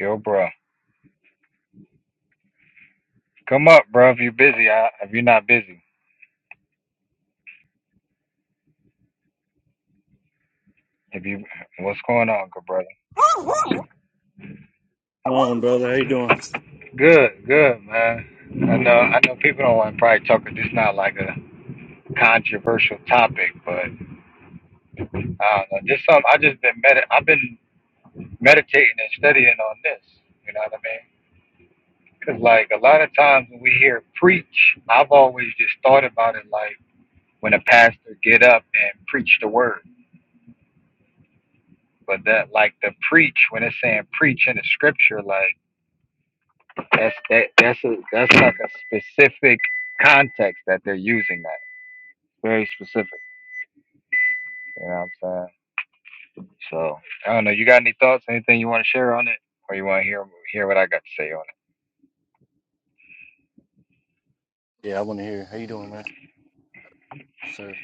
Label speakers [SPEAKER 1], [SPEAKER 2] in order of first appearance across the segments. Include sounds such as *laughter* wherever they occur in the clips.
[SPEAKER 1] Yo, bro, come up, bro. If you're busy, I, if you're not busy, if you, what's going on, good brother?
[SPEAKER 2] Come on, brother. How you doing?
[SPEAKER 1] Good, good, man. I know, I know people don't want to probably talk. 'cause This not like a controversial topic, but I don't know. Just some. I just been med. I've been meditating and studying on this. You know what I mean? Cause like a lot of times when we hear preach, I've always just thought about it like when a pastor get up and preach the word. But that like the preach when it's saying preach in the scripture, like That's that, that's a, that's like a specific context that they're using that. Very specific. You know what I'm saying? So I don't know. You got any thoughts? Anything you want to share on it, or you want to hear hear what I got to say on
[SPEAKER 2] Yeah, I want to hear. How you doing, man? Yes, sir.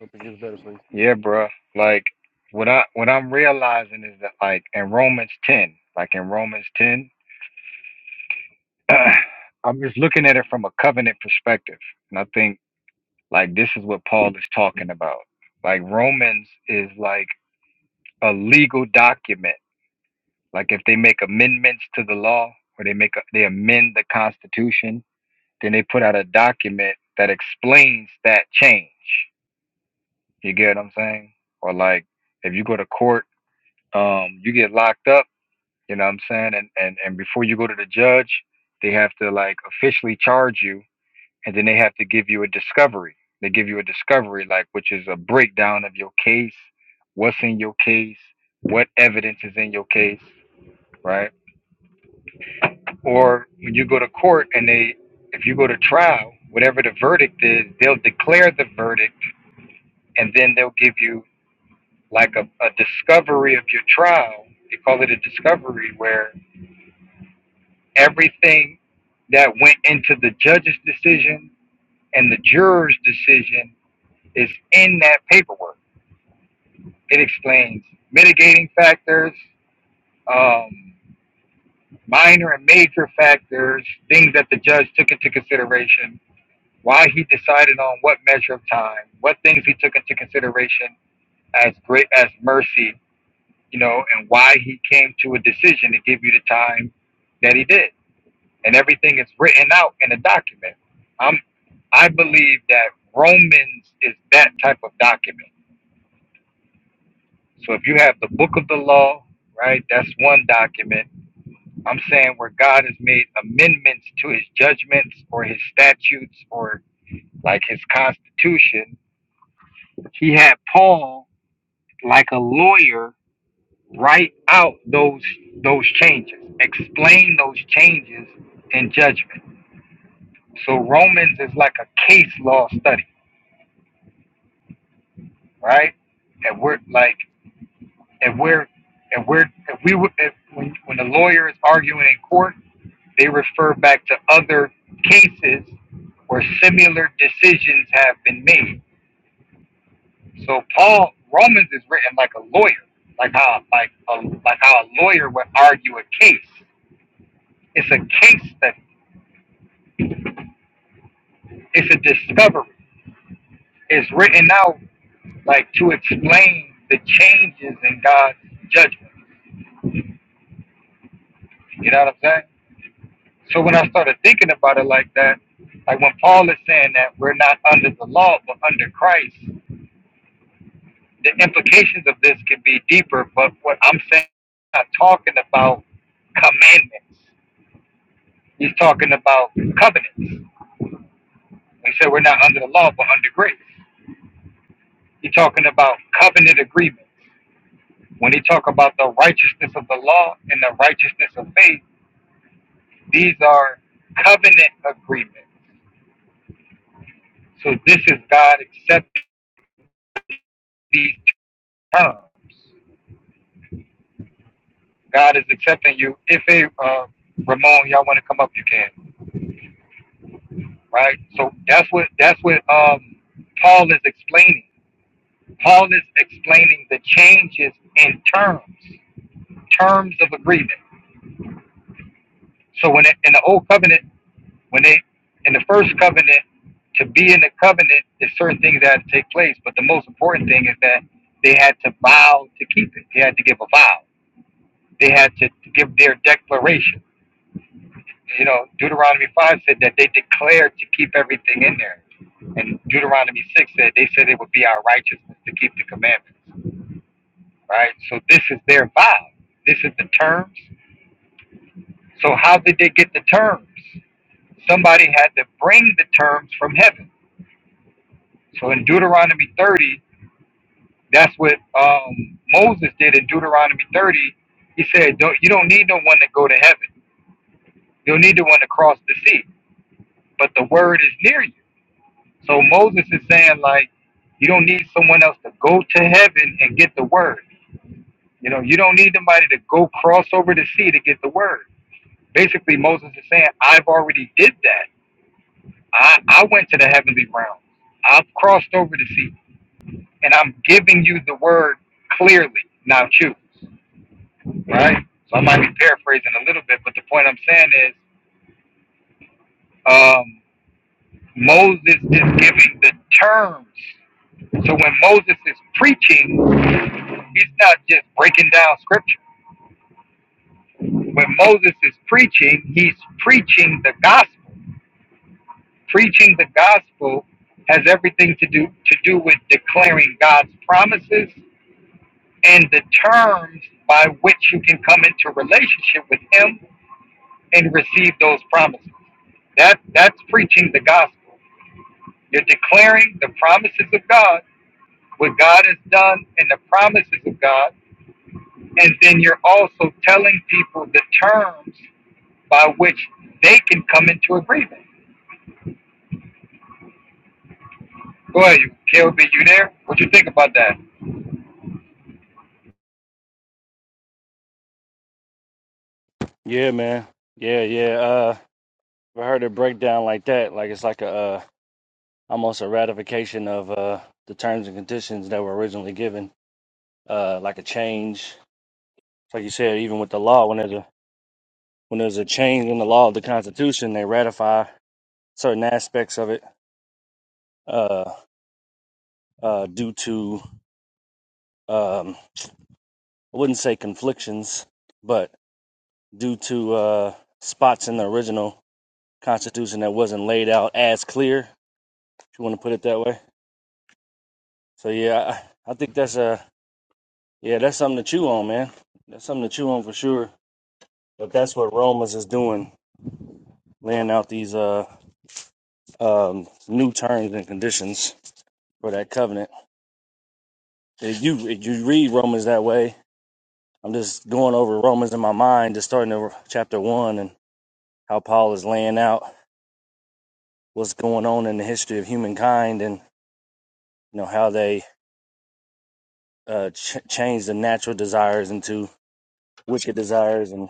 [SPEAKER 2] Hope it gets better for you.
[SPEAKER 1] it? Yeah, bro. Like what I what I'm realizing is that like in Romans 10, like in Romans 10, *clears throat* I'm just looking at it from a covenant perspective, and I think like this is what Paul is talking about. Like Romans is like a legal document Like if they make amendments to the law or they make a, they amend the Constitution, then they put out a document that explains that change. You get what I'm saying? Or like if you go to court, um, you get locked up. You know what I'm saying? And and and before you go to the judge, they have to like officially charge you, and then they have to give you a discovery. They give you a discovery, like which is a breakdown of your case, what's in your case, what evidence is in your case, right? or when you go to court and they if you go to trial whatever the verdict is they'll declare the verdict and then they'll give you like a, a discovery of your trial they call it a discovery where everything that went into the judge's decision and the juror's decision is in that paperwork it explains mitigating factors um, minor and major factors things that the judge took into consideration why he decided on what measure of time, what things he took into consideration as great as mercy, you know, and why he came to a decision to give you the time that he did. And everything is written out in a document. I'm I believe that Romans is that type of document. So if you have the book of the law, right, that's one document. I'm saying where God has made amendments to his judgments or his statutes or like his constitution, he had Paul like a lawyer, write out those those changes, explain those changes in judgment. So Romans is like a case law study, right? And we're like, if we're if we're if we would if when when the lawyer is arguing in court, they refer back to other cases where similar decisions have been made. So Paul Romans is written like a lawyer, like how like a, like how a lawyer would argue a case It's a case study. It's a discovery. It's written out like to explain the changes in God's judgment. You know what I'm saying? So when I started thinking about it like that, like when Paul is saying that we're not under the law but under Christ, the implications of this could be deeper. But what I'm saying, I'm not talking about commandments. He's talking about covenants. He said we're not under the law but under grace. He's talking about covenant agreements. When they talk about the righteousness of the law and the righteousness of faith, these are covenant agreements. So this is God accepting these terms. God is accepting you. If a uh, Ramon, y'all want to come up, you can. Right. So that's what that's what um, Paul is explaining. Paul is explaining the changes in terms, terms of agreement. So when it, in the old covenant When they in the first covenant, to be in the covenant, there's certain things that had to take place. But the most important thing is that they had to vow to keep it. They had to give a vow. They had to give their declaration. You know, Deuteronomy five said that they declared to keep everything in there. And Deuteronomy 6 said, they said it would be our righteousness to keep the commandments, right? So this is their vow. This is the terms. So how did they get the terms? Somebody had to bring the terms from heaven. So in Deuteronomy 30, that's what um, Moses did in Deuteronomy 30. He said, don't, You don't need no one to go to heaven. You'll need the one to cross the sea, but the word is near you. So Moses is saying, like, you don't need someone else to go to heaven and get the word. You know, you don't need somebody to go cross over the sea to get the word. Basically, Moses is saying, I've already did that. I, I went to the heavenly realm. I've crossed over the sea. and I'm giving you the word clearly. Now choose, right? So I might be paraphrasing a little bit, but the point I'm saying is um, Moses is giving the terms. So when Moses is preaching, he's not just breaking down scripture. When Moses is preaching, he's preaching the gospel. Preaching the gospel has everything to do to do with declaring God's promises and the terms by which you can come into relationship with him and receive those promises. That that's preaching the gospel. You're declaring the promises of God, what God has done and the promises of God, and then you're also telling people the terms by which they can come into agreement. Go ahead, you KLB, you there? What you think about that?
[SPEAKER 2] Yeah, man. Yeah, yeah. Uh, if I heard a breakdown like that, like it's like a uh, almost a ratification of uh the terms and conditions that were originally given. Uh, like a change, like you said, even with the law, when there's a when there's a change in the law of the Constitution, they ratify certain aspects of it. Uh, uh, due to um, I wouldn't say conflictions, but due to uh, spots in the original Constitution that wasn't laid out as clear, if you want to put it that way. So yeah, I, I think that's a yeah, that's something to chew on, man. That's something to chew on for sure. But that's what Romans is doing, laying out these uh um, new terms and conditions for that covenant. If you if you read Romans that way, I'm just going over Romans in my mind, just starting over chapter one and how Paul is laying out what's going on in the history of humankind and you know how they uh, ch- change the natural desires into wicked desires. And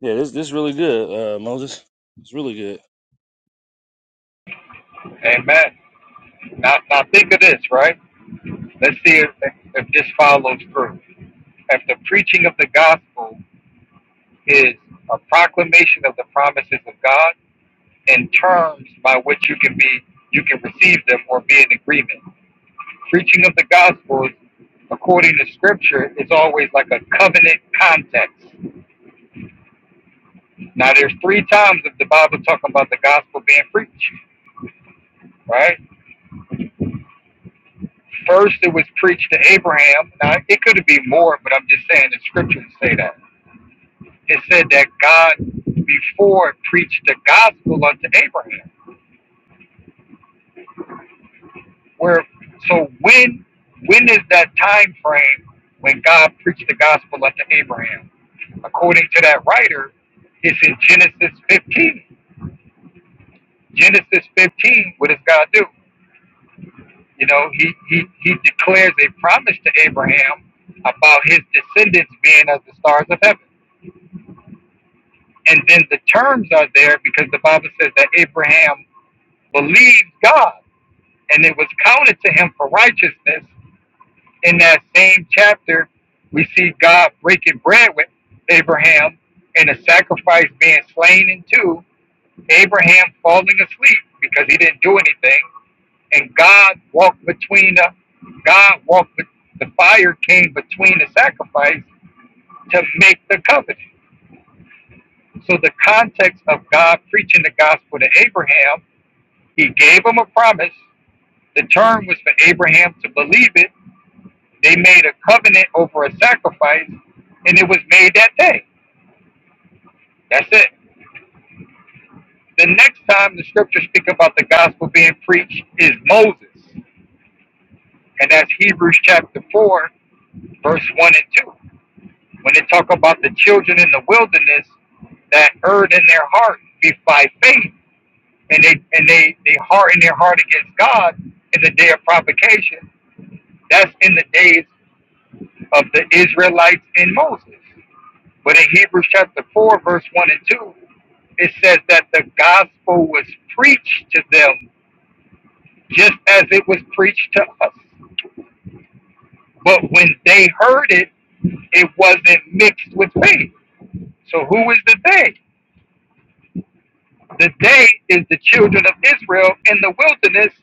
[SPEAKER 2] yeah, this this really good, uh, Moses. It's really good.
[SPEAKER 1] Amen. Now, now think of this, right? Let's see if, if this follows through. If the preaching of the gospel is a proclamation of the promises of God in terms by which you can be you can receive them or be in agreement. Preaching of the gospel is according to scripture is always like a covenant context. Now there's three times that the Bible talking about the gospel being preached, right? First it was preached to Abraham. Now it could be more, but I'm just saying the scriptures say that it said that God before preached the gospel unto Abraham. Where so when when is that time frame when God preached the gospel unto Abraham? According to that writer, it's in Genesis 15. Genesis 15, what does God do? You know, he he he declares a promise to Abraham about his descendants being as the stars of heaven. And then the terms are there because the Bible says that Abraham believed God and it was counted to him for righteousness. In that same chapter, we see God breaking bread with Abraham and a sacrifice being slain in two, Abraham falling asleep because he didn't do anything, and God walked between the God walked with the fire came between the sacrifice to make the covenant. So the context of God preaching the gospel to Abraham, he gave him a promise. The term was for Abraham to believe it They made a covenant over a sacrifice, and it was made that day. That's it. The next time the scriptures speak about the gospel being preached is Moses, and that's Hebrews chapter 4, verse 1 and 2. When they talk about the children in the wilderness that erred in their heart be by faith, and they and they, they hardened their heart against God in the day of provocation, that's in the days of the Israelites in Moses. But in Hebrews chapter 4, verse 1 and 2, it says that the gospel was preached to them just as it was preached to us. But when they heard it, it wasn't mixed with faith. So who is the they? The they is the children of Israel in the wilderness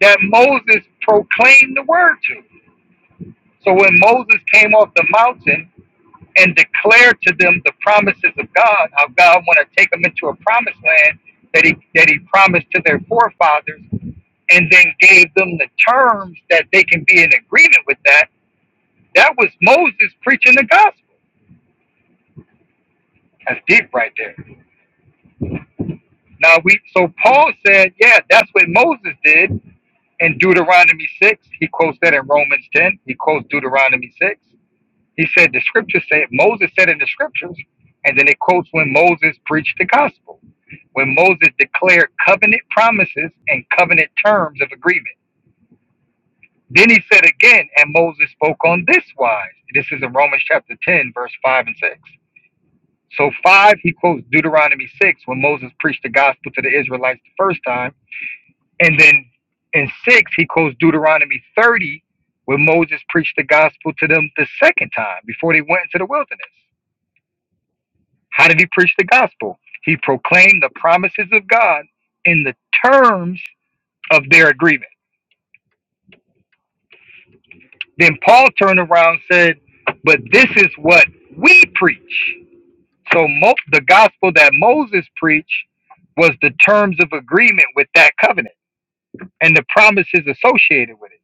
[SPEAKER 1] that Moses proclaimed the word to. So when Moses came off the mountain and declared to them the promises of God, how God want to take them into a promised land that he that he promised to their forefathers, and then gave them the terms that they can be in agreement with that, that was Moses preaching the gospel. That's deep right there. Now we so Paul said, yeah, that's what Moses did in Deuteronomy six. He quotes that in Romans ten. He quotes Deuteronomy six. He said the scripture said Moses said in the scriptures, and then it quotes when Moses preached the gospel, when Moses declared covenant promises and covenant terms of agreement. Then he said again, and Moses spoke on this wise. This is in Romans chapter 10, verse 5 and 6. So, 5, he quotes Deuteronomy 6 when Moses preached the gospel to the Israelites the first time. And then in 6, he quotes Deuteronomy 30 when Moses preached the gospel to them the second time before they went into the wilderness. How did he preach the gospel? He proclaimed the promises of God in the terms of their agreement. Then Paul turned around and said, But this is what we preach. So Mo- the gospel that Moses preached was the terms of agreement with that covenant and the promises associated with it.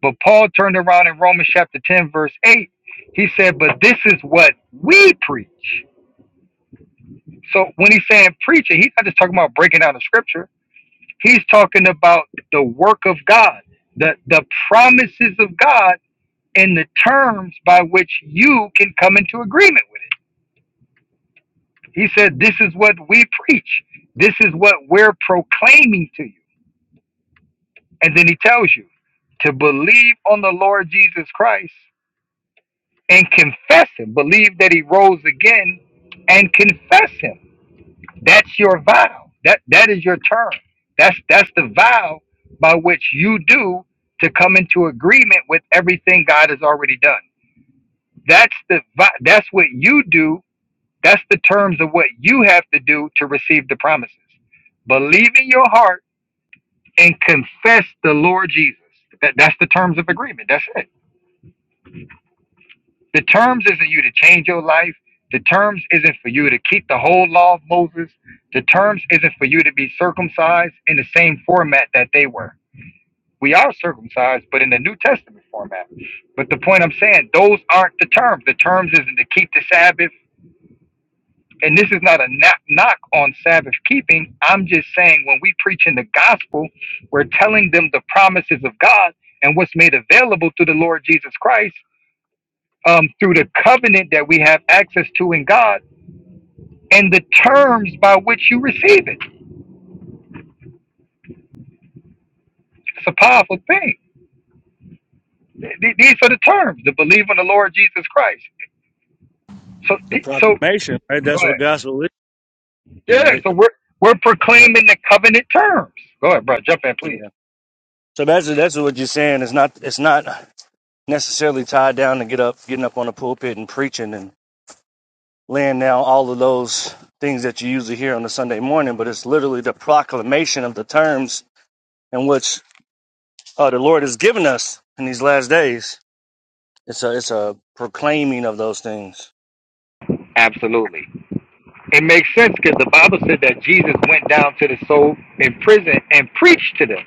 [SPEAKER 1] But Paul turned around in Romans chapter 10, verse 8. He said, But this is what we preach. So when he's saying preaching, he's not just talking about breaking down the scripture He's talking about the work of God, the, the promises of God, and the terms by which you can come into agreement with it. He said, This is what we preach, this is what we're proclaiming to you. And then he tells you to believe on the Lord Jesus Christ and confess him, believe that he rose again and confess him. That's your vow. That that is your term. That's that's the vow by which you do to come into agreement with everything God has already done. That's the vi- that's what you do. That's the terms of what you have to do to receive the promises. Believe in your heart and confess the Lord Jesus. That, that's the terms of agreement. That's it. The terms isn't you to change your life. The terms isn't for you to keep the whole law of Moses. The terms isn't for you to be circumcised in the same format that they were. We are circumcised, but in the New Testament format. But the point I'm saying, those aren't the terms. The terms isn't to keep the Sabbath. And this is not a knock knock on Sabbath keeping. I'm just saying when we preach in the gospel, we're telling them the promises of God and what's made available through the Lord Jesus Christ um, through the covenant that we have access to in God and the terms by which you receive it. It's a powerful thing. Th- These are the terms to believe in the Lord Jesus Christ. So,
[SPEAKER 2] The
[SPEAKER 1] th- so
[SPEAKER 2] proclamation, right?
[SPEAKER 1] go
[SPEAKER 2] That's what
[SPEAKER 1] ahead.
[SPEAKER 2] gospel is,
[SPEAKER 1] Yeah, yeah,
[SPEAKER 2] right?
[SPEAKER 1] so
[SPEAKER 2] The,
[SPEAKER 1] we're we're
[SPEAKER 2] the-
[SPEAKER 1] proclaiming the covenant terms. Go ahead, bro. Jump in, please.
[SPEAKER 2] yeah. So that's that's what you're saying. It's not it's not necessarily tied down to get up getting up on the pulpit and preaching and laying down all of those things that you usually hear on a Sunday morning, but it's literally the proclamation of the terms in which uh, the Lord has given us in these last days. It's a it's a proclaiming of those things.
[SPEAKER 1] Absolutely, it makes sense because the Bible said that Jesus went down to the soul in prison and preached to them.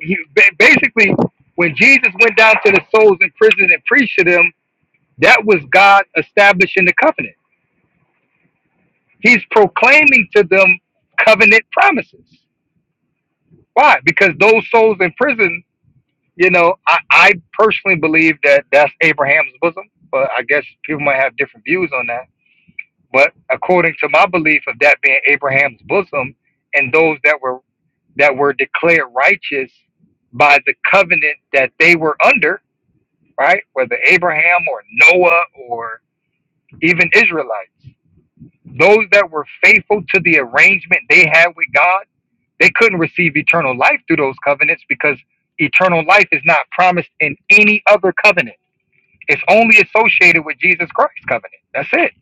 [SPEAKER 1] He, ba- basically, when Jesus went down to the souls in prison and preached to them, That was God establishing the covenant. He's proclaiming to them covenant promises. Why? Because those souls in prison, you know, I, I personally believe that that's Abraham's bosom, but I guess people might have different views on that. But according to my belief of that being Abraham's bosom and those that were that were declared righteous by the covenant that they were under, right? Whether Abraham or Noah or even Israelites. those that were faithful to the arrangement they had with God, they couldn't receive eternal life through those covenants because eternal life is not promised in any other covenant. It's only associated with Jesus Christ's covenant. That's it.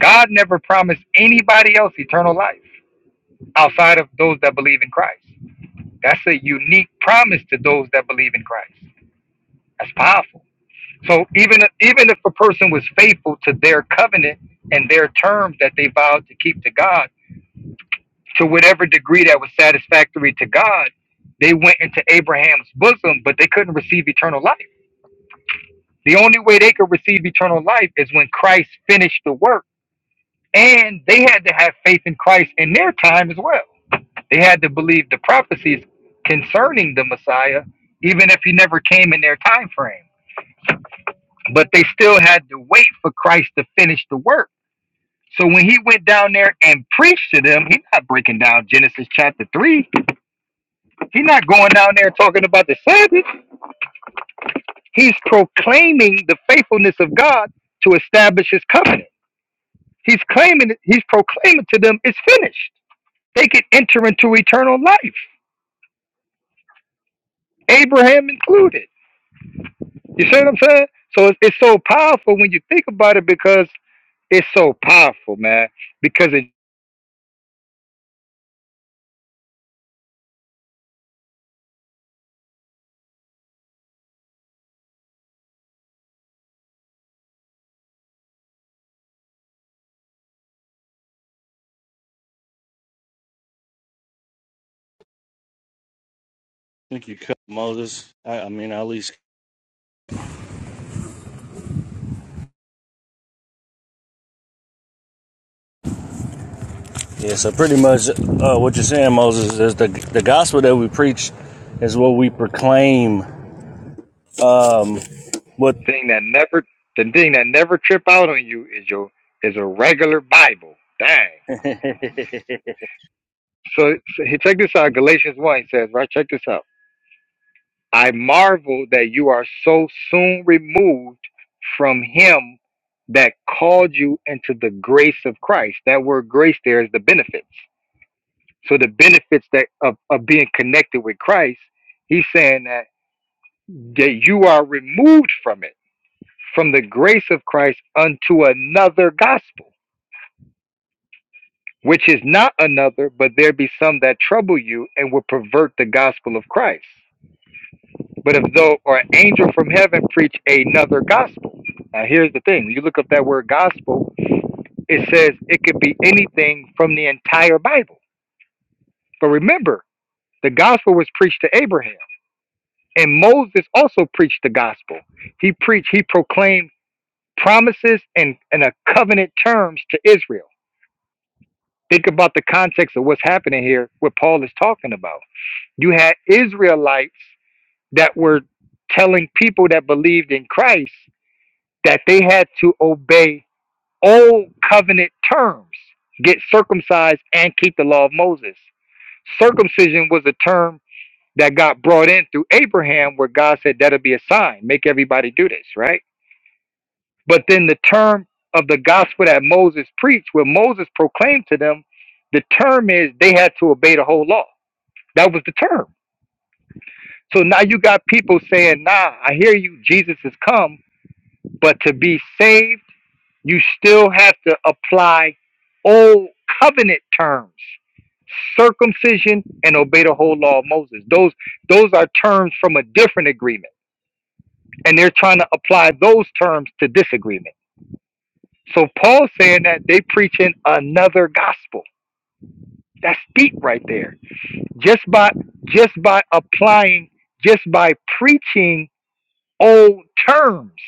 [SPEAKER 1] God never promised anybody else eternal life outside of those that believe in Christ. That's a unique promise to those that believe in Christ. That's powerful. So even even if a person was faithful to their covenant and their terms that they vowed to keep to God, to whatever degree that was satisfactory to God, they went into Abraham's bosom, but they couldn't receive eternal life. The only way they could receive eternal life is when Christ finished the work. And they had to have faith in Christ in their time as well. They had to believe the prophecies concerning the Messiah, even if he never came in their time frame. But they still had to wait for Christ to finish the work. So when he went down there and preached to them, he's not breaking down Genesis chapter 3 He's not going down there talking about the Sabbath. He's proclaiming the faithfulness of God to establish his covenant. He's claiming he's proclaiming to them it's finished. They can enter into eternal life. Abraham included. You see what I'm saying? So it's, it's so powerful when you think about it because it's so powerful, man. Because it's
[SPEAKER 2] I think you cut Moses. I, I mean, at least Yeah, so pretty much uh, what you're saying, Moses, is the the gospel that we preach is what we proclaim. Um, what
[SPEAKER 1] the thing that never the thing that never trip out on you is your is a regular Bible. Dang.
[SPEAKER 2] *laughs*
[SPEAKER 1] So, so he- check this out. Galatians one he says, right? Check this out. I marvel that you are so soon removed from him that called you into the grace of Christ. That word grace there is the benefits. So the benefits that of, of being connected with Christ, he's saying that that you are removed from it, from the grace of Christ unto another gospel, which is not another, but there be some that trouble you and will pervert the gospel of Christ. But if though or an angel from heaven preach another gospel. Now here's the thing. When you look up that word gospel, it says it could be anything from the entire Bible. But remember, the gospel was preached to Abraham. And Moses also preached the gospel. He preached, he proclaimed promises and, and a covenant terms to Israel. Think about the context of what's happening here, what Paul is talking about. You had Israelites that were telling people that believed in Christ that they had to obey old covenant terms, get circumcised and keep the law of Moses. Circumcision was a term that got brought in through Abraham, where God said that'll be a sign, make everybody do this, right? But then the term of the gospel that Moses preached, where Moses proclaimed to them, the term is they had to obey the whole law. That was the term. So now you got people saying, nah, I hear you, Jesus has come, but to be saved, you still have to apply old covenant terms circumcision and obey the whole law of moses those those are terms from a different agreement and they're trying to apply those terms to this agreement so paul's saying that they preaching another gospel that's deep right there just by just by applying just by preaching old terms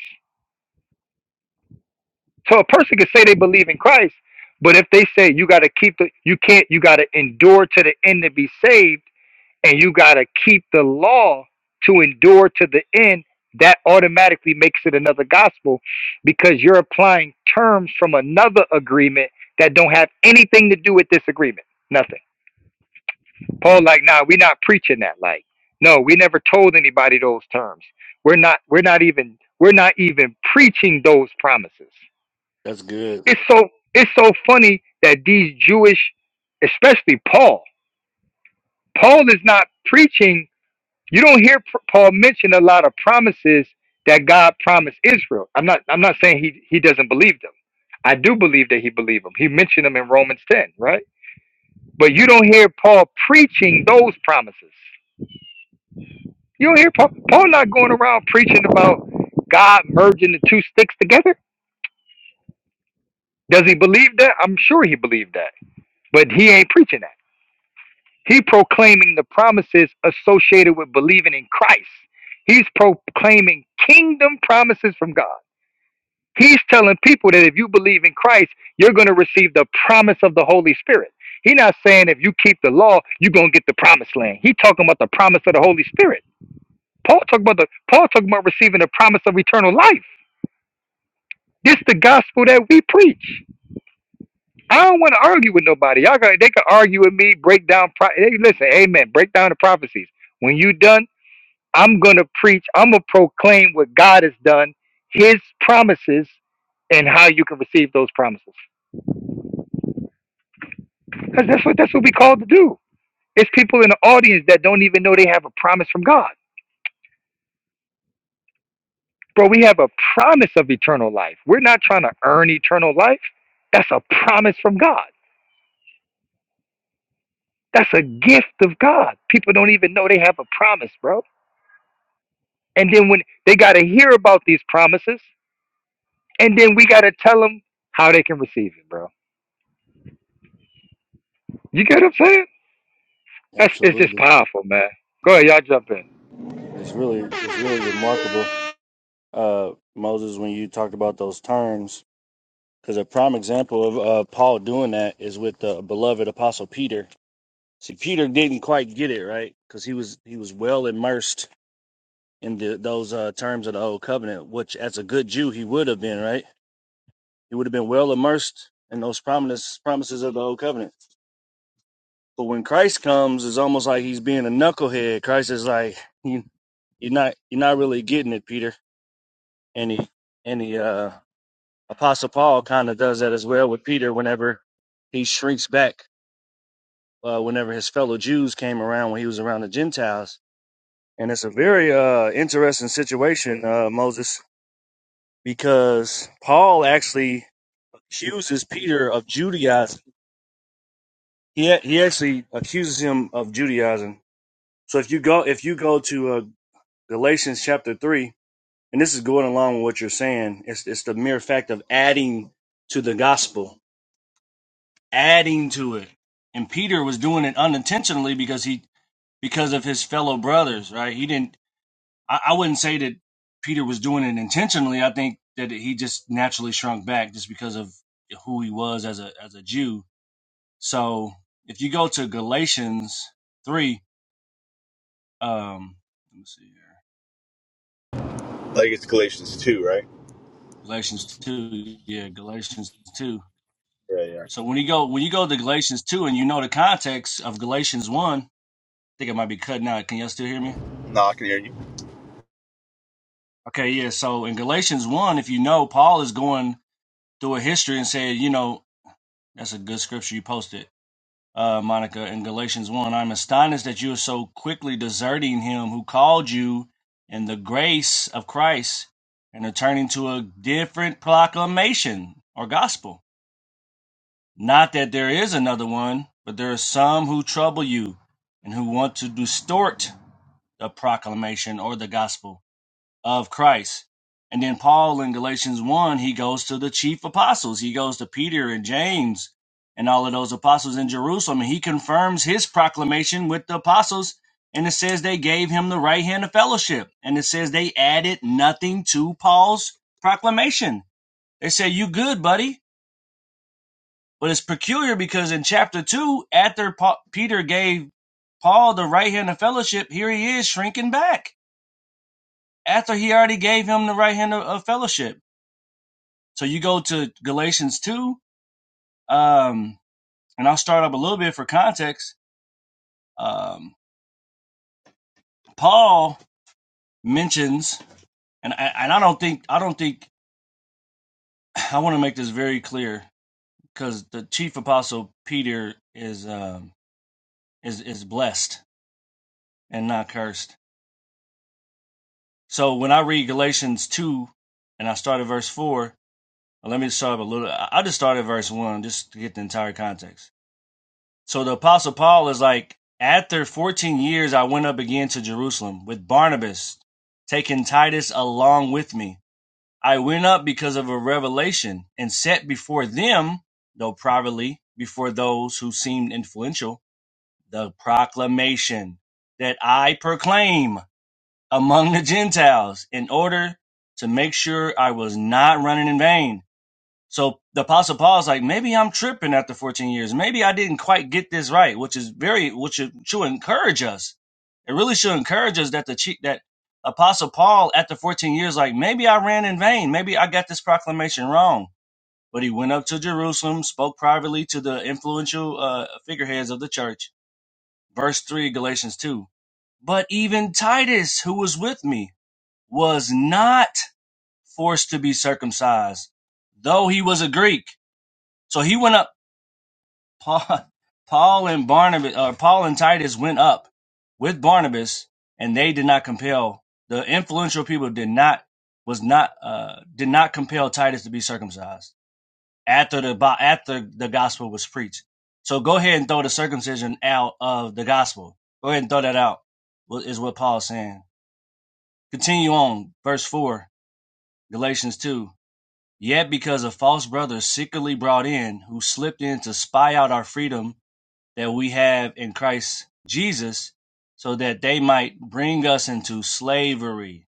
[SPEAKER 1] So a person can say they believe in Christ, but if they say you got to keep the, you can't, you got to endure to the end to be saved, and you got to keep the law to endure to the end, that automatically makes it another gospel because you're applying terms from another agreement that don't have anything to do with this agreement. Nothing. Paul, like, nah, we're not preaching that. Like, no, we never told anybody those terms. We're not, we're not even, we're not even preaching those promises.
[SPEAKER 2] that's good.
[SPEAKER 1] It's so it's so funny that these Jewish, especially Paul, Paul is not preaching. You don't hear P- Paul mention a lot of promises that God promised Israel. I'm not I'm not saying he he doesn't believe them. I do believe that he believed them. He mentioned them in Romans 10, right? But you don't hear Paul preaching those promises. You don't hear Paul Paul not going around preaching about God merging the two sticks together. Does he believe that? I'm sure he believed that. But he ain't preaching that. He proclaiming the promises associated with believing in Christ. He's proclaiming kingdom promises from God. He's telling people that if you believe in Christ, you're going to receive the promise of the Holy Spirit. He's not saying if you keep the law, you're going to get the promised land. He's talking about the promise of the Holy Spirit. Paul talking about the Paul talking about receiving the promise of eternal life. This the gospel that we preach. I don't want to argue with nobody. Y'all got they can argue with me, break down. Pro- hey, listen, Amen. Break down the prophecies. When you done. I'm going to preach, I'm going to proclaim what God has done, his promises, and how you can receive those promises. Because that's what, that's what we called to do. It's people in the audience that don't even know they have a promise from God. Bro, we have a promise of eternal life. We're not trying to earn eternal life. That's a promise from God. That's a gift of God. People don't even know they have a promise, bro. And then when they got to hear about these promises, and then we got to tell them how they can receive it, bro. You get what I'm saying? That's it's just
[SPEAKER 2] Absolutely,
[SPEAKER 1] powerful, man. Go ahead, y'all jump in.
[SPEAKER 2] it's really it's really remarkable, uh, Moses, when you talked about those terms. Because a prime example of uh, Paul doing that is with the beloved apostle Peter. See, Peter didn't quite get it right because he was he was well immersed in the, those uh, terms of the old covenant, which as a good Jew he would have been, right? He would have been well immersed in those promises promises of the old covenant. But when Christ comes, it's almost like he's being a knucklehead. Christ is like, you, you're not you're not really getting it, Peter. And he and he uh, Apostle Paul kind of does that as well with Peter whenever he shrinks back. Uh, whenever his fellow Jews came around when he was around the Gentiles, and it's a very uh, interesting situation, uh, Moses, because Paul actually accuses Peter of Judaizing. He he actually accuses him of Judaizing. So if you go if you go to uh, Galatians chapter three, and this is going along with what you're saying, it's it's the mere fact of adding to the gospel, adding to it. And Peter was doing it unintentionally because he because of his fellow brothers, right? He didn't. I, I wouldn't say that Peter was doing it intentionally. I think that he just naturally shrunk back just because of who he was as a as a Jew So if you go to Galatians 3, um, let me see here.
[SPEAKER 3] Like it's Galatians 2, right?
[SPEAKER 2] Galatians 2, yeah, Galatians 2.
[SPEAKER 3] Yeah, yeah.
[SPEAKER 2] So when you go when you go to Galatians 2 and you know the context of Galatians 1, I think it might be cutting out. Can y'all still hear me?
[SPEAKER 3] No, I can hear you.
[SPEAKER 2] Okay, yeah. So in Galatians 1, if you know, Paul is going through a history and said, you know, that's a good scripture you posted uh, Monica, in Galatians 1. I'm astonished that you are so quickly deserting him who called you in the grace of Christ and are turning to a different proclamation or gospel. Not that there is another one, but there are some who trouble you and who want to distort the proclamation or the gospel of Christ. And then Paul in Galatians 1, he goes to the chief apostles. He goes to Peter and James and all of those apostles in Jerusalem. And he confirms his proclamation with the apostles. And it says they gave him the right hand of fellowship. And it says they added nothing to Paul's proclamation. They say, You good, buddy. But it's peculiar because in chapter 2, after Pa- Peter gave Paul the right hand of fellowship, here he is shrinking back after he already gave him the right hand of of fellowship. So you go to Galatians 2, um, and I'll start up a little bit for context. Um, Paul mentions, and I, and I don't think I don't think I want to make this very clear because the chief apostle Peter is um, is is blessed and not cursed. So when I read Galatians two, and I start at verse four, let me start up a little. I- will just start at verse one just to get the entire context. So the apostle Paul is like, after 14 years, I went up again to Jerusalem with Barnabas, taking Titus along with me. I went up because of a revelation and set before them, though privately, before those who seemed influential, the proclamation that I proclaim among the Gentiles in order to make sure I was not running in vain. So the apostle Paul's like, maybe I'm tripping after 14 years. Maybe I didn't quite get this right, which is very, which should, should encourage us. It really should encourage us that the that apostle Paul after 14 years, like maybe I ran in vain. Maybe I got this proclamation wrong. But he went up to Jerusalem, spoke privately to the influential uh, figureheads of the church. Verse three, Galatians two. But even Titus, who was with me, was not forced to be circumcised, though he was a Greek. So he went up Paul, *laughs* Paul and Barnabas, or Paul and Titus went up with Barnabas, and they did not compel the influential people did not was not uh, did not compel Titus to be circumcised after the after the gospel was preached. So go ahead and throw the circumcision out of the gospel. Go ahead and throw that out. is what Paul's saying. Continue on, verse four, Galatians two. Yet because of false brothers secretly brought in, who slipped in to spy out our freedom that we have in Christ Jesus so that they might bring us into slavery.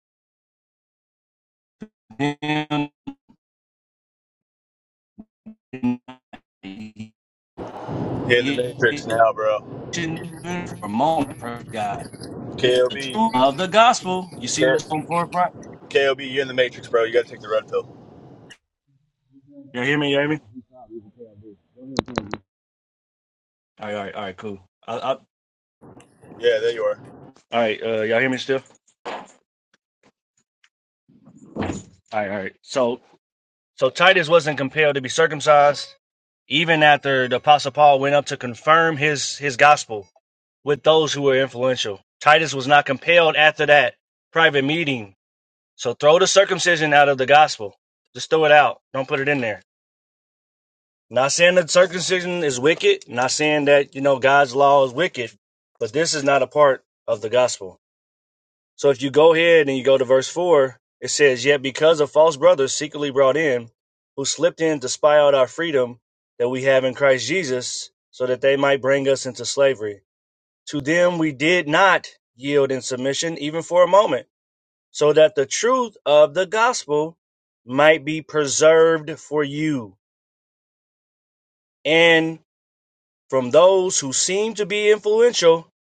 [SPEAKER 3] You're in the
[SPEAKER 2] Even
[SPEAKER 3] Matrix now, bro.
[SPEAKER 2] for a moment, praise God. The
[SPEAKER 3] KOB,
[SPEAKER 2] truth of the gospel. You see what's on forefront?
[SPEAKER 3] KOB, you're in the Matrix, bro. You gotta take the red pill.
[SPEAKER 2] Y'all hear me? Y'all hear me? All right, all right, all right, cool. I, I, all
[SPEAKER 3] Yeah, there you are.
[SPEAKER 2] right, uh, y'all hear me still? All right, all right. So So Titus wasn't compelled to be circumcised, even after the Apostle Paul went up to confirm his, his gospel with those who were influential. Titus was not compelled after that private meeting. So throw the circumcision out of the gospel. Just throw it out. Don't put it in there. Not saying that circumcision is wicked, not saying that, you know, God's law is wicked, but this is not a part of the gospel. So if you go ahead and you go to verse 4, it says, Yet because of false brothers secretly brought in, who slipped in to spy out our freedom that we have in Christ Jesus, so that they might bring us into slavery. To them we did not yield in submission, even for a moment, so that the truth of the gospel might be preserved for you. And from those who seem to be influential,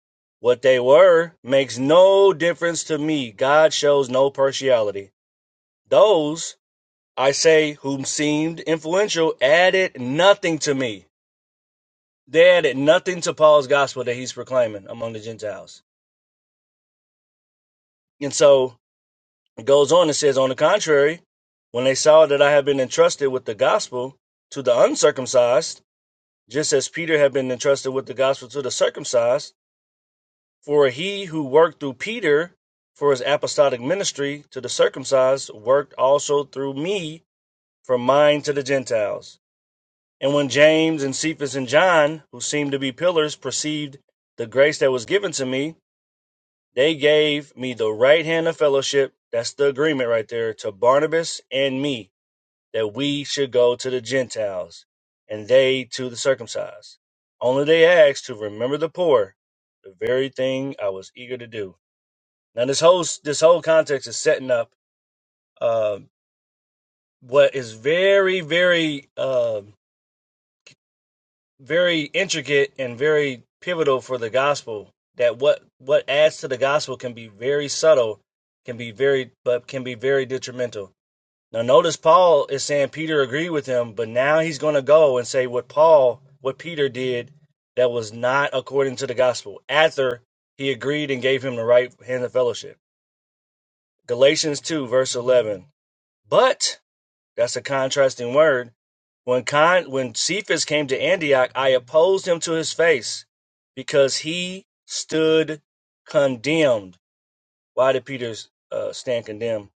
[SPEAKER 2] what they were makes no difference to me. God shows no partiality. Those, I say, whom seemed influential added nothing to me. They added nothing to Paul's gospel that he's proclaiming among the Gentiles. And so it goes on and says, On the contrary, when they saw that I had been entrusted with the gospel to the uncircumcised, just as Peter had been entrusted with the gospel to the circumcised, for he who worked through Peter for his apostolic ministry to the circumcised worked also through me for mine to the Gentiles. And when James and Cephas and John, who seemed to be pillars, perceived the grace that was given to me, they gave me the right hand of fellowship, that's the agreement right there, to Barnabas and me, that we should go to the Gentiles, and they to the circumcised. Only they asked to remember the poor, the very thing I was eager to do. Now this whole this whole context is setting up uh, what is very very um very intricate and very pivotal for the gospel that what what adds to the gospel can be very subtle can be very but can be very detrimental now notice paul is saying peter agreed with him but now he's going to go and say what paul what peter did that was not according to the gospel after he agreed and gave him the right hand of fellowship galatians 2 verse 11 but that's a contrasting word. When Con when Cephas came to Antioch, I opposed him to his face because he stood condemned. Why did Peter uh, stand condemned?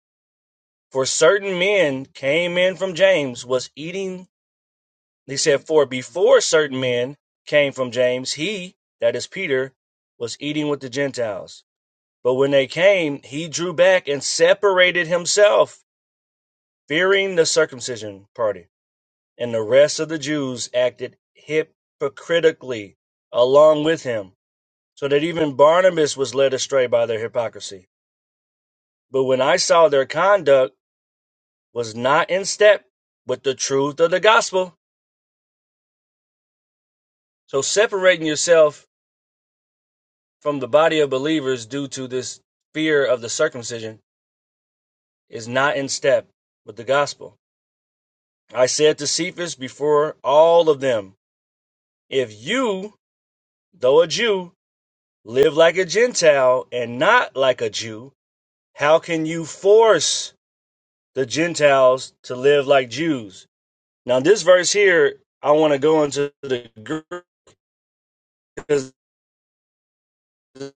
[SPEAKER 2] For certain men came in from James, was eating. He said, For before certain men came from James, he, that is Peter, was eating with the Gentiles. But when they came, he drew back and separated himself, fearing the circumcision party. and the rest of the Jews acted hypocritically along with him, so that even Barnabas was led astray by their hypocrisy. But when I saw their conduct was not in step with the truth of the gospel, so separating yourself from the body of believers due to this fear of the circumcision is not in step with the gospel. I said to Cephas before all of them, if you, though a Jew, live like a Gentile and not like a Jew, How can you force the Gentiles to live like Jews? Now, this verse here, I want to go into the Greek because it's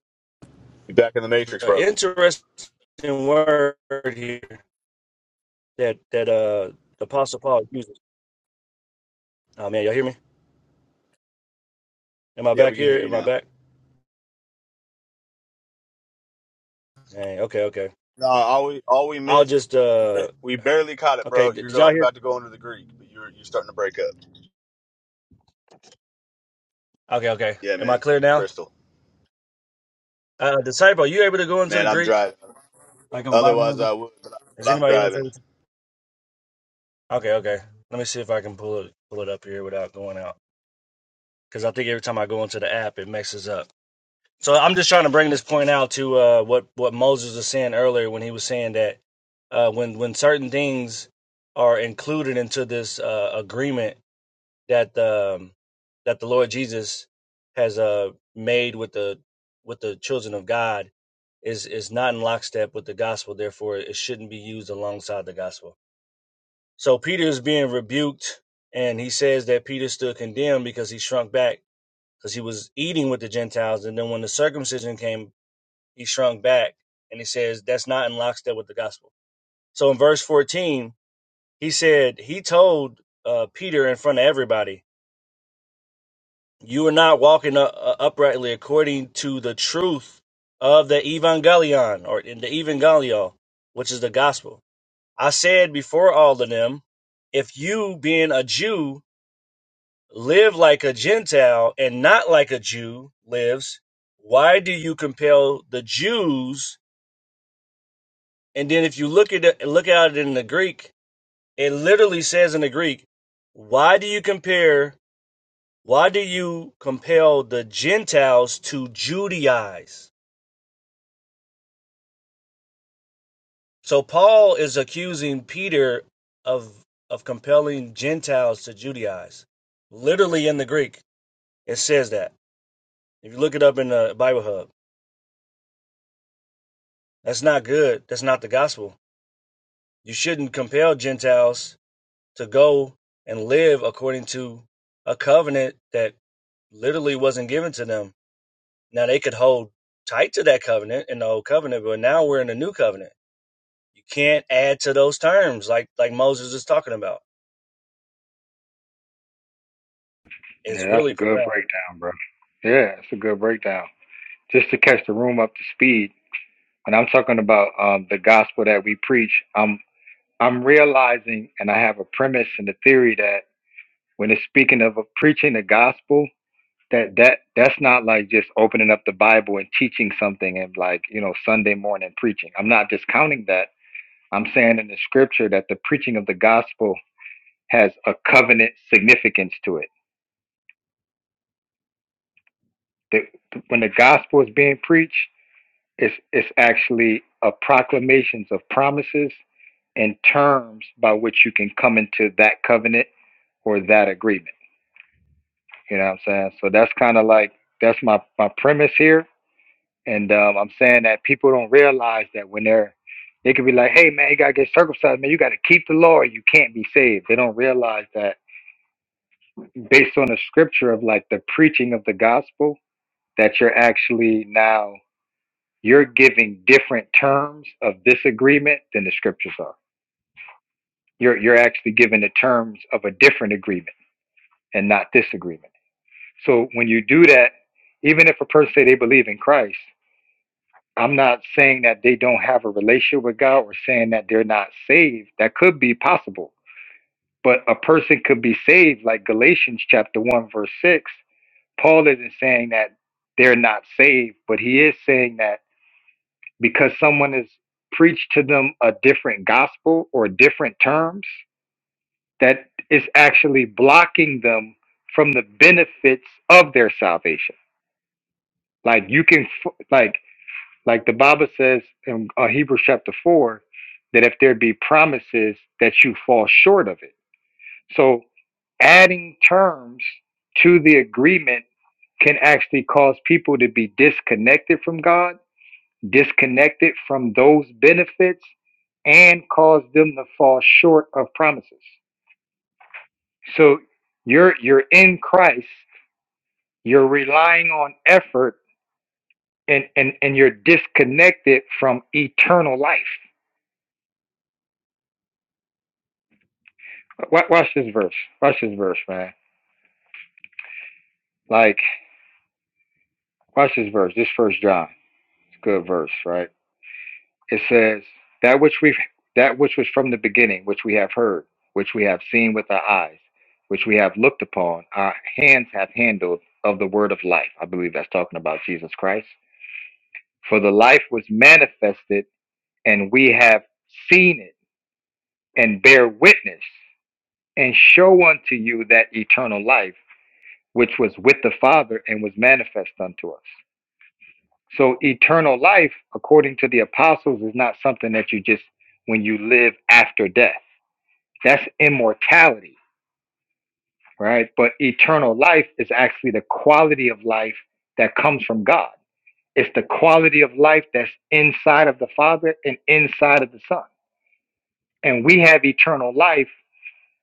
[SPEAKER 3] You're back in the Matrix,
[SPEAKER 2] an
[SPEAKER 3] bro.
[SPEAKER 2] interesting word here that that uh the Apostle Paul uses. Oh man, y'all hear me? Am I
[SPEAKER 3] Yeah,
[SPEAKER 2] back
[SPEAKER 3] we can
[SPEAKER 2] here?
[SPEAKER 3] hear you
[SPEAKER 2] Am I
[SPEAKER 3] now.
[SPEAKER 2] back? Hey, okay, okay.
[SPEAKER 3] No, all we all we
[SPEAKER 2] I'll
[SPEAKER 3] missed,
[SPEAKER 2] just uh
[SPEAKER 3] we barely caught it,
[SPEAKER 2] okay.
[SPEAKER 3] bro.
[SPEAKER 2] Did,
[SPEAKER 3] You're
[SPEAKER 2] did
[SPEAKER 3] going,
[SPEAKER 2] y'all
[SPEAKER 3] you're
[SPEAKER 2] hear?
[SPEAKER 3] about to go into the Greek, but you're you're starting to break up.
[SPEAKER 2] Okay, okay.
[SPEAKER 3] Yeah,
[SPEAKER 2] Am I
[SPEAKER 3] man.
[SPEAKER 2] clear now?
[SPEAKER 3] Crystal,
[SPEAKER 2] Uh, uh, disciple, are you able to go into
[SPEAKER 3] man,
[SPEAKER 2] the
[SPEAKER 3] I'm
[SPEAKER 2] Greek
[SPEAKER 3] driving.
[SPEAKER 2] like on Bible
[SPEAKER 3] Otherwise,
[SPEAKER 2] Hub?
[SPEAKER 3] I would, but, I, but
[SPEAKER 2] Is
[SPEAKER 3] I'm
[SPEAKER 2] anybody else
[SPEAKER 3] driving.
[SPEAKER 2] able to? Okay, okay. Let me see if I can pull it pull it up here without going out. because I think every time I go into the app, it messes up. So I'm just trying to bring this point out to uh, what what Moses was saying earlier when he was saying that uh, when when certain things are included into this uh, agreement that um, that the Lord Jesus has uh, made with the with the children of God is is not in lockstep with the gospel. Therefore, it shouldn't be used alongside the gospel. So Peter is being rebuked, and he says that Peter stood condemned because he shrunk back because he was eating with the Gentiles. And then when the circumcision came, he shrunk back and he says, that's not in lockstep with the gospel. So in verse 14, he said, he told uh, Peter in front of everybody, you are not walking u- uh, uprightly according to the truth of the evangelion or in the evangelio, which is the gospel. I said before all of them, if you being a Jew live like a Gentile and not like a Jew lives, why do you compel the Jews? And then if you look at it, look at it in the Greek, it literally says in the Greek, why do you compare? Why do you compel the Gentiles to Judaize? So Paul is accusing Peter of of compelling Gentiles to Judaize. Literally in the Greek, it says that. If you look it up in the Bible Hub, that's not good. That's not the gospel You shouldn't compel Gentiles to go and live according to a covenant that literally wasn't given to them. Now they could hold tight to that covenant in the old covenant, but now we're in the new covenant. You can't add to those terms like like Moses is talking about. It's
[SPEAKER 1] Yeah, that's a
[SPEAKER 2] really
[SPEAKER 1] good
[SPEAKER 2] profound.
[SPEAKER 1] breakdown, bro. Yeah, it's a good breakdown. Just to catch the room up to speed, when I'm talking about um, the gospel that we preach, I'm I'm realizing, and I have a premise and a theory that when it's speaking of uh, preaching the gospel, that that that's not like just opening up the Bible and teaching something and like you know Sunday morning preaching. I'm not discounting that. I'm saying in the scripture that the preaching of the gospel has a covenant significance to it The, when the gospel is being preached, it's, it's actually a proclamations of promises and terms by which you can come into that covenant or that agreement. You know what I'm saying? So that's kind of like that's my my premise here, and um, I'm saying that people don't realize that when they're they could be like, "Hey man, you gotta get circumcised, man. You gotta keep the law. or You can't be saved." They don't realize that based on the scripture of like the preaching of the gospel, that you're actually now You're giving different terms of this agreement than the scriptures are. You're, you're actually giving the terms of a different agreement and not this agreement. So when you do that, even if a person say they believe in Christ, I'm not saying that they don't have a relationship with God or saying that they're not saved. That could be possible. But a person could be saved, like Galatians chapter 1, verse 6. Paul isn't saying that they're not saved, but he is saying that because someone has preached to them a different gospel or different terms that is actually blocking them from the benefits of their salvation like you can f- like like the bible says in uh, hebrews chapter 4 that if there be promises that you fall short of it so adding terms to the agreement can actually cause people to be disconnected from god disconnected from those benefits and cause them to fall short of promises. So you're you're in Christ, you're relying on effort and and, and you're disconnected from eternal life. Watch this verse. Watch this verse, man. Like watch this verse. This first John. It's a good verse, right? It says, "That which we that which was from the beginning, which we have heard, which we have seen with our eyes, which we have looked upon, our hands have handled of the word of life." I believe that's talking about Jesus Christ. For the life was manifested, and we have seen it, and bear witness, and show unto you that eternal life which was with the Father and was manifest unto us. So eternal life, according to the apostles, is not something that you just when you live after death. That's immortality, right? But eternal life is actually the quality of life that comes from God. It's the quality of life that's inside of the Father and inside of the Son. And we have eternal life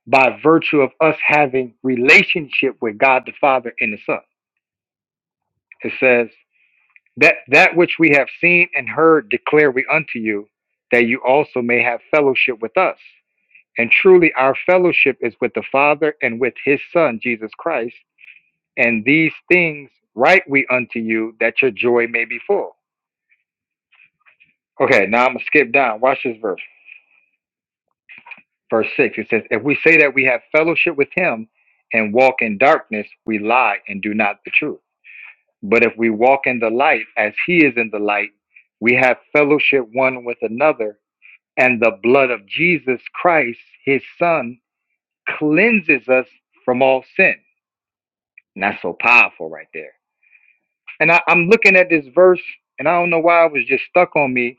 [SPEAKER 1] by virtue of us having relationship with God the Father and the Son. It says that that which we have seen and heard declare we unto you, that you also may have fellowship with us. And truly, our fellowship is with the Father and with His Son Jesus Christ And these things write we unto you that your joy may be full. Okay, now I'm going to skip down. Watch this verse. Verse 6. It says, If we say that we have fellowship with him and walk in darkness, we lie and do not the truth. But if we walk in the light as he is in the light, we have fellowship one with another, and the blood of Jesus Christ, his son, cleanses us from all sin. And that's so powerful right there And I, I'm looking at this verse, and I don't know why it was just stuck on me.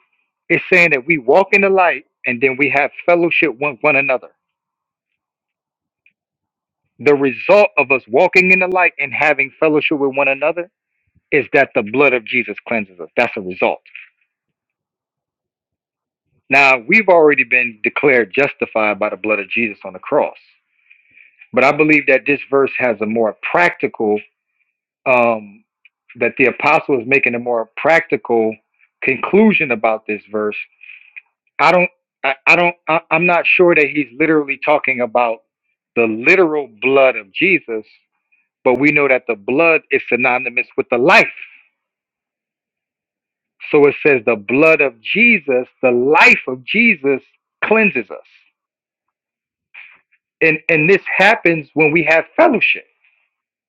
[SPEAKER 1] It's saying that we walk in the light and then we have fellowship with one another. The result of us walking in the light and having fellowship with one another is that the blood of Jesus cleanses us. That's a result. Now, we've already been declared justified by the blood of Jesus on the cross. But I believe that this verse has a more practical, um, that the apostle is making a more practical conclusion about this verse I don't, I, I don't, I, I'm not sure that he's literally talking about the literal blood of Jesus, but we know that the blood is synonymous with the life. So it says the blood of Jesus, the life of Jesus cleanses us. And, and this happens when we have fellowship.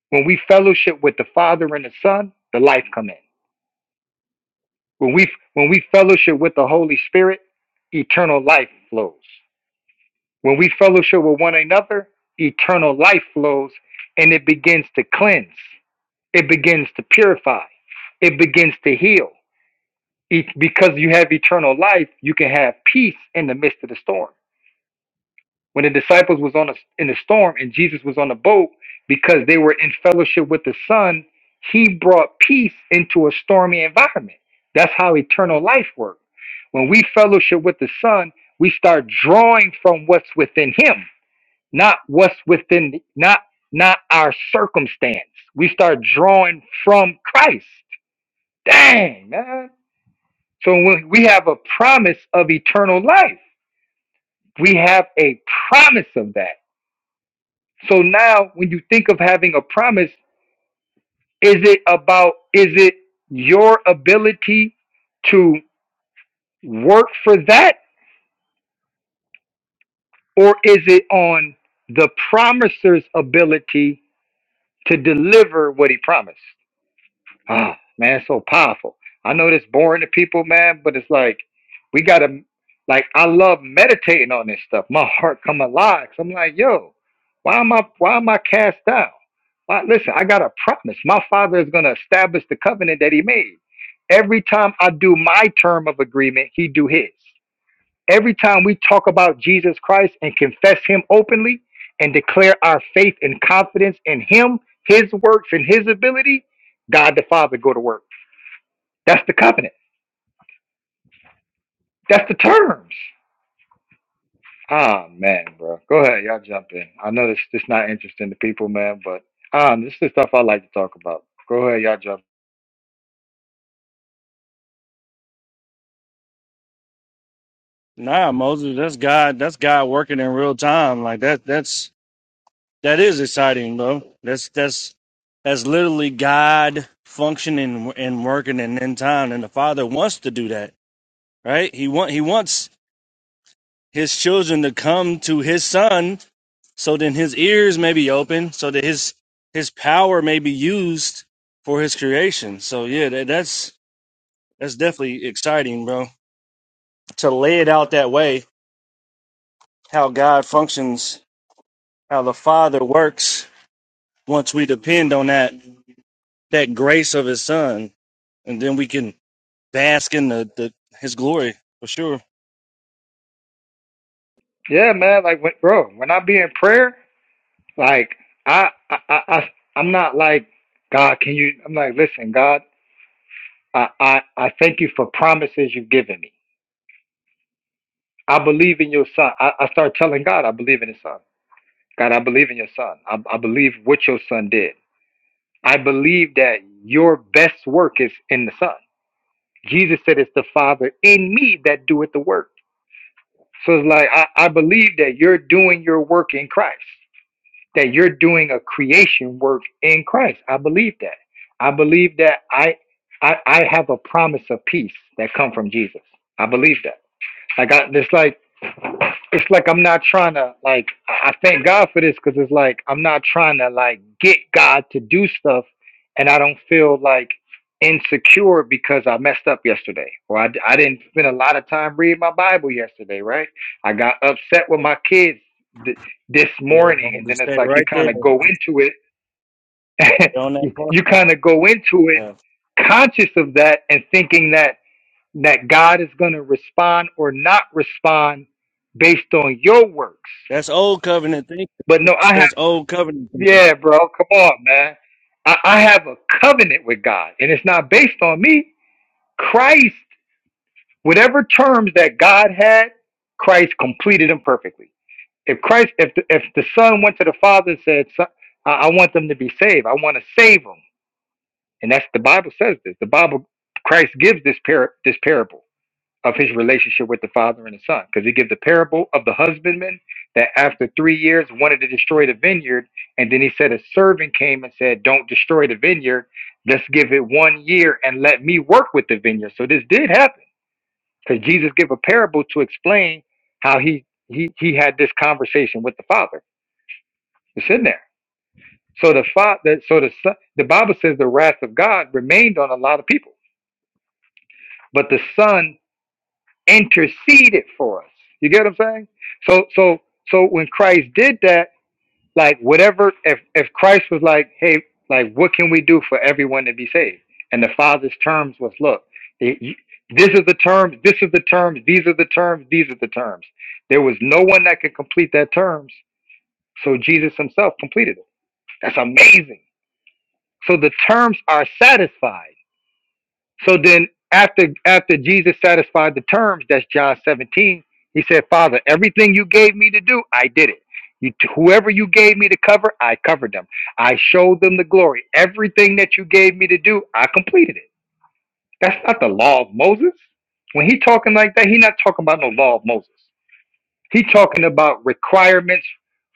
[SPEAKER 1] When we fellowship with the Father and the Son, the life come in. When we, when we fellowship with the Holy Spirit, eternal life flows. When we fellowship with one another, eternal life flows and it begins to cleanse, it begins to purify, it begins to heal. E- Because you have eternal life, you can have peace in the midst of the storm. When the disciples was on a, in the storm and Jesus was on the boat, because they were in fellowship with the Son, He brought peace into a stormy environment. That's how eternal life works. When we fellowship with the Son, we start drawing from what's within Him not what's within the, not not our circumstance. We start drawing from Christ. Dang, man. So when we have a promise of eternal life. We have a promise of that. So now when you think of having a promise, is it about is it your ability to work for that or is it on the promiser's ability to deliver what he promised? Ah, man, it's so powerful. I know this boring to people, man, but it's like we gotta like I love meditating on this stuff. My heart come alive. 'Cause I'm like, yo, why am I why am I cast down? Why, listen, I got a promise. My father is gonna establish the covenant that he made. Every time I do my term of agreement, he do his. Every time we talk about Jesus Christ and confess him openly and declare our faith and confidence in him, his works and his ability, God the Father go to work. That's the covenant. That's the terms. Ah man, bro. Go ahead, y'all jump in. I know this this not interesting to people, man, but um, this is the stuff I like to talk about. Go ahead, y'all jump.
[SPEAKER 2] Nah, Moses, that's God. That's God working in real time. Like that. That's that is exciting, bro. That's that's that's literally God functioning and working in end time, and the Father wants to do that. right? He want he wants his children to come to his son so then his ears may be open so that his his power may be used for his creation. So yeah, that, that's that's definitely exciting, bro. To lay it out that way, how God functions, how the Father works once we depend on that that grace of his son and then we can bask in the, the his glory for sure.
[SPEAKER 1] Yeah, man. Like, when, bro, when I be in prayer, like I, I, I, I- I'm not like God. Can you? I'm like, listen, God. I, I, I thank you for promises you've given me. I believe in your son. I, I start telling God, I believe in his son. God, I believe in your son. I, I believe what your son did. I believe that your best work is in the son. Jesus said, It's the Father in me that doeth the work. So it's like, I, I believe that you're doing your work in Christ, that you're doing a creation work in Christ. I believe that. I believe that I, I, I have a promise of peace that come from Jesus. I believe that. Like I, it's like it's like I'm not trying to like I I thank God for this because it's like I'm not trying to like get God to do stuff, and I don't feel like insecure because I messed up yesterday or I, I didn't spend a lot of time reading my Bible yesterday, right? I got upset with my kids th- this
[SPEAKER 2] Yeah,
[SPEAKER 1] morning,
[SPEAKER 2] bro,
[SPEAKER 1] and
[SPEAKER 2] just
[SPEAKER 1] then it's
[SPEAKER 2] stay
[SPEAKER 1] like you
[SPEAKER 2] right there.
[SPEAKER 1] kind of go
[SPEAKER 2] Stay
[SPEAKER 1] into it,
[SPEAKER 2] on that
[SPEAKER 1] *laughs*
[SPEAKER 2] part.
[SPEAKER 1] you kind of go into it
[SPEAKER 2] yeah.
[SPEAKER 1] conscious of that and thinking that that God is going to respond or not respond based on your works.
[SPEAKER 2] That's old covenant thinking.
[SPEAKER 1] But no,
[SPEAKER 2] That's
[SPEAKER 1] I have,
[SPEAKER 2] old covenant thinking.
[SPEAKER 1] yeah, bro, come on, man. I, I have a covenant with God, and it's not based on me. Christ, whatever terms that God had, Christ completed them perfectly. If Christ, if the, if the Son went to the Father and said, "Son, I, I want them to be saved. I want to save them," and that's the Bible says this. The Bible, Christ gives this par this parable. of his relationship with the father and the son. Because he gives the parable of the husbandman that after three years wanted to destroy the vineyard. And then he said, A servant came and said, Don't destroy the vineyard. Let's give it one year and let me work with the vineyard. So this did happen because Jesus gave a parable to explain how he, he, he had this conversation with the father. It's in there. So the father, so the son, the Bible says the wrath of God remained on a lot of people, but the son interceded for us. You get what I'm saying? So so so when Christ did that, like whatever if if Christ was like, hey, like what can we do for everyone to be saved? And the Father's terms was, look, it, this is the terms, this is the terms, these are the terms, these are the terms. There was no one that could complete that terms, so Jesus himself completed it. That's amazing. So the terms are satisfied so then after after Jesus satisfied the terms, that's John 17, he said, Father, everything you gave me to do, I did it. You, whoever you gave me to cover, I covered them. I showed them the glory. Everything that you gave me to do, I completed it. That's not the law of Moses. When he talking like that, he not talking about no law of Moses. He's talking about requirements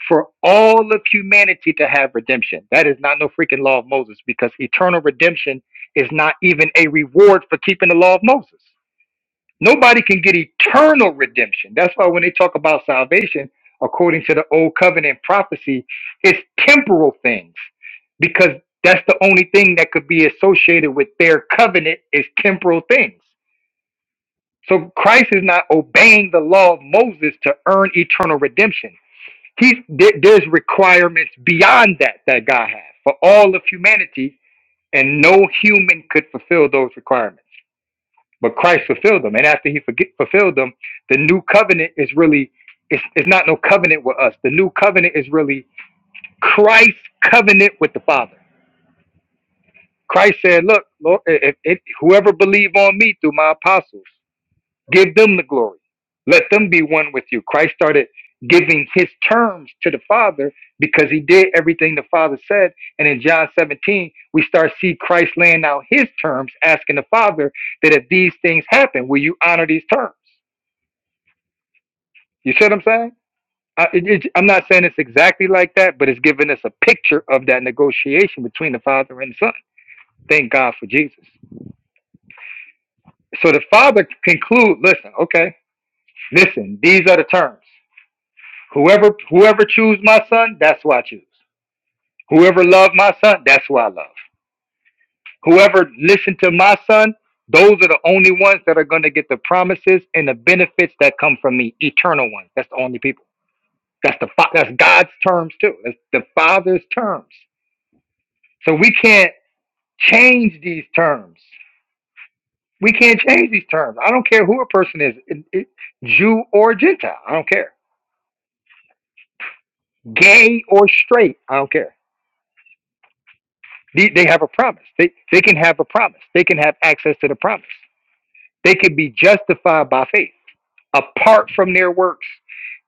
[SPEAKER 1] for all of humanity to have redemption. That is not no freaking law of Moses because eternal redemption is not even a reward for keeping the law of Moses. Nobody can get eternal redemption. That's why when they talk about salvation, according to the old covenant prophecy, it's temporal things because that's the only thing that could be associated with their covenant is temporal things. So Christ is not obeying the law of Moses to earn eternal redemption. He's there, there's requirements beyond that that God has for all of humanity, and no human could fulfill those requirements. But Christ fulfilled them, and after He forget, fulfilled them, the new covenant is really it's, it's not no covenant with us. The new covenant is really Christ's covenant with the Father. Christ said, "Look, Lord, if, if whoever believe on me through my apostles." Give them the glory. Let them be one with you. Christ started giving his terms to the Father because he did everything the Father said. And in John 17, we start see Christ laying out his terms, asking the Father that if these things happen, will you honor these terms? You see what I'm saying? I, it, it- I'm not saying it's exactly like that, but it's giving us a picture of that negotiation between the Father and the Son. Thank God for Jesus. So the Father conclude, listen, okay, listen, these are the terms. Whoever whoever choose my son, that's who I choose. Whoever love my son, that's who I love. Whoever listen to my son, those are the only ones that are going to get the promises and the benefits that come from me, eternal ones. That's the only people. That's the fa- that's God's terms too. That's the Father's terms. So we can't change these terms. We can't change these terms. I don't care who a person is, it- it- Jew or Gentile. I don't care. Gay or straight. I don't care They, they have a promise. They they can have a promise. They can have access to the promise. They can be justified by faith apart from their works.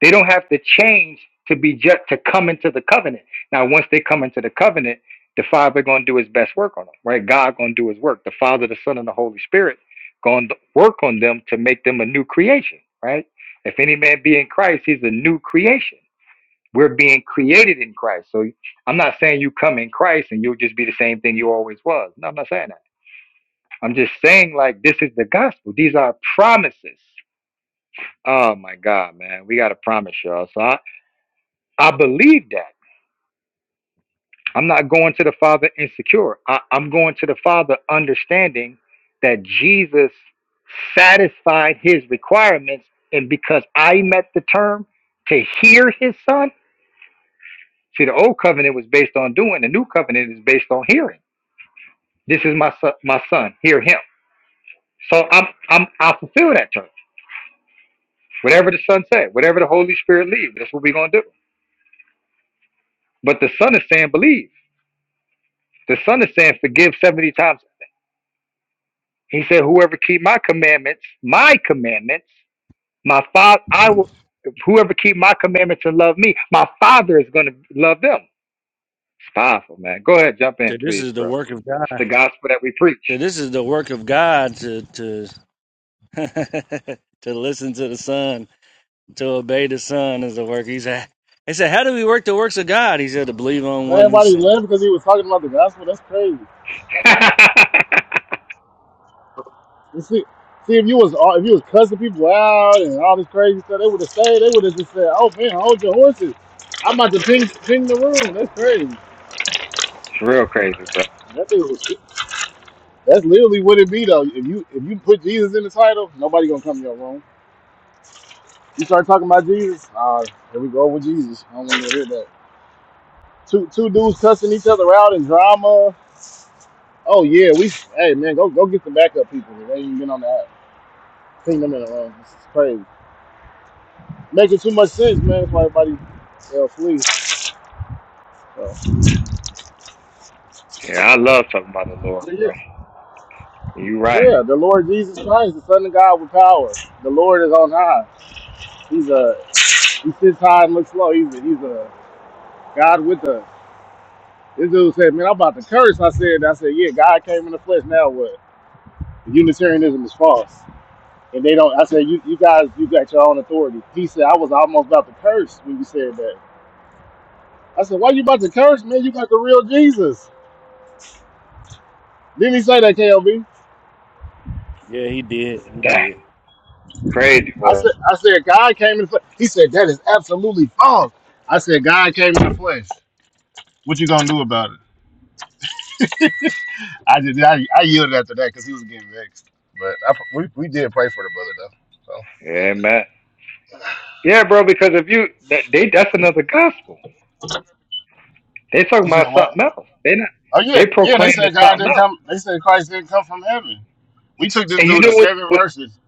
[SPEAKER 1] They don't have to change to be just to come into the covenant. Now, once they come into the covenant, the Father going to do His best work on them, right? God going to do His work. The Father, the Son, and the Holy Spirit going to work on them to make them a new creation, right? If any man be in Christ, he's a new creation. We're being created in Christ. So I'm not saying you come in Christ and you'll just be the same thing you always was. No, I'm not saying that. I'm just saying like this is the gospel. These are promises. Oh my God, man. We got to promise y'all. So I, I believe that. I'm not going to the Father insecure. I, I'm going to the Father understanding that Jesus satisfied his requirements. And because I met the term to hear his son, see, the old covenant was based on doing, the new covenant is based on hearing. This is my son, my son. Hear him. So I'm I'm I fulfill that term. Whatever the son said, whatever the Holy Spirit leads, that's what we're gonna do. But the son is saying believe. The son is saying forgive seventy times. He said, Whoever keep my commandments, my commandments, my father I will whoever keep my commandments and love me, my father is gonna love them. It's powerful, man. Go ahead, jump
[SPEAKER 2] So
[SPEAKER 1] in,
[SPEAKER 2] this
[SPEAKER 1] please,
[SPEAKER 2] is the
[SPEAKER 1] bro.
[SPEAKER 2] work of
[SPEAKER 1] It's
[SPEAKER 2] God.
[SPEAKER 1] the gospel that we preach.
[SPEAKER 2] So this is the work of God to to *laughs* to listen to the Son, to obey the Son is the work. He said. He said, "How do we work the works of God?" He said, "To believe on one who
[SPEAKER 4] Everybody
[SPEAKER 2] sent." me."
[SPEAKER 4] left because he was talking about the gospel. That's crazy.
[SPEAKER 1] *laughs* it's
[SPEAKER 4] You see, see if you was uh, if you was cussing people out and all this crazy stuff, they would have stayed. They would have just said, "Oh man, hold your horses! I'm about to ping ping the room." That's crazy.
[SPEAKER 1] real crazy, bro.
[SPEAKER 4] That thing was, that's literally what it be though. If you if you put Jesus in the title, nobody gonna come to your room. You start talking about Jesus, ah, here we go with Jesus. I don't want to hear that. Two two dudes cussing each other out in drama. Oh yeah, we hey man, go go get the backup people. They ain't even been on the app. Ping them in the room. This is crazy. making too much sense, man, for everybody uh, flee. So,
[SPEAKER 1] Yeah, I love talking about the Lord,
[SPEAKER 4] but yeah,
[SPEAKER 1] bro. You right.
[SPEAKER 4] yeah, the Lord Jesus Christ, the Son of God with power. The Lord is on high. He's a he sits high and looks low. He's a, he's a God with us. This dude said, "Man, I'm about to curse." I said, "I said, yeah, God came in the flesh. Now what? Unitarianism is false." And they don't. I said, "You you guys, you got your own authority." He said, "I was almost about to curse when you said that." I said, "Why you about to curse, man? You got the real Jesus." Didn't he say that, KLB?
[SPEAKER 2] Yeah, he did. He
[SPEAKER 1] Dang,
[SPEAKER 2] did.
[SPEAKER 1] crazy
[SPEAKER 4] I
[SPEAKER 1] word.
[SPEAKER 4] said, I said, God came in the flesh. He said, that is absolutely false. I said, God came in the flesh. What you gonna do about it? *laughs* I just, I, I yielded after that because he was getting vexed. But I, we, we did pray for the brother though. So
[SPEAKER 1] Yeah, man. Yeah, bro. Because if you that they that's another gospel. They talking
[SPEAKER 4] you said
[SPEAKER 1] about
[SPEAKER 4] what?
[SPEAKER 1] something else. They not
[SPEAKER 4] Oh yeah,
[SPEAKER 1] they
[SPEAKER 4] yeah. They
[SPEAKER 1] proclaiming
[SPEAKER 4] said God
[SPEAKER 1] something
[SPEAKER 4] didn't
[SPEAKER 1] else.
[SPEAKER 4] come. They said Christ didn't come from heaven. We took this
[SPEAKER 1] And you
[SPEAKER 4] dude to
[SPEAKER 1] know what,
[SPEAKER 4] seven
[SPEAKER 1] what
[SPEAKER 4] verses.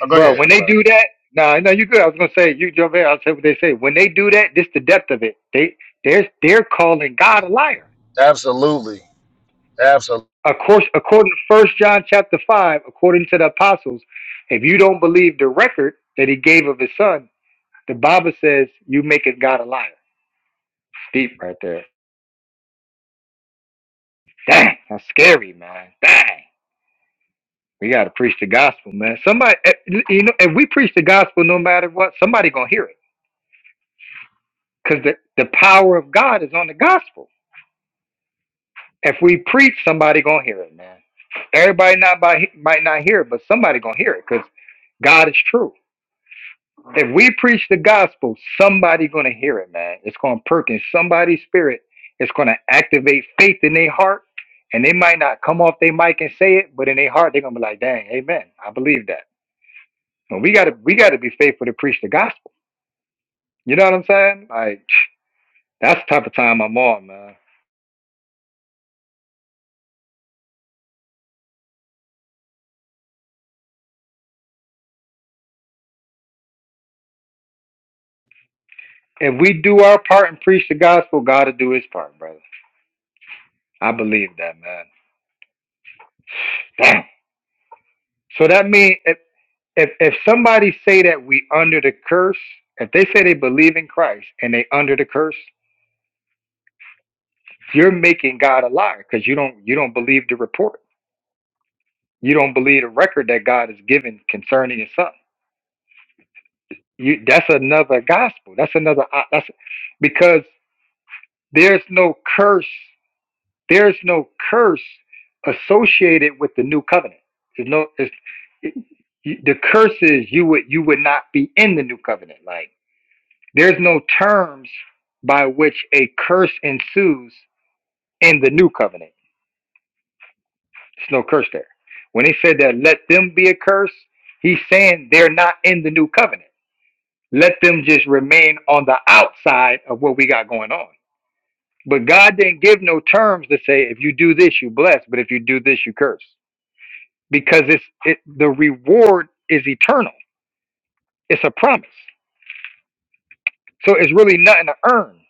[SPEAKER 4] Oh, go
[SPEAKER 1] bro?
[SPEAKER 4] ahead.
[SPEAKER 1] When
[SPEAKER 4] I'm
[SPEAKER 1] they
[SPEAKER 4] sorry.
[SPEAKER 1] do that, no, nah, no, you good. I was gonna say you jump in. I'll say what they say. When they do that, this the depth of it. They they're they're calling God a liar.
[SPEAKER 4] Absolutely, absolutely.
[SPEAKER 1] Of course, according to First John chapter five, according to the apostles, if you don't believe the record that he gave of his son, the Bible says you make it God a liar. Deep right there. Dang, that's scary, man. Dang. We gotta preach the gospel, man. Somebody, eh, you know, if we preach the gospel, no matter what, somebody gonna hear it, cause the the power of God is on the gospel. If we preach, somebody gonna hear it, man. Everybody not by, might not hear it, but somebody gonna hear it, cause God is true. If we preach the gospel, somebody gonna hear it, man. It's gonna perk in somebody's spirit. It's gonna activate faith in their heart, and they might not come off their mic and say it, but in their heart, they're gonna be like, "Dang, amen. I believe that." And we gotta we gotta be faithful to preach the gospel. You know what I'm saying? Like that's the type of time I'm on, man. If we do our part and preach the gospel, God will do his part, brother. I believe that, man. Damn. So that means if, if if somebody say that we under the curse, if they say they believe in Christ and they under the curse, you're making God a liar because you don't you don't believe the report. You don't believe the record that God has given concerning His Son. You that's another gospel. That's another uh, that's because There's no curse. There's no curse associated with the new covenant. There's no it's, it, you- the curse is you would you would not be in the new covenant. Like there's no terms by which a curse ensues in the new covenant. There's no curse there. When he said that, let them be a curse. He's saying they're not in the new covenant. Let them just remain on the outside of what we got going on. But God didn't give no terms to say if you do this you bless, but if you do this you curse, because it's it, the reward is eternal. It's a promise, so it's really nothing to earn.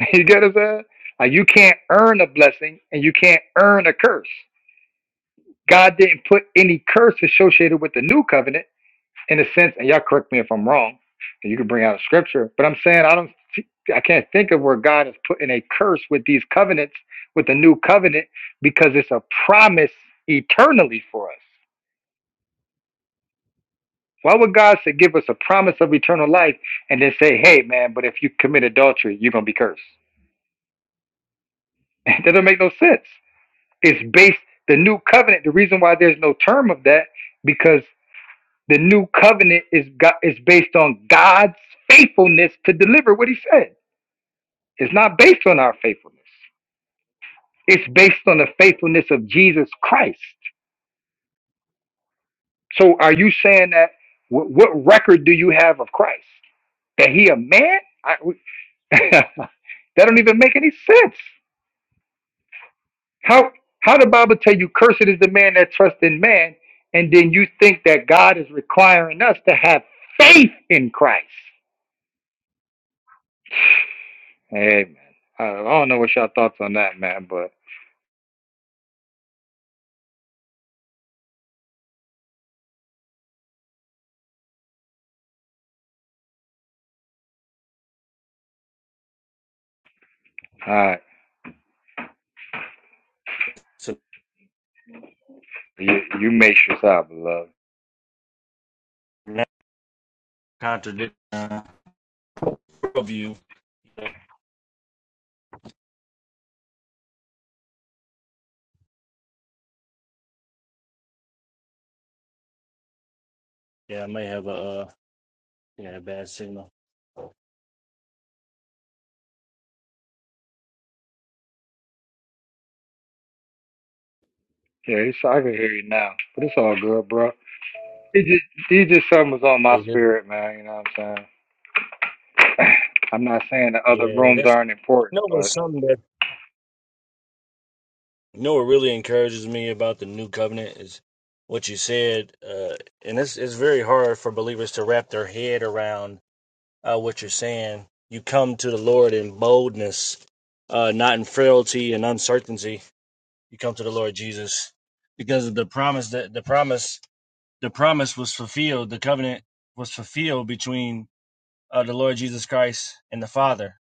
[SPEAKER 1] *laughs* You get what I'm saying? Like you can't earn a blessing and you can't earn a curse. God didn't put any curse associated with the new covenant in a sense, and y'all correct me if I'm wrong, and you can bring out a scripture, but I'm saying I don't, I can't think of where God is putting a curse with these covenants, with the new covenant, because it's a promise eternally for us. Why would God say give us a promise of eternal life and then say, hey man, but if you commit adultery, you're gonna be cursed? *laughs* That doesn't make no sense. It's based the new covenant. The reason why there's no term of that because the new covenant is God, is based on God's faithfulness to deliver what He said. It's not based on our faithfulness. It's based on the faithfulness of Jesus Christ. So are you saying that what, what record do you have of Christ? That he a man? I, we- *laughs* that don't even make any sense. How how the Bible tell you cursed is the man that trusts in man, and then you think that God is requiring us to have faith in Christ? Amen. I I don't know what y'all thoughts on that, man, but all right,
[SPEAKER 2] So
[SPEAKER 1] you, you make yourself, beloved.
[SPEAKER 2] now contradiction uh, of you. Yeah, I may have a uh, yeah bad signal.
[SPEAKER 1] Yeah, it's, I can hear you now, but it's all good, bro. It just, it just something was on
[SPEAKER 2] Are
[SPEAKER 1] my
[SPEAKER 2] you here?
[SPEAKER 1] spirit, man. You know what I'm saying? *sighs* *clears throat* I'm not saying the other
[SPEAKER 2] Yeah,
[SPEAKER 1] rooms
[SPEAKER 2] that's
[SPEAKER 1] aren't
[SPEAKER 2] you
[SPEAKER 1] important,
[SPEAKER 2] know what's
[SPEAKER 1] but
[SPEAKER 2] something that You know what really encourages me about the new covenant is what you said, uh, and it's it's very hard for believers to wrap their head around uh, what you're saying. You come to the Lord in boldness, uh, not in frailty and uncertainty. You come to the Lord Jesus because of the promise that the promise the promise was fulfilled. The covenant was fulfilled between uh, the Lord Jesus Christ and the Father.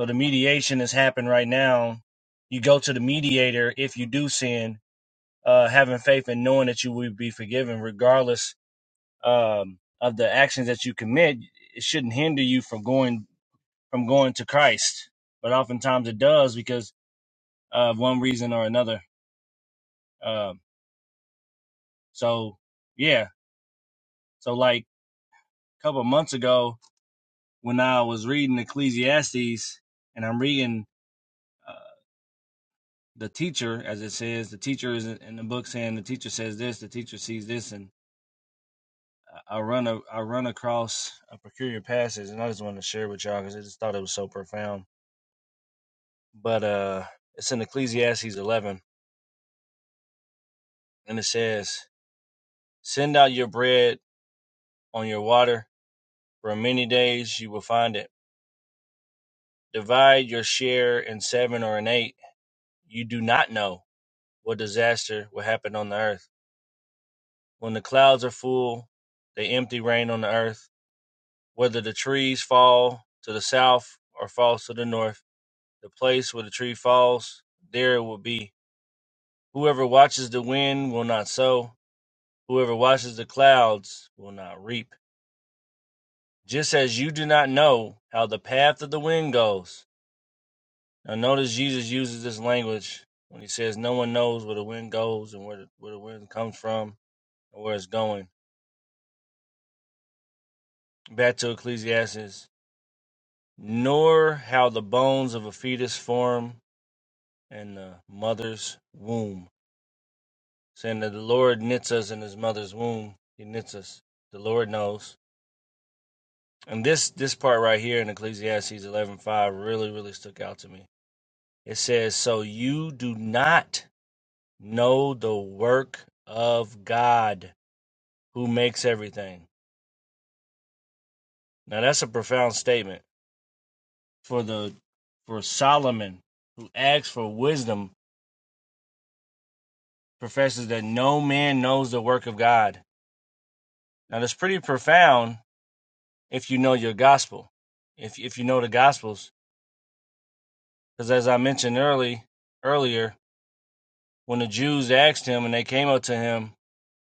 [SPEAKER 2] So the mediation has happened right now. You go to the mediator if you do sin uh, having faith and knowing that you will be forgiven, regardless um, of the actions that you commit, it shouldn't hinder you from going from going to Christ. But oftentimes it does because of one reason or another. Um, so yeah, so like a couple of months ago when I was reading Ecclesiastes and I'm reading. uh, The teacher, as it says, the teacher is in the book saying the teacher says this, the teacher sees this, and I run a I run across a peculiar passage, and I just wanted to share with y'all because I just thought it was so profound. But uh, it's in Ecclesiastes 11, and it says, "Send out your bread on your water, for many days you will find it. Divide your share in seven or in eight. You do not know what disaster will happen on the earth when the clouds are full. They empty rain on the earth. Whether the trees fall to the south or falls to the north." the place where the tree falls, there it will be. Whoever watches the wind will not sow, whoever watches the clouds will not reap. Just as you do not know how the path of the wind goes. Now, notice Jesus uses this language when he says, No one knows where the wind goes and where the, where the wind comes from or where it's going. Back to Ecclesiastes, nor how the bones of a fetus form in the mother's womb. saying that the Lord knits us in his mother's womb. He knits us. The Lord knows. And this this part right here in Ecclesiastes 11:5 really really stuck out to me. It says, "So you do not know the work of God who makes everything." Now that's a profound statement for the for Solomon who asks for wisdom professes that no man knows the work of God. Now that's pretty profound if you know your gospel. If if you know the gospels Because as I mentioned early earlier, when the Jews asked him and they came up to him,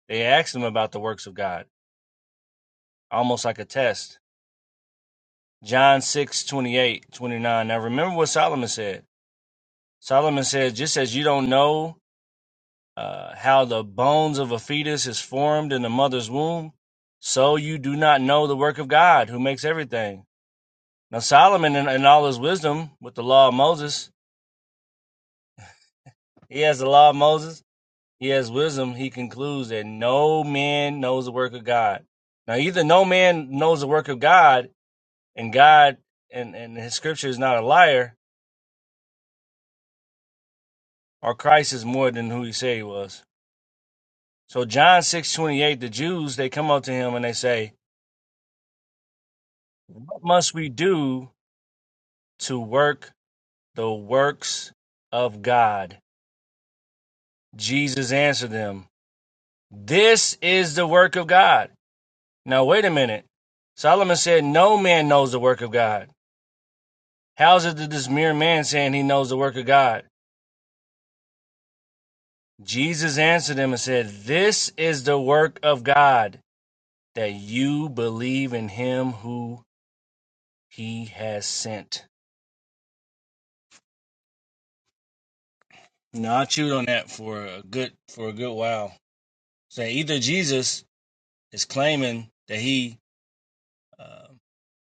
[SPEAKER 2] they asked him about the works of God, almost like a test. John 6 28 29. Now remember what Solomon said. Solomon said, just as you don't know uh, how the bones of a fetus is formed in the mother's womb, so you do not know the work of God who makes everything. Now Solomon in, in all his wisdom with the law of Moses, he has the law of Moses He has wisdom. He concludes that no man knows the work of God. Now, either no man knows the work of God, and God and, and his scripture is not a liar, or Christ is more than who he said he was. So, John six twenty eight, the Jews, they come up to him and they say, What must we do to work the works of God? Jesus answered them, This is the work of God. Now, wait a minute. Solomon said, No man knows the work of God. How is it that this mere man saying he knows the work of God? Jesus answered him and said, This is the work of God, that you believe in him who he has sent. Now I chewed on that for a good for a good while. So either Jesus is claiming that he uh,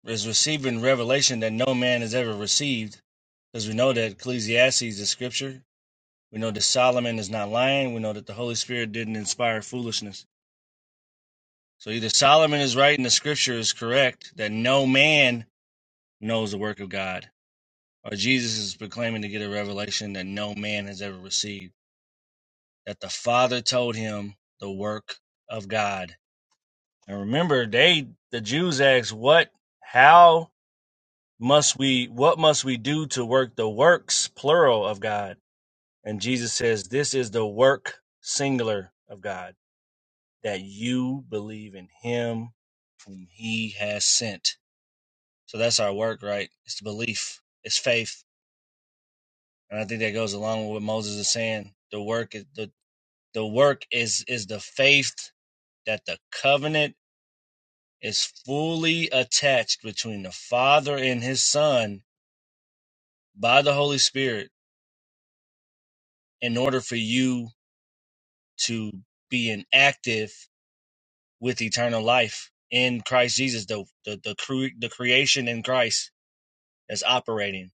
[SPEAKER 2] is receiving revelation that no man has ever received, because we know that Ecclesiastes is scripture. We know that Solomon is not lying. We know that the Holy Spirit didn't inspire foolishness. So either Solomon is right and the scripture is correct that no man knows the work of God, or Jesus is proclaiming to get a revelation that no man has ever received, that the Father told him the work of God. And remember, they the Jews asked, What how must we what must we do to work the works plural of God? And Jesus says, This is the work singular of God, that you believe in him whom he has sent. So that's our work, right? It's the belief, it's faith, and I think that goes along with what Moses is saying. The work is the the work is is the faith that the covenant is fully attached between the Father and His Son by the Holy Spirit in order for you to be inactive with eternal life in Christ Jesus, the the the, cre- the creation in Christ that's operating.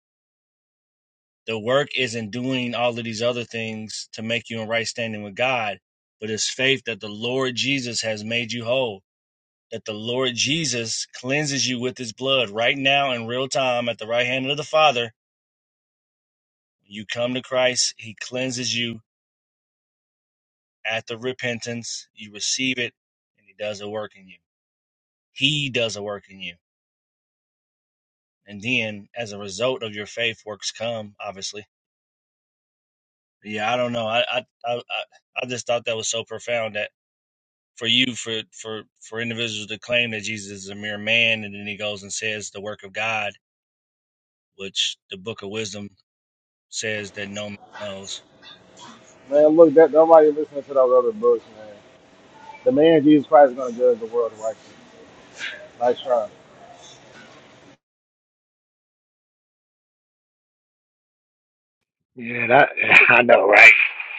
[SPEAKER 2] the work isn't doing all of these other things to make you in right standing with God, but it's faith that the Lord Jesus has made you whole, that the Lord Jesus cleanses you with his blood right now in real time at the right hand of the Father. You come to Christ, he cleanses you at the repentance, you receive it, and he does a work in you. He does a work in you. And then, as a result of your faith, works come, obviously. But Yeah, I don't know. I, I, I I just thought that was so profound that for you for for for individuals to claim that Jesus is a mere man, and then he goes and says the work of God, which the Book of Wisdom says that no man knows.
[SPEAKER 4] Man, look, that nobody listening to those other books, man. The man Jesus Christ is gonna judge the world righteously. Nice try.
[SPEAKER 1] yeah, that *laughs* I know, right?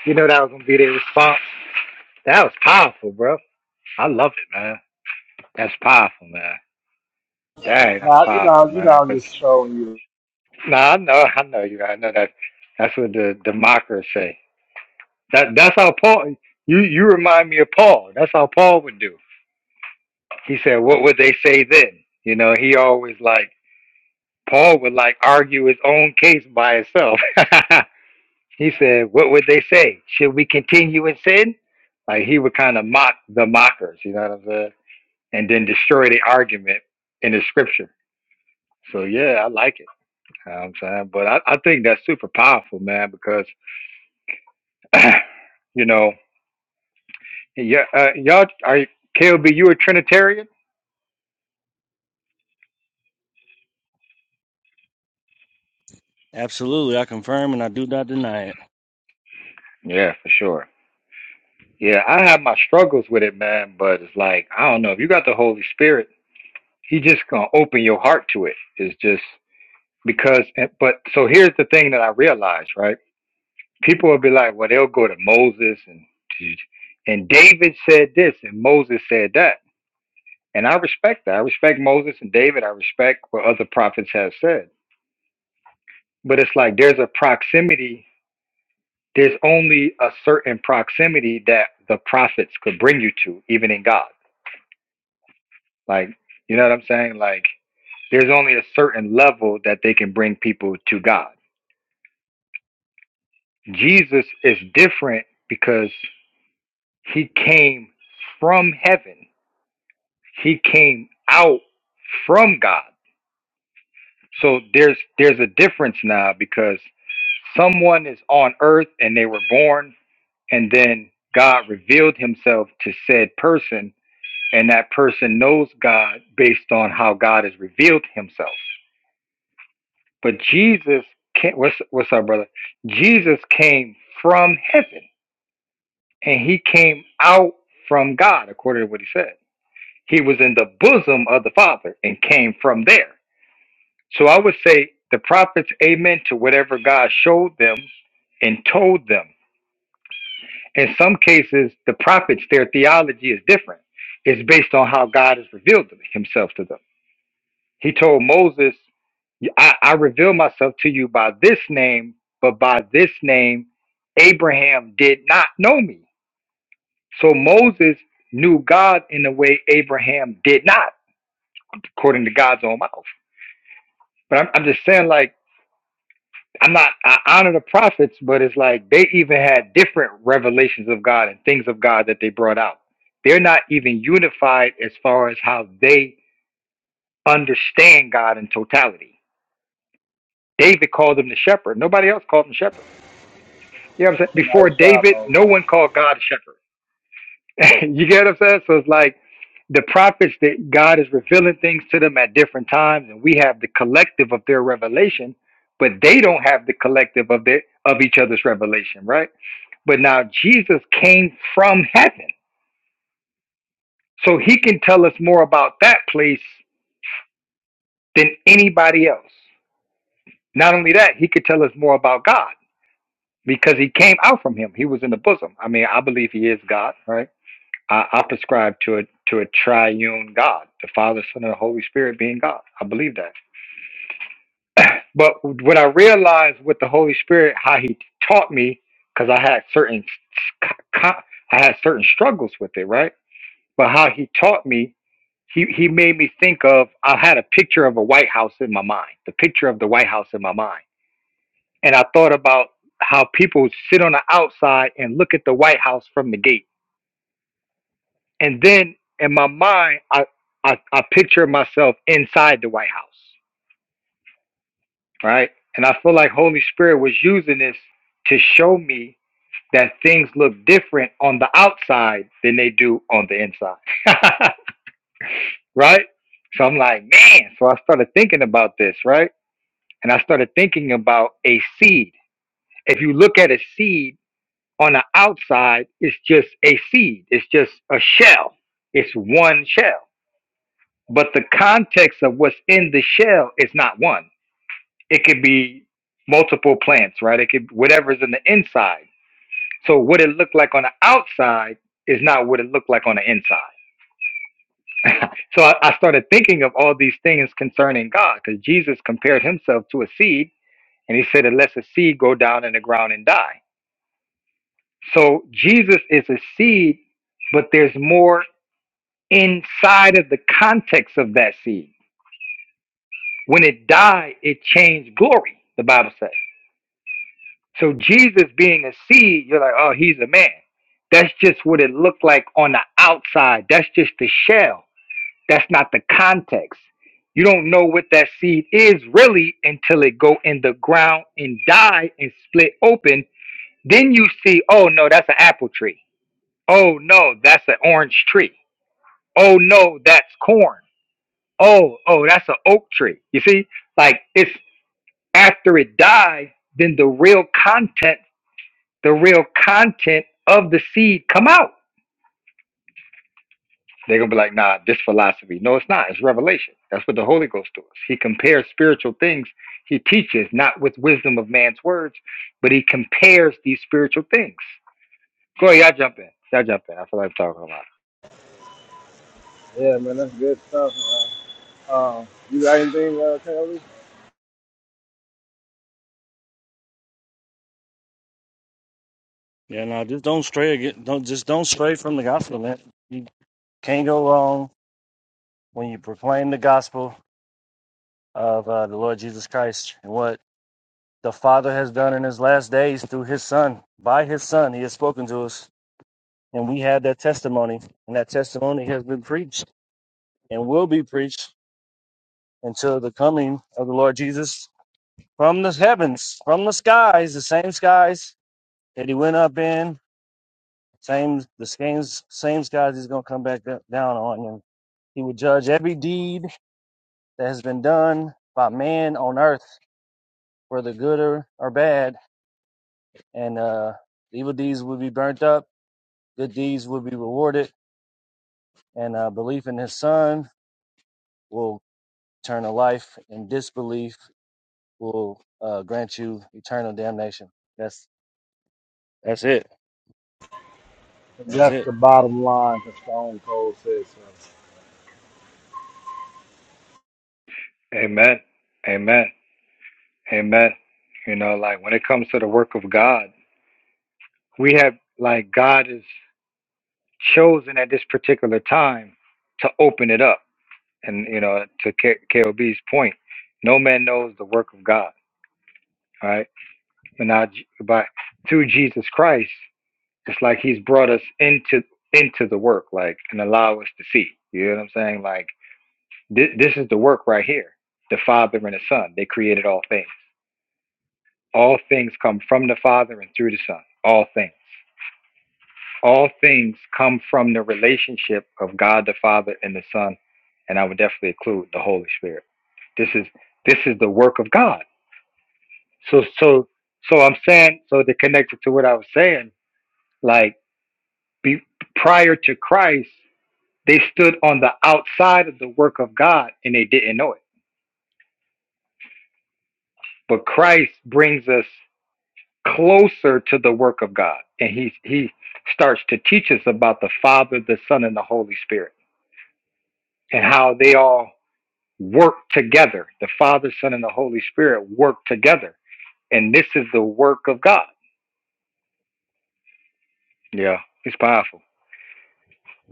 [SPEAKER 1] You know that was gonna be their response. That was powerful, bro. I love it, man. That's powerful, man. Dang, that's
[SPEAKER 4] Nah, you
[SPEAKER 1] powerful,
[SPEAKER 4] know, you know,
[SPEAKER 1] man.
[SPEAKER 4] I'm
[SPEAKER 1] Cause
[SPEAKER 4] just showing you
[SPEAKER 1] nah, I know, I know you. I know that. That's what the democracy. That that's how Paul. You you remind me of Paul. That's how Paul would do. He said, What would they say then? You know, he always like, Paul would like argue his own case by himself. *laughs* he said, What would they say? Should we continue in sin? Like he would kind of mock the mockers, you know what I'm saying? And then destroy the argument in the scripture. So yeah, I like it. You know what I'm saying, but I, I think that's super powerful, man, because *clears throat* you know, yeah, uh, y'all are KLB, you a Trinitarian?
[SPEAKER 2] Absolutely, I confirm and I do not deny it.
[SPEAKER 1] Yeah, for sure. Yeah, I have my struggles with it, man, but it's like, I don't know, if you got the Holy Spirit, he just gonna open your heart to it. It's just because and- but so here's the thing that I realized, right? People will be like, Well, they'll go to Moses and and David said this and Moses said that. And I respect that. I respect Moses and David. I respect what other prophets have said. But it's like there's a proximity, there's only a certain proximity that the prophets could bring you to, even in God Like, you know what I'm saying? Like, there's only a certain level that they can bring people to God. Jesus is different because he came from heaven. He came out from God. So there's there's a difference now because someone is on earth and they were born and then God revealed himself to said person and that person knows God based on how God has revealed himself. But Jesus came. What's what's up, brother? Jesus came from heaven, and he came out from God, according to what he said. He was in the bosom of the Father and came from there. So I would say the prophets, amen to whatever God showed them and told them. In some cases, the prophets, their theology is different. It's based on how God has revealed himself to them. He told Moses, I, I reveal myself to you by this name, but by this name, Abraham did not know me. So Moses knew God in a way Abraham did not, according to God's own mouth. But I'm, I'm just saying, like, I'm not, I honor the prophets, but it's like they even had different revelations of God and things of God that they brought out. They're not even unified as far as how they understand God in totality. David called him the shepherd. Nobody else called him shepherd. You know what I'm saying?
[SPEAKER 4] Nice
[SPEAKER 1] Before
[SPEAKER 4] try,
[SPEAKER 1] David,
[SPEAKER 4] Bones.
[SPEAKER 1] no one called God a shepherd. *laughs* you get what I'm saying? So it's like the prophets that God is revealing things to them at different times, and we have the collective of their revelation, but they don't have the collective of their of each other's revelation, right? But now Jesus came from heaven. So he can tell us more about that place than anybody else. Not only that, he could tell us more about God because he came out from him. He was in the bosom. I mean, I believe he is God, right? I, I prescribe to a to a triune God, the Father, Son, and the Holy Spirit being God. I believe that. But what I realized with the Holy Spirit, how He taught me, because I had certain s- co- I had certain struggles with it, right? But how He taught me, He He made me think of. I had a picture of a White House in my mind, the picture of the White House in my mind, and I thought about how people sit on the outside and look at the White House from the gate And then in my mind, I, I, I picture myself inside the White House, right? And I feel like Holy Spirit was using this to show me that things look different on the outside than they do on the inside, *laughs* right? So I'm like, man. So I started thinking about this, right? And I started thinking about a seed. If you look at a seed on the outside, it's just a seed, it's just a shell, it's one shell but the context of what's in the shell is not one. It could be multiple plants, right? It could whatever's in the inside. So what it looked like on the outside is not what it looked like on the inside. So I, I started thinking of all these things concerning God, because Jesus compared himself to a seed, and he said, "Unless a seed go down in the ground and die." So Jesus is a seed, but there's more inside of the context of that seed. When it died, it changed glory. The Bible says. So Jesus being a seed, you're like, oh, he's a man. That's just what it looked like on the outside. That's just the shell. That's not the context. You don't know what that seed is really until it go in the ground and die and split open. Then you see, oh no, that's an apple tree. Oh no, that's an orange tree. Oh no, that's corn. Oh, oh, that's an oak tree. You see? Like it's after it died, then the real content the real content of the seed come out. They're gonna be like, nah, this philosophy. No, it's not. It's revelation. That's what the Holy Ghost does. He compares spiritual things. He teaches not with wisdom of man's words, but he compares these spiritual things. Go ahead, y'all jump in. Y'all jump in. I feel like I'm talking a lot.
[SPEAKER 4] Yeah, man, that's good stuff, man. Um, you got anything, uh, Kelly?
[SPEAKER 2] Yeah, no, just don't stray again. Don't just don't stray from the gospel, man. You can't go wrong when you proclaim the gospel of uh, the Lord Jesus Christ and what the Father has done in His last days through His Son. By His Son, He has spoken to us, and we have that testimony, and that testimony has been preached. and will be preached until the coming of the Lord Jesus from the heavens, from the skies, the same skies that he went up in, same the same same skies he's gonna come back da- down on, and he will judge every deed that has been done by man on earth, whether good or, or bad, and uh, evil deeds will be burnt up, good deeds will be rewarded, and uh, belief in his son will turn to life, and disbelief will uh, grant you eternal damnation. That's That's it. That's
[SPEAKER 4] That's
[SPEAKER 2] it.
[SPEAKER 4] the bottom line for Stone Cold says. man.
[SPEAKER 1] Amen. Amen. Amen. You know, like when it comes to the work of God, we have like God is chosen at this particular time to open it up. And you know, to K- KOB's point, no man knows the work of God, right? But now, J- by through Jesus Christ, it's like He's brought us into into the work, like and allow us to see. You know what I'm saying? Like thi- this is the work right here. The Father and the Son, they created all things. All things come from the Father and through the Son. All things. All things come from the relationship of God the Father and the Son, and I would definitely include the Holy Spirit. This is this is the work of God So so so I'm saying so they connected to what I was saying, like be, prior to Christ, they stood on the outside of the work of God and they didn't know it. But Christ brings us closer to the work of God, and he he starts to teach us about the Father, the Son, and the Holy Spirit, and how they all work together. The Father, Son, and the Holy Spirit work together, and this is the work of God. Yeah, it's powerful.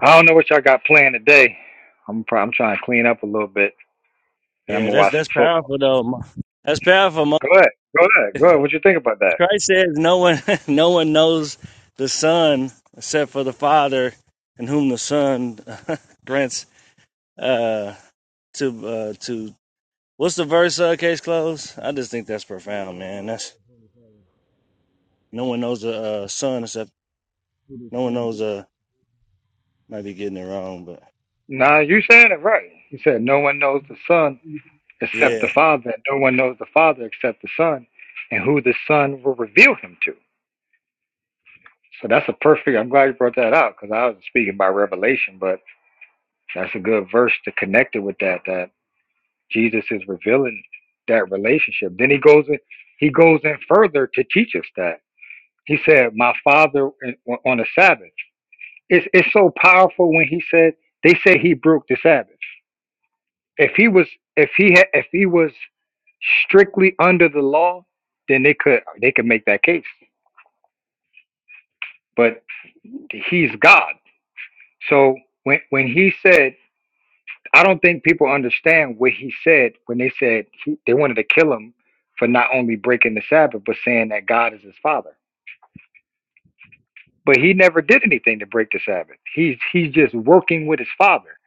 [SPEAKER 1] I don't know what y'all got planned today. I'm probably, I'm trying to clean up a little bit, and I'm
[SPEAKER 2] Yeah,
[SPEAKER 1] gonna
[SPEAKER 2] that's
[SPEAKER 1] watch
[SPEAKER 2] that's
[SPEAKER 1] some football.
[SPEAKER 2] powerful though. Mo- That's powerful. Mo-
[SPEAKER 1] Go ahead, go ahead, go ahead. What you think about that?
[SPEAKER 2] Christ says no one *laughs* no one knows the Son except for the Father, and whom the Son *laughs* grants uh, to uh, to. What's the verse? Uh, case closed. I just think that's profound, man. That's no one knows the uh, Son except no one knows. Uh, might be getting it wrong, but
[SPEAKER 1] Nah, you said it right. You said no one knows the Son except
[SPEAKER 2] yeah,
[SPEAKER 1] the Father, and no one knows the Father except the Son, and who the Son will reveal him to. So that's a perfect. I'm glad you brought that out because I was speaking by revelation, but that's a good verse to connect it with that. That Jesus is revealing that relationship. Then he goes in. He goes in further to teach us that. He said, "My father on the Sabbath." It's it's so powerful when he said they said he broke the Sabbath. If he was if he had if he was strictly under the law, then they could they could make that case. But he's God. So when when he said, I don't think people understand what he said when they said he, they wanted to kill him for not only breaking the Sabbath but saying that God is his father. but he never did anything to break the Sabbath. He's he's just working with his father.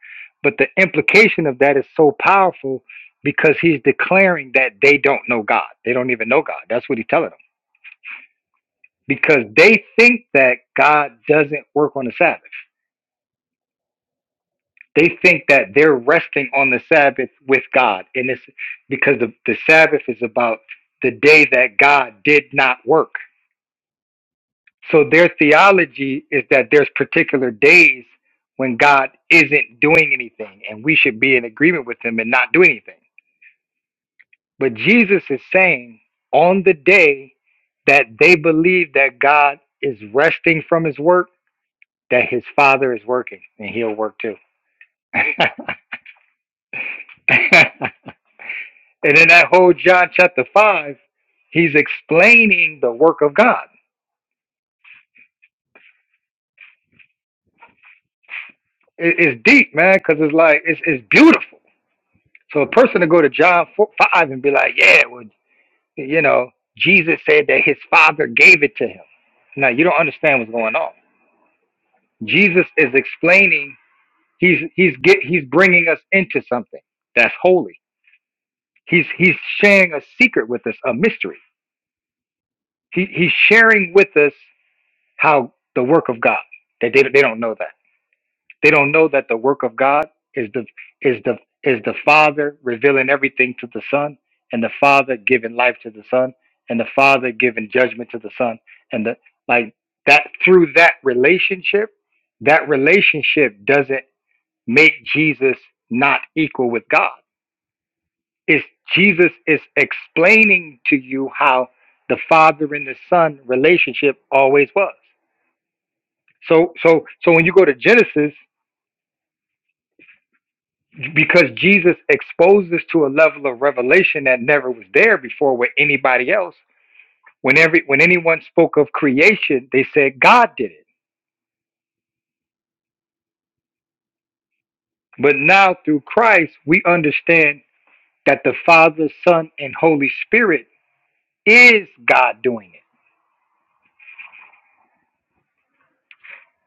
[SPEAKER 1] But the implication of that is so powerful because he's declaring that they don't know God. They don't even know God. That's what he's telling them. Because they think that God doesn't work on the Sabbath. They think that they're resting on the Sabbath with God. And it's because the, the Sabbath is about the day that God did not work So their theology is that there's particular days when God isn't doing anything and we should be in agreement with him and not do anything. But Jesus is saying on the day that they believe that God is resting from his work, that his father is working and he'll work too. *laughs* and in that whole John chapter 5, he's explaining the work of God. It- It's deep, man, because it's like, it's, it's beautiful So a person to go to John 4, 5 and be like, yeah, well, you know, Jesus said that his father gave it to him. Now you don't understand what's going on. Jesus is explaining. He's he's get he's bringing us into something that's holy. He's he's sharing a secret with us, a mystery. He he's sharing with us how the work of God. That they, they don't know that. They don't know that the work of God is the is the is the Father revealing everything to the Son, and the Father giving life to the Son, and the Father giving judgment to the Son, and the like that through that relationship, that relationship doesn't make Jesus not equal with God. It's Jesus is explaining to you how the Father and the Son relationship always was. So so so when you go to Genesis because Jesus exposed us to a level of revelation that never was there before with anybody else. When every when anyone spoke of creation, they said God did it. But now through Christ, we understand that the Father, Son, and Holy Spirit is God doing it.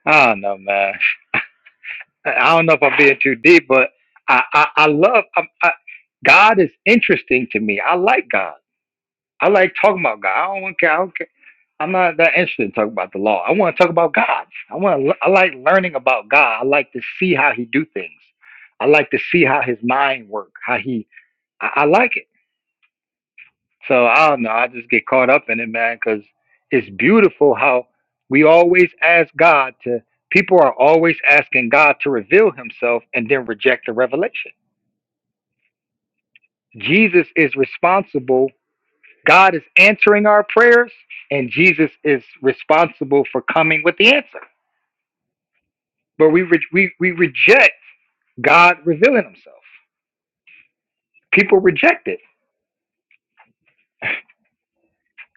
[SPEAKER 1] I don't know, man. I I don't know if I'm being too deep, but I I, I love I, I, God is interesting to me. I like God. I like talking about God. I don't wanna care. I don't care. I'm not that interested in talking about the law. I want to talk about God. I want. To, I like learning about God. I like to see how He do things. I like to see how His mind work. How He. I, I like it. So I don't know. I just get caught up in it, man, because it's beautiful how we always ask God to. People are always asking God to reveal Himself and then reject the revelation. Jesus is responsible God is answering our prayers, and Jesus is responsible for coming with the answer. But we re- we we reject God revealing Himself. People reject it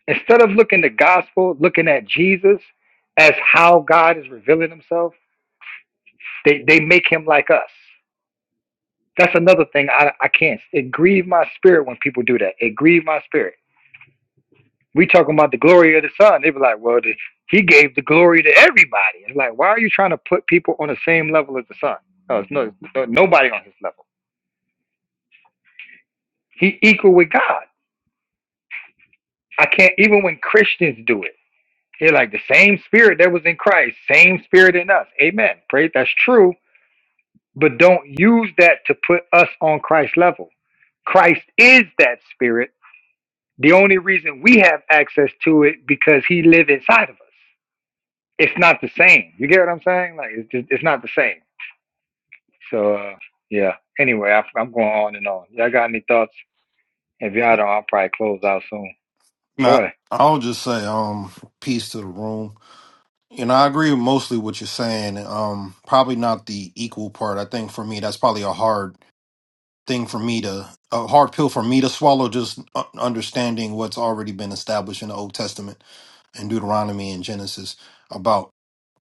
[SPEAKER 1] instead of looking the gospel, looking at Jesus as how God is revealing Himself. They they make Him like us. That's another thing I I can't. It grieved my spirit when people do that. It grieved my spirit We talking about the glory of the Son. They be like, well, the, he gave the glory to everybody. It's like, why are you trying to put people on the same level as the Son? No, it's no, no nobody on his level. He equal with God. I can't even when Christians do it. They're like the same spirit that was in Christ, same spirit in us. Amen. Pray that's true, but don't use that to put us on Christ's level. Christ is that spirit. The only reason we have access to it because he live inside of us. it's not the same. You get what I'm saying? Like it's just it's not the same. So uh, yeah. Anyway, I, I'm going on and on. Y'all got any thoughts? If y'all don't, I'll probably close out soon. Go
[SPEAKER 5] Now,
[SPEAKER 1] ahead.
[SPEAKER 5] I'll just say, um, peace to the room. You know, I agree with mostly what you're saying. Um, probably not the equal part. I think for me, that's probably a hard thing for me to, a hard pill for me to swallow. Just u- understanding what's already been established in the Old Testament and Deuteronomy and Genesis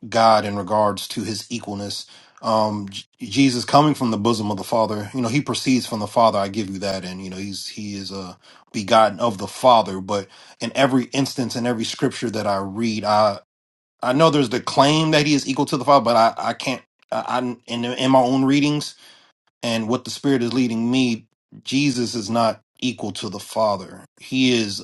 [SPEAKER 5] God in regards to his equalness. Um, J- Jesus coming from the bosom of the Father, you know, he proceeds from the Father. I give you that, and you know, he's he is uh, begotten of the Father. But in every instance, in every scripture that I read, I I know there's the claim that he is equal to the Father, but I I can't. I, I in in my own readings and what the Spirit is leading me, Jesus is not equal to the Father. He is.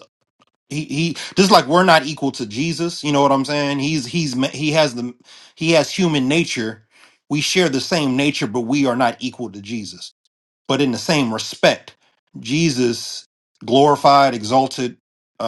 [SPEAKER 5] He, he just like we're not equal to Jesus, you know what I'm saying? He's he's ma- he has the he has human nature. We share the same nature, but we are not equal to Jesus. But in the same respect, Jesus glorified, exalted, uh,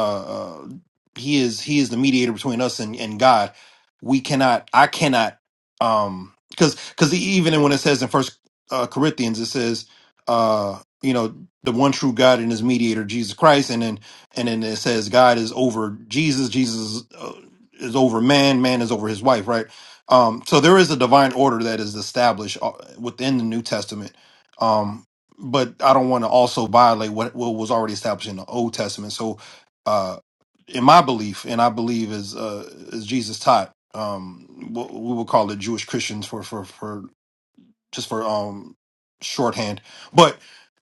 [SPEAKER 5] uh, he is he is the mediator between us and, and God. We cannot, I cannot, um, because because even when it says in First uh, Corinthians, it says, uh, you know, the one true God and His mediator, Jesus Christ, and then and then it says God is over Jesus, Jesus uh, is over man, man is over his wife, right? Um, so there is a divine order that is established uh, within the New Testament. Um, but I don't want to also violate what, what was already established in the Old Testament. So, uh, in my belief, and I believe as uh, as Jesus taught, um, what we would call it Jewish Christians for for for just for um shorthand. But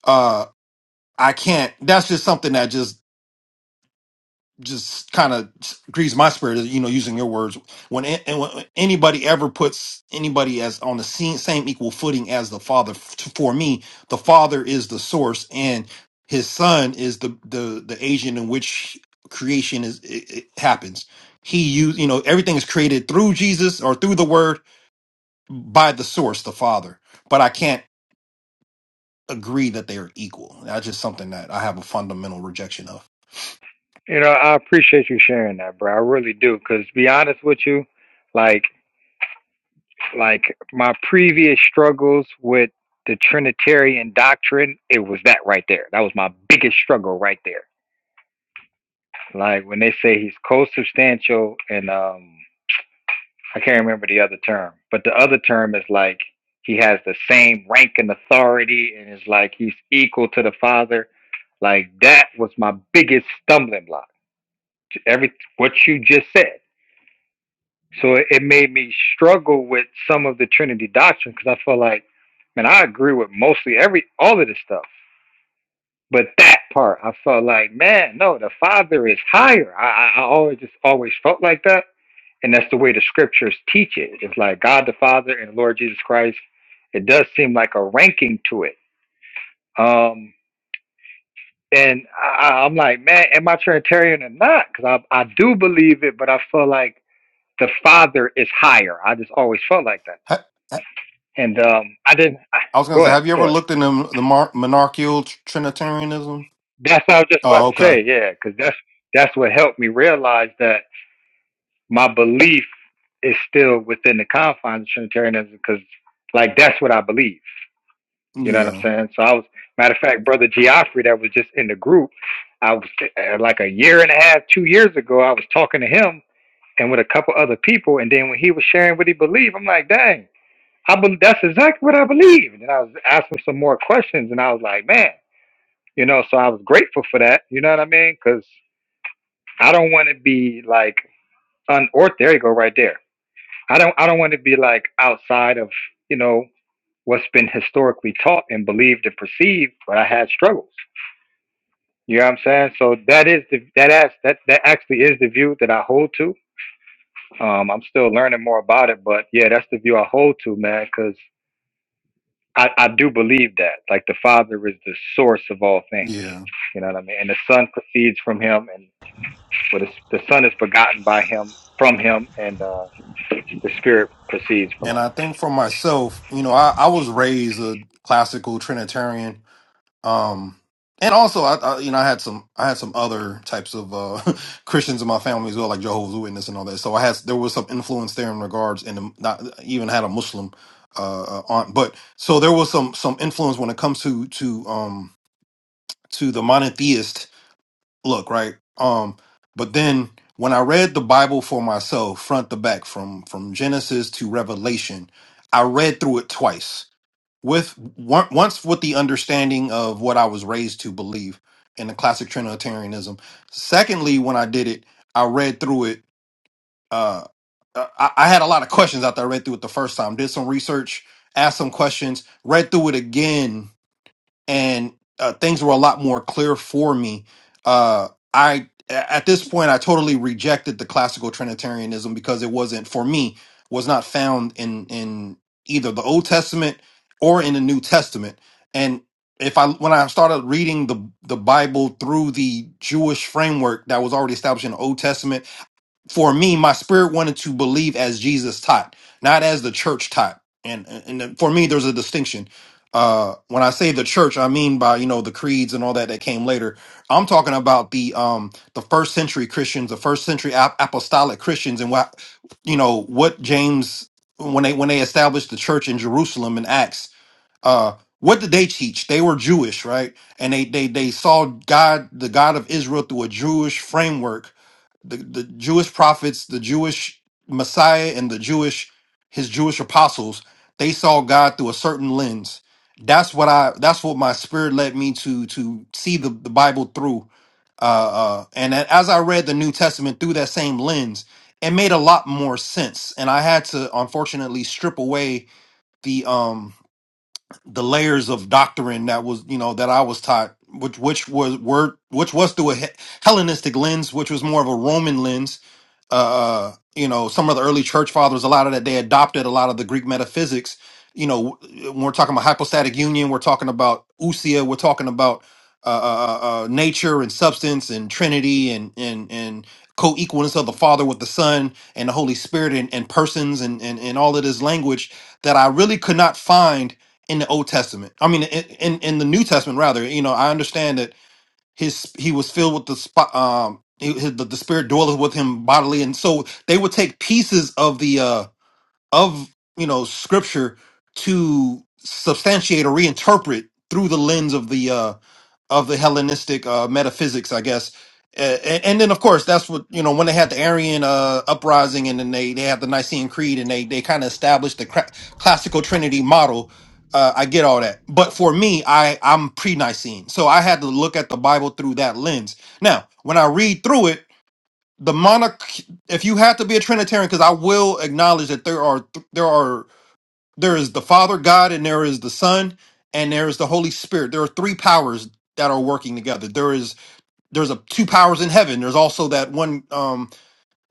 [SPEAKER 5] uh, I can't. That's just something that just just kind of grieves my spirit, you know, using your words. When, a- and when anybody ever puts anybody as on the same, same equal footing as the Father, f- for me, the Father is the source, and His Son is the the the agent in which creation is it, it happens. He use you know everything is created through Jesus or through the Word by the source, the Father. But I can't agree that they are equal. That's just something that I have a fundamental rejection of.
[SPEAKER 1] You know, I appreciate you sharing that, bro. I really do. Cause to be honest with you, like like my previous struggles with the Trinitarian doctrine, it was that right there. That was my biggest struggle right there. Like when they say he's co-substantial and um I can't remember the other term, but the other term is like he has the same rank and authority, and it's like he's equal to the father. Like that was my biggest stumbling block. to Every what you just said, so it, it made me struggle with some of the Trinity doctrine because I felt like, man, I agree with mostly every all of this stuff, but that part I felt like, man, no, the father is higher. I I, I always just always felt like that and that's the way the scriptures teach it. It's like God the Father and Lord Jesus Christ. It does seem like a ranking to it. Um, and I, I- am like, man, am I Trinitarian or not? Because I, I do believe it, but I feel like the Father is higher. I just always felt like that. And um, I didn't. I,
[SPEAKER 5] I was gonna
[SPEAKER 1] go
[SPEAKER 5] say,
[SPEAKER 1] ahead,
[SPEAKER 5] have you
[SPEAKER 1] go
[SPEAKER 5] ever
[SPEAKER 1] ahead.
[SPEAKER 5] looked into m- the mar- monarchical tr- Trinitarianism?
[SPEAKER 1] That's what I was just about
[SPEAKER 5] Oh,
[SPEAKER 1] to
[SPEAKER 5] okay.
[SPEAKER 1] say. Yeah, because that's that's what helped me realize that my belief is still within the confines of Trinitarianism. Because like that's what I believe. You know what I'm
[SPEAKER 5] Yeah,
[SPEAKER 1] saying? So I was, matter of fact, brother Geoffrey that was just in the group, I was uh, like a year and a half, two years ago, I was talking to him and with a couple other people, and then when he was sharing what he believed, I'm like, dang, I bel that's exactly what I believe. And then I was asking some more questions, and I was like, man, you know, so I was grateful for that. You know what I mean? Because I don't want to be like unort. There you go, right there. I don't, I don't want to be like outside of you know what's been historically taught and believed and perceived, but I had struggles. You know what I'm saying? So that is the that as that that actually is the view that I hold to. Um, I'm still learning more about it, but yeah, that's the view I hold to, man, because I, I do believe that. Like the Father is the source of all things.
[SPEAKER 5] yeah.
[SPEAKER 1] You know what I mean? And the Son proceeds from him and but it's, the Son is begotten by him from him and uh, the Spirit proceeds from
[SPEAKER 5] And
[SPEAKER 1] him.
[SPEAKER 5] I think for myself, you know, I, I was raised a classical Trinitarian, um, and also I, I, you know, I had some, I had some other types of uh, *laughs* Christians in my family as well, like Jehovah's Witness and all that. So I had there was some influence there in regards, and um, not even had a Muslim uh, uh, aunt, but so there was some some influence when it comes to to um to the monotheist look right um but then when i read the bible for myself front to back from from genesis to revelation i read through it twice with on- once with the understanding of what i was raised to believe in the classic trinitarianism secondly when i did it i read through it uh uh, i, I had a lot of questions after i read through it the first time did some research asked some questions read through it again and uh, things were a lot more clear for me. Uh, I at this point I totally rejected the classical Trinitarianism because it wasn't for me was not found in in either the Old Testament or in the New Testament. And if I when I started reading the the Bible through the Jewish framework that was already established in the Old Testament for me, my spirit wanted to believe as Jesus taught, not as the church taught. And and for me, there's a distinction. Uh, when I say the church, I mean by you know the creeds and all that that came later. I'm talking about the um the first century Christians, the first century ap- apostolic Christians, and what you know what James when they when they established the church in Jerusalem in Acts. Uh, what did they teach? They were Jewish, right? And they they they saw God, the God of Israel, through a Jewish framework the, the Jewish prophets, the Jewish Messiah, and the Jewish his Jewish apostles, they saw God through a certain lens. That's what I that's what my spirit led me to to see the, the Bible through. Uh, uh and a- as I read the New Testament through that same lens, it made a lot more sense. And I had to unfortunately strip away the um the layers of doctrine that was, you know, that I was taught, which which was word which was through a He- Hellenistic lens, which was more of a Roman lens uh, uh, you know, some of the early church fathers, a lot of that they adopted a lot of the Greek metaphysics. You know, when we're talking about hypostatic union, we're talking about ousia, we're talking about uh, uh, uh, uh, nature and substance and Trinity and and and co-equalness of the Father with the Son and the Holy Spirit and, and persons and, and and all of this language that I really could not find in the Old Testament. I mean, in in, in the New Testament rather. You know, I understand that his he was filled with the sp- um he- his, the, the spirit dwelleth with him bodily and so they would take pieces of the uh of you know scripture to substantiate or reinterpret through the lens of the uh of the Hellenistic uh, metaphysics, I guess. Uh, And, and then, of course, that's what you know when they had the Arian uh, uprising, and then they they had the Nicene Creed, and they they kind of established the cra- classical Trinity model. Uh, I get all that, but for me, I I'm pre-Nicene, so I had to look at the Bible through that lens. Now, when I read through it, the monarch, if you have to be a Trinitarian, because I will acknowledge that there are th- there are there is the Father God, and there is the Son, and there is the Holy Spirit. There are three powers that are working together. There is there's a two powers in heaven. There's also that one. Um,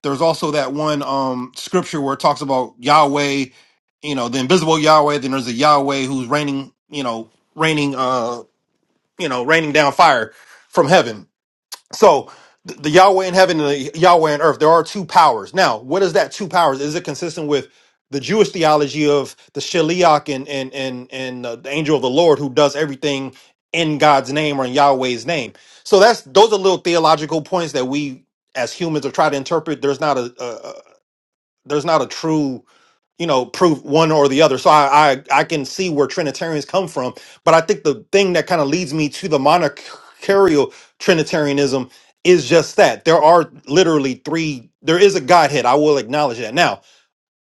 [SPEAKER 5] there's also that one um, scripture where it talks about Yahweh, you know, the invisible Yahweh. Then there's a Yahweh who's raining, you know, raining, uh, you know, raining down fire from heaven so th- the Yahweh in heaven and the Yahweh in earth, there are two powers. Now, what is that two powers? Is it consistent with the Jewish theology of the Shaliach and and and and uh, the angel of the Lord who does everything in God's name or in Yahweh's name? So that's those are little theological points that we as humans are trying to interpret. There's not a, a, a there's not a true you know prove one or the other so I, I i can see where trinitarians come from but i think the thing that kind of leads me to the monarchical trinitarianism is just that there are literally three there is a godhead i will acknowledge that now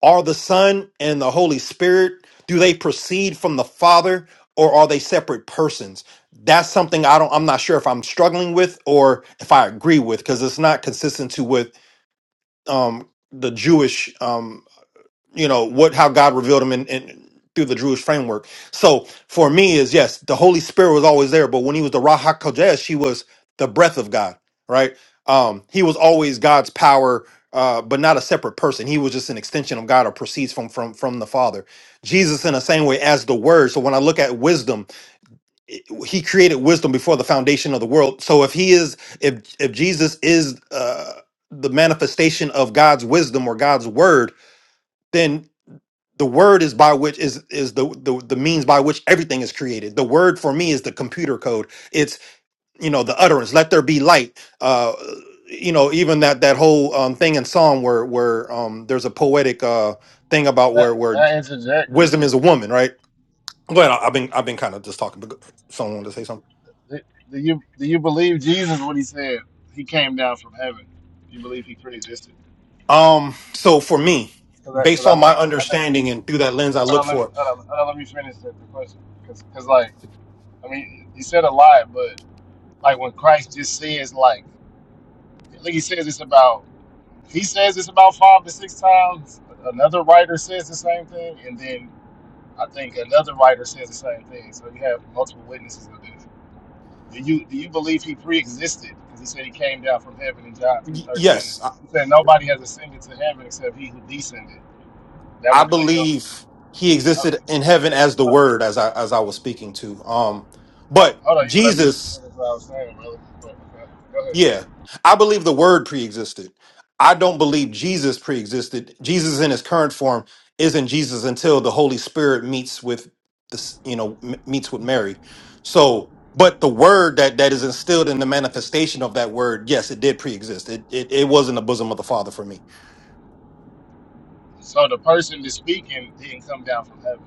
[SPEAKER 5] are the son and the holy spirit do they proceed from the father or are they separate persons that's something i don't i'm not sure if i'm struggling with or if i agree with because it's not consistent to with um the jewish um you know what how god revealed him in, in through the jewish framework so for me is yes the holy spirit was always there but when he was the raha kodesh he was the breath of god right um he was always god's power uh, but not a separate person. He was just an extension of God, or proceeds from from from the Father. Jesus, in the same way as the Word. So when I look at wisdom, it- He created wisdom before the foundation of the world. So if He is, if if Jesus is uh, the manifestation of God's wisdom or God's Word, then the word is by which is is the, the the means by which everything is created the word for me is the computer code it's you know the utterance let there be light uh you know even that that whole um thing in psalm where where um there's a poetic uh thing about
[SPEAKER 4] That
[SPEAKER 5] where where
[SPEAKER 4] I interject.
[SPEAKER 5] wisdom is a woman right go ahead I- i've been i've been kind of just talking but go- someone wanted to say something
[SPEAKER 4] Do do you do you believe Jesus when he said he came down from heaven? Do you believe he pre-existed?
[SPEAKER 5] um so for me
[SPEAKER 4] Because I, 'cause
[SPEAKER 5] based
[SPEAKER 4] I
[SPEAKER 5] on my
[SPEAKER 4] think I think.
[SPEAKER 5] understanding and through that lens i
[SPEAKER 4] Hold
[SPEAKER 5] look
[SPEAKER 4] on, let
[SPEAKER 5] for
[SPEAKER 4] me, hold on, hold on, let me finish the, the question. Because like I mean, he said a lot, but like when Christ just says like, like he says this about. He says it's about five to six times. Another writer says the same thing, and then I think another writer says the same thing. So you have multiple witnesses of this. Do you do you believe he pre-existed? Because he said he came down from heaven in John three
[SPEAKER 5] y-
[SPEAKER 4] thirteen.
[SPEAKER 5] yes
[SPEAKER 4] He said nobody has ascended to heaven except he who descended. That
[SPEAKER 5] I
[SPEAKER 4] would put him.
[SPEAKER 5] believe he
[SPEAKER 4] Uh,
[SPEAKER 5] existed in heaven as the
[SPEAKER 4] uh,
[SPEAKER 5] word as I as I was speaking to. Um
[SPEAKER 4] uh,
[SPEAKER 5] but
[SPEAKER 4] hold on, you let me finish
[SPEAKER 5] Jesus,
[SPEAKER 4] what I was saying, brother. Go ahead.
[SPEAKER 5] yeah. I believe the word pre-existed. I don't believe Jesus pre-existed. Jesus in his current form isn't Jesus until the Holy Spirit meets with this, you know, m- meets with Mary. So, but the word that that is instilled in the manifestation of that word, yes, it did pre-exist. It it, it was in the bosom of the Father for me.
[SPEAKER 4] So the person that's speaking didn't come down from heaven.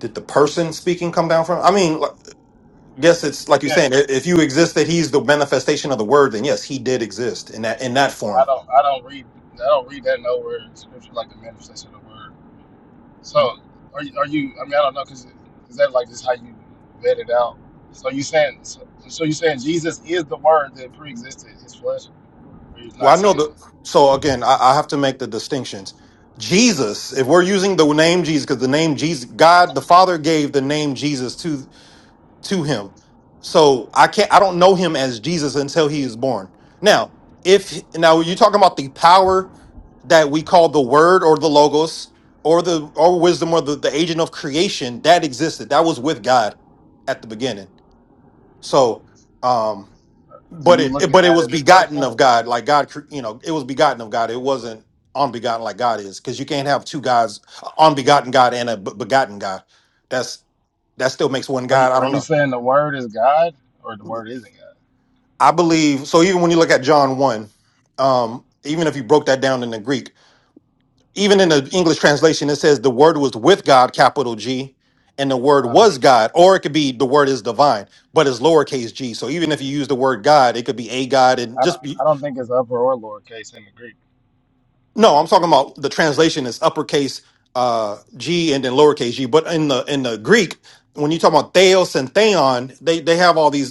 [SPEAKER 5] Did the person speaking come down from? I mean, Yes, it's like you're saying.
[SPEAKER 4] Yes.
[SPEAKER 5] i- If you exist, that he's the manifestation of the word, then yes, he did exist in that in that
[SPEAKER 4] I
[SPEAKER 5] form.
[SPEAKER 4] don't I don't read I don't read that nowhere in scripture like the manifestation of the word. So are you, are you I mean I don't know because is that like just how you vet it out? So you saying so, so you saying Jesus is the word that pre-existed his flesh, or you're
[SPEAKER 5] Well,
[SPEAKER 4] not
[SPEAKER 5] I know
[SPEAKER 4] saying
[SPEAKER 5] the.
[SPEAKER 4] that?
[SPEAKER 5] So again, I, I have to make the distinctions. Jesus, if we're using the name Jesus, because the name Jesus, God the Father gave the name Jesus to him. So I can't I don't know him as Jesus until he is born. Now, if now you're talking about the power that we call the word or the logos or the or wisdom or the, the agent of creation that existed. That was with God at the beginning. So um
[SPEAKER 4] Do
[SPEAKER 5] but
[SPEAKER 4] you
[SPEAKER 5] it,
[SPEAKER 4] look
[SPEAKER 5] it-
[SPEAKER 4] at
[SPEAKER 5] but it
[SPEAKER 4] that
[SPEAKER 5] was
[SPEAKER 4] as a
[SPEAKER 5] begotten
[SPEAKER 4] person?
[SPEAKER 5] of God, like God, cre- you know, it was begotten of God. It wasn't unbegotten like God is, because you can't have two gods, a unbegotten God and a be- begotten God. That's that still makes one
[SPEAKER 4] Are you
[SPEAKER 5] God. I
[SPEAKER 4] are
[SPEAKER 5] don't
[SPEAKER 4] you
[SPEAKER 5] know.
[SPEAKER 4] saying the word is God or the word isn't
[SPEAKER 5] I believe so. Even when you look at John one, um, even if you broke that down in the Greek, even in the English translation, it says the Word was with God, capital G, and the Word
[SPEAKER 4] God? Uh,
[SPEAKER 5] was God, or it could be the Word is divine, but it's lowercase g. So even if you use the word God, it could be a God and
[SPEAKER 4] I don't
[SPEAKER 5] just be
[SPEAKER 4] I don't think it's upper or lower case in the Greek.
[SPEAKER 5] no. I'm talking about the translation is uppercase uh, G and then lowercase g. But in the in the Greek, when you talk about Theos and Theon, they they have all these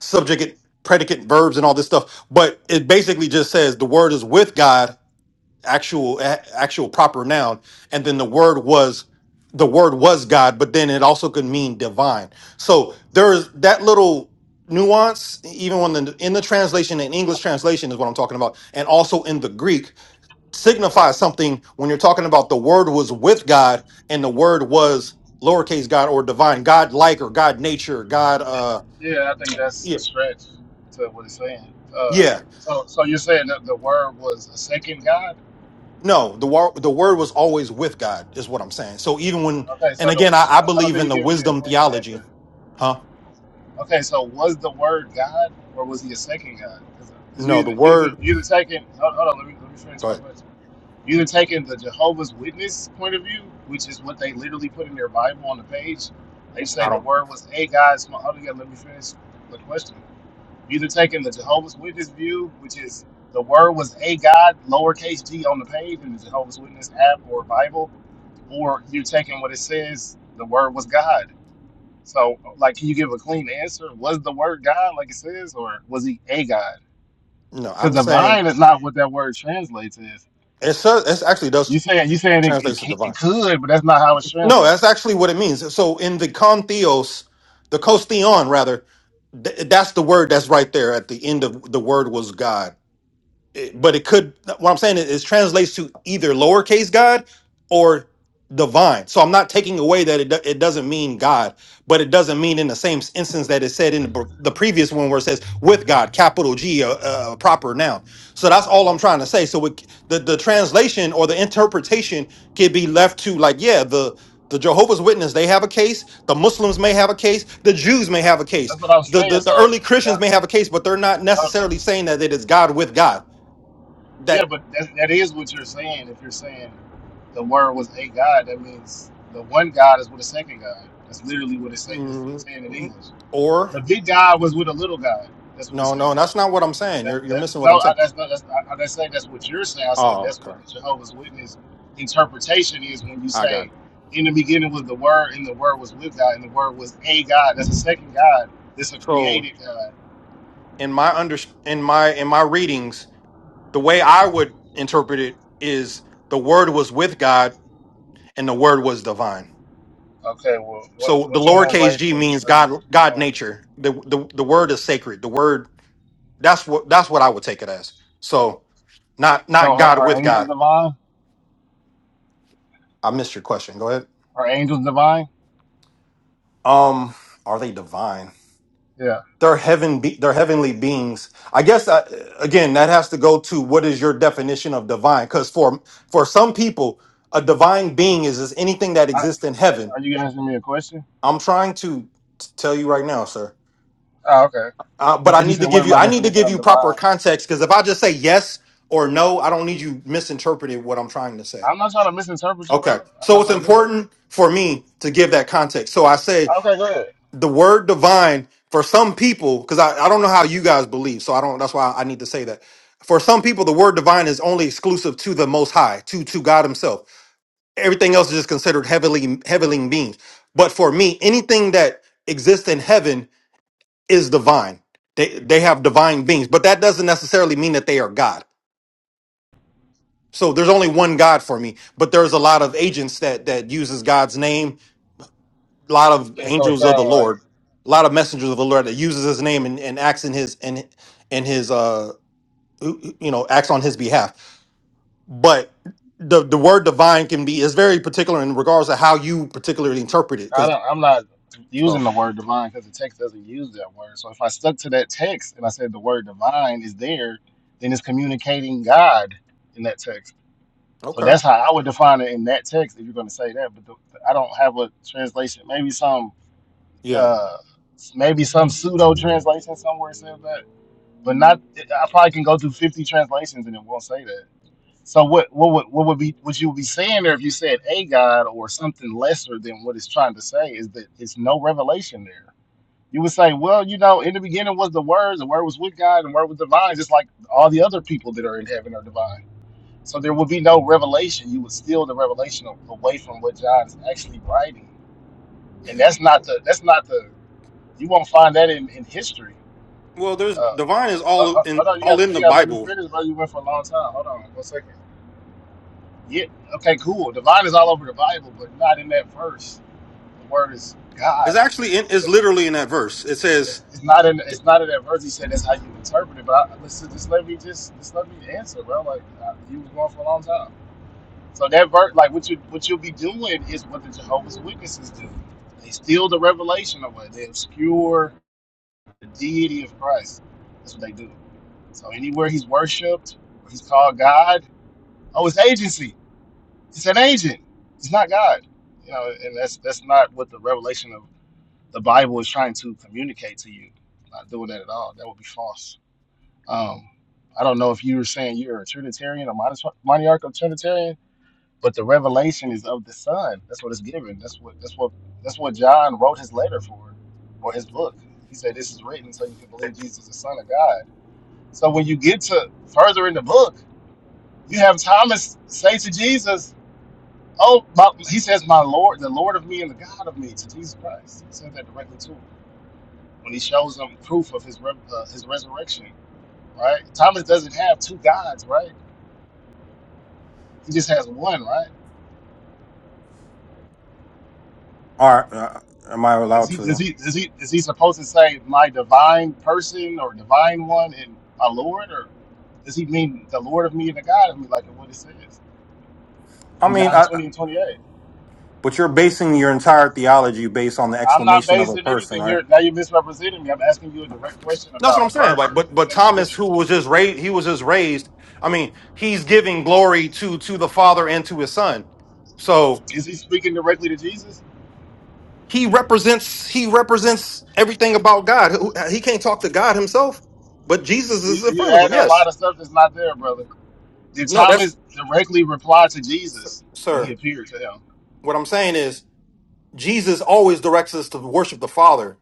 [SPEAKER 5] subject, predicate, verbs, and all this stuff. But it basically just says the word is with God, actual a- actual proper noun, and then the word was the word was God, but then it also could mean divine. So there is that little nuance, even when the, in the translation, in English translation is what I'm talking about, and also in the Greek, signifies something when you're talking about the word was with God and the word was lowercase God or divine, God like or God nature, God uh
[SPEAKER 4] Yeah, I think that's
[SPEAKER 5] yeah.
[SPEAKER 4] a stretch to what it's saying. Uh,
[SPEAKER 5] yeah.
[SPEAKER 4] so so you're saying that the word was a second God?
[SPEAKER 5] No, the wor- the word was always with God, is what I'm saying. So even when,
[SPEAKER 4] Okay,
[SPEAKER 5] and
[SPEAKER 4] so, the,
[SPEAKER 5] again, I,
[SPEAKER 4] so
[SPEAKER 5] I
[SPEAKER 4] I I don't
[SPEAKER 5] believe
[SPEAKER 4] think
[SPEAKER 5] in the
[SPEAKER 4] you're giving me a
[SPEAKER 5] wisdom
[SPEAKER 4] clean
[SPEAKER 5] theology,
[SPEAKER 4] answer.
[SPEAKER 5] huh?
[SPEAKER 4] Okay, so was the word God or was he a second God? Because you
[SPEAKER 5] No, the
[SPEAKER 4] either, you either,
[SPEAKER 5] word.
[SPEAKER 4] you either taking, hold, hold on, let me, let me finish
[SPEAKER 5] Go
[SPEAKER 4] my
[SPEAKER 5] ahead.
[SPEAKER 4] question. You either taking the Jehovah's Witness point of view, which is what they literally put in their Bible on the page. They say
[SPEAKER 5] I
[SPEAKER 4] the
[SPEAKER 5] don't.
[SPEAKER 4] word was a God. so hold on, yeah, let me finish the question. You either taking the Jehovah's Witness view, which is the word was a God, lowercase g on the page in the Jehovah's Witness app or Bible, or you're taking what it says, the word was God so, like, can you give a clean answer? Was the word God, like it says, or was he a God?
[SPEAKER 5] No,
[SPEAKER 4] Because
[SPEAKER 5] I'm saying
[SPEAKER 4] divine is not what that word translates as.
[SPEAKER 5] it. says It actually does
[SPEAKER 4] You saying you saying it, it,
[SPEAKER 5] translates to
[SPEAKER 4] ca-
[SPEAKER 5] divine.
[SPEAKER 4] it could, but that's not how it's
[SPEAKER 5] No,
[SPEAKER 4] translated.
[SPEAKER 5] that's actually what it means. So in the kontheos, the kostheon rather, th- that's the word that's right there at the end of the word was God. It- but it could what i'm saying is it translates to either lowercase god or divine so i'm not taking away that it, do- it doesn't mean god but it doesn't mean in the same instance that it said in the, br- the previous one where it says with god capital g a, a a proper noun so that's all i'm trying to say so it, the, the translation or the interpretation could be left to like yeah the the jehovah's witness they have a case the muslims may have a case the jews may have a case
[SPEAKER 4] That's what I'm
[SPEAKER 5] the,
[SPEAKER 4] saying.
[SPEAKER 5] the, the
[SPEAKER 4] So,
[SPEAKER 5] early christians may
[SPEAKER 4] not,
[SPEAKER 5] have a case but they're not
[SPEAKER 4] uh,
[SPEAKER 5] necessarily saying that it is god with god
[SPEAKER 4] yeah,
[SPEAKER 5] that
[SPEAKER 4] but that, that is what you're saying. If you're saying the word was a God, that means the one God is with a second God. That's literally what it's, say, it's
[SPEAKER 5] mm,
[SPEAKER 4] saying in
[SPEAKER 5] mm,
[SPEAKER 4] English.
[SPEAKER 5] or
[SPEAKER 4] The big God was with a little God. That's what it's
[SPEAKER 5] no no
[SPEAKER 4] saying.
[SPEAKER 5] that's not what i'm saying you're
[SPEAKER 4] That,
[SPEAKER 5] you're
[SPEAKER 4] that,
[SPEAKER 5] missing what
[SPEAKER 4] no,
[SPEAKER 5] i'm
[SPEAKER 4] I,
[SPEAKER 5] saying
[SPEAKER 4] that's not. That's not. I didn't say that's what you're saying. I said
[SPEAKER 5] oh
[SPEAKER 4] that's
[SPEAKER 5] okay
[SPEAKER 4] what the Jehovah's Witness interpretation is when you
[SPEAKER 5] i got
[SPEAKER 4] say,
[SPEAKER 5] it
[SPEAKER 4] "In the beginning was the Word, and the Word was with God, and the Word was a God." That's a second God. That's a
[SPEAKER 5] so
[SPEAKER 4] created God.
[SPEAKER 5] in my under in my in my readings the way i would interpret it is the word was with god and the word was divine
[SPEAKER 4] Okay. Well, what
[SPEAKER 5] so the
[SPEAKER 4] what
[SPEAKER 5] lowercase g
[SPEAKER 4] translations
[SPEAKER 5] means
[SPEAKER 4] are you
[SPEAKER 5] god god
[SPEAKER 4] going with?
[SPEAKER 5] nature the the, the word is sacred the word that's what that's what i would take it as so not
[SPEAKER 4] So,
[SPEAKER 5] not
[SPEAKER 4] are,
[SPEAKER 5] god
[SPEAKER 4] are
[SPEAKER 5] with
[SPEAKER 4] angels
[SPEAKER 5] god
[SPEAKER 4] divine?
[SPEAKER 5] i missed your question go ahead
[SPEAKER 4] Are angels divine?
[SPEAKER 5] um are they divine
[SPEAKER 4] Yeah.
[SPEAKER 5] They're heaven. Be- they're heavenly beings. I guess I, again that has to go to what is your definition of divine? Because for for some people, a divine being is is anything that
[SPEAKER 4] I,
[SPEAKER 5] exists in heaven.
[SPEAKER 4] are you asking me a question?
[SPEAKER 5] I'm trying to t- tell you right now, sir.
[SPEAKER 4] Oh, okay.
[SPEAKER 5] Uh, but I
[SPEAKER 4] Because you
[SPEAKER 5] need to
[SPEAKER 4] said, "What
[SPEAKER 5] give
[SPEAKER 4] is
[SPEAKER 5] you
[SPEAKER 4] my
[SPEAKER 5] I need to
[SPEAKER 4] definition
[SPEAKER 5] give
[SPEAKER 4] of
[SPEAKER 5] you proper
[SPEAKER 4] divine?"
[SPEAKER 5] context because if I just say yes or no, I don't need you misinterpreting what I'm trying to say.
[SPEAKER 4] I'm not trying to misinterpret you,
[SPEAKER 5] Okay,
[SPEAKER 4] brother. I'm
[SPEAKER 5] so
[SPEAKER 4] not
[SPEAKER 5] it's
[SPEAKER 4] trying to do that.
[SPEAKER 5] important for me to give that context. So I say
[SPEAKER 4] Okay, good.
[SPEAKER 5] the word divine for some people because I, I don't know how you guys believe so i don't that's why i need to say that for some people the word divine is only exclusive to the most high to to god himself everything else is just considered heavenly heavenly beings but for me anything that exists in heaven is divine they they have divine beings but that doesn't necessarily mean that they are god so there's only one god for me but there's a lot of agents that that uses god's name a lot of
[SPEAKER 4] It's gonna
[SPEAKER 5] angels of the
[SPEAKER 4] sound like.
[SPEAKER 5] Lord, a lot of messengers of the Lord that uses his name and, and acts in his and and his uh you know acts on his behalf. But the the word divine can be is very particular in regards to how you particularly interpret it.
[SPEAKER 4] I
[SPEAKER 5] Because
[SPEAKER 4] don't, I'm not using
[SPEAKER 5] so
[SPEAKER 4] the word divine because the text doesn't use that word. So if I stuck to that text and I said the word divine is there, then it's communicating God in that text. So
[SPEAKER 5] okay,
[SPEAKER 4] that's how I would define it in that text if you're going to say that. But the, I don't have a translation. Maybe some,
[SPEAKER 5] yeah,
[SPEAKER 4] uh, maybe some pseudo translation somewhere says that, but not. I probably can go through 50 translations and it won't say that. So what what would what would be what you would be saying there if you said a God or something lesser than what it's trying to say is that it's no revelation there. You would say, well, you know, in the beginning was the words, the word was with God, and the word was divine, just like all the other people that are in heaven are divine. So there would be no revelation. You would steal the revelation a- away from what John is actually writing, and that's not the that's not the you won't find that in in history.
[SPEAKER 5] Well, there's
[SPEAKER 4] Uh,
[SPEAKER 5] divine is
[SPEAKER 4] uh,
[SPEAKER 5] all
[SPEAKER 4] uh,
[SPEAKER 5] in
[SPEAKER 4] hold on, you
[SPEAKER 5] all
[SPEAKER 4] got
[SPEAKER 5] in the
[SPEAKER 4] you got to let me
[SPEAKER 5] Bible.
[SPEAKER 4] finish, bro. You went for a long time. Hold on, one second. Yeah. Okay. Cool. Divine is all over the Bible, but not in that verse. The word is
[SPEAKER 5] It's
[SPEAKER 4] God.
[SPEAKER 5] actually in is literally in that verse. It says,
[SPEAKER 4] It's, it's not in. It's not in that verse. He said that's how you interpret it. But I, listen, just let me just just let me answer, bro. Like uh, you was going for a long time. So that verse, like what you what you'll be doing is what the Jehovah's Witnesses do. They steal the revelation away. They obscure the deity of Christ. That's what they do. So anywhere he's worshipped, where he's called God. Oh, it's agency. It's an agent. It's not God. You know, and that's that's not what the revelation of the Bible is trying to communicate to you. Not doing that at all. That would be false. Um, I don't know if you were saying you're a Trinitarian or monos- monarchical Trinitarian, but the revelation is of the Son. That's what it's given. That's what that's what that's what John wrote his letter for, or his book. He said this is written so you can believe Jesus is the Son of God. So when you get to further in the book, you have Thomas say to Jesus, Oh, my, he says, "My Lord, the Lord of me and the God of me," to Jesus Christ. He said that directly to him when he shows them proof of his re- uh, his resurrection. Right? Thomas doesn't have two gods, right? He just has one, right?
[SPEAKER 5] "Are uh, am I
[SPEAKER 4] Is
[SPEAKER 5] allowed
[SPEAKER 4] he is
[SPEAKER 5] to?"
[SPEAKER 4] he is he is he supposed to say my divine person or divine one and my Lord, or does he mean the Lord of me and the God of me, like what it says
[SPEAKER 5] I
[SPEAKER 4] in
[SPEAKER 5] mean,
[SPEAKER 4] John
[SPEAKER 5] I,
[SPEAKER 4] twenty and twenty eight?
[SPEAKER 5] but you're basing your entire theology based on the
[SPEAKER 4] I'm not
[SPEAKER 5] exclamation of a
[SPEAKER 4] basing
[SPEAKER 5] person,
[SPEAKER 4] anything.
[SPEAKER 5] right?
[SPEAKER 4] You're now you're misrepresenting me. I'm asking you a direct question
[SPEAKER 5] That's what I'm
[SPEAKER 4] about a
[SPEAKER 5] saying.
[SPEAKER 4] verse
[SPEAKER 5] Like, but but
[SPEAKER 4] within the
[SPEAKER 5] Thomas,
[SPEAKER 4] scripture.
[SPEAKER 5] who was just raised, he was just raised. I mean, he's giving glory to to the Father and to His Son. So
[SPEAKER 4] Is he speaking directly to Jesus?
[SPEAKER 5] he represents he represents everything about God. Who- He can't talk to God himself, but Jesus
[SPEAKER 4] You-
[SPEAKER 5] is in
[SPEAKER 4] You're
[SPEAKER 5] front of him.
[SPEAKER 4] adding a lot
[SPEAKER 5] Yes.
[SPEAKER 4] of stuff that's not there, brother. Did
[SPEAKER 5] No, that's
[SPEAKER 4] Thomas directly reply to Jesus when he
[SPEAKER 5] sir.
[SPEAKER 4] appeared to him?
[SPEAKER 5] What I'm saying is Jesus always directs us to worship the Father.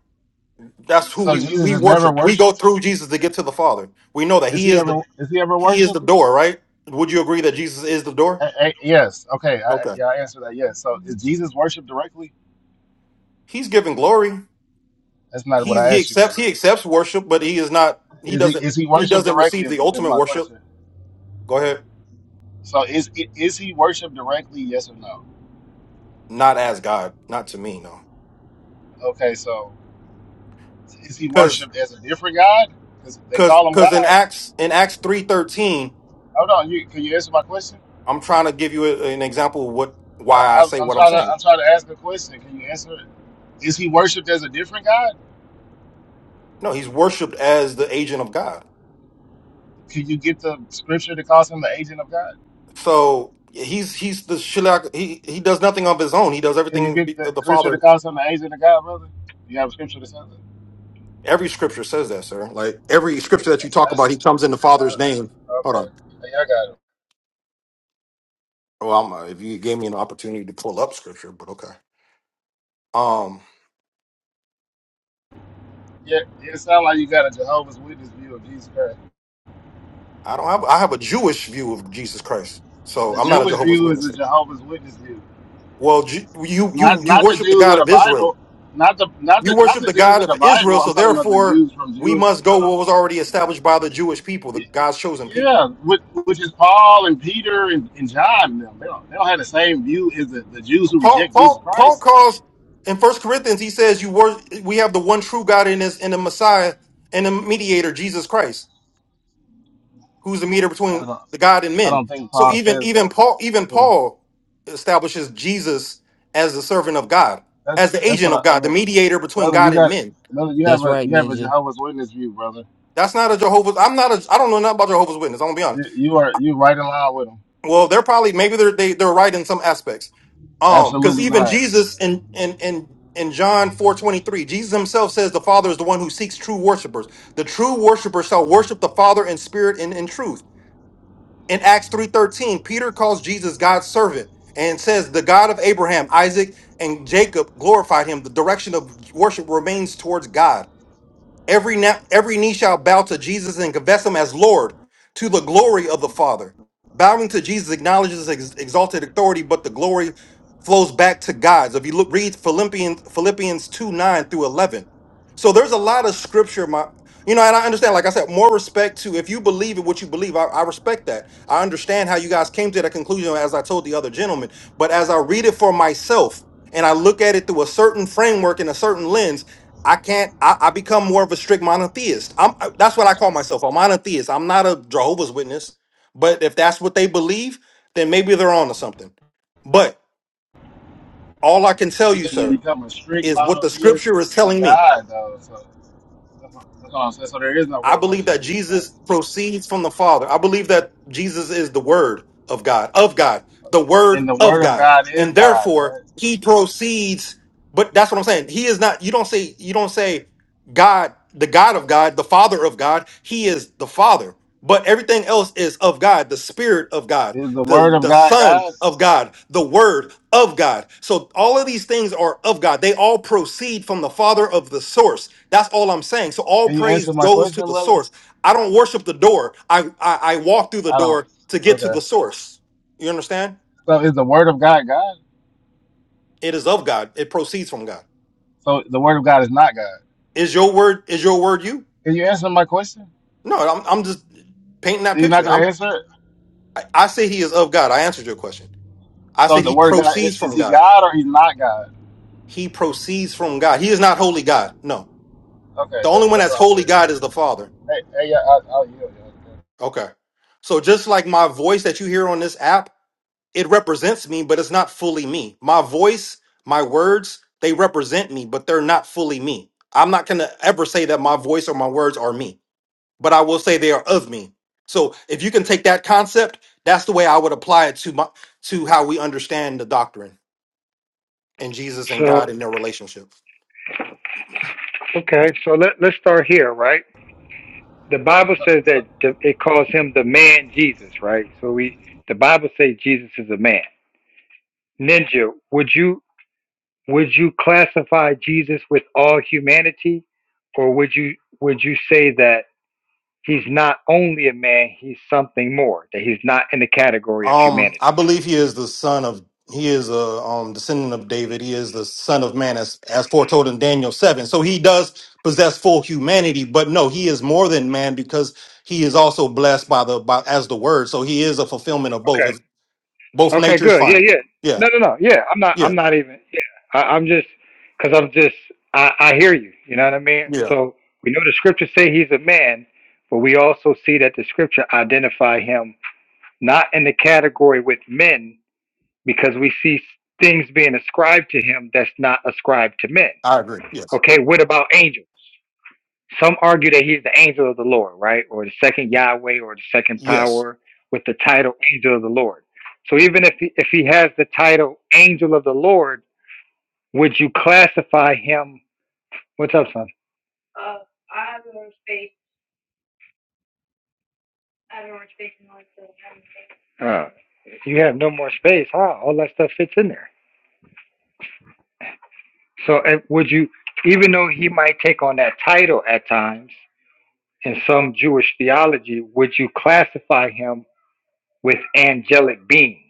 [SPEAKER 5] That's who
[SPEAKER 4] So
[SPEAKER 5] we
[SPEAKER 4] Jesus
[SPEAKER 5] we
[SPEAKER 4] is never
[SPEAKER 5] worship. We go
[SPEAKER 4] worshipped.
[SPEAKER 5] through Jesus to get to the Father. We know that
[SPEAKER 4] Is
[SPEAKER 5] He
[SPEAKER 4] he
[SPEAKER 5] is
[SPEAKER 4] ever?
[SPEAKER 5] the
[SPEAKER 4] Is he ever
[SPEAKER 5] He is the
[SPEAKER 4] worshipped?
[SPEAKER 5] door, right? Would you agree that Jesus is the door?
[SPEAKER 4] A- a- yes. Okay. I,
[SPEAKER 5] Okay.
[SPEAKER 4] yeah, I answered that. Yes. So is Jesus worshipped directly?
[SPEAKER 5] He's giving glory.
[SPEAKER 4] That's not what
[SPEAKER 5] he
[SPEAKER 4] I
[SPEAKER 5] he
[SPEAKER 4] asked you,
[SPEAKER 5] accepts
[SPEAKER 4] brother.
[SPEAKER 5] he accepts worship, but he is not he
[SPEAKER 4] Is he? Is
[SPEAKER 5] doesn't
[SPEAKER 4] he
[SPEAKER 5] he
[SPEAKER 4] worshipped
[SPEAKER 5] doesn't
[SPEAKER 4] directly?
[SPEAKER 5] receive
[SPEAKER 4] Is,
[SPEAKER 5] the
[SPEAKER 4] is
[SPEAKER 5] ultimate
[SPEAKER 4] my
[SPEAKER 5] worship.
[SPEAKER 4] question.
[SPEAKER 5] Go ahead.
[SPEAKER 4] So is is he worshipped directly? Yes or no?
[SPEAKER 5] Not as God, not to me, no.
[SPEAKER 4] Okay. So is he
[SPEAKER 5] Because
[SPEAKER 4] worshipped as a different God? Because they
[SPEAKER 5] because
[SPEAKER 4] call him
[SPEAKER 5] because in
[SPEAKER 4] God.
[SPEAKER 5] Acts in Acts three thirteen,
[SPEAKER 4] Hold on. You, can you answer my question?
[SPEAKER 5] I'm trying to give you a- an example of what
[SPEAKER 4] I,
[SPEAKER 5] why I
[SPEAKER 4] I,
[SPEAKER 5] say
[SPEAKER 4] I'm
[SPEAKER 5] what I'm
[SPEAKER 4] trying to
[SPEAKER 5] saying.
[SPEAKER 4] I'm trying to ask a question. Can you answer it? Is he worshipped as a different God?
[SPEAKER 5] No, he's worshipped as the agent of God.
[SPEAKER 4] Can you get the scripture that calls him the agent of God?
[SPEAKER 5] So he's he's the shilak. He he does nothing of his own. He does
[SPEAKER 4] Can you
[SPEAKER 5] everything
[SPEAKER 4] get
[SPEAKER 5] be-
[SPEAKER 4] the
[SPEAKER 5] of the
[SPEAKER 4] scripture
[SPEAKER 5] Father.
[SPEAKER 4] that calls him the agent of God, brother? You have a scripture that says it.
[SPEAKER 5] Every scripture says that, sir. Like every scripture that you talk about,
[SPEAKER 4] That's
[SPEAKER 5] he comes in the Father's
[SPEAKER 4] uh,
[SPEAKER 5] name. Hold on.
[SPEAKER 4] okay. Hey, I got it.
[SPEAKER 5] Well, I'm, uh, if you gave me an opportunity to pull up scripture, but okay. Um,
[SPEAKER 4] Yeah, yeah, it sounds like you got a Jehovah's Witness view of Jesus Christ.
[SPEAKER 5] I don't have. I have a Jewish view of Jesus Christ, so
[SPEAKER 4] The
[SPEAKER 5] I'm not a
[SPEAKER 4] Jewish
[SPEAKER 5] Jehovah's
[SPEAKER 4] view is
[SPEAKER 5] Witness.
[SPEAKER 4] a Jehovah's Witness view.
[SPEAKER 5] Well, Ju- you you
[SPEAKER 4] Not
[SPEAKER 5] you
[SPEAKER 4] not the
[SPEAKER 5] worship the
[SPEAKER 4] Jews
[SPEAKER 5] God
[SPEAKER 4] of the
[SPEAKER 5] of Israel.
[SPEAKER 4] Bible. Not the not
[SPEAKER 5] You
[SPEAKER 4] the not
[SPEAKER 5] worship
[SPEAKER 4] the
[SPEAKER 5] the
[SPEAKER 4] Jews
[SPEAKER 5] God
[SPEAKER 4] of the
[SPEAKER 5] of Israel,
[SPEAKER 4] Bible. I'm
[SPEAKER 5] so
[SPEAKER 4] talking about the
[SPEAKER 5] therefore
[SPEAKER 4] Jews from
[SPEAKER 5] we
[SPEAKER 4] Jewish.
[SPEAKER 5] must go what was already established by the Jewish people, the God's chosen people.
[SPEAKER 4] Yeah, which, which is Paul and Peter and, and John. and Them. They, don't, they don't have the same view as the, the Jews who
[SPEAKER 5] Paul
[SPEAKER 4] reject Jesus
[SPEAKER 5] Paul Paul
[SPEAKER 4] Christ.
[SPEAKER 5] calls in First Corinthians. He says, "You wor- we have the one true God in this in the Messiah and the Mediator, Jesus Christ." who's the mediator
[SPEAKER 4] I
[SPEAKER 5] between
[SPEAKER 4] don't.
[SPEAKER 5] the God and
[SPEAKER 4] I
[SPEAKER 5] men.
[SPEAKER 4] don't think
[SPEAKER 5] So
[SPEAKER 4] Paul
[SPEAKER 5] even
[SPEAKER 4] says
[SPEAKER 5] even
[SPEAKER 4] that. But
[SPEAKER 5] Paul even
[SPEAKER 4] so
[SPEAKER 5] Paul establishes Jesus as the servant of God,
[SPEAKER 4] that's
[SPEAKER 5] as the
[SPEAKER 4] that's
[SPEAKER 5] agent
[SPEAKER 4] what I,
[SPEAKER 5] of
[SPEAKER 4] I
[SPEAKER 5] God, the
[SPEAKER 4] mean,
[SPEAKER 5] mediator between
[SPEAKER 4] brother. You
[SPEAKER 5] God and
[SPEAKER 4] got
[SPEAKER 5] men.
[SPEAKER 4] brother. You have
[SPEAKER 6] That's
[SPEAKER 4] a
[SPEAKER 6] right,
[SPEAKER 4] you have a
[SPEAKER 6] Ninja.
[SPEAKER 4] Jehovah's Witness view, brother.
[SPEAKER 5] That's not a Jehovah's. I'm not a. I don't know nothing about Jehovah's Witness. I'm gonna be
[SPEAKER 4] You,
[SPEAKER 5] honest.
[SPEAKER 4] you are you right in line with them.
[SPEAKER 5] Well, they're probably maybe they're they, they're right in some aspects. Um, because
[SPEAKER 4] Absolutely
[SPEAKER 5] even
[SPEAKER 4] not.
[SPEAKER 5] Jesus in in in in John four twenty three, Jesus himself says the Father is the one who seeks true worshipers. The true worshiper shall worship the Father in spirit and in truth. in acts 3.13 peter calls jesus god's servant and says the god of abraham isaac and jacob glorified him the direction of worship remains towards god Every, na- every knee shall bow to Jesus and confess him as Lord to the glory of the Father. Bowing to Jesus acknowledges His exalted authority, but the glory flows back to God. So if you look, read Philippians, Philippians 2 9 through 11. So there's a lot of scripture, my. You know, and I understand, like I said, more respect to if you believe in what you believe, I, I respect that. I understand how you guys came to that conclusion, as I told the other gentleman. But as I read it for myself and I look at it through a certain framework and a certain lens, I can't. I, I become more of a strict monotheist. I'm. I- That's what I call myself. A monotheist. I'm not a Jehovah's Witness. But if that's what they believe, then maybe they're on to something. But all I can tell you,
[SPEAKER 4] You
[SPEAKER 5] sir,
[SPEAKER 4] become a strict
[SPEAKER 5] is what the
[SPEAKER 4] monotheist
[SPEAKER 5] Scripture is
[SPEAKER 4] to
[SPEAKER 5] telling me.
[SPEAKER 4] God, though. So that's what, that's what I'm saying. So there is no
[SPEAKER 5] I believe
[SPEAKER 4] revelation
[SPEAKER 5] that
[SPEAKER 4] of Jesus
[SPEAKER 5] Jesus
[SPEAKER 4] Christ,
[SPEAKER 5] proceeds from the Father. I believe that Jesus is the Word of God, of God, the
[SPEAKER 4] and
[SPEAKER 5] Word
[SPEAKER 4] the
[SPEAKER 5] of
[SPEAKER 4] Word of
[SPEAKER 5] God.
[SPEAKER 4] God is
[SPEAKER 5] And
[SPEAKER 4] God,
[SPEAKER 5] therefore,
[SPEAKER 4] right?
[SPEAKER 5] he proceeds, but that's what I'm saying. He is not, you don't say, you don't say God, the God of God, the Father of God. He is the Father. But everything else is of God, the Spirit of God
[SPEAKER 4] Is the Word
[SPEAKER 5] the
[SPEAKER 4] of
[SPEAKER 5] the
[SPEAKER 4] God
[SPEAKER 5] son
[SPEAKER 4] God?
[SPEAKER 5] of god the word of god so all of these things are of god they all proceed from the father of the source that's all i'm saying so all
[SPEAKER 4] Can you answer
[SPEAKER 5] praise
[SPEAKER 4] my
[SPEAKER 5] goes to
[SPEAKER 4] question,
[SPEAKER 5] the
[SPEAKER 4] brother?
[SPEAKER 5] source i don't worship the door i i, I walk through the
[SPEAKER 4] I don't.
[SPEAKER 5] door to get to
[SPEAKER 4] Okay.
[SPEAKER 5] the source you understand
[SPEAKER 4] So is the word of God God?
[SPEAKER 5] it is of god it proceeds from god
[SPEAKER 4] So the word of God is not God.
[SPEAKER 5] is your word is your word you
[SPEAKER 4] Can you answer my question?
[SPEAKER 5] no i'm, I'm just painting that
[SPEAKER 4] You're not
[SPEAKER 5] picture
[SPEAKER 4] gonna
[SPEAKER 5] i'm
[SPEAKER 4] answer it.
[SPEAKER 5] I, I say he is of god i answered your question i
[SPEAKER 4] So
[SPEAKER 5] said
[SPEAKER 4] the
[SPEAKER 5] he
[SPEAKER 4] word of God is,
[SPEAKER 5] proceeds
[SPEAKER 4] is
[SPEAKER 5] from
[SPEAKER 4] he
[SPEAKER 5] god
[SPEAKER 4] God or he's not God?
[SPEAKER 5] he proceeds from god he is not holy god no
[SPEAKER 4] Okay,
[SPEAKER 5] The only
[SPEAKER 4] that's
[SPEAKER 5] one
[SPEAKER 4] that's
[SPEAKER 5] that's
[SPEAKER 4] what I'm
[SPEAKER 5] holy
[SPEAKER 4] saying.
[SPEAKER 5] God
[SPEAKER 4] So
[SPEAKER 5] is the Father.
[SPEAKER 4] hey, hey, yeah, I, I'll yield. Yeah.
[SPEAKER 5] Okay. So just like my voice that you hear on this app, it represents me, but it's not fully me. My voice, my words, they represent me, but they're not fully me. I'm not going to ever say that my voice or my words are me, but I will say they are of me. So if you can take that concept, that's the way I would apply it to my to how we understand the doctrine and Jesus and
[SPEAKER 1] So
[SPEAKER 5] God in their relationship.
[SPEAKER 1] okay, so let let's start here, right? The Bible says
[SPEAKER 4] yeah.
[SPEAKER 1] that the, it calls him the man Jesus, right? So we the Bible says Jesus is a man Ninja, would you would you classify Jesus with all humanity, or would you would you say that he's not only a man, he's something more, that he's not in the category of
[SPEAKER 5] Um,
[SPEAKER 1] humanity?
[SPEAKER 5] I believe he is the son of he is a um descendant of David. He is the son of man as as foretold in Daniel seven. So he does possess full humanity, but no, he is more than man because he is also blessed by the by as the word. So he is a fulfillment of both.
[SPEAKER 1] Okay.
[SPEAKER 5] If both
[SPEAKER 1] Okay.
[SPEAKER 5] nature is
[SPEAKER 1] Good. Yeah.
[SPEAKER 5] fine.
[SPEAKER 1] Yeah.
[SPEAKER 5] Yeah,
[SPEAKER 1] No. No. No. Yeah. I'm not.
[SPEAKER 5] yeah,
[SPEAKER 1] I'm not even. Yeah. I, I'm just because I'm just. I, I hear you. You know what I mean.
[SPEAKER 5] yeah.
[SPEAKER 1] So we know the scriptures say he's a man, but we also see that the scripture identify him not in the category with men because we see things being ascribed to him that's not ascribed to men.
[SPEAKER 5] I agree. Yes,
[SPEAKER 1] Okay, what about angels? Some argue that he's the angel of the Lord, right? Or the second Yahweh or the second
[SPEAKER 5] yes.
[SPEAKER 1] power with the title angel of the Lord. So even if he, if he has the title angel of the Lord, would you classify him? What's up, son? Uh, you have no more space. huh? all that stuff fits in there. So uh, would you, even though he might take on that title at times? in some Jewish theology, would you classify him with angelic beings?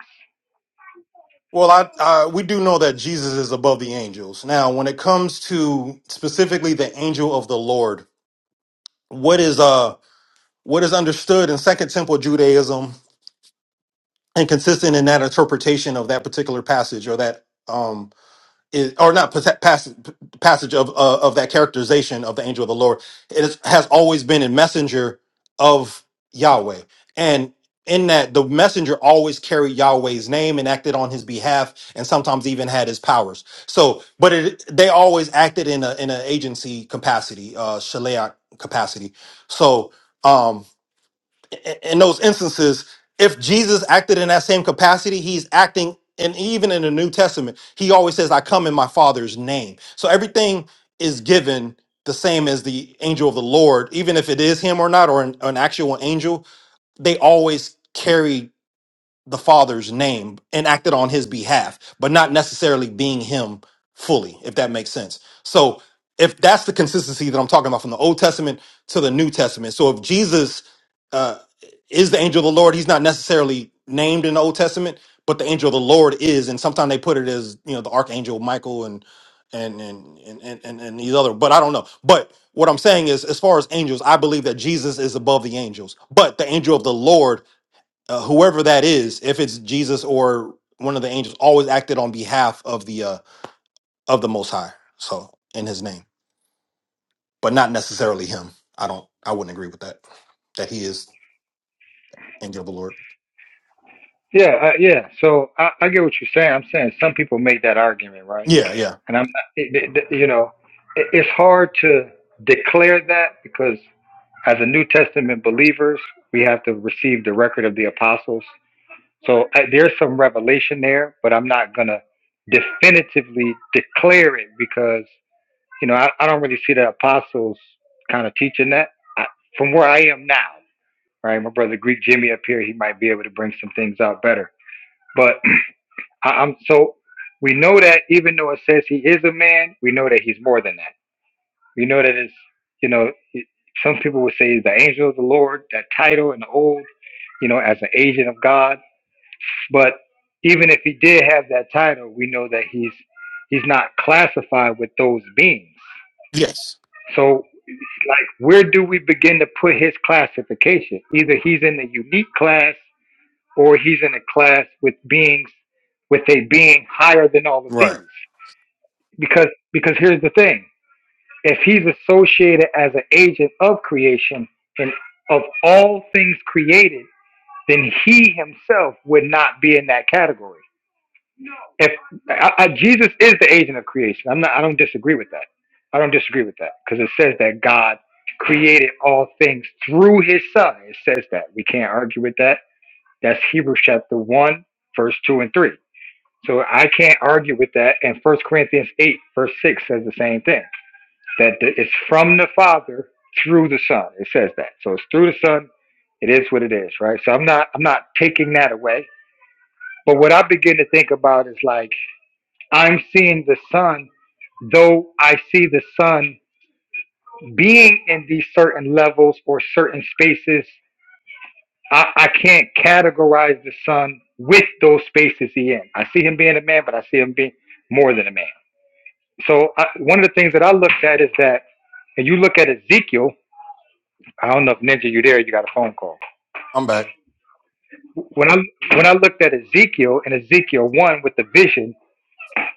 [SPEAKER 5] Well, I, I we do know that Jesus is above the angels. Now, when it comes to specifically the angel of the Lord, what is uh What is understood in Second Temple Judaism and consistent in that interpretation of that particular passage or that um is, or not pas- passage passage of uh, of that characterization of the angel of the Lord it is, has always been a messenger of Yahweh and in that the messenger always carried Yahweh's name and acted on his behalf and sometimes even had his powers so, but it, they always acted in a in an agency capacity, uh, shaleach capacity. So, Um, in those instances, if Jesus acted in that same capacity, he's acting, and even in the New Testament, he always says, I come in my Father's name. So everything is given the same as the angel of the Lord, even if it is him or not, or an, an actual angel, they always carry the father's name and acted on his behalf, but not necessarily being him fully, if that makes sense. So if that's the consistency that I'm talking about from the Old Testament to the New Testament. So if Jesus uh, is the angel of the Lord, he's not necessarily named in the Old Testament, but the angel of the Lord is, and sometimes they put it as you know the archangel Michael and and and and and, and and these other, but I don't know. But what I'm saying is, as far as angels, I believe that Jesus is above the angels, but the angel of the Lord uh, whoever that is, if it's Jesus or one of the angels, always acted on behalf of the uh, of the Most High, so in His name, but not necessarily Him. I don't. I wouldn't agree with that. That He is angel of the Lord.
[SPEAKER 1] Yeah, uh, yeah. So I, I get what you're saying. I'm saying some people make that argument, right?
[SPEAKER 5] Yeah, yeah,
[SPEAKER 1] And I'm, not, it, it, you know, it, it's hard to declare that because as a New Testament believers, we have to receive the record of the apostles. So I, there's some revelation there, but I'm not gonna definitively declare it because You know, I, I don't really see the apostles kind of teaching that I, from where I am now, right? My brother Greek Jimmy up here, he might be able to bring some things out better. But *clears throat* I, I'm so we know that even though it says he is a man, we know that he's more than that. We know that it's, you know, it, some people would say he's the angel of the Lord, that title in the old, you know, as an agent of God. But even if he did have that title, we know that he's he's not classified with those beings.
[SPEAKER 5] yes,
[SPEAKER 1] So like where do we begin to put his classification either he's in the unique class or he's in a class with beings with a being higher than all of these
[SPEAKER 5] right.
[SPEAKER 1] because because here's the thing if he's associated as an agent of creation and of all things created then he himself would not be in that category if I, I, Jesus is the agent of creation, I'm not. I don't disagree with that. I don't disagree with that because it says that God created all things through His Son. It says that we can't argue with that. That's Hebrews chapter one, verse two and three. So I can't argue with that. And First Corinthians eight, verse six says the same thing. That the, it's from the Father through the Son. It says that. So it's through the Son. It is what it is, right? So I'm not. I'm not taking that away. But what I begin to think about is like I'm seeing the sun, though I see the sun being in these certain levels or certain spaces. I, I can't categorize the sun with those spaces he in. I see him being a man, but I see him being more than a man. So I, one of the things that I looked at is that, and you look at Ezekiel. I don't know if Ninja, you there? You got a phone call.
[SPEAKER 5] I'm back.
[SPEAKER 1] When I when I looked at Ezekiel and Ezekiel one with the vision,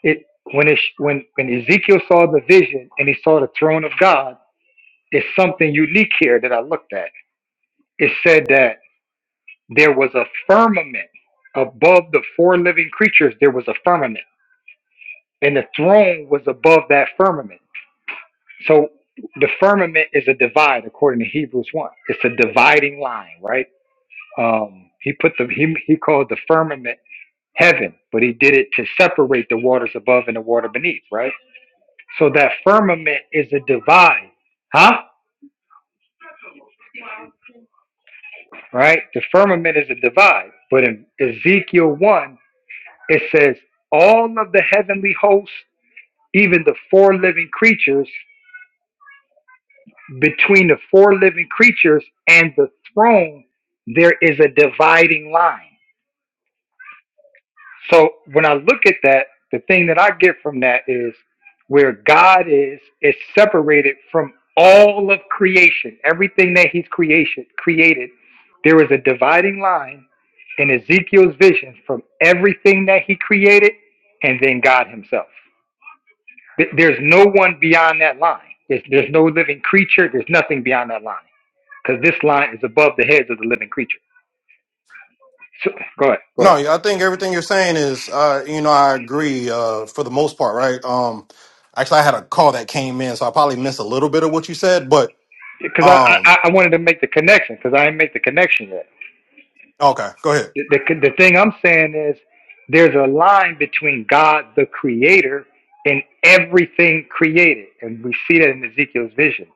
[SPEAKER 1] it when it when when Ezekiel saw the vision and he saw the throne of God It's something unique here that I looked at. It said that there was a firmament above the four living creatures. There was a firmament, and the throne was above that firmament. So the firmament is a divide, according to Hebrews one. It's a dividing line, right? Um, he put the he he called the firmament heaven, but he did it to separate the waters above and the water beneath, right? So that firmament is a divide, huh? right? The firmament is a divide. But in Ezekiel 1, it says, all of the heavenly hosts, even the four living creatures, between the four living creatures and the throne, there is a dividing line. So when I look at that, the thing that I get from that is where God is is separated from all of creation, everything that He's creation created. There is a dividing line in Ezekiel's vision from everything that He created, and then God Himself. Th- There's no one beyond that line. There's, there's no living creature. There's nothing beyond that line because this line is above the heads of the living creature. So go ahead, go ahead.
[SPEAKER 5] No, I think everything you're saying is, uh, you know, I agree uh, for the most part, right? Um, actually, I had a call that came in, so I probably missed a little bit of what you said, but
[SPEAKER 1] because I,
[SPEAKER 5] um,
[SPEAKER 1] I I wanted to make the connection because I didn't make the connection yet.
[SPEAKER 5] okay, go ahead.
[SPEAKER 1] The, the the thing I'm saying is there's a line between God the Creator and everything created, and we see that in Ezekiel's vision.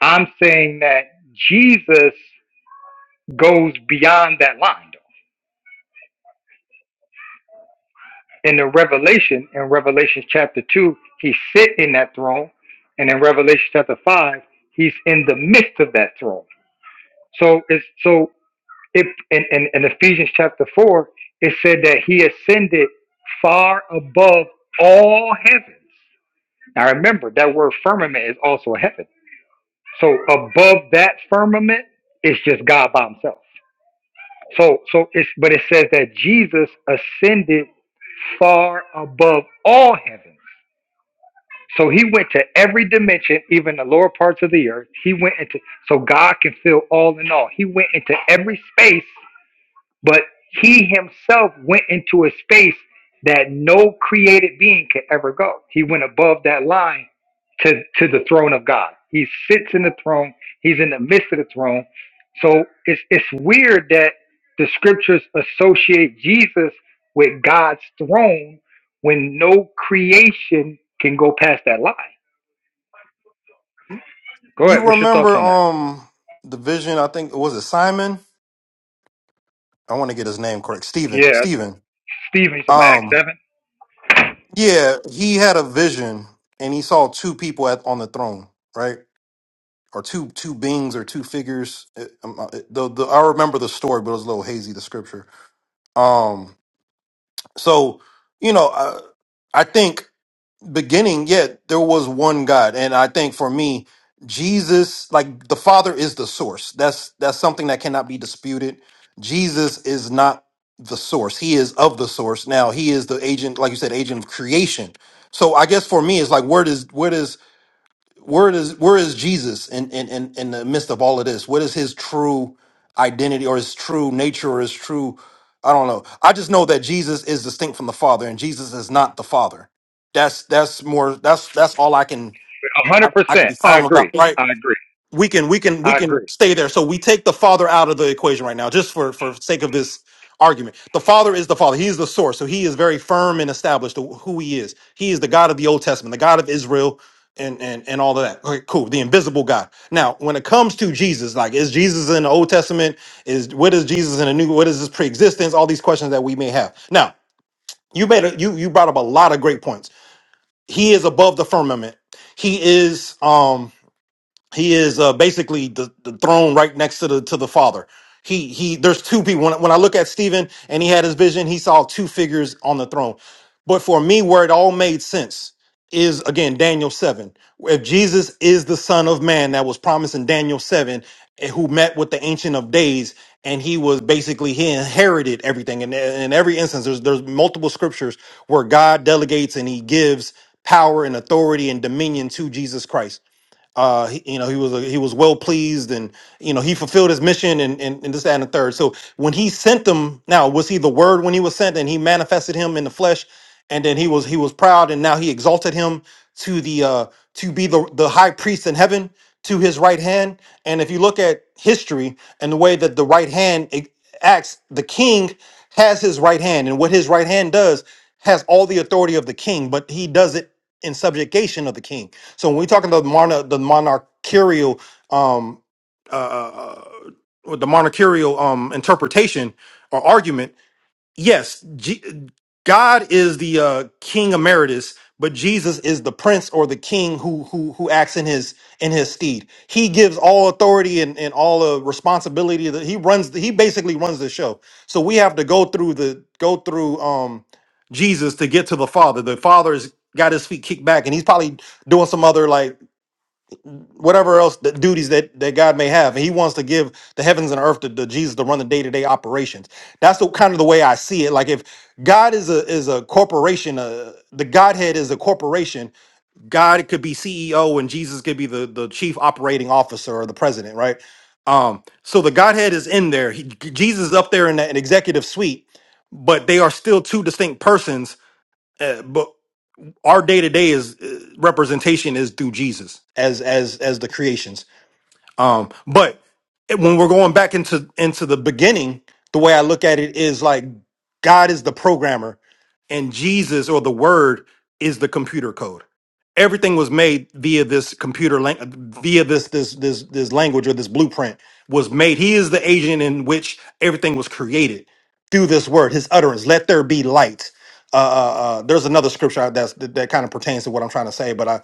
[SPEAKER 1] I'm saying that Jesus goes beyond that line. Though. In the Revelation, in Revelation chapter two, he's sitting in that throne, and in Revelation chapter five, he's in the midst of that throne. So it's so It, in, in, in Ephesians chapter 4, it said that he ascended far above all heavens. Now remember, that word firmament is also a heaven. So above that firmament, it's just God by himself. So, so it's, but it says that Jesus ascended far above all heavens. So he went to every dimension, even the lower parts of the earth. He went into, so God can fill all in all. He went into every space But he himself went into a space that no created being could ever go. He went above that line to, to the throne of God. He sits in the throne, he's in the midst of the throne. So it's, it's weird that the scriptures associate Jesus with God's throne when no creation can go past that line. Go ahead.
[SPEAKER 5] You
[SPEAKER 1] What's your thoughts
[SPEAKER 5] remember
[SPEAKER 1] on that?
[SPEAKER 5] um the vision? I think was it Simon I want to get his name correct. Stephen.
[SPEAKER 1] Yeah,
[SPEAKER 5] Stephen.
[SPEAKER 1] Stephen, you talking about Act
[SPEAKER 5] Um,
[SPEAKER 1] 7?
[SPEAKER 5] yeah, he had a vision and he saw two people at on the throne, right? Or two two beings or two figures. It- um, uh, it- the, the, I remember the story, but it was a little hazy. The scripture. Um, so you know, I, I think beginning, yeah, there was one God, and I think for me, Jesus, like the Father, is the source. That's that's something that cannot be disputed. Jesus is not the source; he is of the source. Now, he is the agent, like you said, agent of creation. So, I guess for me, it's like where does where does where is where is Jesus in, in in in the midst of all of this? What is his true identity or his true nature or his true I don't know. I just know that Jesus is distinct from the Father and Jesus is not the Father. That's that's more that's that's all I can
[SPEAKER 1] A
[SPEAKER 5] I, I can
[SPEAKER 1] 100%.
[SPEAKER 5] be
[SPEAKER 1] I
[SPEAKER 5] firm about.
[SPEAKER 1] agree.
[SPEAKER 5] right
[SPEAKER 1] I agree.
[SPEAKER 5] we can we can we
[SPEAKER 1] I
[SPEAKER 5] can
[SPEAKER 1] agree.
[SPEAKER 5] stay there so we take the father out of the equation right now just for for sake of this argument the father is the father he is the source so he is very firm and established to who he is he is the god of the old testament the god of israel and and and all of that okay cool the invisible god now when it comes to jesus like is jesus in the old testament is what is jesus in the new what is his preexistence? all these questions that we may have now you made a, you you brought up a lot of great points he is above the firmament he is um he is uh, basically the, the throne right next to the to the father he he there's two people when, when i look at stephen and he had his vision he saw two figures on the throne but for me where it all made sense is again daniel 7 if jesus is the son of man that was promised in daniel 7 and who met with the ancient of days and he was basically he inherited everything and and in every instance there's there's multiple scriptures where god delegates and he gives power and authority and dominion to jesus christ uh he, you know he was he was well pleased and you know he fulfilled his mission and, and and this that and the third so when he sent them now was he the word when he was sent and he manifested him in the flesh and then he was he was proud and now he exalted him to the uh to be the the high priest in heaven to his right hand and if you look at history and the way that the right hand ac- acts the king has his right hand and what his right hand does has all the authority of the king but he does it in subjugation of the king so when we're talking about mono, the monarchical, um, uh, uh, uh, the monarchical um, interpretation or argument, yes, G- God is the uh, King emeritus, but Jesus is the Prince or the King who who who acts in his in his stead. He gives all authority and, and all the responsibility that he runs. He basically runs the show. So we have to go through the go through um, Jesus to get to the Father. The Father's got his feet kicked back, and he's probably doing some other like whatever else the duties that, that God may have. And he wants to give the heavens and earth to, to Jesus to run the day-to-day operations. That's the kind of the way I see it. Like if God is a is a corporation, uh, the Godhead is a corporation, God could be CEO and Jesus could be the, the chief operating officer or the president, right? Um, so the Godhead is in there. He, Jesus is up there in that executive suite, but they are still two distinct persons. Uh, but our day to day is uh, representation is through Jesus as as as the creations. Um, but it- when we're going back into into the beginning, the way I look at it is like God is the programmer, and Jesus or the Word is the computer code. Everything was made via this computer lang- via this this this this language or this blueprint was made. He is the agent in which everything was created through this word, His utterance. Let there be light. Uh, uh, uh, there's another scripture out that's, that that kind of pertains to what I'm trying to say, but I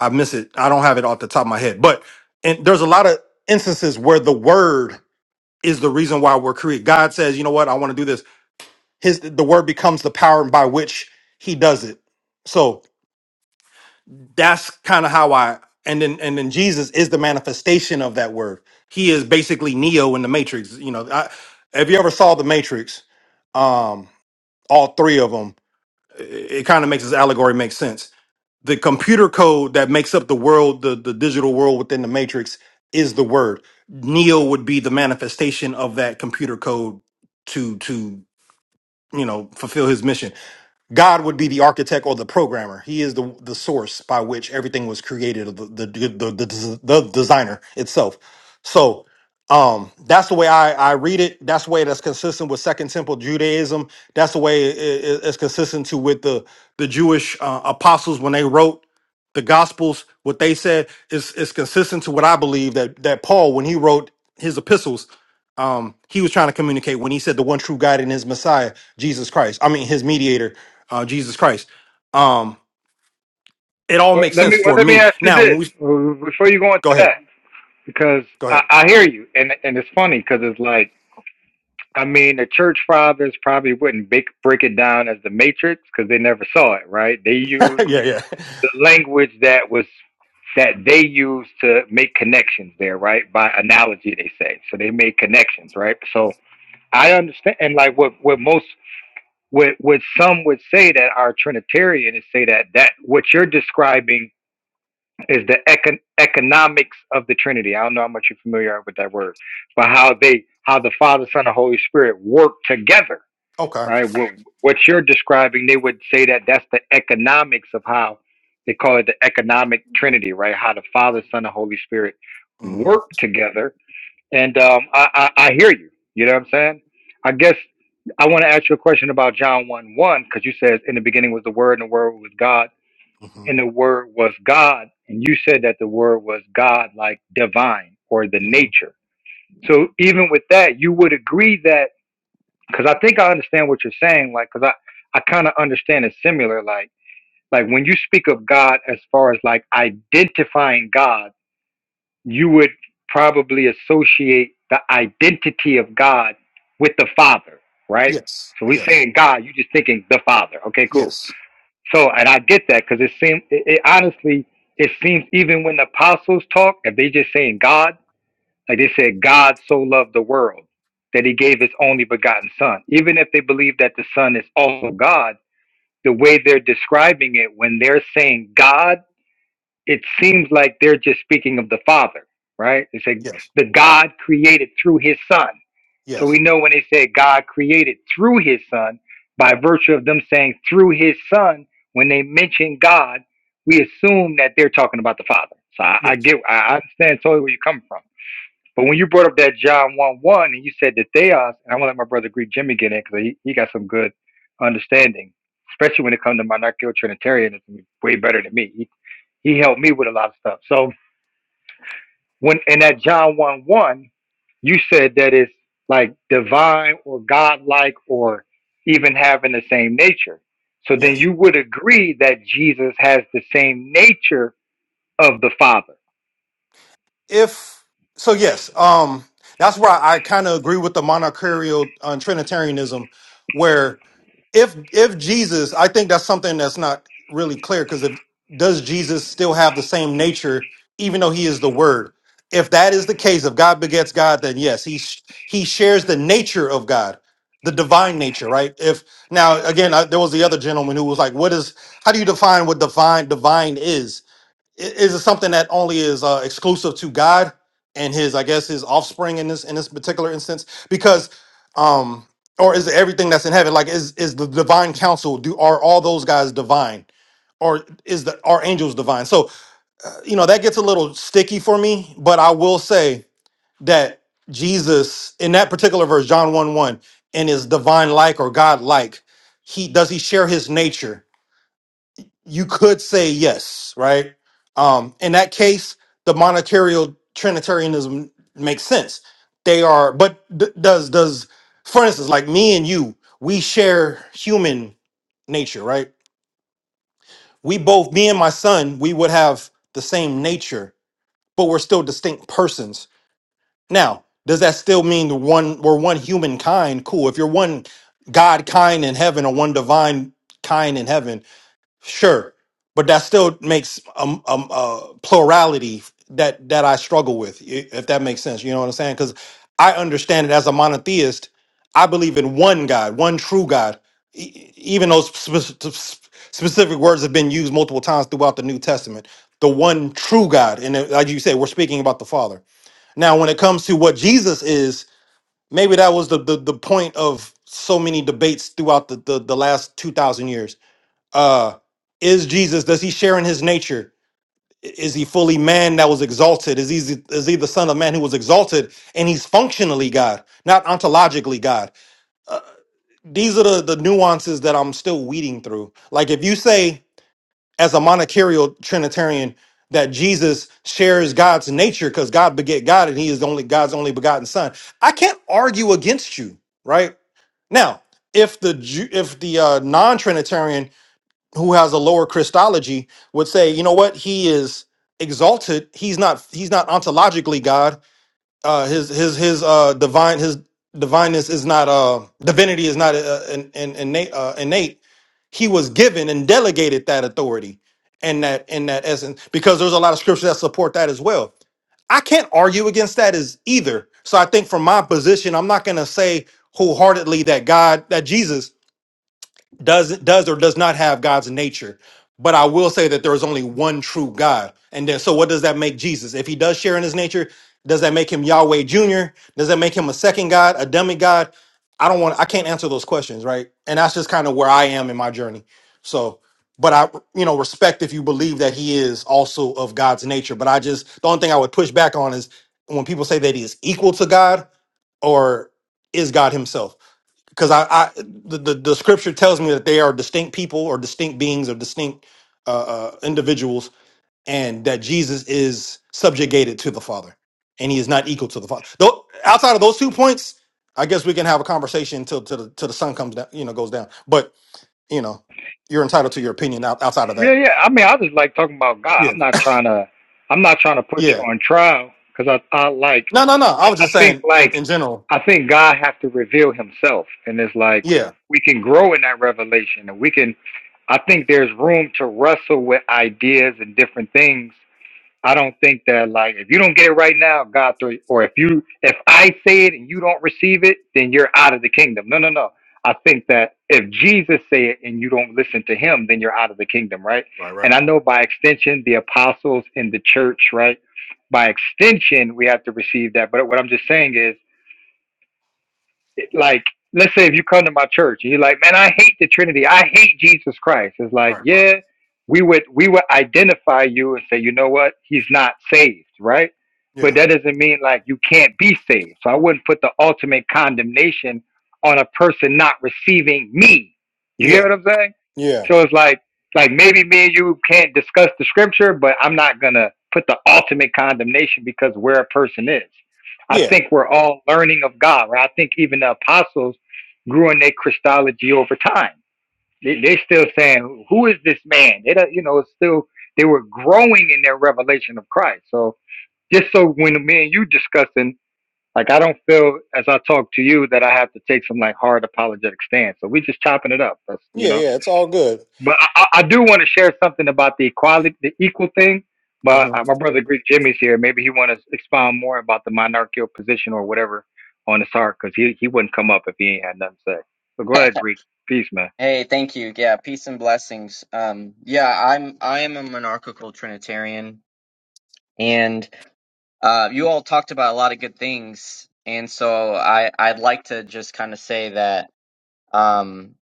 [SPEAKER 5] I miss it. I don't have it off the top of my head, but and there's a lot of instances where the word is the reason why we're created. God says, you know what, I want to do this. His the word becomes the power by which he does it. So that's kind of how I and then and then Jesus is the manifestation of that word. He is basically Neo in the Matrix. You know, I, if you ever saw the Matrix, um, all three of them, it, it kind of makes this allegory make sense the computer code that makes up the world, the, the digital world within the matrix is the word. Neo would be the manifestation of that computer code to to you know fulfill his mission. God would be the architect or the programmer. He is the the source by which everything was created, the the the, the, the the designer itself. So um that's the way I, I read it. That's the way that's consistent with Second Temple Judaism. That's the way it- it- it's consistent to with the the Jewish uh, apostles when they wrote the Gospels. What they said is is consistent to what I believe that that Paul when he wrote his epistles. Um, he was trying to communicate when he said the one true God and his Messiah, Jesus Christ. I mean, his mediator uh, Jesus Christ. Um, it all
[SPEAKER 1] Well,
[SPEAKER 5] makes
[SPEAKER 1] let me
[SPEAKER 5] sense
[SPEAKER 1] well,
[SPEAKER 5] for
[SPEAKER 1] let me
[SPEAKER 5] me.
[SPEAKER 1] ask you
[SPEAKER 5] Now, when
[SPEAKER 1] this
[SPEAKER 5] we
[SPEAKER 1] well, before you go into
[SPEAKER 5] go ahead,
[SPEAKER 1] that, because
[SPEAKER 5] go
[SPEAKER 1] I,
[SPEAKER 5] ahead.
[SPEAKER 1] I hear you, and and it's funny because it's like I mean the church fathers probably wouldn't break break it down as the matrix because they never saw it, right? They
[SPEAKER 5] *laughs*
[SPEAKER 1] used
[SPEAKER 5] yeah, yeah.
[SPEAKER 1] the language that was that they used to make connections there, right? By analogy, they say so they made connections, right? So I understand, and like what what most what what some would say that our Trinitarian is say that that what you're describing is the econ- economics of the Trinity. I don't know how much you're familiar with that word, but how they, how the Father, Son, and Holy Spirit work together,
[SPEAKER 5] Okay.
[SPEAKER 1] right? What, what you're describing, they would say that that's the economics of how they call it the economic Trinity, right? How the Father, Son, and Holy Spirit
[SPEAKER 5] hmm
[SPEAKER 1] work together. And um, I, I, I hear you. You know what I'm saying? I guess I want to ask you a question about John 1 1, because you said in the beginning was the Word, and the Word was God
[SPEAKER 5] hmm
[SPEAKER 1] and the word was God. And you said that the word was God, like divine or the
[SPEAKER 5] hmm
[SPEAKER 1] nature. So even with that, you would agree that because I think I understand what you're saying. Like, because I I kind of understand it similar. Like, like when you speak of God as far as like identifying God, you would probably associate the identity of God with the Father, right?
[SPEAKER 5] Yes.
[SPEAKER 1] So we
[SPEAKER 5] Yes.
[SPEAKER 1] saying God, you just thinking the Father. Okay, cool.
[SPEAKER 5] Yes.
[SPEAKER 1] So, and I get that because it seems, it, it honestly, it seems even when the apostles talk, if they just saying God, like they said, God so loved the world that he gave his only begotten son. Even if they believe that the son is also God, the way they're describing it, when they're saying God, it seems like they're just speaking of the Father, right? They say
[SPEAKER 5] Yes.
[SPEAKER 1] the God created through his Son. So we
[SPEAKER 5] Yes.
[SPEAKER 1] know when they say God created through his Son, by virtue of them saying through his Son, when they mention God, we assume that they're talking about the Father. So I, I
[SPEAKER 5] Yes.
[SPEAKER 1] get, I I understand totally where you're coming from. But when you brought up that John 1 1 and you said that theos, and I want to let my brother Greek Jimmy get in because he, he got some good understanding, especially when it comes to monarchical Trinitarianism, way better than me. He helped me with a lot of stuff. So when in that John one one, you said that it's like divine or godlike or even having the same nature. So
[SPEAKER 5] Yes.
[SPEAKER 1] then you would agree that Jesus has the same nature of the Father.
[SPEAKER 5] if so yes um that's where i I kind of agree with the monarchical uh, trinitarianism where if if jesus i think that's something that's not really clear because if does jesus still have the same nature even though he is the word if that is the case if god begets god then yes he sh- he shares the nature of god the divine nature right if now again I, there was the other gentleman who was like what is how do you define what divine divine is I- Is it something that only is uh, exclusive to God and his, I guess, his offspring in this in this particular instance? Because, um, or is it everything that's in heaven? Like, is is the divine council? Do are all those guys divine, or is the are angels divine? So, uh, you know, that gets a little sticky for me. But I will say that Jesus, in that particular verse, John one one, and is divine like or God like. He does he share his nature you could say yes, right? Um, in that case, the monetary trinitarianism makes sense. They are, but d- does does for instance, like me and you, we share human nature, right? We both, me and my son, we would have the same nature, but we're still distinct persons. Now, does that still mean the one we're one human kind? Cool. If you're one God kind in heaven or one divine kind in heaven, Sure, but that still makes um, um uh plurality that that I struggle with, i- if that makes sense. You know what I'm saying? Because I understand it as a monotheist. I believe in one God, one true God. E- e- Even those specific words have been used multiple times throughout the New Testament. The one true God, and uh, like you said, we're speaking about the Father. Now, when it comes to what Jesus is, maybe that was the the, the point of so many debates throughout the, the the last two thousand years uh is jesus does he share in his nature I- is he fully man that was exalted is he is he the son of man who was exalted and he's functionally god not ontologically god uh, these are the the nuances that i'm still weeding through like if you say as a monarchical trinitarian that jesus shares god's nature because god beget god and he is the only god's only begotten son i can't argue against you right now if the Ju- if the uh, non-trinitarian who has a lower Christology would say, you know what, he is exalted. He's not he's not ontologically God. Uh, his his his uh, divine his divineness is not uh, divinity is not uh, in, in, innate, uh, innate. He was given and delegated that authority and that in that essence because there's a lot of scriptures that support that as well. I can't argue against that as either. So I think from my position, I'm not going to say wholeheartedly that God, that Jesus does does or does not have God's nature. But I will say that there is only one true God. And then so what does that make Jesus? If he does share in his nature, does that make him Yahweh Jr.? Does that make him a second God, a demigod? I don't want I can't answer those questions, right? And that's just kind of where I am in my journey. So but I, you know, respect if you believe that he is also of God's nature. But I just the only thing I would push back on is when people say that he is equal to God or is God himself because I, I the, the the scripture tells me that they are distinct people or distinct beings or distinct uh, uh, individuals, and that Jesus is subjugated to the Father, and he is not equal to the Father. Though outside of those two points, I guess we can have a conversation until till till the till the sun comes down, you know, goes down. But you know, you're entitled to your opinion out, outside of that.
[SPEAKER 1] Yeah, yeah. I mean, I just like talking about God.
[SPEAKER 5] Yeah,
[SPEAKER 1] I'm not trying to. I'm not trying to put
[SPEAKER 5] yeah.
[SPEAKER 1] you on trial because I, I like.
[SPEAKER 5] No, no, no. I
[SPEAKER 1] I,
[SPEAKER 5] was
[SPEAKER 1] I
[SPEAKER 5] just
[SPEAKER 1] think
[SPEAKER 5] saying
[SPEAKER 1] like.
[SPEAKER 5] in, in general.
[SPEAKER 1] I think God has to reveal Himself, and it's like
[SPEAKER 5] Yeah.
[SPEAKER 1] we can grow in that revelation, and we can. I think there's room to wrestle with ideas and different things I don't think that like if you don't get it right now, God throw you, or if you if I say it and you don't receive it, then you're out of the kingdom. No, no, no. I think that if Jesus say it and you don't listen to him, then you're out of the kingdom, right?
[SPEAKER 5] Right. Right.
[SPEAKER 1] And I know by extension the apostles in the church, right? By extension, we have to receive that. But what I'm just saying is it- like let's say if you come to my church and you're like man i hate the trinity i hate jesus christ it's like
[SPEAKER 5] Right. Right.
[SPEAKER 1] yeah we would we would identify you and say you know what he's not saved right but
[SPEAKER 5] Yeah.
[SPEAKER 1] that doesn't mean like you can't be saved so i wouldn't put the ultimate condemnation on a person not receiving me you get
[SPEAKER 5] Yeah.
[SPEAKER 1] what i'm saying
[SPEAKER 5] Yeah.
[SPEAKER 1] so it's like like maybe me and you can't discuss the scripture but i'm not gonna put the ultimate condemnation because where a person is I
[SPEAKER 5] Yeah.
[SPEAKER 1] think we're all learning of God. Right? I think even the apostles grew in their Christology over time. They, they still saying, "Who is this man?" They, don't- you know, it's still they were growing in their revelation of Christ. So just so when me and you discussing, like I don't feel as I talk to you that I have to take some like hard apologetic stance. So we just chopping it up. That's you
[SPEAKER 5] Yeah.
[SPEAKER 1] know.
[SPEAKER 5] Yeah. It's all good.
[SPEAKER 1] But I, I do want to share something about the equality, the equal thing. But
[SPEAKER 5] hmm
[SPEAKER 1] uh, my brother Greek Jimmy's here. Maybe he want to expound more about the monarchical position or whatever on his heart, because he, he wouldn't come up if he ain't had nothing to say. So go ahead, Greek. Peace, man.
[SPEAKER 7] Hey, thank you. Yeah, peace and blessings. Um, yeah, I'm I am a monarchical Trinitarian, and uh, you all talked about a lot of good things, and so I I'd like to just kind of say that um,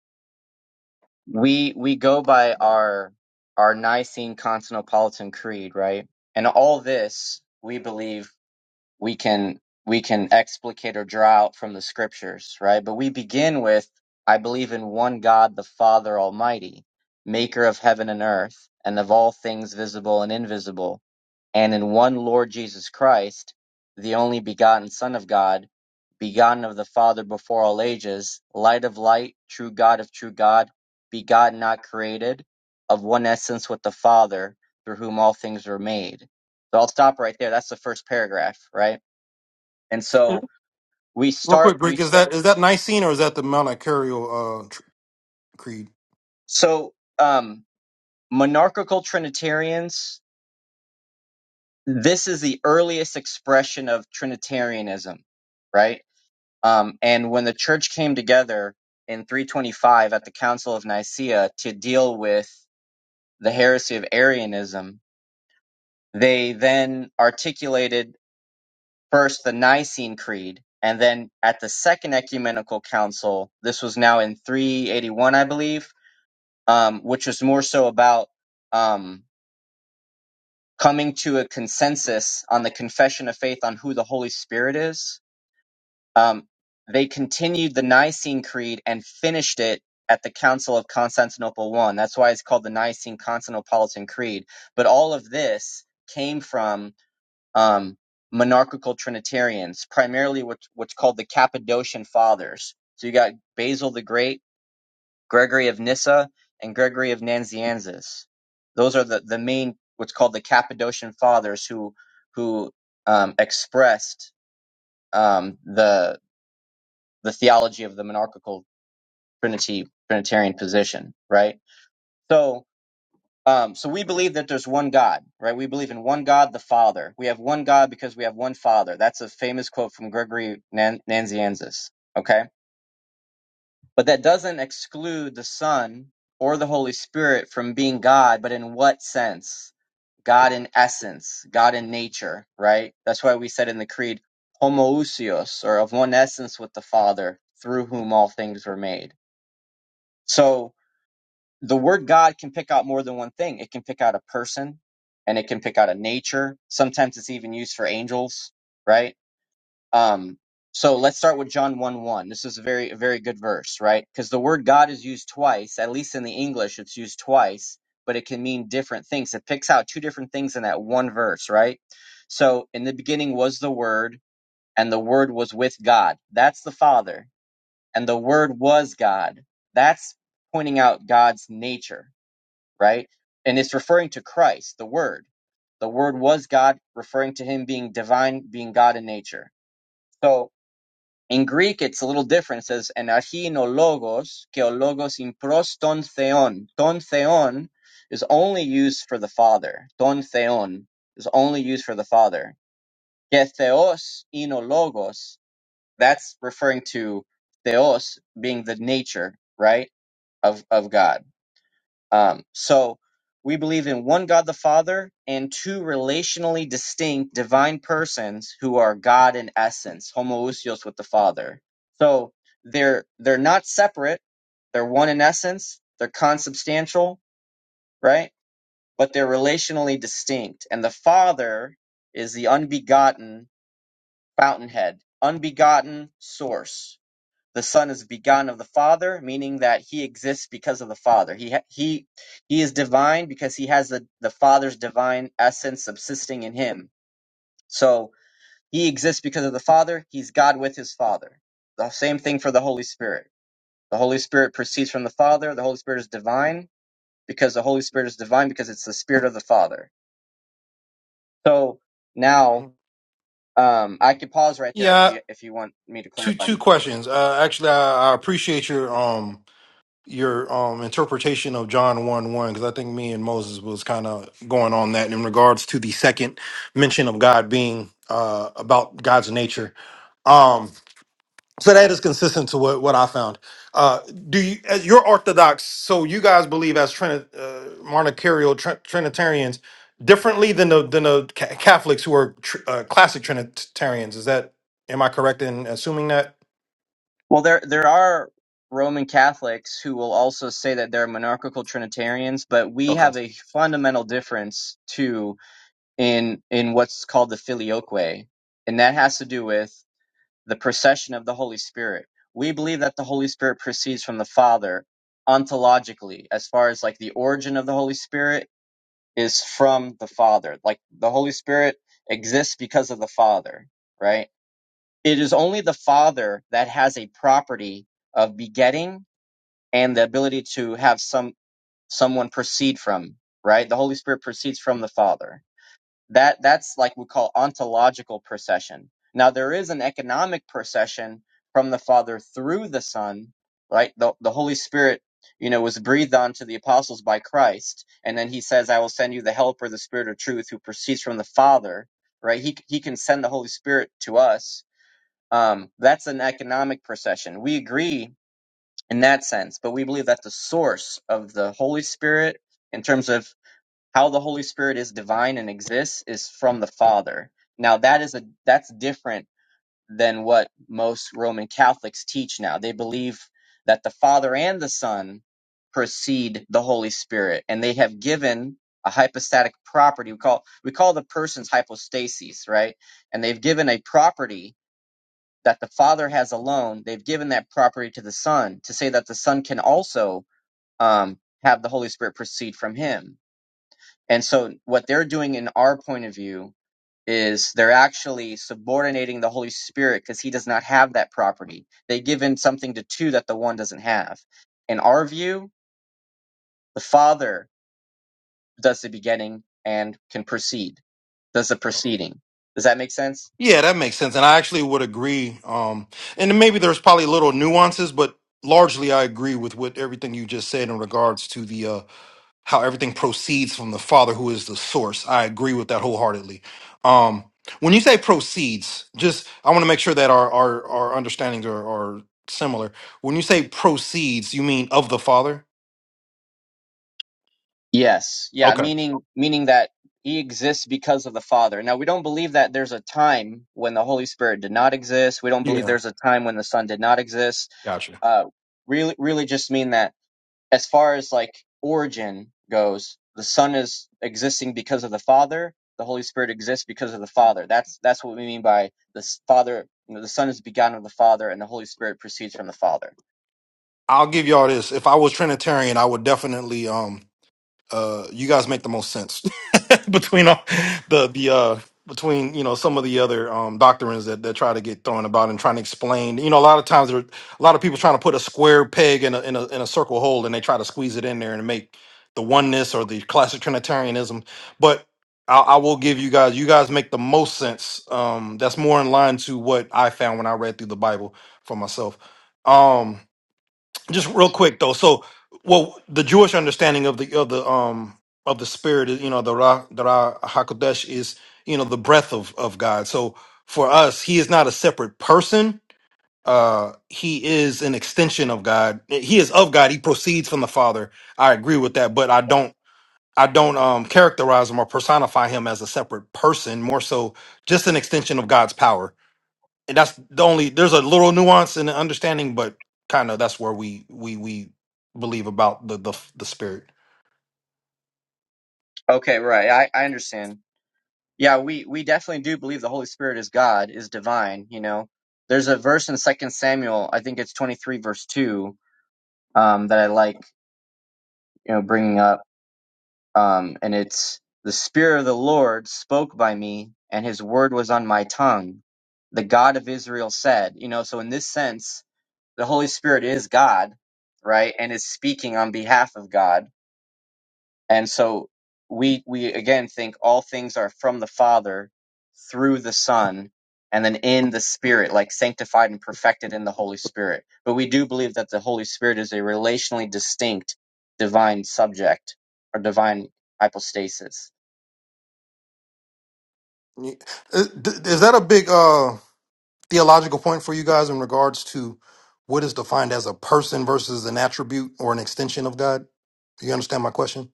[SPEAKER 7] we we go by our our Nicene Constantinopolitan Creed, right? And all this we believe we can we can explicate or draw out from the scriptures, right? But we begin with I believe in one God, the Father Almighty, maker of heaven and earth, and of all things visible and invisible, and in one Lord Jesus Christ, the only begotten Son of God, begotten of the Father before all ages, light of light, true God of true God, begotten not created, of one essence with the Father, through whom all things were made. So I'll stop right there. That's the first paragraph, right? And so we
[SPEAKER 5] Real
[SPEAKER 7] start,
[SPEAKER 5] quick,
[SPEAKER 7] we
[SPEAKER 5] Greek, is
[SPEAKER 7] start,
[SPEAKER 5] that is that Nicene or is that the Mount Icarial uh, tr- Creed?
[SPEAKER 7] so, um, monarchical Trinitarians, this is the earliest expression of Trinitarianism, right? Um, and when the church came together in 325 at the Council of Nicaea to deal with the heresy of Arianism, they then articulated first the Nicene Creed. And then at the Second Ecumenical Council, this was now in 381, I believe, um, which was more so about um, coming to a consensus on the confession of faith on who the Holy Spirit is. Um, they continued the Nicene Creed and finished it at the Council of Constantinople One. That's why it's called the Nicene Constantinopolitan Creed. But all of this came from um, monarchical Trinitarians, primarily what, what's called the Cappadocian Fathers. So you got Basil the Great Gregory of Nyssa and Gregory of Nazianzus. Those are the, the main what's called the Cappadocian Fathers who who um, expressed um, the the theology of the monarchical Trinity Trinitarian position, right? So um, so we believe that there's one God, right? We believe in one God, the Father. We have one God because we have one Father. That's a famous quote from Gregory Nan- Nazianzus. Okay But that doesn't exclude the Son or the Holy Spirit from being God, but in what sense? God in essence, God in nature, right? That's why we said in the creed, homoousios, or of one essence with the Father, through whom all things were made. So the word God can pick out more than one thing. It can pick out a person and it can pick out a nature. Sometimes it's even used for angels, right? Um, so let's start with John 1 1. This is a very, a very good verse, right? Because the word God is used twice, at least in the English, it's used twice, but it can mean different things. It picks out two different things in that one verse, right? So in the beginning was the word, and the word was with God. That's the Father. And the word was God. That's pointing out God's nature, right? And it's referring to Christ, the word. The word was God, referring to him being divine, being God in nature. So in Greek, it's a little different. It says, and archi no logos, ke o logos in pros ton theon. Ton theon is only used for the Father. Ton theon is only used for the Father. Ke theos in o logos, that's referring to theos being the nature, right, of, of God. Um, so we believe in one God the Father and two relationally distinct divine persons who are God in essence, homoousios with the Father. So they're they're not separate. They're one in essence. They're consubstantial, right? But they're relationally distinct. And the Father is the unbegotten fountainhead, unbegotten source. The Son is begotten of the Father, meaning that he exists because of the Father. He he he is divine because he has the, the Father's divine essence subsisting in him. So he exists because of the Father. He's God with his Father. The same thing for the Holy Spirit. The Holy Spirit proceeds from the Father. The Holy Spirit is divine because the Holy Spirit is divine because it's the Spirit of the Father. So now
[SPEAKER 5] Mm-hmm.
[SPEAKER 7] um, I could pause right there if
[SPEAKER 5] Yeah,
[SPEAKER 7] you if you want me to
[SPEAKER 5] two
[SPEAKER 7] clarify.
[SPEAKER 5] two questions. Uh, actually, I, I appreciate your um your um interpretation of John one one because I think me and Moses was kind of going on that in regards to the second mention of God being uh about God's nature. Um, So that is consistent to what, what I found. Uh, do you, as you're Orthodox, so you guys believe as Trini, uh, Monarchical Trin- Trinitarians differently than the than the Ca- Catholics who are tr- uh, classic Trinitarians. Is that am I correct in assuming that?
[SPEAKER 7] Well, there there are Roman Catholics who will also say that they're monarchical Trinitarians, but we
[SPEAKER 5] Okay.
[SPEAKER 7] have a fundamental difference too in in what's called the filioque, and that has to do with the procession of the Holy Spirit. We believe that the Holy Spirit proceeds from the Father ontologically, as far as like the origin of the Holy Spirit is from the Father. Like the Holy Spirit exists because of the Father, right? It is only the father that has a property of begetting and the ability to have some someone proceed from, right? The Holy Spirit proceeds from the Father. That that's like we call ontological procession. Now there is an economic procession from the Father through the Son, right? The the Holy Spirit, you know, was breathed onto the apostles by Christ, and then he says, I will send you the helper, the spirit of truth, who proceeds from the Father, right? He he can send the Holy Spirit to us um, that's an economic procession. We agree in that sense, but we believe that the source of the Holy Spirit, in terms of how the Holy Spirit is divine and exists, is from the Father. Now that is a that's different than what most Roman Catholics teach now. They believe that the Father and the Son precede the Holy Spirit, and they have given a hypostatic property. We call we call the persons hypostases, right? And they've given a property that the Father has alone, they've given that property to the Son to say that the Son can also um, have the Holy Spirit proceed from him. And so, what they're doing in our point of view is they're actually subordinating the Holy Spirit because he does not have that property. They give in something to two that the one doesn't have. In our view, the Father does the beginning and can proceed, does the proceeding. Does that make sense?
[SPEAKER 5] Yeah, that makes sense, and I actually would agree. Um, and maybe there's probably little nuances, but largely I agree with what everything you just said in regards to the uh, how everything proceeds from the Father who is the source. I agree with that wholeheartedly. Um, when you say proceeds, just I want to make sure that our our, our understandings are, are similar. When you say proceeds, you mean of the Father?
[SPEAKER 7] Yes. Yeah,
[SPEAKER 5] Okay.
[SPEAKER 7] meaning meaning that he exists because of the Father. Now, we don't believe that there's a time when the Holy Spirit did not exist. We don't believe there's a time when the Son did not exist.
[SPEAKER 5] Gotcha.
[SPEAKER 7] Uh really really just mean that as far as like origin goes, the Son is existing because of the Father, the Holy Spirit exists because of the Father. That's that's what we mean by the s- Father, you know, the Son is begotten of the Father and the Holy Spirit proceeds from the Father.
[SPEAKER 5] I'll give y'all this. If I was Trinitarian, I would definitely um Uh, you guys make the most sense *laughs* between all the the uh between you know some of the other um doctrines that that try to get thrown about and trying to explain. You know, a lot of times there, a lot of people trying to put a square peg in a in a in a circle hole and they try to squeeze it in there and make the oneness or the classic Trinitarianism. But I, I will give you guys. You guys make the most sense. Um, that's more in line to what I found when I read through the Bible for myself. Um, just real quick though. So, well, the Jewish understanding of the of the um of the spirit, is, you know, the Ra, the Ra Hakodesh is you know the breath of of God. So for us, He is not a separate person. Uh, he is an extension of God. He is of God. He proceeds from the Father. I agree with that, but I don't. I don't um, characterize him or personify him as a separate person. More so, just an extension of God's power and that's the only there's a little nuance in the understanding but kind of that's where we we we believe about the the, the spirit
[SPEAKER 7] Okay, right. I I understand. Yeah, we we definitely do believe the Holy Spirit is God, is divine. You know, there's a verse in Second Samuel, I think it's 23 verse two, um, that I like, you know, bringing up, um, and it's the Spirit of the Lord spoke by me, and His word was on my tongue. The God of Israel said, you know, so in this sense, the Holy Spirit is God, right, and is speaking on behalf of God And so we we again think all things are from the Father through the Son and then in the Spirit, like sanctified and perfected in the Holy Spirit. But we do believe that the Holy Spirit is a relationally distinct divine subject or divine hypostasis.
[SPEAKER 5] Y- is is that a big uh theological point for you guys in regards to what is defined as a person versus an attribute or an extension of god Do you understand my question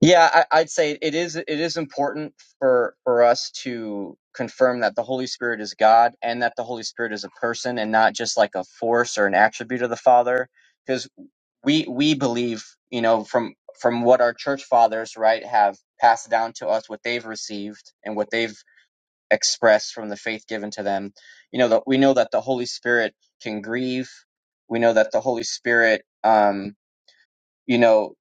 [SPEAKER 7] Yeah, I, I'd say it is it is important for for us to confirm that the Holy Spirit is God and that the Holy Spirit is a person and not just like a force or an attribute of the Father because. we we believe you know from from what our church fathers right have passed down to us what they've received and what they've expressed from the faith given to them you know that we know that the holy spirit can grieve we know that the holy spirit um you know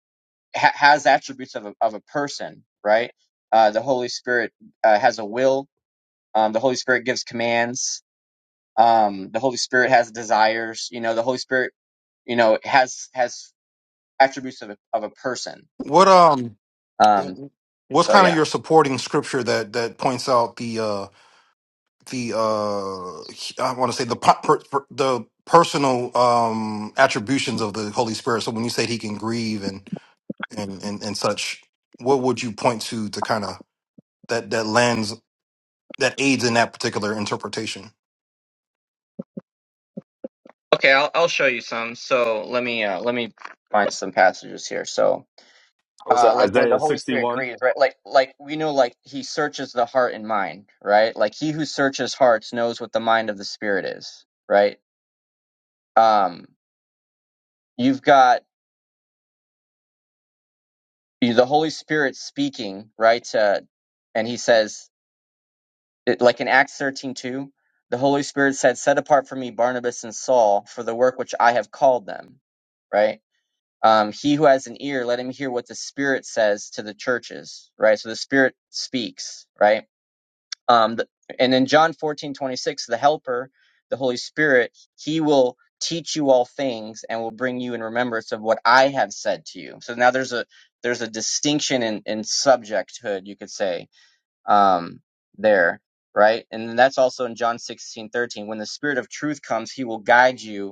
[SPEAKER 7] ha- has attributes of a, of a person right uh the holy spirit uh, has a will um the holy spirit gives commands um the holy spirit has desires you know the holy spirit you know has has attributes of a, of a person
[SPEAKER 5] what um
[SPEAKER 7] Um,
[SPEAKER 5] w- what's
[SPEAKER 7] so
[SPEAKER 5] kind of
[SPEAKER 7] yeah.
[SPEAKER 5] your supporting scripture that that points out the uh, the uh I want to say the po- per, per, the personal um attributions of the Holy Spirit. So when you said he can grieve and and and, and such, what would you point to to kind of that that lens that aids in that particular interpretation?
[SPEAKER 7] Okay, I'll I'll show you some. So let me uh, let me find some passages here. So
[SPEAKER 8] I Was
[SPEAKER 7] uh,
[SPEAKER 8] that?
[SPEAKER 7] like where the
[SPEAKER 8] Isaiah
[SPEAKER 7] Holy Spirit
[SPEAKER 8] 61.
[SPEAKER 7] grieves, right? Like like we know like he searches the heart and mind, right? Like he who searches hearts knows what the mind of the Spirit is, right? Um, you've got you- the Holy Spirit speaking, right? Uh, and he says it, like in Acts thirteen two. The Holy Spirit said, Set apart for me Barnabas and Saul for the work which I have called them. Right? um, he who has an ear let him hear what the spirit says to the churches right so the spirit speaks right um, the, and in john fourteen twenty six, the helper the holy spirit he will teach you all things and will bring you in remembrance of what i have said to you so now there's a there's a distinction in in subjecthood you could say um there right and that's also in john sixteen thirteen. when the spirit of truth comes he will guide you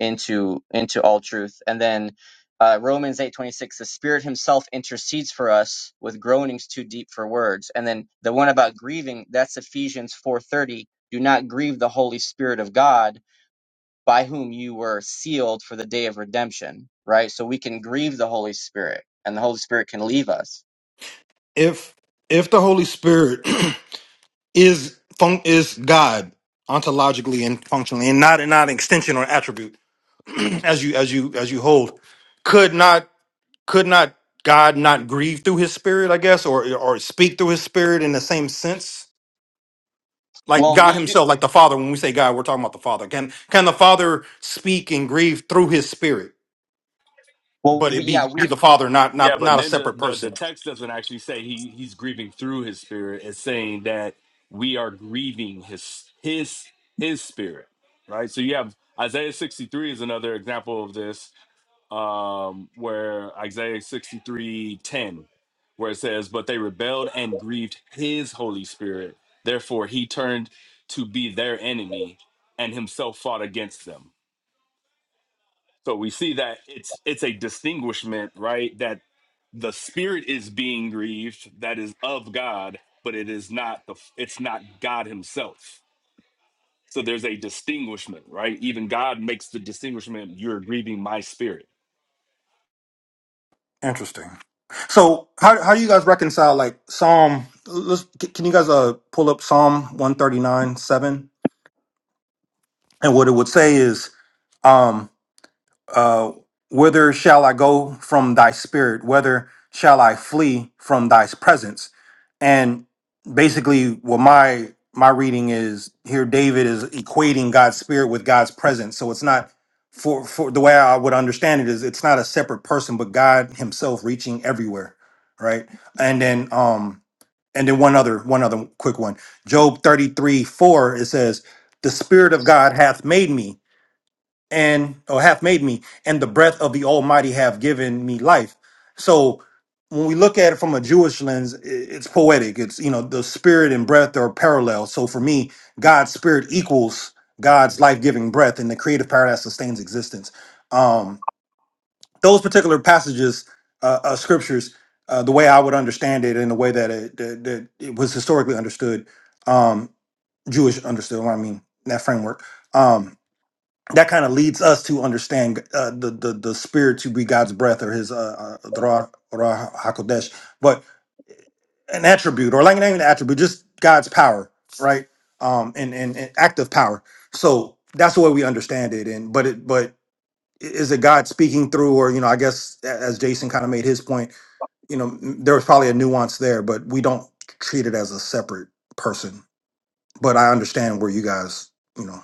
[SPEAKER 7] into into all truth. And then uh, Romans eight twenty six, the Spirit Himself intercedes for us with groanings too deep for words. And then the one about grieving, that's Ephesians four thirty. Do not grieve the Holy Spirit of God, by whom you were sealed for the day of redemption. Right. So we can grieve the Holy Spirit, and the Holy Spirit can leave us.
[SPEAKER 5] if if the Holy Spirit *clears throat* is fun- is God ontologically and functionally, and not and not an extension or attribute, *clears throat* as you as you as you hold, could not. could not God not grieve through his spirit, I guess, or or speak through his spirit in the same sense? Like
[SPEAKER 7] Well,
[SPEAKER 5] God
[SPEAKER 7] we do.
[SPEAKER 5] himself, like the Father, when we say God, we're talking about the Father. Can can the Father speak and grieve through his spirit,
[SPEAKER 7] Well,
[SPEAKER 5] but
[SPEAKER 7] we,
[SPEAKER 5] it
[SPEAKER 7] yeah,
[SPEAKER 5] be,
[SPEAKER 7] we
[SPEAKER 5] be the Father, not
[SPEAKER 8] Yeah,
[SPEAKER 5] not
[SPEAKER 8] but
[SPEAKER 5] not a
[SPEAKER 8] Ninja,
[SPEAKER 5] separate
[SPEAKER 8] the, the
[SPEAKER 5] person?
[SPEAKER 8] text doesn't actually say he, he's grieving through his spirit. It's saying that we are grieving his his his spirit, right? So you have Isaiah 63 is another example of this, um, where Isaiah 63 10, where it says, But they rebelled and grieved his Holy Spirit. Therefore, he turned to be their enemy and himself fought against them. So we see that it's it's a distinguishment, right? That the spirit is being grieved, that is of God, but it is not the it's not God Himself. So there's a distinguishment, right? Even God makes the distinguishment. You're grieving my spirit.
[SPEAKER 5] Interesting. So how how do you guys reconcile like Psalm let's can you guys uh pull up Psalm 139, 7? And what it would say is Uh, whither shall I go from thy spirit? Whether shall I flee from thy presence? And basically, what my my reading is here, David is equating God's spirit with God's presence. So it's not for for the way I would understand it is it's not a separate person, but God Himself reaching everywhere, right? And then um and then one other one other quick one, Job thirty three four it says, "The spirit of God hath made me." and or hath made me, and the breath of the Almighty have given me life. So when we look at it from a Jewish lens, i- it's poetic. It's you know the spirit and breath are parallel. So for me, God's spirit equals God's life-giving breath, and the creative power that sustains existence. Um, those particular passages, uh, uh, scriptures, uh, the way I would understand it, and the way that it, that, that it was historically understood, um, Jewish understood. What I mean that framework. Um, that kind of leads us to understand uh, the, the the spirit to be God's breath or His uh, uh, Ruach Ruach Hakodesh, but an attribute or like not even an attribute, just God's power, right? Um, and, and and active power. So that's the way we understand it. And but it but i- is it God speaking through, or you know, I guess a- as Jason kind of made his point, you know, m- there was probably a nuance there, but we don't treat it as a separate person. But I understand where you guys, you know,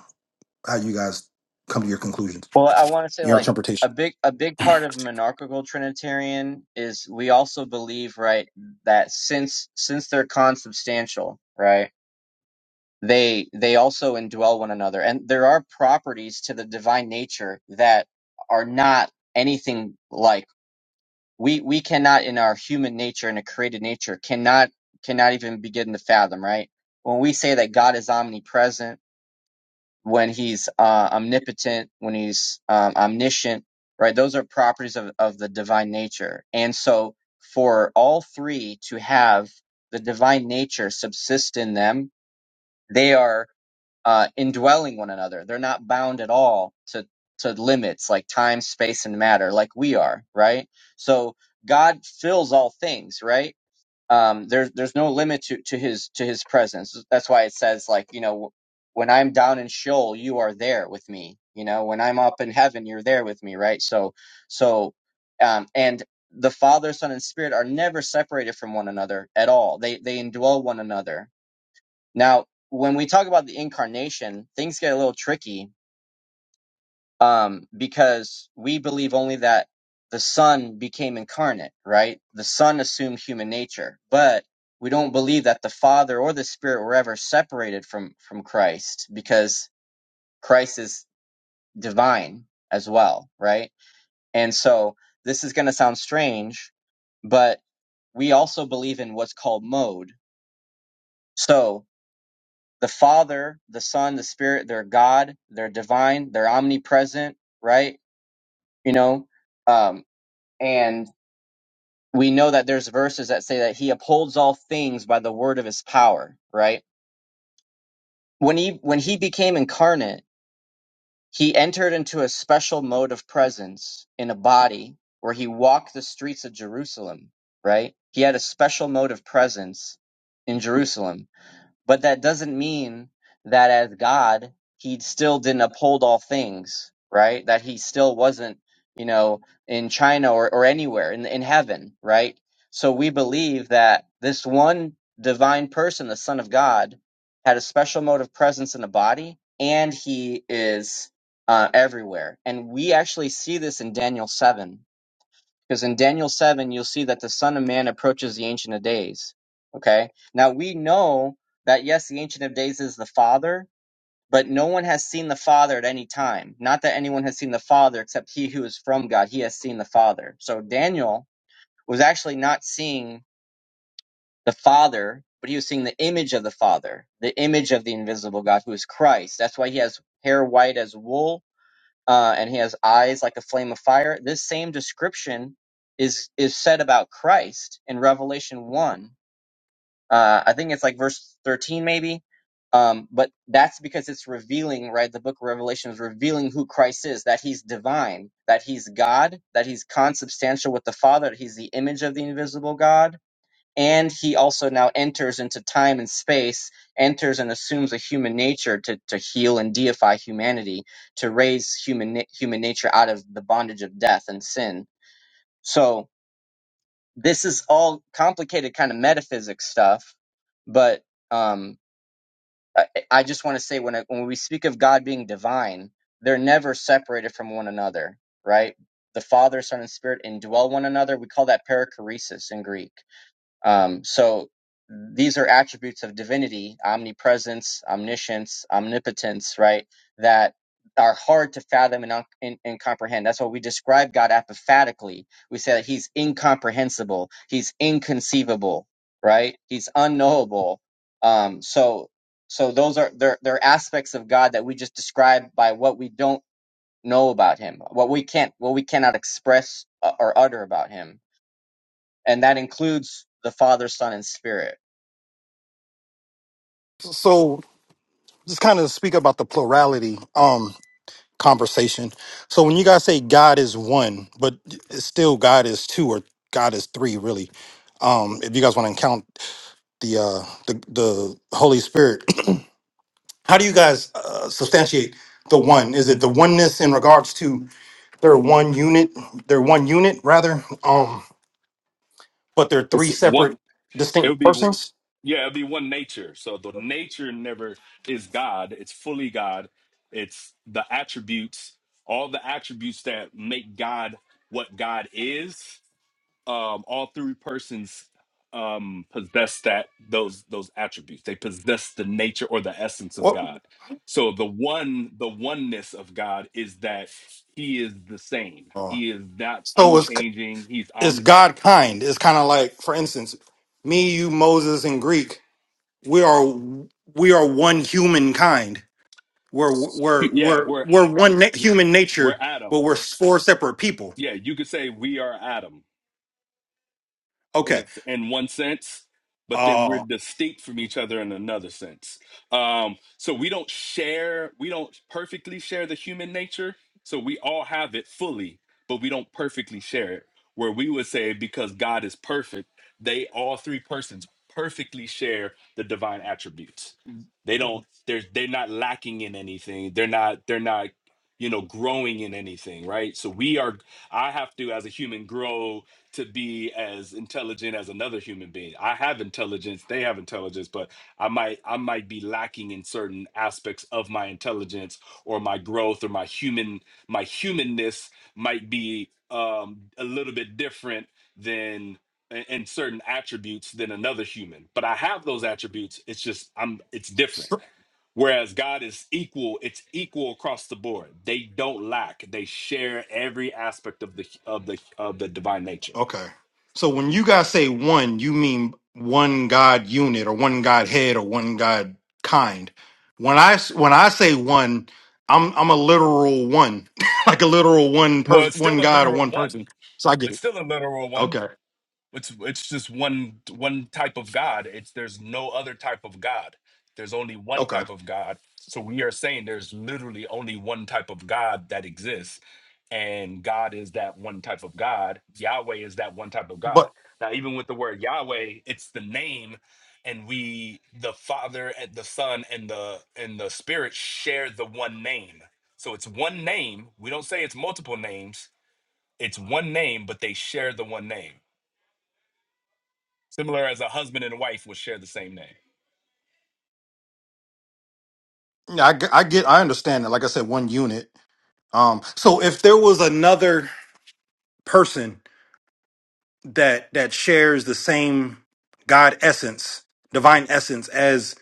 [SPEAKER 5] how you guys come to your conclusions,
[SPEAKER 7] Well, I want to say
[SPEAKER 5] your
[SPEAKER 7] like
[SPEAKER 5] interpretation.
[SPEAKER 7] a big a big part of monarchical trinitarian is we also believe right that since since they're consubstantial, right? They they also indwell one another and there are properties to the divine nature that are not anything like we we cannot in our human nature in a created nature cannot cannot even begin to fathom, right? When we say that God is omnipresent when he's uh, omnipotent, when he's um, omniscient, right? Those are properties of, of the divine nature. And so for all three to have the divine nature subsist in them, they are uh, indwelling one another. They're not bound at all to, to limits like time, space, and matter, like we are, right? So God fills all things, right? um, there's there's no limit to, to his to his presence. That's why it says like you know when I'm down in Sheol, you are there with me. You know when I'm up in heaven, you're there with me, right? So so um, and the Father, Son, and Spirit are never separated from one another at all. They they indwell one another. Now when we talk about the incarnation, things get a little tricky um, because we believe only that the Son became incarnate, right? The Son assumed human nature, but we don't believe that the Father or the Spirit were ever separated from from Christ because Christ is divine as well, right? And so this is going to sound strange, but we also believe in what's called mode. So the Father, the Son, the Spirit, they're God, they're divine, they're omnipresent, right? You know, um. And we know that there's verses that say that he upholds all things by the word of his power, right? When he when he became incarnate, he entered into a special mode of presence in a body where he walked the streets of Jerusalem, right? He had a special mode of presence in Jerusalem But that doesn't mean that as God, he still didn't uphold all things, right? That he still wasn't, you know, in China or, or anywhere in, in heaven, right? So we believe that this one divine person, the Son of God, had a special mode of presence in the body, and he is uh, everywhere. And we actually see this in Daniel 7 because in Daniel 7, you'll see that the Son of Man approaches the Ancient of Days. Okay? Now we know that, yes, the Ancient of Days is the Father, but no one has seen the Father at any time. Not that anyone has seen the Father except he who is from God. He has seen the Father. So Daniel was actually not seeing the Father, but he was seeing the image of the Father, the image of the invisible God who is Christ. That's why he has hair white as wool uh, and he has eyes like a flame of fire. This same description is is said about Christ in Revelation one. Uh, I think it's like verse thirteen, maybe. Um, but that's because it's revealing, right? The book of Revelation is revealing who Christ is, that he's divine, that he's God, that he's consubstantial with the Father, that he's the image of the invisible God and he also now enters into time and space, enters and assumes a human nature to, to heal and deify humanity, to raise human na- human nature out of the bondage of death and sin. So this is all complicated kind of metaphysics stuff, but um, I, I just want to say when I, when we speak of God being divine, they're never separated from one another, right? The Father, Son, and Spirit indwell one another. We call that perichoresis in Greek um, so these are attributes of divinity, omnipresence, omniscience, omnipotence, right? That are hard to fathom and, un- and, and comprehend. That's why we describe God apophatically. We say that he's incomprehensible, he's inconceivable, right? He's unknowable. Um, so, so those are they're, they're aspects of God that we just describe by what we don't know about him, what we can't, what we cannot express uh, or utter about him and that includes the father son and spirit
[SPEAKER 5] so just kind of speak about the plurality um conversation so when you guys say god is one but it's still god is two or god is three really um if you guys want to count the uh the, the holy spirit *clears throat* how do you guys uh, substantiate the one is it the oneness in regards to they're one unit they're one unit rather um but they're
[SPEAKER 8] It's
[SPEAKER 5] three
[SPEAKER 8] one.
[SPEAKER 5] separate
[SPEAKER 8] It would
[SPEAKER 5] distinct
[SPEAKER 8] be
[SPEAKER 5] persons
[SPEAKER 8] yeah, it'd be one nature. So the nature never is God. It's fully God. It's the attributes, all the attributes that make God what God is um, all three persons um, possess that those those attributes. They possess the nature or the essence of
[SPEAKER 5] what
[SPEAKER 8] God. So the one, the oneness of God is that He is the same.
[SPEAKER 5] uh,
[SPEAKER 8] He is not
[SPEAKER 5] so it's
[SPEAKER 8] unchanging. He's
[SPEAKER 5] it's
[SPEAKER 8] omni.
[SPEAKER 5] God kind. It's kind of like, for instance, me, you, Moses, and Greek. We are we are one human kind. We're we're
[SPEAKER 8] Yeah,
[SPEAKER 5] we're
[SPEAKER 8] we're
[SPEAKER 5] we're one na- human
[SPEAKER 8] we're
[SPEAKER 5] nature, but
[SPEAKER 8] Adam.
[SPEAKER 5] we're four separate people.
[SPEAKER 8] Yeah, you could say we are Adam. in a
[SPEAKER 5] Okay.
[SPEAKER 8] s in one sense, but then we're
[SPEAKER 5] Uh
[SPEAKER 8] distinct from each other in another sense. Um, so we don't share, we don't perfectly share the human nature. So we all have it fully, but we don't perfectly share it. Where we would say because God is perfect, they all three persons perfectly share the divine attributes. They don't. They're they're not lacking in anything. They're not. They're not. You know, growing in anything, right? So we are. I have to, as a human, grow to be as intelligent as another human being. I have intelligence, they have intelligence, but I might I might be lacking in certain aspects of my intelligence or my growth or my human my humanness might be um a little bit different than in in certain attributes than another human. But I have those attributes. It's just I'm it's different.
[SPEAKER 5] so,
[SPEAKER 8] Whereas God is equal, it's equal across the board. They don't lack. They share every aspect of the of the of the divine nature.
[SPEAKER 5] okay. So when you guys say one, you mean one God unit or one God head or one God kind. When I s- when I say one, I'm I'm a literal one, *laughs* like a literal one
[SPEAKER 8] Well, it's
[SPEAKER 5] person,
[SPEAKER 8] still
[SPEAKER 5] one
[SPEAKER 8] a
[SPEAKER 5] God or
[SPEAKER 8] literal
[SPEAKER 5] one
[SPEAKER 8] one.
[SPEAKER 5] person. So I get
[SPEAKER 8] It's
[SPEAKER 5] it.
[SPEAKER 8] still a literal one.
[SPEAKER 5] Okay.
[SPEAKER 8] It's it's just one one type of God. It's there's no other type of God. There's only one
[SPEAKER 5] Okay.
[SPEAKER 8] type of God. So we are saying there's literally only one type of God that exists. And God is that one type of God. Yahweh is that one type of God.
[SPEAKER 5] But
[SPEAKER 8] Now, even with the word Yahweh, it's the name, and we the Father and the Son and the and the Spirit share the one name. So it's one name. We don't say it's multiple names it's one name, but they share the one name. Similar as a husband and wife would share the same name.
[SPEAKER 5] yeah, I, g- I get, I understand that. Like I said, one unit. Um, so if there was another person that that shares the same God essence, divine essence as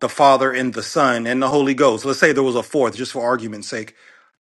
[SPEAKER 5] the Father and the Son and the Holy Ghost, let's say there was a fourth, just for argument's sake,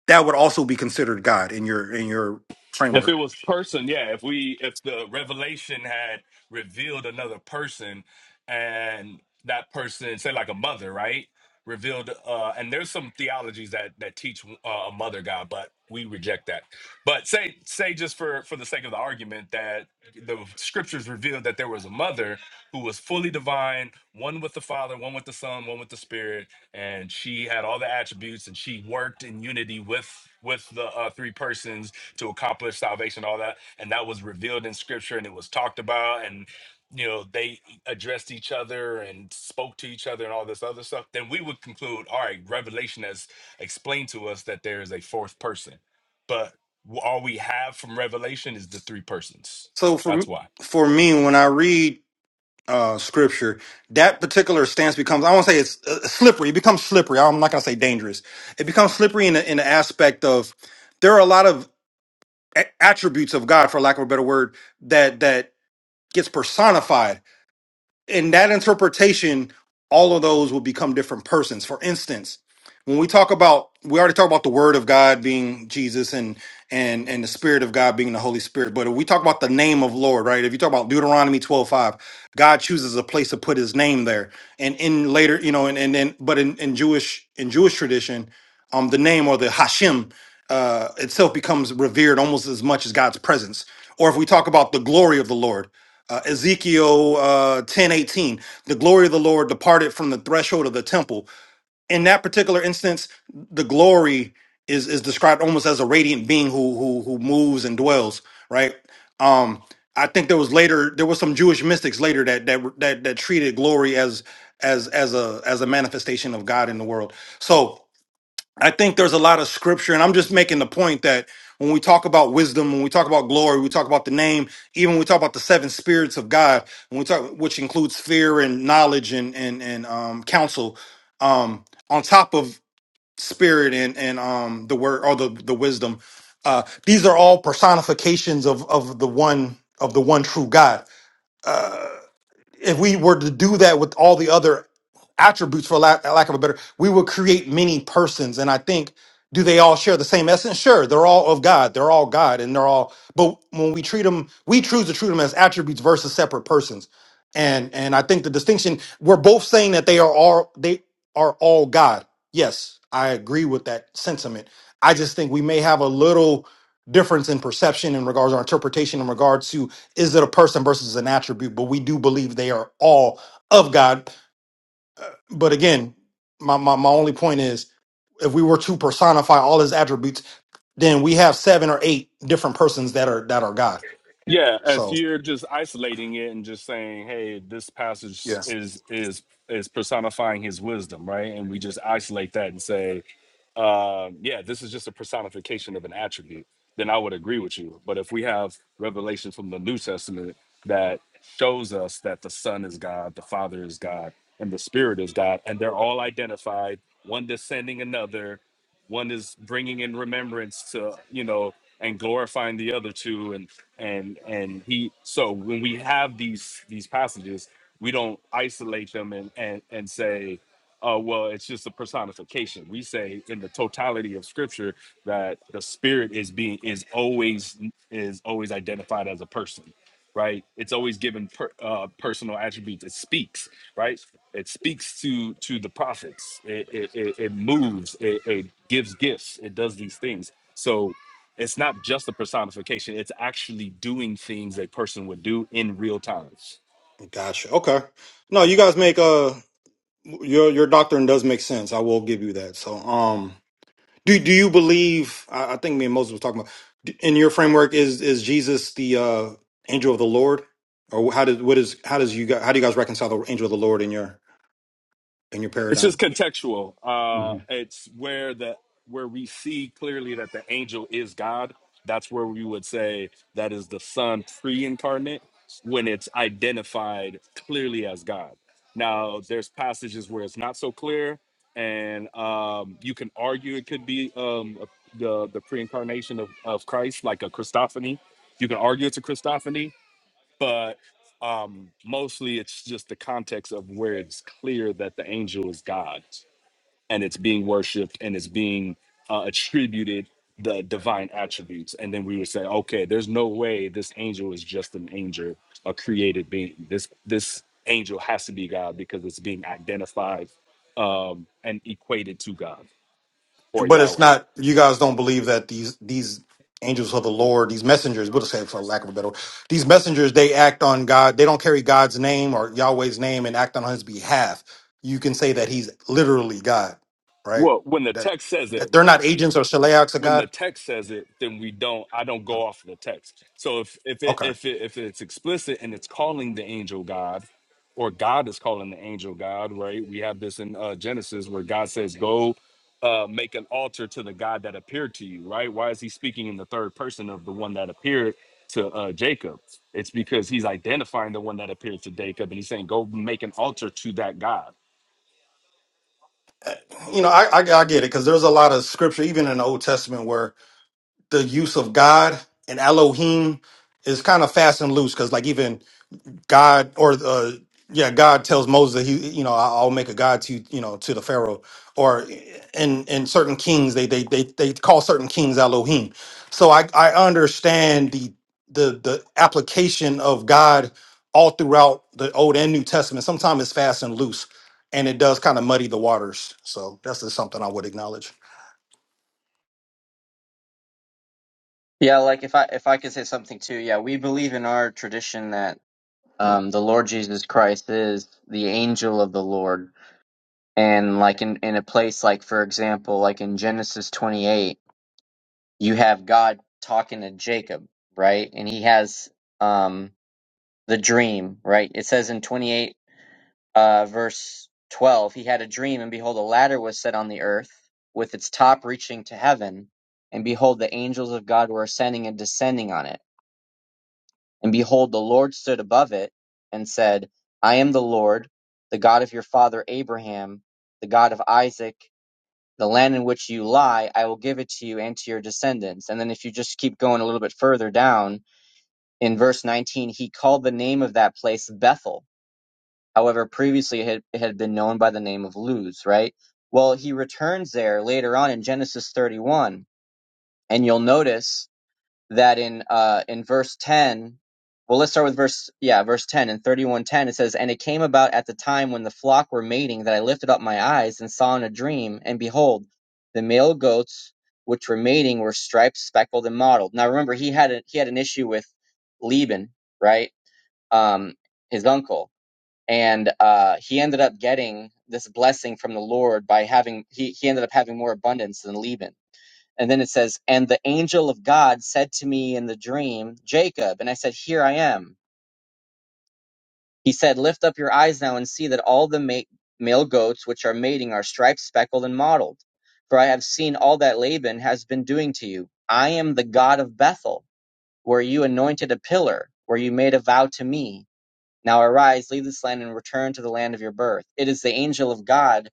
[SPEAKER 5] that would also be considered God in your in your
[SPEAKER 8] If
[SPEAKER 5] framework.
[SPEAKER 8] it was person, yeah, if we if the revelation had revealed another person and that person, say like a mother, right? Revealed uh and there's some theologies that that teach uh, a mother God, but we reject that. But say say just for for the sake of the argument that the scriptures revealed that there was a mother who was fully divine, one with the Father, one with the Son, one with the Spirit, and she had all the attributes and she worked in unity with with the uh, three persons to accomplish salvation all that and that was revealed in scripture and it was talked about and you know they addressed each other and spoke to each other and all this other stuff then we would conclude all right revelation has explained to us that there is a fourth person but w- all we have from revelation is the three persons
[SPEAKER 5] So for
[SPEAKER 8] that's
[SPEAKER 5] m-
[SPEAKER 8] why
[SPEAKER 5] for me, when I read uh, scripture, that particular stance becomes, I won't say it's uh, slippery, it becomes slippery. I'm not going to say dangerous. It becomes slippery in the, in the aspect of there are a lot of a- attributes of God, for lack of a better word, that, that gets personified in that interpretation, all of those will become different persons. For instance, when we talk about we already talked about the word of God being Jesus and and and the spirit of God being the Holy Spirit, but if we talk about the name of Lord, right? If you talk about Deuteronomy twelve five, God chooses a place to put his name there. And in later, you know, and and then but in, in Jewish in Jewish tradition, um the name or the Hashem uh itself becomes revered almost as much as God's presence. Or if we talk about the glory of the Lord, uh, Ezekiel uh, ten eighteen, the glory of the Lord departed from the threshold of the temple. In that particular instance, the glory is is described almost as a radiant being who who who moves and dwells. Right. Um, I think there was later there was some Jewish mystics later that that that, that treated glory as as as a as a manifestation of God in the world. So I think there's a lot of scripture, and I'm just making the point that when we talk about wisdom, when we talk about glory, we talk about the name, even when we talk about the seven spirits of God, when we talk, which includes fear and knowledge and and and um, counsel, um, on top of spirit and and um, the word or the the wisdom, uh, these are all personifications of of the one of the one true God if we were to do that with all the other attributes for lack, lack of a better we would create many persons and i think do they all share the same essence sure they're all of god they're all god and they're all but when we treat them we choose to treat them as attributes versus separate persons and and i think the distinction we're both saying that they are all they are all god yes i agree with that sentiment i just think we may have a little difference in perception in regards to our interpretation in regards to is it a person versus an attribute? But we do believe they are all of God. But again, my, my, my only point is if we were to personify all his attributes, then we have seven or eight different persons that are that are God.
[SPEAKER 8] Yeah, if
[SPEAKER 5] So
[SPEAKER 8] you're just isolating it and just saying, "Hey, this passage
[SPEAKER 5] yeah.
[SPEAKER 8] is is is personifying his wisdom," right? And we just isolate that and say, um, "Yeah, this is just a personification of an attribute," then I would agree with you. But if we have revelation from the New Testament that shows us that the Son is God, the Father is God, and the Spirit is God, and they're all identified, one descending another one is bringing in remembrance to you know and glorifying the other two and and and he so when we have these these passages we don't isolate them and and and say oh well it's just a personification we say in the totality of scripture that the spirit is being is always is always identified as a person right? It's always given per, uh, personal attributes. It speaks, right? It speaks to to the prophets. It it, it, it moves. It, it gives gifts. It does these things. So it's not just a personification. It's actually doing things a person would do in real time.
[SPEAKER 5] Gotcha. Okay. No, you guys make uh your your doctrine does make sense. I will give you that. So um Do do you believe? I, I think me and Moses was talking about d- in your framework is is Jesus the uh, angel of the Lord, or how does what is how does you guys, how do you guys reconcile the angel of the Lord in your in your
[SPEAKER 8] It's just
[SPEAKER 5] paradigm?
[SPEAKER 8] contextual. Uh,
[SPEAKER 5] Mhm.
[SPEAKER 8] it's where the where we see clearly that the angel is God. That's where we would say that is the Son pre-incarnate when it's identified clearly as God. Now, there's passages where it's not so clear, and um, you can argue it could be um, the the pre-incarnation of, of Christ, like a Christophany. You can argue it's a Christophany, but um, mostly it's just the context of where it's clear that the angel is God and it's being worshipped and it's being uh, attributed the divine attributes. And then we would say, okay, there's no way this angel is just an angel, a created being. This this angel has to be God because it's being identified um, and equated to God or
[SPEAKER 5] But it's
[SPEAKER 8] Yahweh.
[SPEAKER 5] not you guys don't believe that these these angels of the Lord, these messengers, we'll say for lack of a better, word, these messengers they act on God. They don't carry God's name or Yahweh's name and act on His behalf. You can say that He's literally God, right?
[SPEAKER 8] Well, when the
[SPEAKER 5] That
[SPEAKER 8] text says it,
[SPEAKER 5] that they're not agents or shaleachs of
[SPEAKER 8] when the
[SPEAKER 5] God.
[SPEAKER 8] text says it, then we don't. I don't
[SPEAKER 5] Oh,
[SPEAKER 8] go off the text. So if if it
[SPEAKER 5] Okay.
[SPEAKER 8] if it if it's explicit and it's calling the angel God, or God is calling the angel God, right? We have this in uh, Genesis where God says, "Go, uh, make an altar to the God that appeared to you." Right? Why is He speaking in the third person of the one that appeared to uh, Jacob? It's because He's identifying the one that appeared to Jacob, and He's saying, "Go make an altar to that God."
[SPEAKER 5] you know, I, I, I get it because there's a lot of scripture, even in the Old Testament, where the use of God and Elohim is kind of fast and loose. Because like even God or uh, yeah, God tells Moses that he, you know, "I- I'll make a god to you you know to the Pharaoh. Or in in certain kings, they they they they call certain kings Elohim. So I I understand the the the application of God all throughout the Old and New Testament. Sometimes it's fast and loose, and it does kind of muddy the waters. So that's just something I would acknowledge.
[SPEAKER 7] yeah like if i if i could say something too yeah we believe in our tradition that um the lord jesus christ is the angel of the lord and like in in a place like for example like in genesis 28 you have god talking to jacob right and he has um the dream right it says in 28 uh, verse 12 he had a dream and behold a ladder was set on the earth with its top reaching to heaven and behold the angels of god were ascending and descending on it and behold the lord stood above it and said i am the lord the god of your father abraham the god of isaac the land in which you lie i will give it to you and to your descendants and then if you just keep going a little bit further down in verse 19 he called the name of that place bethel However, previously it had, it had been known by the name of Luz, right? Well, he returns there later on in Genesis 31, and you'll notice that in uh, in verse 10, well, let's start with verse yeah, verse 10 in 31:10 it says, "And it came about at the time when the flock were mating that I lifted up my eyes and saw in a dream, and behold, the male goats which were mating were striped, speckled, and mottled." Now remember, he had a, he had an issue with Laban, right? Um, his uncle and uh, he ended up getting this blessing from the Lord by having he he ended up having more abundance than Laban. And then it says, "And the angel of God said to me in the dream, Jacob." And I said, "Here I am." He said, "Lift up your eyes now and see that all the ma- male goats which are mating are striped, speckled, and mottled. For I have seen all that Laban has been doing to you. I am the God of Bethel, where you anointed a pillar, where you made a vow to me. Now arise, leave this land, and return to the land of your birth. It is the angel of God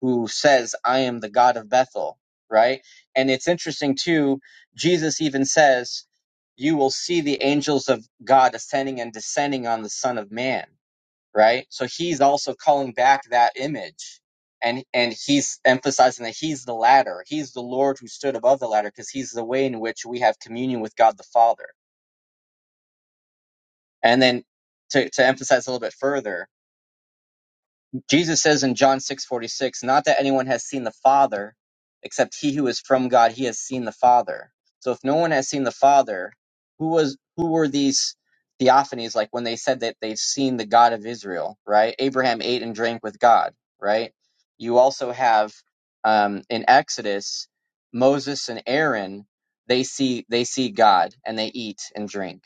[SPEAKER 7] who says, I am the God of Bethel, right? And it's interesting too, Jesus even says, You will see the angels of God ascending and descending on the Son of Man, right? So he's also calling back that image. And, and he's emphasizing that he's the ladder. He's the Lord who stood above the ladder because he's the way in which we have communion with God the Father. And then to, to emphasize a little bit further, Jesus says in John 6:46, not that anyone has seen the Father, except he who is from God, he has seen the Father. So if no one has seen the Father, who was who were these theophanies like when they said that they've seen the God of Israel, right? Abraham ate and drank with God, right? You also have um, in Exodus, Moses and Aaron, they see they see God and they eat and drink.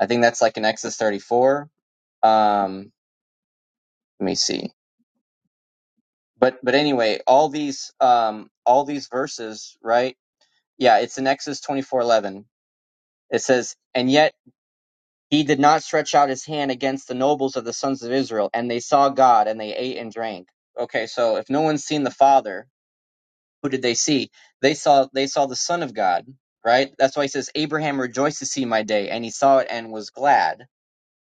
[SPEAKER 7] I think that's like in Exodus 34. Um, let me see. but but anyway, all these um all these verses, right? Yeah, it's in Exodus twenty four eleven. It says, And yet he did not stretch out his hand against the nobles of the sons of Israel, and they saw God, and they ate and drank. Okay, so if no one's seen the Father, who did they see? They saw they saw the Son of God, right? That's why he says, Abraham rejoiced to see my day, and he saw it and was glad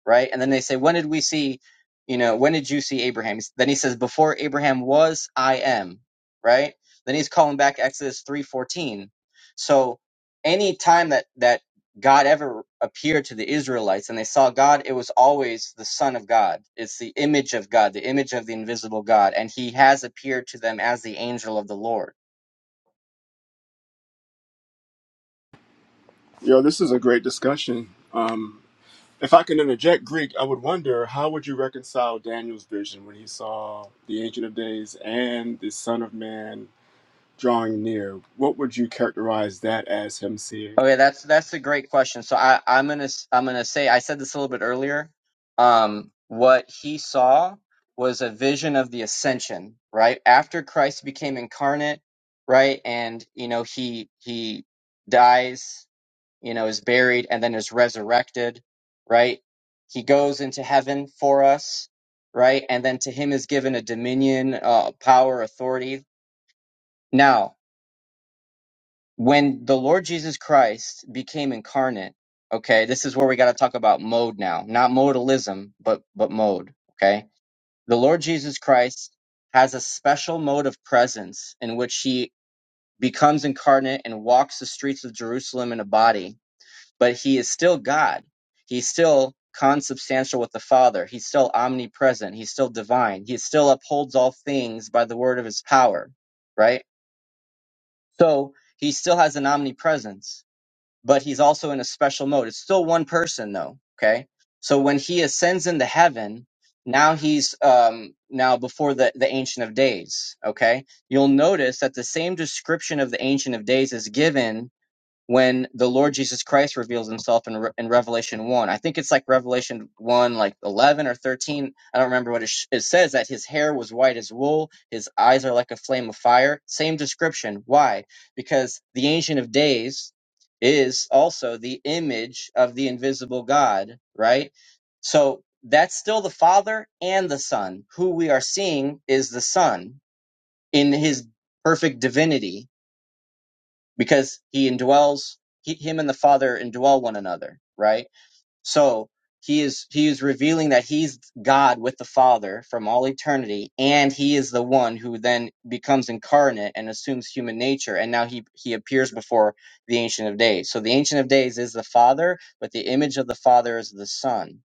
[SPEAKER 7] right? And then they say, when did we see, you know, when did you see Abraham? Then he says, before Abraham was, I am, right? Then he's calling back Exodus 3:14. So any time that that God ever appeared to the Israelites and they saw God, it was always the Son of God. It's the image of God, the image of the invisible God, and he has appeared to them as the angel of the Lord.
[SPEAKER 9] Yo, this is a great discussion. Um, if I can interject Greek, I would wonder how would you reconcile Daniel's vision when he saw the Ancient of Days and the Son of Man drawing near? What would you characterize that as him seeing?
[SPEAKER 7] Okay, that's that's a great question. So I, I'm gonna s- I'm gonna say I said this a little bit earlier. Um, what he saw was a vision of the ascension, right? After Christ became incarnate, right, and you know he he dies, you know, is buried, and then is resurrected, right? He goes into heaven for us, right, and then to him is given a dominion, uh, power, authority. Now when the Lord Jesus Christ became incarnate, okay, this is where we got to talk about mode now, not modalism, but but mode, okay? The Lord Jesus Christ has a special mode of presence in which he becomes incarnate and walks the streets of Jerusalem in a body, but he is still God. He's still consubstantial with the Father. He's still omnipresent. He's still divine. He still upholds all things by the word of his power, right? So, he still has an omnipresence but he's also in a special mode. It's still one person though. Okay. So when he ascends into heaven, now he's um now before the, the Ancient of Days. Okay. You'll notice that the same description of the Ancient of Days is given when the Lord Jesus Christ reveals himself in, Re- in Revelation 1. I think it's like Revelation 1, like 11 or 13. I don't remember what it, sh- it says that his hair was white as wool, his eyes are like a flame of fire. Same description. Why? Because the Ancient of Days is also the image of the invisible God, right? So that's still the Father and the Son. Who we are seeing is the Son in his perfect divinity because he indwells he, him and the father indwell one another right so he is he is revealing that he's god with the father from all eternity and he is the one who then becomes incarnate and assumes human nature and now he he appears before the ancient of days so the ancient of days is the father but the image of the father is the son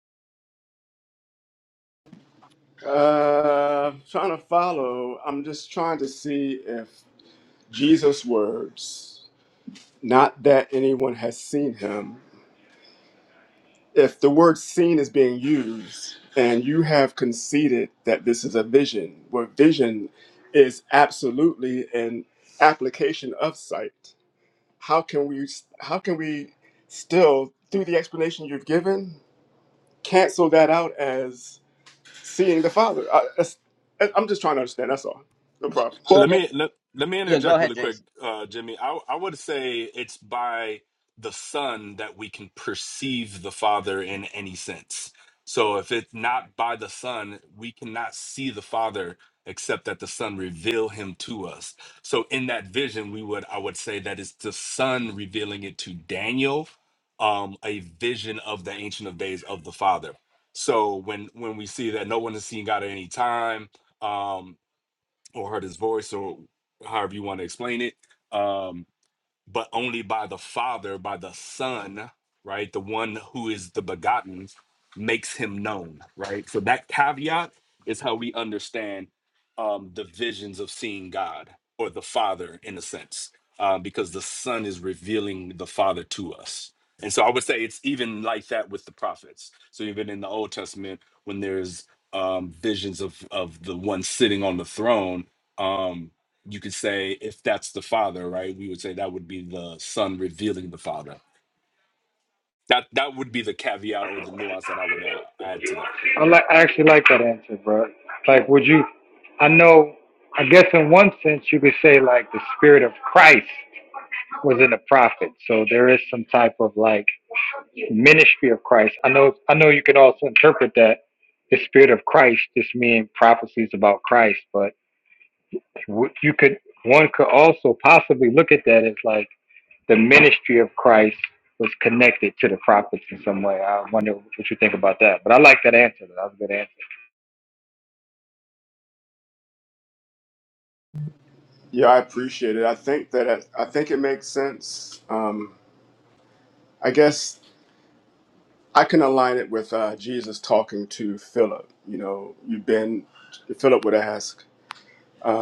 [SPEAKER 9] Uh, trying to follow. I'm just trying to see if Jesus' words, not that anyone has seen him, if the word seen is being used and you have conceded that this is a vision, where vision is absolutely an application of sight, how can we how can we still, through the explanation you've given, cancel that out as seeing the Father? I, that's- I'm just trying to understand. That's all. No problem.
[SPEAKER 8] Uh,
[SPEAKER 7] well i
[SPEAKER 8] Let
[SPEAKER 7] mean
[SPEAKER 8] me let, let me
[SPEAKER 7] yeah go
[SPEAKER 8] interject
[SPEAKER 7] ahead
[SPEAKER 8] really
[SPEAKER 7] jason
[SPEAKER 8] quick, uh, Jimmy. I I would say it's by the Son that we can perceive the Father in any sense. So if it's not by the Son, we cannot see the Father except that the Son reveal him to us. So in that vision, we would I would say that it's the Son revealing it to Daniel, um, a vision of the Ancient of Days of the Father. So when when we see that no one has seen God at any time, um or heard his voice or however you want to explain it. Um, but only by the Father, by the Son, right? The one who is the begotten makes him known, right? So that caveat is how we understand um, the visions of seeing God or the Father in a sense, uh, because the Son is revealing the Father to us. And so I would say it's even like that with the prophets. So even in the Old Testament, when there's um, visions of of the one sitting on the throne, um, you could say if that's the father, right? We would say that would be the son revealing the father. That that would be the caveat or the nuance that I would uh, add to that.
[SPEAKER 1] I like I actually like that answer, bro. Like, would you? I know. I guess in one sense you could say like the spirit of Christ was in the prophet. So there is some type of like ministry of Christ. I know I know you could also interpret that the spirit of Christ just mean prophecies about Christ, but w- you could one could also possibly look at that as like the ministry of Christ was connected to the prophets in some way. I wonder what you think about that. But I like that answer. That was a good answer.
[SPEAKER 9] Yeah, I appreciate it. I think that I, I think it makes sense. Um, I guess I can align it with uh, Jesus talking to Philip. You know, you've been, Philip would ask,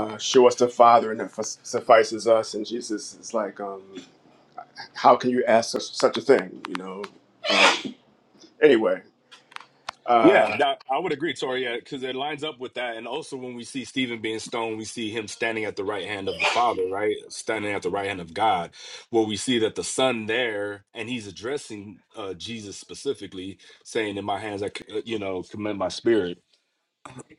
[SPEAKER 9] uh, Show us the Father, and it f- suffices us. And Jesus is like, um, How can you ask such, such a thing? You know, anyway.
[SPEAKER 8] Yeah,
[SPEAKER 9] Uh,
[SPEAKER 8] that I would agree, Tori, yeah, because it lines up with that. And also, when we see Stephen being stoned, we see him standing at the right hand of the Father, right? Standing at the right hand of God, where we see that the Son there, and he's addressing uh, Jesus specifically, saying, "In my hands, I, c- uh, you know, commend my spirit."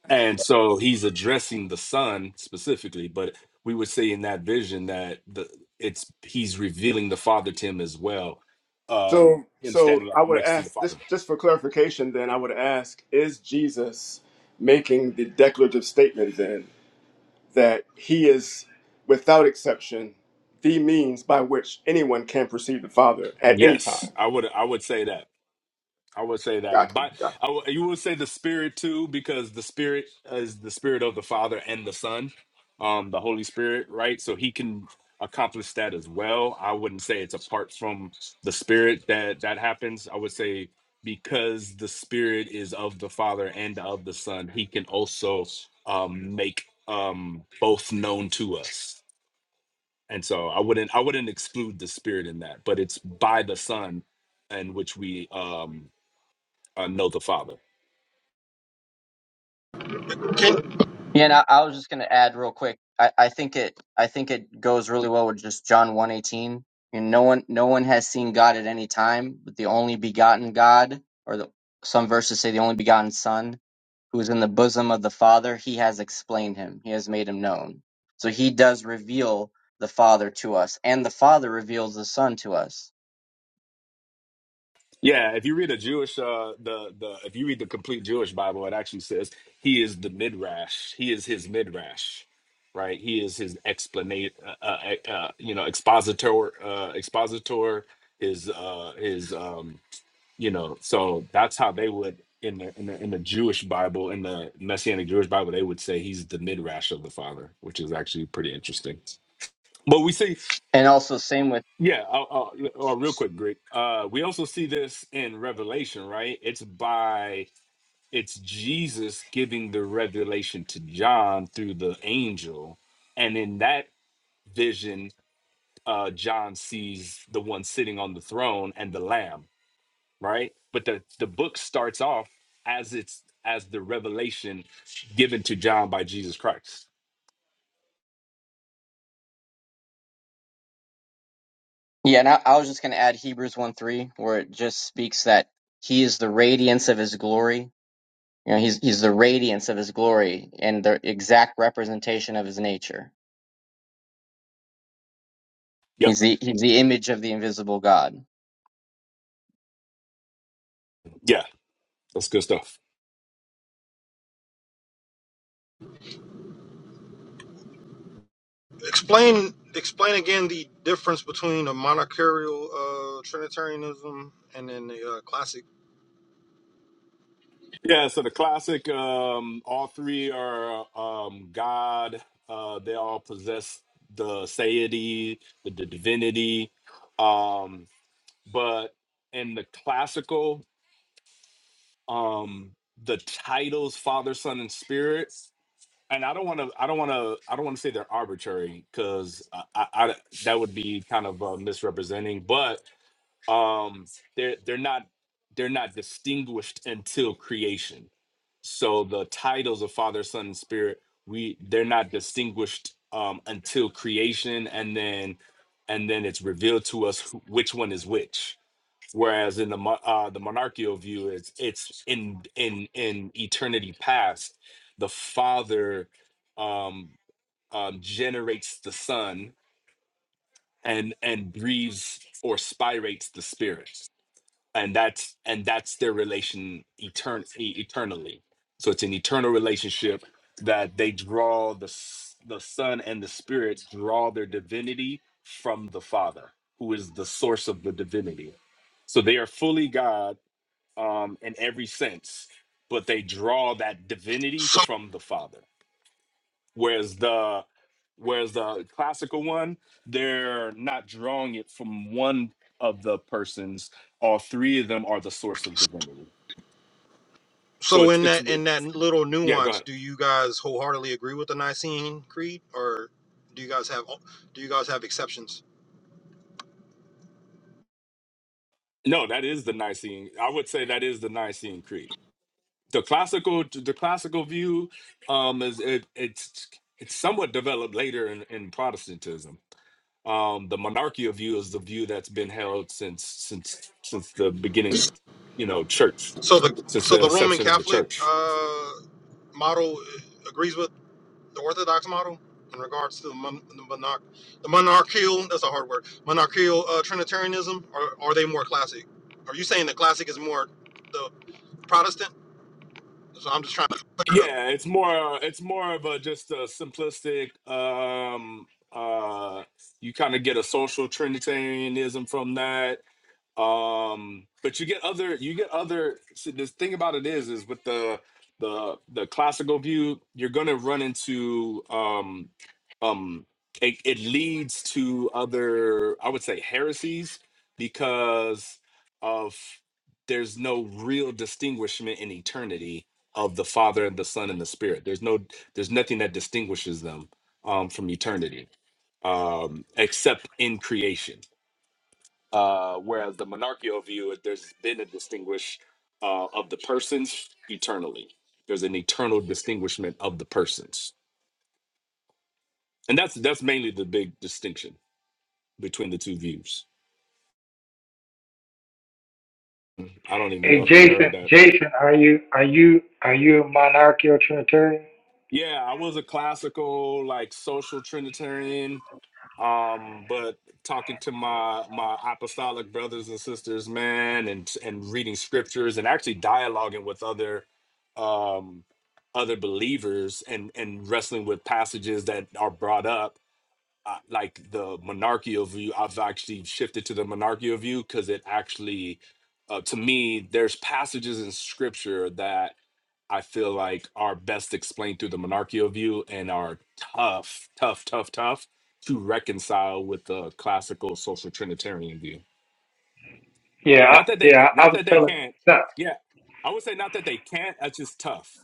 [SPEAKER 8] And so he's addressing the son specifically, but we would say in that vision that the it's he's revealing the father to him as well. Um
[SPEAKER 9] so,
[SPEAKER 8] him
[SPEAKER 9] so
[SPEAKER 8] standing up
[SPEAKER 9] I would
[SPEAKER 8] next to the
[SPEAKER 9] ask this
[SPEAKER 8] father.
[SPEAKER 9] just for clarification. Then I would ask, is Jesus making the declarative statement then that he is, without exception, the means by which anyone can perceive the Father at any time?
[SPEAKER 8] Yes, I would I would say that. I would say that,
[SPEAKER 9] Gotcha.
[SPEAKER 8] but
[SPEAKER 9] Gotcha.
[SPEAKER 8] I w- you would say the spirit too, because the spirit is the spirit of the Father and the Son, um, the Holy Spirit, right? So he can accomplish that as well. I wouldn't say it's apart from the spirit that that happens. I would say because the spirit is of the Father and of the Son, he can also um, make um, both known to us. And so I wouldn't I wouldn't exclude the spirit in that, but it's by the Son and which we um uh, know the Father.
[SPEAKER 5] Can
[SPEAKER 7] Yeah, and I, I was just going to add real quick. I, I think it I think it goes really well with just John one eighteen. And no one no one has seen God at any time, but the only begotten God, or the, some verses say the only begotten Son, who is in the bosom of the Father, He has explained Him. He has made Him known. So He does reveal the Father to us, and the Father reveals the Son to us.
[SPEAKER 8] Yeah, if you read a Jewish, uh, the the if you read the complete Jewish Bible, it actually says he is the midrash. He is his midrash, right? He is his explanate, uh, uh, e, uh, you know, expositor, uh, expositor. His uh, his um, you know, so that's how they would in the, in the in the Jewish Bible, in the Messianic Jewish Bible, they would say he's the midrash of the Father, which is actually pretty interesting. But we see.
[SPEAKER 7] And also same with
[SPEAKER 8] Yeah, uh, uh, uh, real quick, Greg. Uh, we also see this in Revelation, right? It's by it's Jesus giving the revelation to John through the angel, and in that vision, uh, John sees the one sitting on the throne and the Lamb, right? But the the book starts off as it's as the revelation given to John by Jesus Christ.
[SPEAKER 7] yeah. And I, I was just going to add Hebrews one three, where it just speaks that He is the radiance of His glory You know, he's he's the radiance of his glory and the exact representation of his nature. He's
[SPEAKER 8] Yep.
[SPEAKER 7] the he's the image of the invisible God.
[SPEAKER 8] Yeah, that's good stuff.
[SPEAKER 5] explain explain again the difference between a monarchical uh, Trinitarianism and then the uh, classic.
[SPEAKER 8] Yeah, so the classic, um, all three are um, God. Uh, they all possess the deity, the the divinity. Um, but in the classical, um, the titles Father, Son, and Spirit, and I don't want to, I don't want to, I don't want to say they're arbitrary because I, I, I, that would be kind of uh, misrepresenting. But um, they're they're not they're not distinguished until creation so the titles of father son and spirit we they're not distinguished um until creation and then and then it's revealed to us who, which one is which whereas in the mo- uh the monarchical view it's it's in in in eternity past the father um um generates the son and and breathes or spirates the spirit and that's and that's their relation etern- e- eternally so it's an eternal relationship that they draw the s- the son and the spirit draw their divinity from the father who is the source of the divinity so they are fully god um in every sense but they draw that divinity from the father Whereas the whereas the classical one, they're not drawing it from one of the persons. All three of them are the source of divinity. So
[SPEAKER 5] So
[SPEAKER 8] it's
[SPEAKER 5] in
[SPEAKER 8] it's
[SPEAKER 5] that in
[SPEAKER 8] with-
[SPEAKER 5] that little
[SPEAKER 8] yeah. Go
[SPEAKER 5] nuance,
[SPEAKER 8] ahead.
[SPEAKER 5] do you guys wholeheartedly agree with the Nicene Creed, or do you guys have do you guys have exceptions?
[SPEAKER 8] No, that is the Nicene. I would say that is the Nicene Creed. The classical the classical view um, is it, it's it's somewhat developed later in, in Protestantism. Um, the monarchical view is the view that's been held since since since the beginning of you know church
[SPEAKER 5] So the
[SPEAKER 8] since
[SPEAKER 5] so
[SPEAKER 8] the
[SPEAKER 5] the Roman
[SPEAKER 8] inception of the
[SPEAKER 5] Catholic
[SPEAKER 8] church
[SPEAKER 5] uh, model uh, agrees with the Orthodox model in regards to the, mon- the monarch the monarchial that's a hard word monarchical uh, Trinitarianism, or are they more classic? Are you saying the classic is more the Protestant? So I'm just trying to
[SPEAKER 8] Yeah, it's more it's more of a just a simplistic um uh you kind of get a social trinitarianism from that um but you get other you get other so the thing about it is is with the the the classical view you're gonna run into um um it, it leads to other i would say heresies because of there's no real distinguishment in eternity of the father and the son and the spirit there's no there's nothing that distinguishes them um from eternity um except in creation uh, whereas the monarchical view, there's been a distinguish uh, of the persons eternally. There's an eternal distinguishment of the persons, and that's that's mainly the big distinction between the two views. I don't even
[SPEAKER 1] Hey
[SPEAKER 8] know if he
[SPEAKER 1] Jason,
[SPEAKER 8] heard that.
[SPEAKER 1] Jason, are you are you are you a monarchical trinitarian?
[SPEAKER 8] Yeah, I was a classical, like social Trinitarian. Um, but talking to my my apostolic brothers and sisters, man, and and reading scriptures and actually dialoguing with other um other believers and and wrestling with passages that are brought up uh, like the monarchical view i've actually shifted to the monarchical view because it actually uh, to me there's passages in scripture that i feel like are best explained through the monarchical view and are tough tough tough tough to reconcile with the classical social trinitarian view
[SPEAKER 1] Yeah, I,
[SPEAKER 8] not that they
[SPEAKER 1] yeah. I
[SPEAKER 8] not
[SPEAKER 1] was
[SPEAKER 8] that they
[SPEAKER 1] telling.
[SPEAKER 8] can't yeah i would say not that they can't that's just tough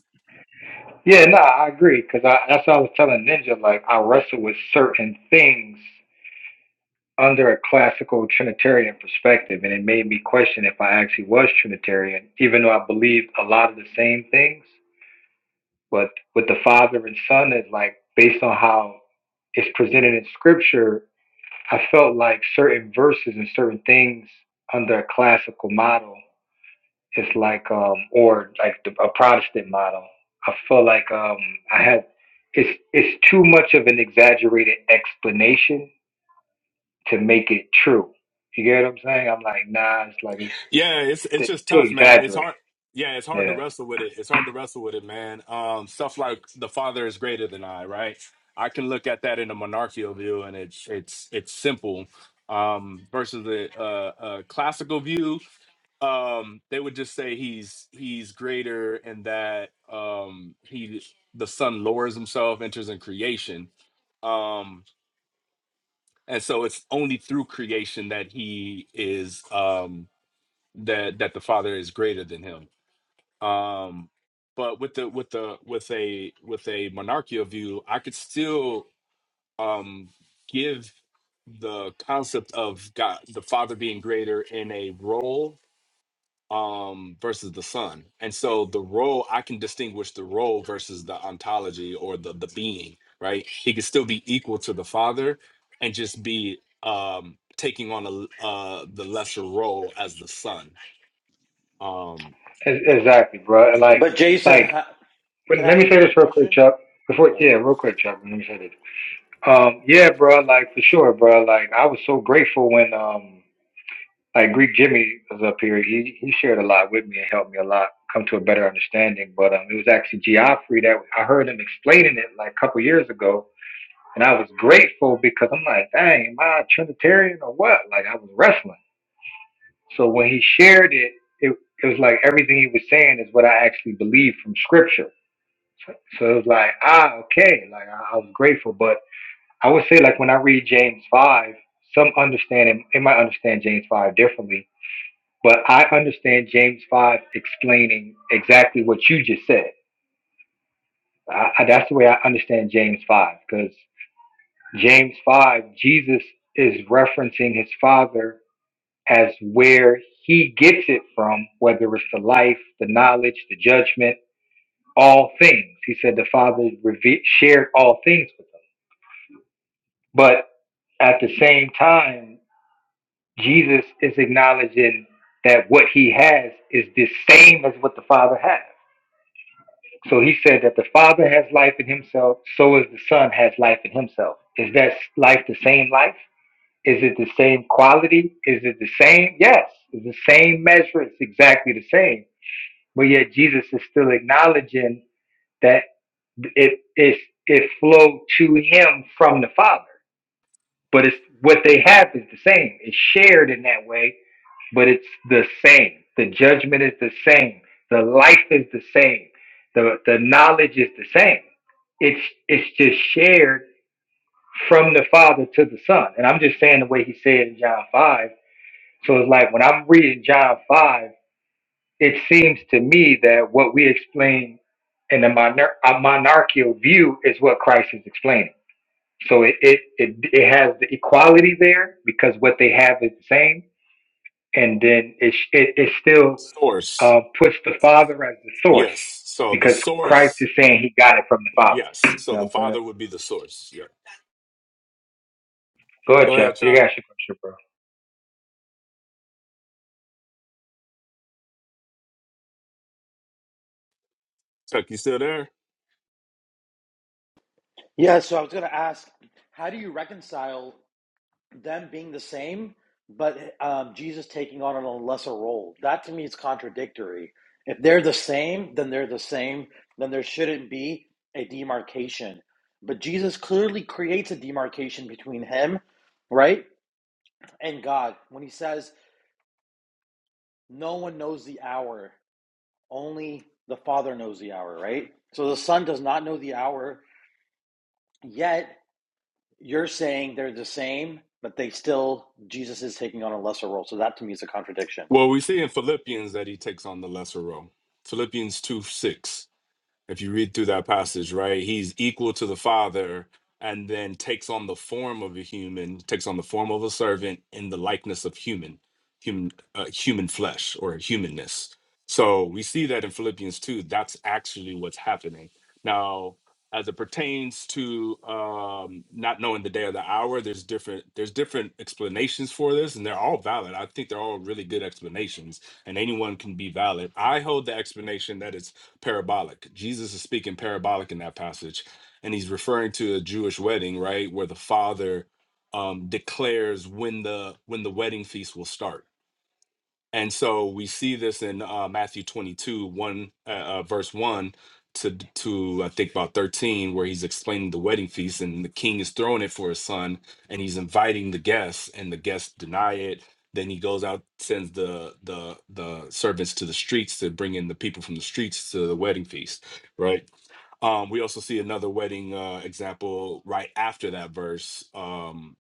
[SPEAKER 1] Yeah, no, I agree because I that's what I was telling Ninja. Like I wrestle with certain things under a classical Trinitarian perspective, and it made me question if I actually was Trinitarian, even though I believed a lot of the same things. But with the Father and Son, it's like based on how it's presented in Scripture, I felt like certain verses and certain things under a classical model it's like um or like the, a Protestant model. I feel like um I had it's it's too much of an exaggerated explanation to make it true. You get what I'm saying? I'm like, nah, it's like it's,
[SPEAKER 8] Yeah, it's it's
[SPEAKER 1] it's
[SPEAKER 8] just
[SPEAKER 1] too
[SPEAKER 8] tough, man. It's
[SPEAKER 1] exaggerated.
[SPEAKER 8] hard. Yeah, it's hard to
[SPEAKER 1] Yeah,
[SPEAKER 8] wrestle with it. It's hard to wrestle with it, man. Um, stuff like the father is greater than I, right? I can look at that in a monarchical view, and it's it's it's simple. Um, versus the uh, uh, classical view, um, they would just say he's he's greater, and that um, he the son lowers himself, enters in creation, um, and so it's only through creation that he is. Um, that that the father is greater than him um but with the with the with a with a monarchical view i could still um give the concept of god the father being greater in a role um versus the son and so the role i can distinguish the role versus the ontology or the the being right he could still be equal to the father and just be um taking on a l- uh the lesser role as the son um
[SPEAKER 1] Ex- exactly, bro. Like
[SPEAKER 10] But Jason,
[SPEAKER 1] like
[SPEAKER 10] ha-
[SPEAKER 1] but
[SPEAKER 10] can I
[SPEAKER 1] let
[SPEAKER 10] ask
[SPEAKER 1] me
[SPEAKER 10] you a
[SPEAKER 1] say
[SPEAKER 10] quick
[SPEAKER 1] this real quick,
[SPEAKER 10] question?
[SPEAKER 1] Chuck. Before
[SPEAKER 10] Okay.
[SPEAKER 1] yeah, real quick, Chuck. Let me say this. Um, yeah, bro. Like for sure, bro. Like I was so grateful when um. Like Greek Jimmy was up here. He he shared a lot with me and helped me a lot come to a better understanding. But um, it was actually Geoffrey that I heard him explaining it like a couple years ago, and I was grateful because I'm like, dang, am I a Trinitarian or what? Like I was wrestling. So when he shared it, it it was like everything he was saying is what I actually believe from Scripture. So, so it was like, ah, okay. Like I, I was grateful, but I would say like when I read James five, some understanding they might understand James five differently but I understand James 5 explaining exactly what you just said. I, I, that's the way I understand James 5, because James 5, Jesus is referencing his father as where he gets it from, whether it's the life, the knowledge, the judgment, all things. He said the father reve- shared all things with him. But at the same time, Jesus is acknowledging that what he has is the same as what the father has. So he said that the Father has life in himself, so is the Son has life in himself. Is that life the same life? Is it the same quality? Is it the same? Yes, it's the same measure. It's exactly the same. But yet Jesus is still acknowledging that it it it flowed to him from the Father but it's what they have is the same. It's shared in that way, but it's the same. The judgment is the same. The life is the same. The the knowledge is the same. It's it's just shared from the Father to the Son. And I'm just saying the way he said in John five. So it's like when I'm reading John five, it seems to me that what we explain in the monar- a monarchical view is what Christ is explaining. So it, it it it has the equality there because what they have is the same, and then it sh- it, it still
[SPEAKER 8] Source.
[SPEAKER 1] uh, puts the Father as the source
[SPEAKER 8] Yes. So the
[SPEAKER 1] because Christ
[SPEAKER 8] source.
[SPEAKER 1] is saying he got it from the Father. You
[SPEAKER 8] Yes. So
[SPEAKER 1] know what
[SPEAKER 8] the
[SPEAKER 1] I'm saying?
[SPEAKER 8] Father would be the source. Yeah.
[SPEAKER 1] Go ahead,
[SPEAKER 8] Go
[SPEAKER 1] Chuck.
[SPEAKER 8] ahead,
[SPEAKER 1] You
[SPEAKER 8] Chuck.
[SPEAKER 1] got your question, bro.
[SPEAKER 8] Chuck, you still there?
[SPEAKER 10] Yeah, so I was going to ask, how do you reconcile them being the same, but um, Jesus taking on a lesser role? That to me is contradictory. If they're the same, then they're the same, then there shouldn't be a demarcation. But Jesus clearly creates a demarcation between him, right, and God when he says, No one knows the hour, only the Father knows the hour, right? So the Son does not know the hour Yet you're saying they're the same, but they still Jesus is taking on a lesser role. So that to me is a contradiction.
[SPEAKER 8] Well, we see in Philippians that he takes on the lesser role. Philippians 2 6. if you read through that passage, right, he's equal to the Father and then takes on the form of a human, takes on the form of a servant in the likeness of human, human, uh, human flesh or humanness. So we see that in Philippians 2, that's actually what's happening. Now, as it pertains to um, not knowing the day or the hour, there's different there's different explanations for this, and they're all valid. I think they're all really good explanations, and anyone can be valid. I hold the explanation that it's parabolic. Jesus is speaking parabolic in that passage, and he's referring to a Jewish wedding, right, where the father um, declares when the when the wedding feast will start and so we see this in uh, Matthew 22, 1, uh, uh, verse 1 to, to, I think, about 13, where he's explaining the wedding feast and the king is throwing it for his son and he's inviting the guests and the guests deny it. Then he goes out, sends the, the, the servants to the streets to bring in the people from the streets to the wedding feast, right? Um, we also see another wedding uh, example right after that verse. Um,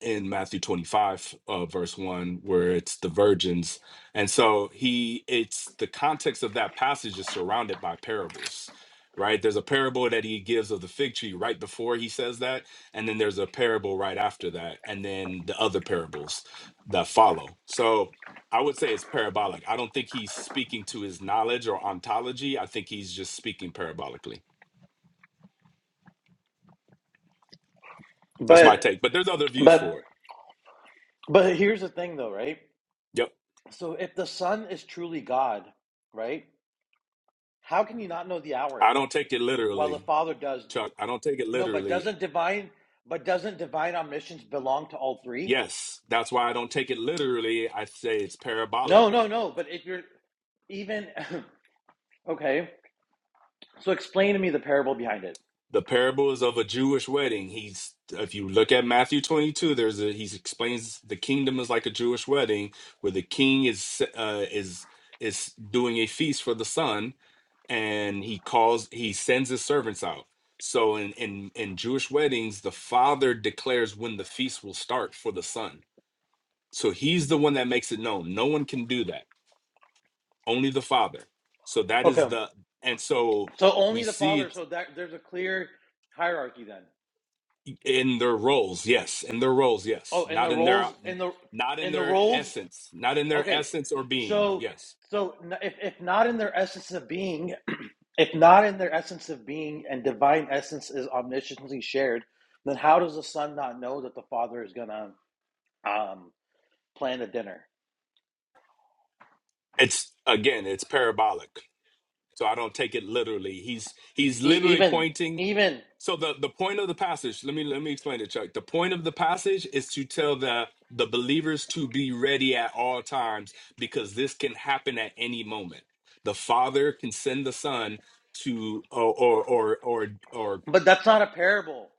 [SPEAKER 8] in Matthew 25, uh, verse 1, where it's the virgins. And so he, it's the context of that passage is surrounded by parables, right? There's a parable that he gives of the fig tree right before he says that. And then there's a parable right after that. And then the other parables that follow. So I would say it's parabolic. I don't think he's speaking to his knowledge or ontology. I think he's just speaking parabolically. That's my
[SPEAKER 10] But
[SPEAKER 8] take. But there's other views
[SPEAKER 10] but
[SPEAKER 8] for it.
[SPEAKER 10] but here's the thing though, right?
[SPEAKER 8] Yep.
[SPEAKER 10] So if the Son is truly God, right? How can you not know the hour
[SPEAKER 8] I don't take it
[SPEAKER 10] while the
[SPEAKER 8] literally.
[SPEAKER 10] Father does?
[SPEAKER 8] Chuck, I don't take it
[SPEAKER 10] No, but
[SPEAKER 8] literally.
[SPEAKER 10] doesn't divine but doesn't divine omniscience belong to all three?
[SPEAKER 8] Yes, that's why I don't take it literally. I say it's parabolic.
[SPEAKER 10] No, no, no. But if you're even *clears throat* *laughs* okay, so explain to me the parable behind it.
[SPEAKER 8] The parables of a Jewish wedding. He's if you look at Matthew 22, there's a he explains the kingdom is like a Jewish wedding where the king is uh, is is doing a feast for the son and he calls he sends his servants out. So in in in Jewish weddings, the father declares when the feast will start for the son. So he's the one that makes it known. No one can do that only the father so that
[SPEAKER 10] Okay.
[SPEAKER 8] is the and so
[SPEAKER 10] So only
[SPEAKER 8] we
[SPEAKER 10] the
[SPEAKER 8] see
[SPEAKER 10] Father,
[SPEAKER 8] it
[SPEAKER 10] so that there's a clear hierarchy then.
[SPEAKER 8] in their roles yes in their roles
[SPEAKER 10] Oh,
[SPEAKER 8] yes
[SPEAKER 10] and the
[SPEAKER 8] not in their
[SPEAKER 10] roles in the
[SPEAKER 8] not in
[SPEAKER 10] in the
[SPEAKER 8] their
[SPEAKER 10] roles.
[SPEAKER 8] essence not in their
[SPEAKER 10] Okay,
[SPEAKER 8] essence or being
[SPEAKER 10] so
[SPEAKER 8] yes
[SPEAKER 10] so if if not in their essence of being, *clears throat* if not in their essence of being, and divine essence is omnisciently shared, then how does the son not know that the father is gonna um plan the dinner?
[SPEAKER 8] it's again it's parabolic so i don't take it literally he's he's
[SPEAKER 10] E-
[SPEAKER 8] literally
[SPEAKER 10] even
[SPEAKER 8] pointing
[SPEAKER 10] even,
[SPEAKER 8] So the, the point of the passage, let me let me explain it, Chuck. The point of the passage is to tell the the believers to be ready at all times because this can happen at any moment. The Father can send the Son to or or or or, or
[SPEAKER 10] but that's not a parable.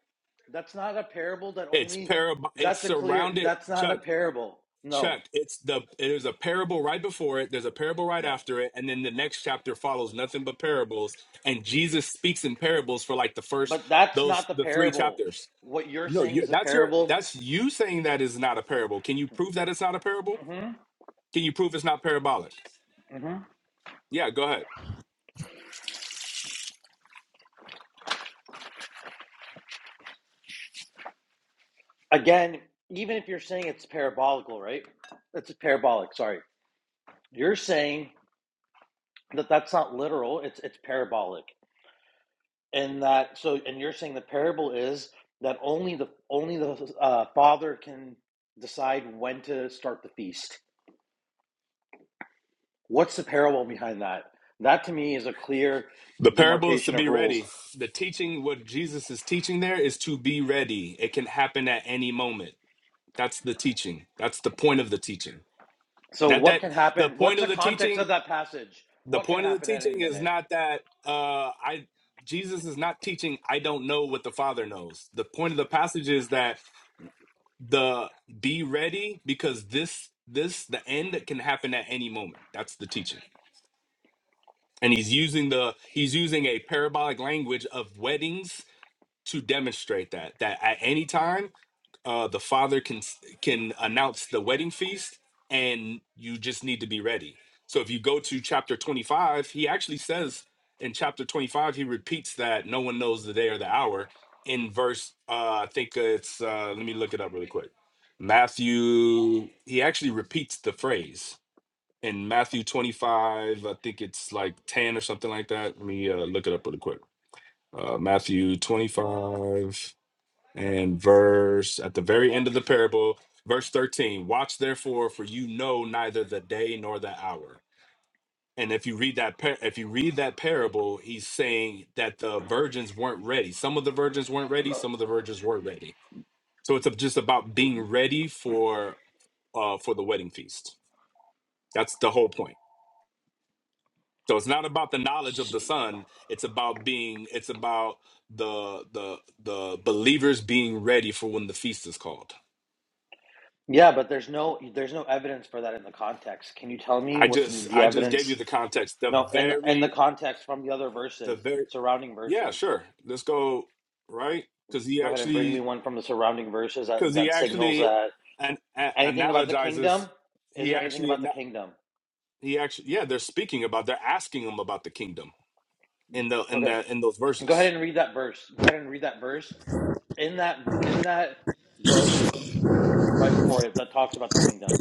[SPEAKER 10] That's not a parable. That
[SPEAKER 8] it's
[SPEAKER 10] only
[SPEAKER 8] parable. it's
[SPEAKER 10] that's a clear.
[SPEAKER 8] surrounded
[SPEAKER 10] That's not a
[SPEAKER 8] Chuck
[SPEAKER 10] parable. No,
[SPEAKER 8] Chuck. It's the there's a parable right before it, there's a parable right
[SPEAKER 10] no.
[SPEAKER 8] after it, and then the next chapter follows nothing but parables. And Jesus speaks in parables for like the first
[SPEAKER 10] But that's
[SPEAKER 8] those
[SPEAKER 10] not the
[SPEAKER 8] the three
[SPEAKER 10] parable.
[SPEAKER 8] chapters.
[SPEAKER 10] What you're
[SPEAKER 8] No,
[SPEAKER 10] saying
[SPEAKER 8] you,
[SPEAKER 10] is a
[SPEAKER 8] that's your
[SPEAKER 10] parable
[SPEAKER 8] that's you saying that is not a parable. Can you prove that it's not a parable?
[SPEAKER 10] hmm
[SPEAKER 8] Can you prove it's not parabolic?
[SPEAKER 10] hmm
[SPEAKER 8] Yeah, go ahead.
[SPEAKER 10] Again, even if you're saying it's parabolical, right? It's parabolic. Sorry, you're saying that that's not literal. It's it's parabolic, and that so and you're saying the parable is that only the only the uh, father can decide when to start the feast. What's the parable behind that? That to me is a clear
[SPEAKER 8] The parable is to
[SPEAKER 10] demarcation of
[SPEAKER 8] be
[SPEAKER 10] rules.
[SPEAKER 8] ready. The teaching, what Jesus is teaching there, is to be ready. It can happen at any moment. That's the teaching. That's the point of the teaching.
[SPEAKER 10] So
[SPEAKER 8] Not
[SPEAKER 10] what
[SPEAKER 8] that
[SPEAKER 10] can
[SPEAKER 8] the
[SPEAKER 10] happen?
[SPEAKER 8] point
[SPEAKER 10] What's
[SPEAKER 8] of
[SPEAKER 10] the
[SPEAKER 8] the
[SPEAKER 10] context
[SPEAKER 8] teaching.
[SPEAKER 10] of that passage?
[SPEAKER 8] The
[SPEAKER 10] What can
[SPEAKER 8] point of the
[SPEAKER 10] happen at any
[SPEAKER 8] teaching is
[SPEAKER 10] minute?
[SPEAKER 8] not that uh, I Jesus is not teaching. I don't know what the Father knows. The point of the passage is that the be ready because this this the end can happen at any moment that's the teaching and he's using the he's using a parabolic language of weddings to demonstrate that that at any time uh, the father can can announce the wedding feast and you just need to be ready so if you go to chapter 25 he actually says in chapter 25 he repeats that no one knows the day or the hour in verse uh, i think it's uh, let me look it up really quick matthew he actually repeats the phrase in matthew 25 i think it's like 10 or something like that let me uh, look it up really quick uh, matthew 25 and verse at the very end of the parable, verse 13. Watch therefore, for you know neither the day nor the hour. And if you read that par- if you read that parable, he's saying that the virgins weren't ready. Some of the virgins weren't ready, some of the virgins were ready. So it's just about being ready for uh for the wedding feast. That's the whole point. So it's not about the knowledge of the son, it's about being it's about the the the believers being ready for when the feast is called.
[SPEAKER 10] Yeah, but there's no there's no evidence for that in the context. Can you tell me
[SPEAKER 8] I
[SPEAKER 10] what
[SPEAKER 8] just
[SPEAKER 10] the
[SPEAKER 8] I just gave you
[SPEAKER 10] evidence?
[SPEAKER 8] the context. The
[SPEAKER 10] No, and and the
[SPEAKER 8] very
[SPEAKER 10] context from the other
[SPEAKER 8] the
[SPEAKER 10] verses,
[SPEAKER 8] very
[SPEAKER 10] surrounding
[SPEAKER 8] yeah,
[SPEAKER 10] verses.
[SPEAKER 8] sure. Let's go right because he
[SPEAKER 10] Go ahead and bring me
[SPEAKER 8] actually
[SPEAKER 10] one from the surrounding verses that
[SPEAKER 8] because he
[SPEAKER 10] that signals
[SPEAKER 8] actually
[SPEAKER 10] that
[SPEAKER 8] an, a-
[SPEAKER 10] anything about the
[SPEAKER 8] analogizes.
[SPEAKER 10] kingdom. Is
[SPEAKER 8] He
[SPEAKER 10] there anything
[SPEAKER 8] actually
[SPEAKER 10] about the
[SPEAKER 8] ana-
[SPEAKER 10] kingdom?
[SPEAKER 8] he actually yeah. They're speaking about they're asking him about the kingdom in the in
[SPEAKER 10] Okay,
[SPEAKER 8] the in those
[SPEAKER 10] go ahead
[SPEAKER 8] verses.
[SPEAKER 10] and read that verse. Go ahead and read that verse in that in that book right before it that talks about the kingdom.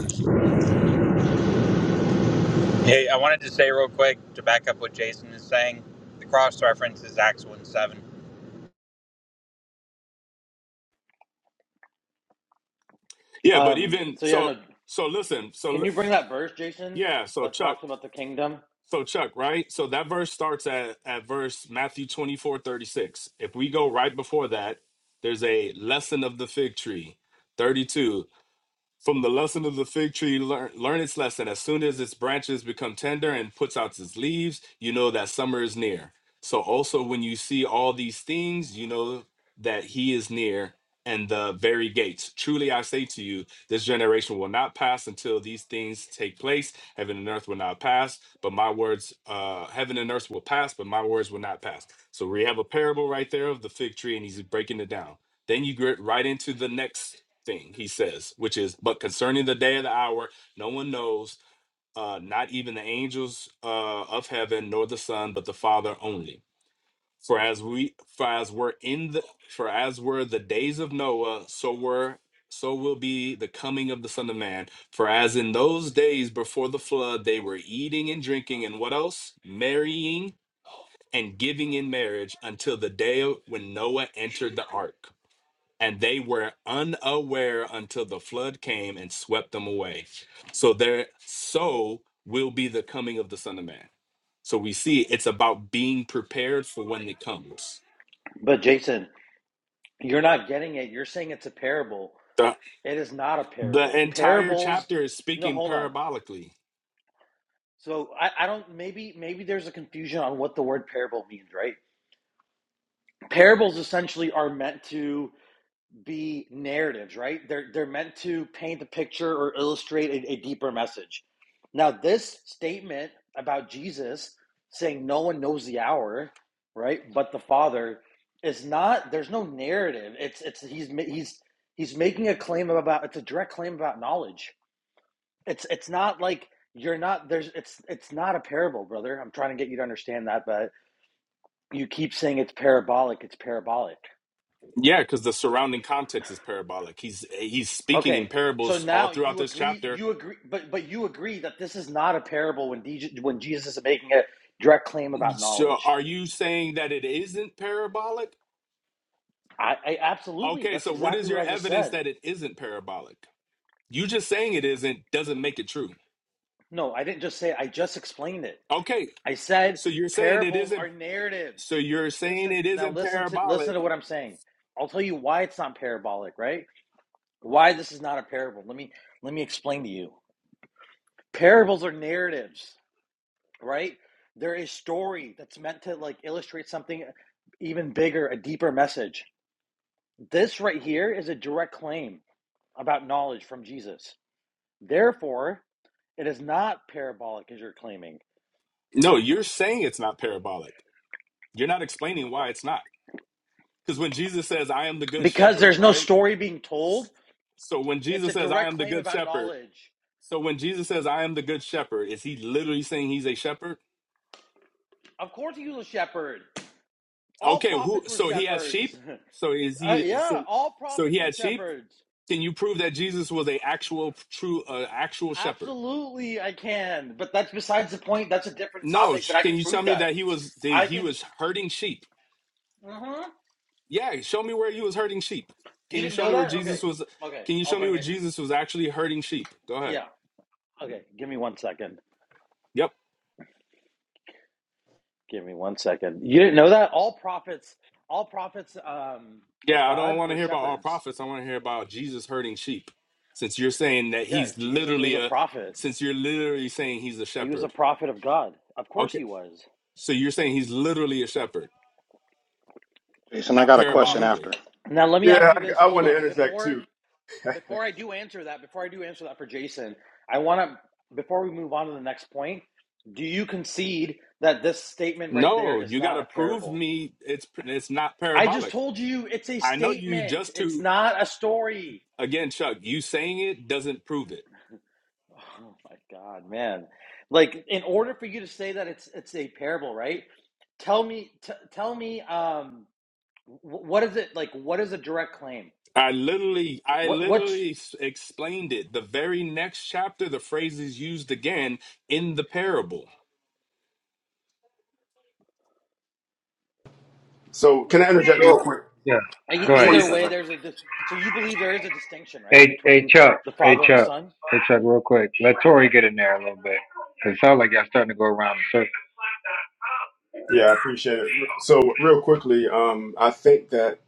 [SPEAKER 11] Hey, I wanted to say real quick to back up what Jason is saying. The cross reference is Acts one seven.
[SPEAKER 8] Yeah, but
[SPEAKER 10] Um.
[SPEAKER 8] even
[SPEAKER 10] So yeah,
[SPEAKER 8] so
[SPEAKER 10] no.
[SPEAKER 8] so listen so
[SPEAKER 10] Can
[SPEAKER 8] l-
[SPEAKER 10] you bring that verse, Jason,
[SPEAKER 8] yeah so
[SPEAKER 10] that
[SPEAKER 8] Chuck
[SPEAKER 10] talks about the kingdom?
[SPEAKER 8] So Chuck, right? So that verse starts at, at verse Matthew 24 36. If we go right before that, there's a lesson of the fig tree, 32. From the lesson of the fig tree, learn, learn its lesson. As soon as its branches become tender and puts out its leaves, you know that summer is near. So also when you see all these things, you know that he is near and the very gates. Truly I say to you, this generation will not pass until these things take place. Heaven and earth will not pass, but my words, uh, heaven and earth will pass, but my words will not pass. So we have a parable right there of the fig tree, and he's breaking it down. Then you get right into the next thing he says which is but concerning the day of the hour no one knows uh not even the angels uh of heaven nor the son but the father only for as we for as we're in the for as were the days of noah so were so will be the coming of the son of man for as in those days before the flood they were eating and drinking and what else marrying and giving in marriage until the day when noah entered the ark and they were unaware until the flood came and swept them away. So there so will be the coming of the Son of Man. So we see it's about being prepared for when it comes.
[SPEAKER 10] But Jason, You're not getting it. You're saying it's a parable.
[SPEAKER 8] The
[SPEAKER 10] It is not a
[SPEAKER 8] the
[SPEAKER 10] parable.
[SPEAKER 8] entire
[SPEAKER 10] Parables.
[SPEAKER 8] chapter is
[SPEAKER 10] No,
[SPEAKER 8] speaking
[SPEAKER 10] hold on.
[SPEAKER 8] parabolically.
[SPEAKER 10] So I, I don't. Maybe maybe there's a confusion on what the word parable means, right? Parables essentially are meant to be narratives, right? They're they're meant to paint a picture or illustrate a, a deeper message. Now, this statement about Jesus saying no one knows the hour, right? But the Father is not. There's no narrative. It's it's he's he's he's making a claim about. It's a direct claim about knowledge. It's it's not like you're not there's it's it's not a parable brother i'm trying to get you to understand that but you keep saying it's parabolic it's parabolic
[SPEAKER 8] Yeah, because the surrounding context is parabolic. He's he's speaking in
[SPEAKER 10] Okay, so
[SPEAKER 8] parables all
[SPEAKER 10] now
[SPEAKER 8] throughout
[SPEAKER 10] you
[SPEAKER 8] this
[SPEAKER 10] agree,
[SPEAKER 8] chapter.
[SPEAKER 10] you agree, but but you agree that this is not a parable when DJ, when Jesus is making a direct claim about
[SPEAKER 8] So
[SPEAKER 10] knowledge.
[SPEAKER 8] are you saying that it isn't parabolic?
[SPEAKER 10] I, I absolutely,
[SPEAKER 8] Okay,
[SPEAKER 10] that's
[SPEAKER 8] so what
[SPEAKER 10] exactly
[SPEAKER 8] is
[SPEAKER 10] what
[SPEAKER 8] your
[SPEAKER 10] I just
[SPEAKER 8] evidence
[SPEAKER 10] said.
[SPEAKER 8] that it isn't parabolic? You just saying it isn't doesn't make it true.
[SPEAKER 10] No, I didn't just say. it, I just explained it.
[SPEAKER 8] Okay,
[SPEAKER 10] I said
[SPEAKER 8] so you're saying it
[SPEAKER 10] parables
[SPEAKER 8] isn't.
[SPEAKER 10] are
[SPEAKER 8] So
[SPEAKER 10] narratives.
[SPEAKER 8] you're saying
[SPEAKER 10] Listen
[SPEAKER 8] it
[SPEAKER 10] now,
[SPEAKER 8] isn't
[SPEAKER 10] listen to listen to
[SPEAKER 8] parabolic.
[SPEAKER 10] what I'm saying. I'll tell you why it's not parabolic, right? Why this is not a parable. Let me let me explain to you. Parables are narratives. right? There is story that's meant to like illustrate something even bigger, a deeper message. This right here is a direct claim about knowledge from Jesus. Therefore, it is not parabolic as you're claiming
[SPEAKER 8] No, you're saying it's not parabolic. You're not explaining why it's not. Because when Jesus says, "I am the good
[SPEAKER 10] because
[SPEAKER 8] shepherd,"
[SPEAKER 10] there's no
[SPEAKER 8] right?
[SPEAKER 10] story being told.
[SPEAKER 8] So when
[SPEAKER 10] It's a
[SPEAKER 8] Jesus says, "I
[SPEAKER 10] direct
[SPEAKER 8] am the
[SPEAKER 10] claim
[SPEAKER 8] good
[SPEAKER 10] about
[SPEAKER 8] shepherd,"
[SPEAKER 10] knowledge.
[SPEAKER 8] so when Jesus says, "I am the good shepherd," is he literally saying he's a shepherd?
[SPEAKER 10] Of course, he was a shepherd. All
[SPEAKER 8] Okay, who?
[SPEAKER 10] prophets were
[SPEAKER 8] So he has
[SPEAKER 10] shepherds.
[SPEAKER 8] sheep.
[SPEAKER 10] *laughs*
[SPEAKER 8] So is
[SPEAKER 10] Uh,
[SPEAKER 8] he?
[SPEAKER 10] yeah,
[SPEAKER 8] So
[SPEAKER 10] all
[SPEAKER 8] so
[SPEAKER 10] prophets
[SPEAKER 8] he
[SPEAKER 10] were
[SPEAKER 8] had sheep.
[SPEAKER 10] shepherds.
[SPEAKER 8] Can you prove that Jesus was a actual true uh, actual shepherd?
[SPEAKER 10] Absolutely, I can. But that's besides the point. That's a different
[SPEAKER 8] No.
[SPEAKER 10] topic, but I
[SPEAKER 8] Can
[SPEAKER 10] can
[SPEAKER 8] you tell
[SPEAKER 10] prove
[SPEAKER 8] me
[SPEAKER 10] that.
[SPEAKER 8] that he was that
[SPEAKER 10] I
[SPEAKER 8] he
[SPEAKER 10] can
[SPEAKER 8] was herding sheep?
[SPEAKER 10] hmm
[SPEAKER 8] Yeah, show me where you was hurting sheep.
[SPEAKER 10] You
[SPEAKER 8] Can you
[SPEAKER 10] didn't
[SPEAKER 8] show
[SPEAKER 10] know
[SPEAKER 8] me where
[SPEAKER 10] that?
[SPEAKER 8] Jesus
[SPEAKER 10] Okay.
[SPEAKER 8] was?
[SPEAKER 10] Okay.
[SPEAKER 8] Can you
[SPEAKER 10] I'll
[SPEAKER 8] show me
[SPEAKER 10] bring
[SPEAKER 8] where
[SPEAKER 10] it.
[SPEAKER 8] Jesus was actually hurting sheep? Go ahead.
[SPEAKER 10] Yeah. Okay. Give me one second.
[SPEAKER 8] Yep.
[SPEAKER 10] Give me one second. You didn't know that? All prophets, all prophets um, of
[SPEAKER 8] Yeah, I don't
[SPEAKER 10] God
[SPEAKER 8] want to
[SPEAKER 10] were
[SPEAKER 8] hear about all
[SPEAKER 10] shepherds.
[SPEAKER 8] prophets. I want to hear about Jesus hurting sheep. Since you're saying that
[SPEAKER 10] Yeah.
[SPEAKER 8] he's
[SPEAKER 10] Jesus was
[SPEAKER 8] literally
[SPEAKER 10] a
[SPEAKER 8] a,
[SPEAKER 10] prophet.
[SPEAKER 8] since you're literally saying he's a
[SPEAKER 10] He was a
[SPEAKER 8] shepherd.
[SPEAKER 10] prophet of God. Of course
[SPEAKER 8] Okay.
[SPEAKER 10] he was.
[SPEAKER 8] So you're saying he's literally a shepherd,
[SPEAKER 5] Jason, I
[SPEAKER 8] not
[SPEAKER 5] got a question
[SPEAKER 10] hmm
[SPEAKER 8] parabolically.
[SPEAKER 5] after.
[SPEAKER 10] Now, let me ask
[SPEAKER 9] Yeah,
[SPEAKER 10] you this.
[SPEAKER 9] I, I
[SPEAKER 10] Hold
[SPEAKER 9] want to
[SPEAKER 10] on.
[SPEAKER 9] interject
[SPEAKER 10] Before,
[SPEAKER 9] too. *laughs*
[SPEAKER 10] before I do answer that, before I do answer that for Jason, I want to, before we move on to the next point, do you concede that this statement right there
[SPEAKER 8] No,
[SPEAKER 10] is
[SPEAKER 8] you got
[SPEAKER 10] not
[SPEAKER 8] to
[SPEAKER 10] a
[SPEAKER 8] prove
[SPEAKER 10] parable?
[SPEAKER 8] me it's it's not
[SPEAKER 10] I just
[SPEAKER 8] parabolic.
[SPEAKER 10] told you it's a
[SPEAKER 8] I know you
[SPEAKER 10] statement.
[SPEAKER 8] just
[SPEAKER 10] It's
[SPEAKER 8] to
[SPEAKER 10] not a story.
[SPEAKER 8] again, Chuck. You saying it doesn't prove it.
[SPEAKER 10] Oh my god, man. Like in order for you to say that it's it's a parable, right? Tell me t- tell me um what is it like what is a direct claim?
[SPEAKER 8] I literally, I
[SPEAKER 10] What what's
[SPEAKER 8] literally s- explained it. The very next chapter, the phrase is used again in the parable.
[SPEAKER 9] So, can I interject real
[SPEAKER 1] So
[SPEAKER 9] quick
[SPEAKER 1] yeah,
[SPEAKER 10] e-
[SPEAKER 1] go
[SPEAKER 9] for 20
[SPEAKER 1] ahead.
[SPEAKER 10] either
[SPEAKER 1] Yeah, go
[SPEAKER 10] way
[SPEAKER 9] seconds?
[SPEAKER 1] ahead.
[SPEAKER 10] there's a dis- so you believe there is a distinction, right,
[SPEAKER 1] Hey, hey,
[SPEAKER 10] between
[SPEAKER 1] Chuck.
[SPEAKER 10] the
[SPEAKER 1] Hey,
[SPEAKER 10] father and the
[SPEAKER 1] Chuck.
[SPEAKER 10] son?
[SPEAKER 1] Hey, Chuck. Real quick, let Tori get in there a little bit because it sounds like y'all starting to go around the circle.
[SPEAKER 9] Yeah, I appreciate it. So, real quickly, um, I think that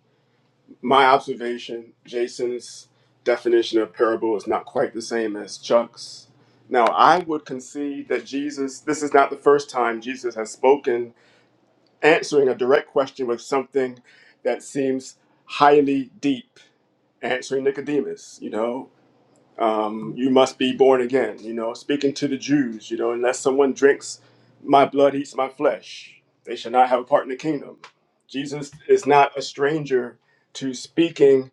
[SPEAKER 9] my observation, Jason's definition of parable is not quite the same as Chuck's. Now, I would concede that Jesus, this is not the first time Jesus has spoken, answering a direct question with something that seems highly deep, answering Nicodemus, you know. um, you must be born again. You know, speaking to the Jews, you know, unless someone drinks my blood, eats my flesh, they shall not have a part in the kingdom. Jesus is not a stranger to speaking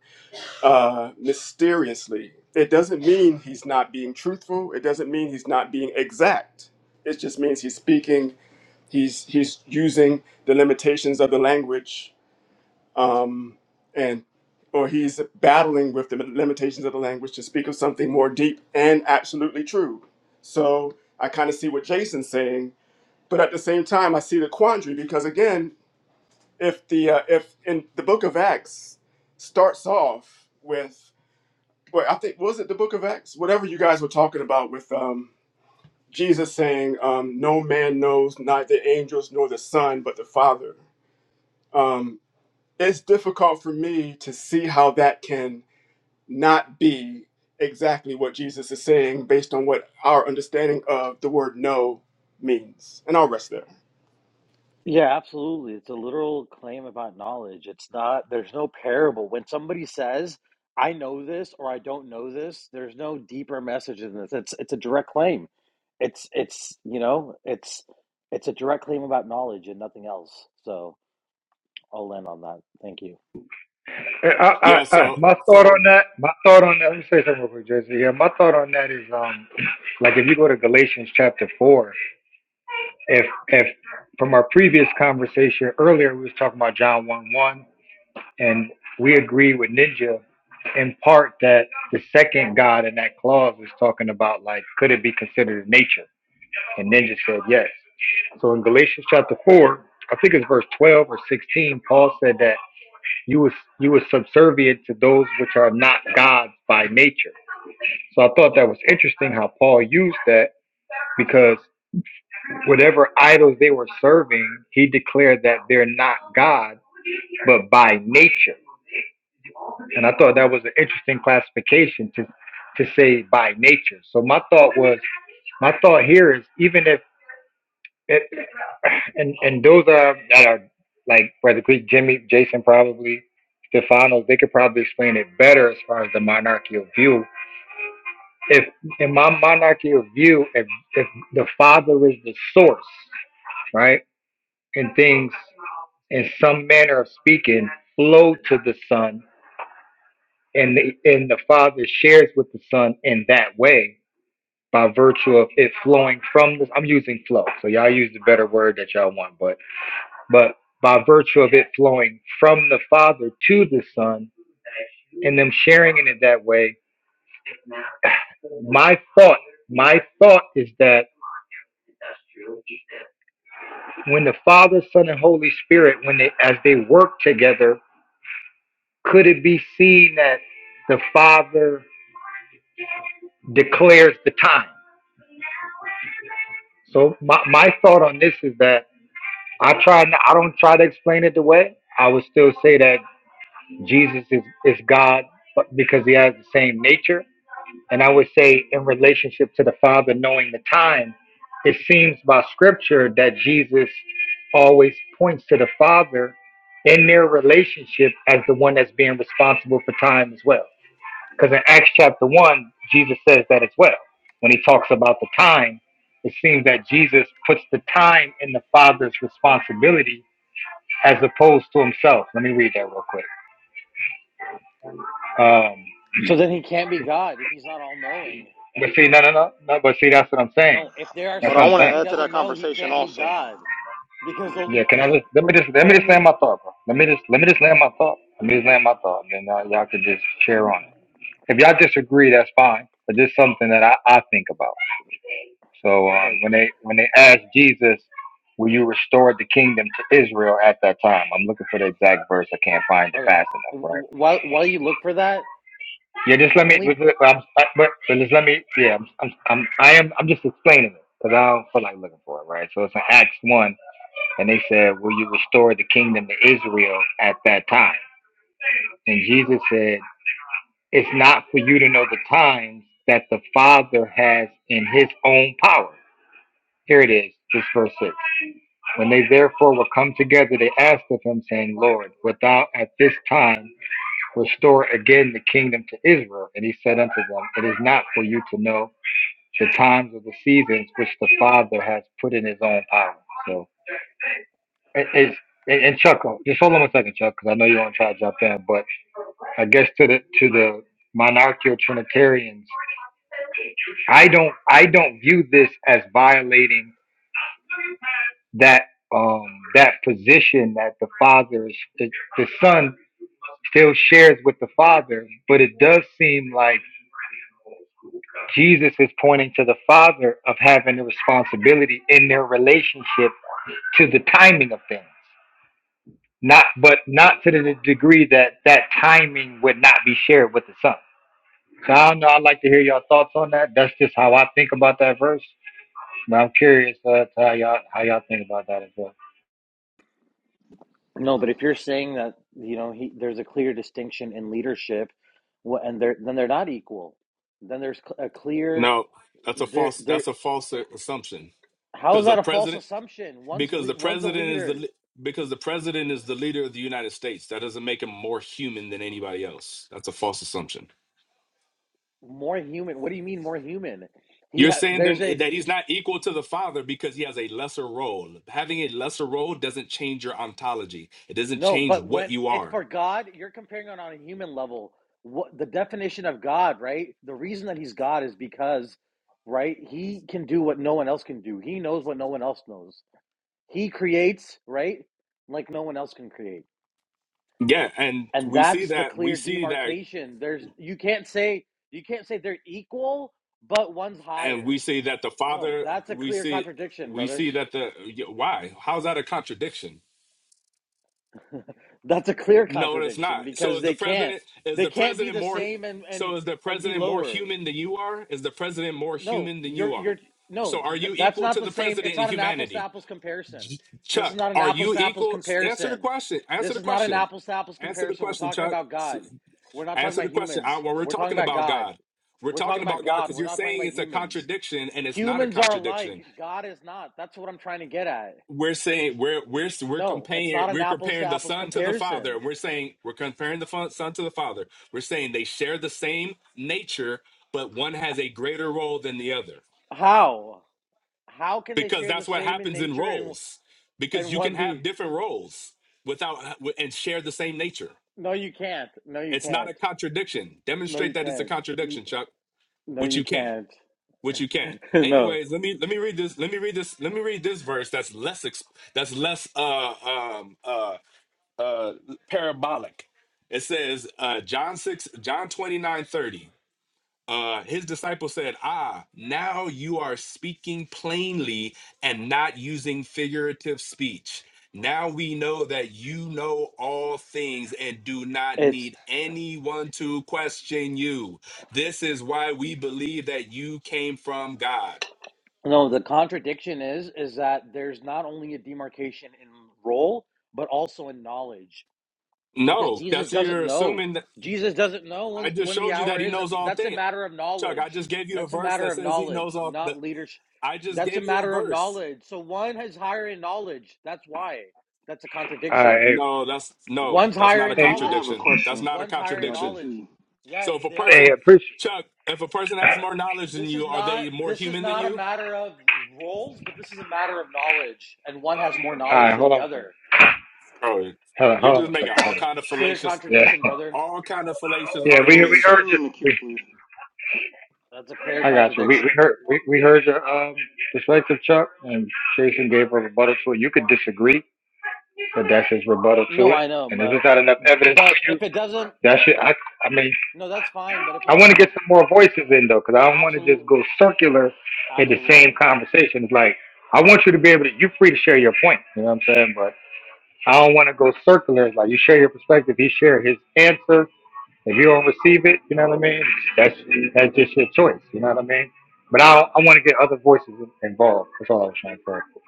[SPEAKER 9] uh, mysteriously. It doesn't mean he's not being truthful. It doesn't mean he's not being exact. It just means he's speaking. He's he's using the limitations of the language um, and or he's battling with the limitations of the language to speak of something more deep and absolutely true. So I kind of see what Jason's saying, but at the same time, I see the quandary because again, if the uh, if in the Book of Acts starts off with, well, I think was it the Book of Acts, whatever you guys were talking about with um, Jesus saying, um, "No man knows, not the angels nor the Son, but the Father." Um, it's difficult for me to see how that can not be exactly what Jesus is saying based on what our understanding of the word no means. And I'll rest there.
[SPEAKER 10] Yeah, absolutely. It's a literal claim about knowledge. It's not, there's no parable. When somebody says, I know this or I don't know this, there's no deeper message than this. It's it's a direct claim. It's it's you know, it's it's a direct claim about knowledge and nothing else. So I'll end on that. Thank you.
[SPEAKER 1] I,
[SPEAKER 8] Yeah.
[SPEAKER 1] I, I,
[SPEAKER 8] So,
[SPEAKER 1] my thought on
[SPEAKER 8] so
[SPEAKER 1] that, my thought on that, let me say something real quick, Jesse. Yeah, my thought on that is, um, like if you go to Galatians chapter four, if, if from our previous conversation earlier, we was talking about John one one, and we agreed with Ninja in part that the second God in that clause was talking about like, could it be considered nature? And Ninja said yes. So in Galatians chapter four, I think it's verse twelve or sixteen, Paul said that. You was you was subservient to those which are not gods by nature. So I thought that was interesting how Paul used that because whatever idols they were serving, he declared that they're not God, but by nature. And I thought that was an interesting classification to to say by nature. So my thought was my thought here is even if It, and and those are that are like Brother Greek, Jimmy, Jason, probably Stefano. They could probably explain it better as far as the monarchical view. If in my monarchical view, if if the Father is the source, right, and things in some manner of speaking flow to the Son, and the, and the Father shares with the Son in that way by virtue of it flowing from the. I'm using flow, so y'all use the better word that y'all want, but but by virtue of it flowing from the Father to the Son and them sharing in it that way, my thought, my thought is that when the Father, Son, and Holy Spirit, when they as they work together, could it be seen that the Father declares the time? So my, my thought on this is that I try not, I don't try to explain it away. I would still say that Jesus is, is God but because he has the same nature And I would say, in relationship to the Father knowing the time, it seems by scripture that Jesus always points to the Father in their relationship as the one that's being responsible for time as well. Because in Acts chapter 1, Jesus says that as well. When he talks about the time, it seems that Jesus puts the time in the Father's responsibility as opposed to himself. Let me read that real quick. Um,
[SPEAKER 10] So then he can't be God if he's not all knowing.
[SPEAKER 1] but see, no, no, no, no. But see, that's what I'm saying.
[SPEAKER 10] No, if there are
[SPEAKER 1] That's
[SPEAKER 5] Hold on,
[SPEAKER 1] what
[SPEAKER 10] some
[SPEAKER 5] I
[SPEAKER 1] I'm
[SPEAKER 5] want
[SPEAKER 1] saying.
[SPEAKER 10] things
[SPEAKER 5] to
[SPEAKER 10] he
[SPEAKER 5] add to that
[SPEAKER 10] doesn't know, he
[SPEAKER 5] conversation
[SPEAKER 10] can't be
[SPEAKER 5] also.
[SPEAKER 10] God because
[SPEAKER 1] Yeah,
[SPEAKER 10] only
[SPEAKER 1] can I just let me just let me just land
[SPEAKER 10] only
[SPEAKER 1] my thought, bro. Let me just let me just land my thought. Let me just land my thought, and then uh, y'all could just share on it. If y'all disagree, that's fine. But this is something that I, I think about. So
[SPEAKER 10] no.
[SPEAKER 1] um,
[SPEAKER 10] But
[SPEAKER 1] when they when they asked Jesus, "Will you restore the kingdom to Israel?" at that time, I'm looking for the exact verse. I can't find it
[SPEAKER 10] okay,
[SPEAKER 1] fast enough, right?
[SPEAKER 10] while while you look for that,
[SPEAKER 1] Yeah,
[SPEAKER 10] uh,
[SPEAKER 1] just
[SPEAKER 10] the
[SPEAKER 1] let me.
[SPEAKER 10] only
[SPEAKER 1] just let- I'm, I- but but just let me. Yeah, I'm I'm, I'm I am I'm just explaining it because I don't feel like looking for it, right? So it's in Acts one. And they said, Will you restore the kingdom to Israel at that time? And Jesus said, It's not for you to know the times that the Father has in his own power. Here it is, this verse 6. When they therefore were come together, they asked of him, saying, Lord, wilt thou at this time restore again the kingdom to Israel? And he said unto them, It is not for you to know the times or the seasons which the Father has put in his own power. So. Is and and Chuck, just hold on one second, Chuck, because I know you want to try to jump in. But I guess to the to the monarchical Trinitarians, I don't I don't view this as violating that um that position that the father is the, the son still shares with the father. But it does seem like Jesus is pointing to the father of having the responsibility in their relationship to the timing of things. Not, but not to the degree that that timing would not be shared with the son. So I don't know. I'd like to hear your thoughts on that. That's just how I think about that verse. But I'm curious uh, to how y'all how y'all think about that as well.
[SPEAKER 10] no. But if you're saying that you know he there's a clear distinction in leadership, wh- and they're then they're not equal. Then there's cl- a clear
[SPEAKER 8] no, that's a
[SPEAKER 10] there
[SPEAKER 8] false.
[SPEAKER 10] there.
[SPEAKER 8] That's a false assumption
[SPEAKER 10] How is
[SPEAKER 8] because the
[SPEAKER 10] that a false
[SPEAKER 8] president,
[SPEAKER 10] assumption? One's
[SPEAKER 8] because
[SPEAKER 10] le-
[SPEAKER 8] the
[SPEAKER 10] one's a
[SPEAKER 8] president is the
[SPEAKER 10] leader,
[SPEAKER 8] li- because the president is the leader of the United States. That doesn't make him more human than anybody else. That's a false assumption.
[SPEAKER 10] more human. What do you mean more human? He
[SPEAKER 8] You're
[SPEAKER 10] ha-
[SPEAKER 8] saying then
[SPEAKER 10] there's
[SPEAKER 8] eh,
[SPEAKER 10] a
[SPEAKER 8] that he's not equal to the father because he has a lesser role. Having a lesser role doesn't change your ontology. It doesn't
[SPEAKER 10] No,
[SPEAKER 8] change
[SPEAKER 10] but
[SPEAKER 8] what
[SPEAKER 10] when
[SPEAKER 8] you
[SPEAKER 10] it's
[SPEAKER 8] are.
[SPEAKER 10] for God, you're comparing it on a human level. What the definition of God, right? The reason that he's God is because, right, he can do what no one else can do. He knows what no one else knows. He creates, right? Like no one else can create.
[SPEAKER 8] Yeah, and
[SPEAKER 10] And
[SPEAKER 8] we see
[SPEAKER 10] that's the
[SPEAKER 8] that we
[SPEAKER 10] clear
[SPEAKER 8] see that
[SPEAKER 10] demarcation. There's you can't say you can't say they're equal, but one's
[SPEAKER 8] and we
[SPEAKER 10] higher.
[SPEAKER 8] see that the
[SPEAKER 10] No,
[SPEAKER 8] father
[SPEAKER 10] that's a
[SPEAKER 8] we
[SPEAKER 10] clear
[SPEAKER 8] see
[SPEAKER 10] contradiction,
[SPEAKER 8] we
[SPEAKER 10] brother.
[SPEAKER 8] see that the yeah, why how's that a contradiction?
[SPEAKER 10] That's a clear
[SPEAKER 8] No, it's
[SPEAKER 10] contradiction
[SPEAKER 8] not. So
[SPEAKER 10] because
[SPEAKER 8] is the
[SPEAKER 10] they can't
[SPEAKER 8] president is
[SPEAKER 10] they
[SPEAKER 8] the
[SPEAKER 10] can't be
[SPEAKER 8] president
[SPEAKER 10] the
[SPEAKER 8] more
[SPEAKER 10] same and and
[SPEAKER 8] so is the
[SPEAKER 10] and be
[SPEAKER 8] president more
[SPEAKER 10] lower.
[SPEAKER 8] human than you are? Is the president more
[SPEAKER 10] No,
[SPEAKER 8] human than you
[SPEAKER 10] you're
[SPEAKER 8] are?
[SPEAKER 10] you're
[SPEAKER 8] So
[SPEAKER 10] no,
[SPEAKER 8] are
[SPEAKER 10] th-
[SPEAKER 8] you
[SPEAKER 10] that's
[SPEAKER 8] equal
[SPEAKER 10] not
[SPEAKER 8] to
[SPEAKER 10] the
[SPEAKER 8] the
[SPEAKER 10] same.
[SPEAKER 8] president
[SPEAKER 10] It's
[SPEAKER 8] in
[SPEAKER 10] not an apples to
[SPEAKER 8] humanity?
[SPEAKER 10] apples comparison.
[SPEAKER 8] Ch-
[SPEAKER 10] This is
[SPEAKER 8] Chuck,
[SPEAKER 10] not an
[SPEAKER 8] are
[SPEAKER 10] apples
[SPEAKER 8] you
[SPEAKER 10] to apples
[SPEAKER 8] equal? Answer the
[SPEAKER 10] comparison.
[SPEAKER 8] question. Answer
[SPEAKER 10] This
[SPEAKER 8] the
[SPEAKER 10] is not an
[SPEAKER 8] question.
[SPEAKER 10] apples to apples
[SPEAKER 8] Answer the
[SPEAKER 10] comparison. We're
[SPEAKER 8] question,
[SPEAKER 10] talking
[SPEAKER 8] Chuck.
[SPEAKER 10] about God. We're not talking
[SPEAKER 8] Answer
[SPEAKER 10] about
[SPEAKER 8] the question. I,
[SPEAKER 10] humans.
[SPEAKER 8] well, we're
[SPEAKER 10] We're talking
[SPEAKER 8] talking
[SPEAKER 10] about
[SPEAKER 8] about
[SPEAKER 10] God.
[SPEAKER 8] God. We're
[SPEAKER 10] We're talking
[SPEAKER 8] talking
[SPEAKER 10] about
[SPEAKER 8] about God
[SPEAKER 10] God.
[SPEAKER 8] because
[SPEAKER 10] We're
[SPEAKER 8] you're
[SPEAKER 10] not talking
[SPEAKER 8] saying
[SPEAKER 10] about
[SPEAKER 8] it's a
[SPEAKER 10] humans.
[SPEAKER 8] contradiction, and it's not a
[SPEAKER 10] Humans are
[SPEAKER 8] contradiction.
[SPEAKER 10] alike. God is not. That's what I'm trying to get at.
[SPEAKER 8] We're saying we're we're we're
[SPEAKER 10] No, it's
[SPEAKER 8] comparing
[SPEAKER 10] not an
[SPEAKER 8] we're
[SPEAKER 10] apples to
[SPEAKER 8] comparing the
[SPEAKER 10] apples
[SPEAKER 8] Son to the Father.
[SPEAKER 10] comparison.
[SPEAKER 8] and We're saying we're comparing the fa- Son to the Father. We're saying they share the same nature, but one
[SPEAKER 10] H-
[SPEAKER 8] has a greater role than the other
[SPEAKER 10] How? How can they
[SPEAKER 8] because
[SPEAKER 10] share the
[SPEAKER 8] that's what
[SPEAKER 10] same in
[SPEAKER 8] happens in
[SPEAKER 10] nature and
[SPEAKER 8] roles. Because
[SPEAKER 10] and
[SPEAKER 8] you can
[SPEAKER 10] one
[SPEAKER 8] have
[SPEAKER 10] be?
[SPEAKER 8] different roles without and share the same nature.
[SPEAKER 10] No, you can't. No, you
[SPEAKER 8] It's not
[SPEAKER 10] can't.
[SPEAKER 8] a contradiction.
[SPEAKER 10] No, you
[SPEAKER 8] Demonstrate that it's a
[SPEAKER 10] can't.
[SPEAKER 8] contradiction, Chuck,
[SPEAKER 10] No,
[SPEAKER 8] which
[SPEAKER 10] you
[SPEAKER 8] you can't.
[SPEAKER 10] can't. *laughs*
[SPEAKER 8] which you can.
[SPEAKER 10] No,
[SPEAKER 8] Anyways, let me let me read this. Let me read this. Let me read this verse. That's less ex- that's less uh um uh uh parabolic. It says uh John six John twenty nine thirty uh, his disciples said, Ah, now you are speaking plainly and not using figurative speech. Now we know that you know all things and do not
[SPEAKER 10] it's
[SPEAKER 8] need anyone to question you. This is why we believe that you came from God.
[SPEAKER 10] no. The contradiction is is that there's not only a demarcation in role, but also in knowledge, because
[SPEAKER 8] No,
[SPEAKER 10] Jesus
[SPEAKER 8] that's
[SPEAKER 10] doesn't
[SPEAKER 8] you're
[SPEAKER 10] know.
[SPEAKER 8] assuming that
[SPEAKER 10] Jesus doesn't know
[SPEAKER 8] I
[SPEAKER 10] when
[SPEAKER 8] just
[SPEAKER 10] when the
[SPEAKER 8] showed you
[SPEAKER 10] hour
[SPEAKER 8] that he
[SPEAKER 10] is.
[SPEAKER 8] knows
[SPEAKER 10] That's
[SPEAKER 8] all
[SPEAKER 10] that's a
[SPEAKER 8] things.
[SPEAKER 10] matter of
[SPEAKER 8] Chuck, I
[SPEAKER 10] knowledge.
[SPEAKER 8] just gave you a
[SPEAKER 10] That's a
[SPEAKER 8] verse
[SPEAKER 10] matter
[SPEAKER 8] that
[SPEAKER 10] of
[SPEAKER 8] says he
[SPEAKER 10] knowledge,
[SPEAKER 8] knows all the
[SPEAKER 10] not leadership.
[SPEAKER 8] I just
[SPEAKER 10] That's a
[SPEAKER 8] gave you a
[SPEAKER 10] matter of
[SPEAKER 8] verse.
[SPEAKER 10] knowledge. So one has higher in knowledge. That's why. That's a
[SPEAKER 1] All
[SPEAKER 10] contradiction.
[SPEAKER 1] right,
[SPEAKER 8] No, that's no,
[SPEAKER 10] One's
[SPEAKER 8] that's
[SPEAKER 10] higher
[SPEAKER 8] not
[SPEAKER 1] hey,
[SPEAKER 8] a
[SPEAKER 10] in
[SPEAKER 5] All
[SPEAKER 1] hey,
[SPEAKER 5] right, I have a
[SPEAKER 10] knowledge.
[SPEAKER 8] contradiction. That's
[SPEAKER 5] question
[SPEAKER 8] not a
[SPEAKER 10] One's
[SPEAKER 5] before
[SPEAKER 10] higher in
[SPEAKER 5] y'all get
[SPEAKER 8] contradiction.
[SPEAKER 10] knowledge.
[SPEAKER 5] to
[SPEAKER 10] Yeah,
[SPEAKER 8] So if a
[SPEAKER 10] they are.
[SPEAKER 1] hey
[SPEAKER 8] person,
[SPEAKER 1] appreciate.
[SPEAKER 8] Chuck, if a person has more knowledge than
[SPEAKER 10] This is
[SPEAKER 8] you, are
[SPEAKER 10] not
[SPEAKER 8] they more
[SPEAKER 10] this is
[SPEAKER 8] human than
[SPEAKER 10] not a
[SPEAKER 8] you?
[SPEAKER 10] matter of roles, but this is a matter of knowledge, and one has more
[SPEAKER 1] All
[SPEAKER 10] knowledge
[SPEAKER 1] right,
[SPEAKER 10] than
[SPEAKER 1] hold
[SPEAKER 10] the
[SPEAKER 1] on a second.
[SPEAKER 10] other.
[SPEAKER 8] Bro,
[SPEAKER 1] Hold on,
[SPEAKER 8] you're
[SPEAKER 1] hold on
[SPEAKER 8] just
[SPEAKER 1] a
[SPEAKER 8] making
[SPEAKER 1] second.
[SPEAKER 8] all
[SPEAKER 1] Hold on.
[SPEAKER 8] kind of
[SPEAKER 10] Clear
[SPEAKER 8] fallacious,
[SPEAKER 1] Yeah,
[SPEAKER 10] contradiction, brother.
[SPEAKER 8] all kind of fallacious
[SPEAKER 1] yeah, we we
[SPEAKER 8] arguments,
[SPEAKER 5] Moses.
[SPEAKER 1] heard
[SPEAKER 5] Put
[SPEAKER 8] Chuck.
[SPEAKER 5] me
[SPEAKER 1] you.
[SPEAKER 5] in the queue,
[SPEAKER 1] We,
[SPEAKER 5] please.
[SPEAKER 10] That's a clear
[SPEAKER 1] I got you. We we
[SPEAKER 10] contradiction.
[SPEAKER 1] heard we, we heard your um perspective, Chuck, and Jason gave a rebuttal to it. You could disagree, but that's his rebuttal to
[SPEAKER 10] No,
[SPEAKER 1] it.
[SPEAKER 10] I know,
[SPEAKER 1] And if there's
[SPEAKER 10] but
[SPEAKER 1] not enough evidence for
[SPEAKER 10] but
[SPEAKER 1] you,
[SPEAKER 10] if it doesn't,
[SPEAKER 1] that should I I mean
[SPEAKER 10] no, that's fine. But if
[SPEAKER 1] I
[SPEAKER 10] it
[SPEAKER 1] want to get some more voices in though, because I don't want to just
[SPEAKER 10] absolutely,
[SPEAKER 1] go circular in the same
[SPEAKER 10] absolutely,
[SPEAKER 1] conversation. It's like I want you to be able to. You're free to share your point. You know what I'm saying? But I don't want to go circular. It's like you share your perspective. He share his answer. If you don't receive it, you know what I mean. That's that's just your choice. You know what I mean? But I I want to get other voices involved. That's all I was trying to say.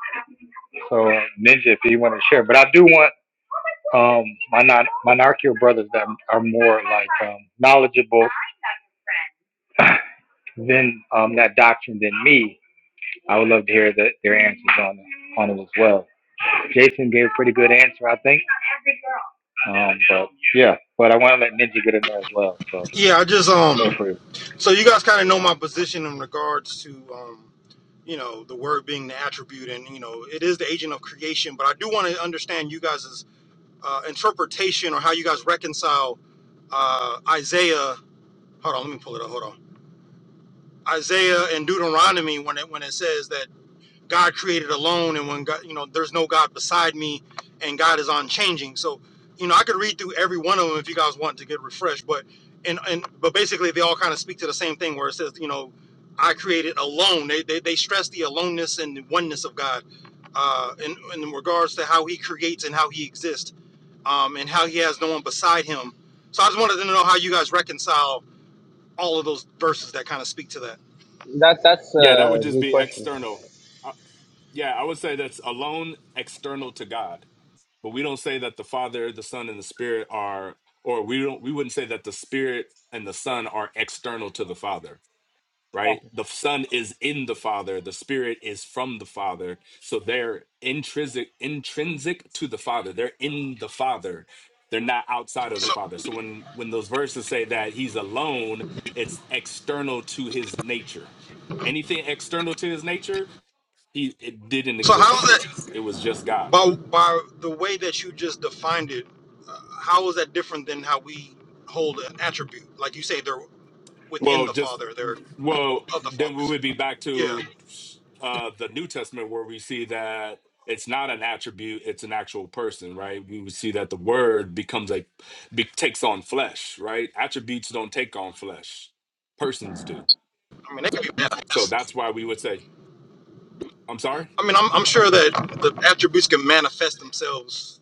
[SPEAKER 1] So uh, Ninja, if you want to share, but I do want um my non monarchical brothers that are more like um knowledgeable *laughs* *clears throat* then um, that doctrine than me, I would love to hear the, their answers on it, on it as well. Jason gave a pretty good answer, I think. Um, but yeah, but I want to let Ninja get in there as well. So
[SPEAKER 5] Yeah, I just
[SPEAKER 1] feel
[SPEAKER 5] um.
[SPEAKER 1] free.
[SPEAKER 5] So you guys kind of know my position in regards to um, you know, the word being the attribute, and you know, it is the agent of creation. But I do want to understand you guys' uh, interpretation or how you guys reconcile uh, Isaiah. Hold on, let me pull it up. Hold on, Isaiah and Deuteronomy when it when it says that. God created alone, and when God, you know, there's no God beside me, and God is unchanging. So, you know, I could read through every one of them if you guys want to get refreshed, but and and but basically they all kind of speak to the same thing where it says, you know, I created alone. They they, they stress the aloneness and the oneness of God, uh, in in regards to how He creates and how He exists, um, and how He has no one beside Him. So I just wanted to know how you guys reconcile all of those verses that kind of speak to that.
[SPEAKER 12] That that's
[SPEAKER 8] Yeah, that would
[SPEAKER 12] a
[SPEAKER 8] just
[SPEAKER 12] good
[SPEAKER 8] be
[SPEAKER 12] question.
[SPEAKER 8] external. Uh, yeah, I would say that's alone external to God. But we don't say that the Father, the Son, and the Spirit are, or we don't, we wouldn't say that the Spirit and the Son are external to the Father right?
[SPEAKER 12] Exactly.
[SPEAKER 8] The Son is in the Father, the Spirit is from the Father. So they're intrinsic intrinsic to the Father. They're in the Father. They're not outside of the Father. So when when those verses say that he's alone, it's external to his nature. Anything external to his nature, he it didn't
[SPEAKER 5] So how is
[SPEAKER 8] exist.
[SPEAKER 5] that?
[SPEAKER 8] It was just God.
[SPEAKER 5] By, by the way that you just defined it, uh, how is that different than how we hold an attribute? Like you say, they're within
[SPEAKER 8] Well,
[SPEAKER 5] the
[SPEAKER 8] just
[SPEAKER 5] Father, they're
[SPEAKER 8] well,
[SPEAKER 5] of the Father.
[SPEAKER 8] then we
[SPEAKER 5] So,
[SPEAKER 8] would be back
[SPEAKER 5] yeah,
[SPEAKER 8] to
[SPEAKER 5] I
[SPEAKER 8] uh, the New Testament where we see that it's not an attribute; it's an actual person, right? We would see that the Word becomes a be, takes on flesh, right? Attributes don't take on flesh; persons do.
[SPEAKER 5] mean, they can be
[SPEAKER 8] So
[SPEAKER 5] manifest.
[SPEAKER 8] that's why we would say, "I'm sorry."
[SPEAKER 5] I mean, I'm, I'm sure that the attributes can manifest themselves.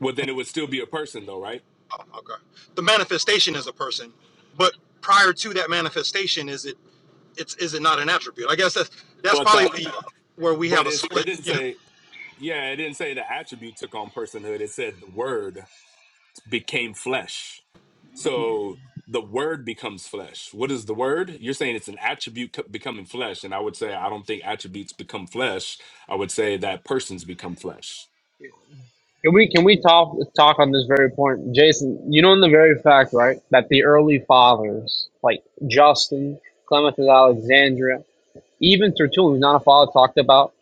[SPEAKER 8] Well, then it would still be a person, though, right?
[SPEAKER 5] Oh, okay. The manifestation is a person, but prior to that manifestation, is it it's is it not an attribute? I guess that's that's
[SPEAKER 8] But
[SPEAKER 5] probably
[SPEAKER 8] the
[SPEAKER 5] the, where we have
[SPEAKER 8] but
[SPEAKER 5] a
[SPEAKER 8] it's, it
[SPEAKER 5] split.
[SPEAKER 8] didn't
[SPEAKER 5] Yeah.
[SPEAKER 8] say, yeah, it didn't say the attribute took on personhood. It said the Word became flesh. So the word becomes flesh. What is the word? You're saying it's an attribute co- becoming flesh. And I would say, I don't think attributes become flesh. I would say that persons become flesh.
[SPEAKER 12] Can we can we talk talk on this very point, Jason? You know, in the very fact, right, that the early fathers like Justin, Clement of Alexandria, even Tertullian, who's not a father, talked about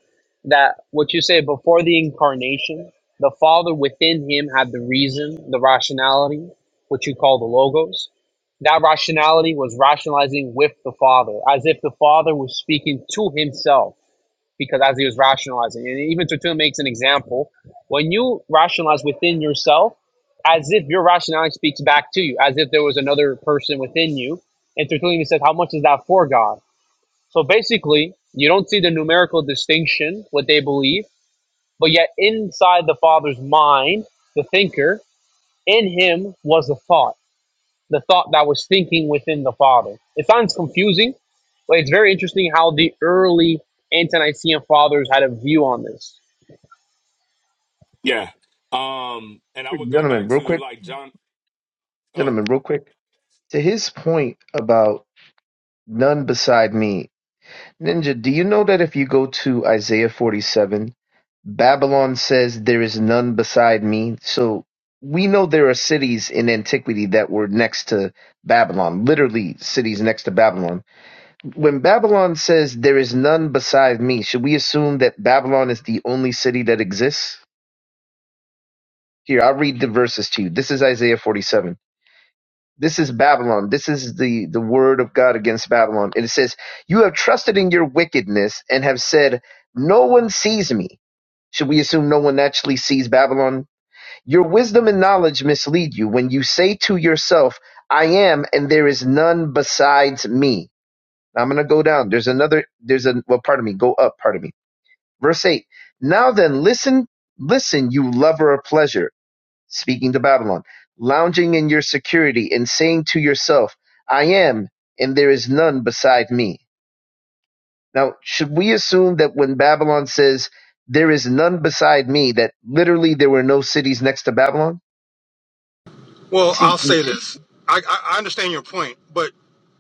[SPEAKER 12] that. What you say before the incarnation, the father within him had the reason, the rationality, what you call the logos. That rationality was rationalizing with the father, as if the father was speaking to himself because as he was rationalizing, and even Tertullian makes an example, when you rationalize within yourself, as if your rationality speaks back to you, as if there was another person within you. And Tertullian says, How much is that for God? So basically, you don't see the numerical distinction, what they believe, but yet inside the Father's mind, the thinker, in him was the thought the thought that was thinking within the Father. It sounds confusing, but it's very interesting how the early anti-Nicene fathers had a view on this.
[SPEAKER 8] Yeah. Um, and I would go
[SPEAKER 13] Gentlemen,
[SPEAKER 8] back
[SPEAKER 13] real
[SPEAKER 8] to
[SPEAKER 13] quick.
[SPEAKER 8] like John, uh,
[SPEAKER 13] Gentlemen, real quick. To his point about none beside me, Ninja, do you know that if you go to Isaiah 47, Babylon says there is none beside me? So we know there are cities in antiquity that were next to Babylon, literally cities next to Babylon. When Babylon says there is none beside me, should we assume that Babylon is the only city that exists? Here, I'll read the verses to you. This is Isaiah 47. This is Babylon. This is the, the word of God against Babylon. And it says, You have trusted in your wickedness and have said, No one sees me. Should we assume no one actually sees Babylon? Your wisdom and knowledge mislead you when you say to yourself, I am, and there is none besides me. Now I'm going to go down. There's another, there's a, well, pardon me, go up, pardon me. Verse 8. Now then, listen, listen, you lover of pleasure speaking to Babylon, lounging in your security and saying to yourself, I am, and there is none beside me. Now, should we assume that when Babylon says, there is none beside me, that literally there were no cities next to Babylon?
[SPEAKER 5] Well, I'll
[SPEAKER 13] See,
[SPEAKER 5] say this. I, I I understand your point, but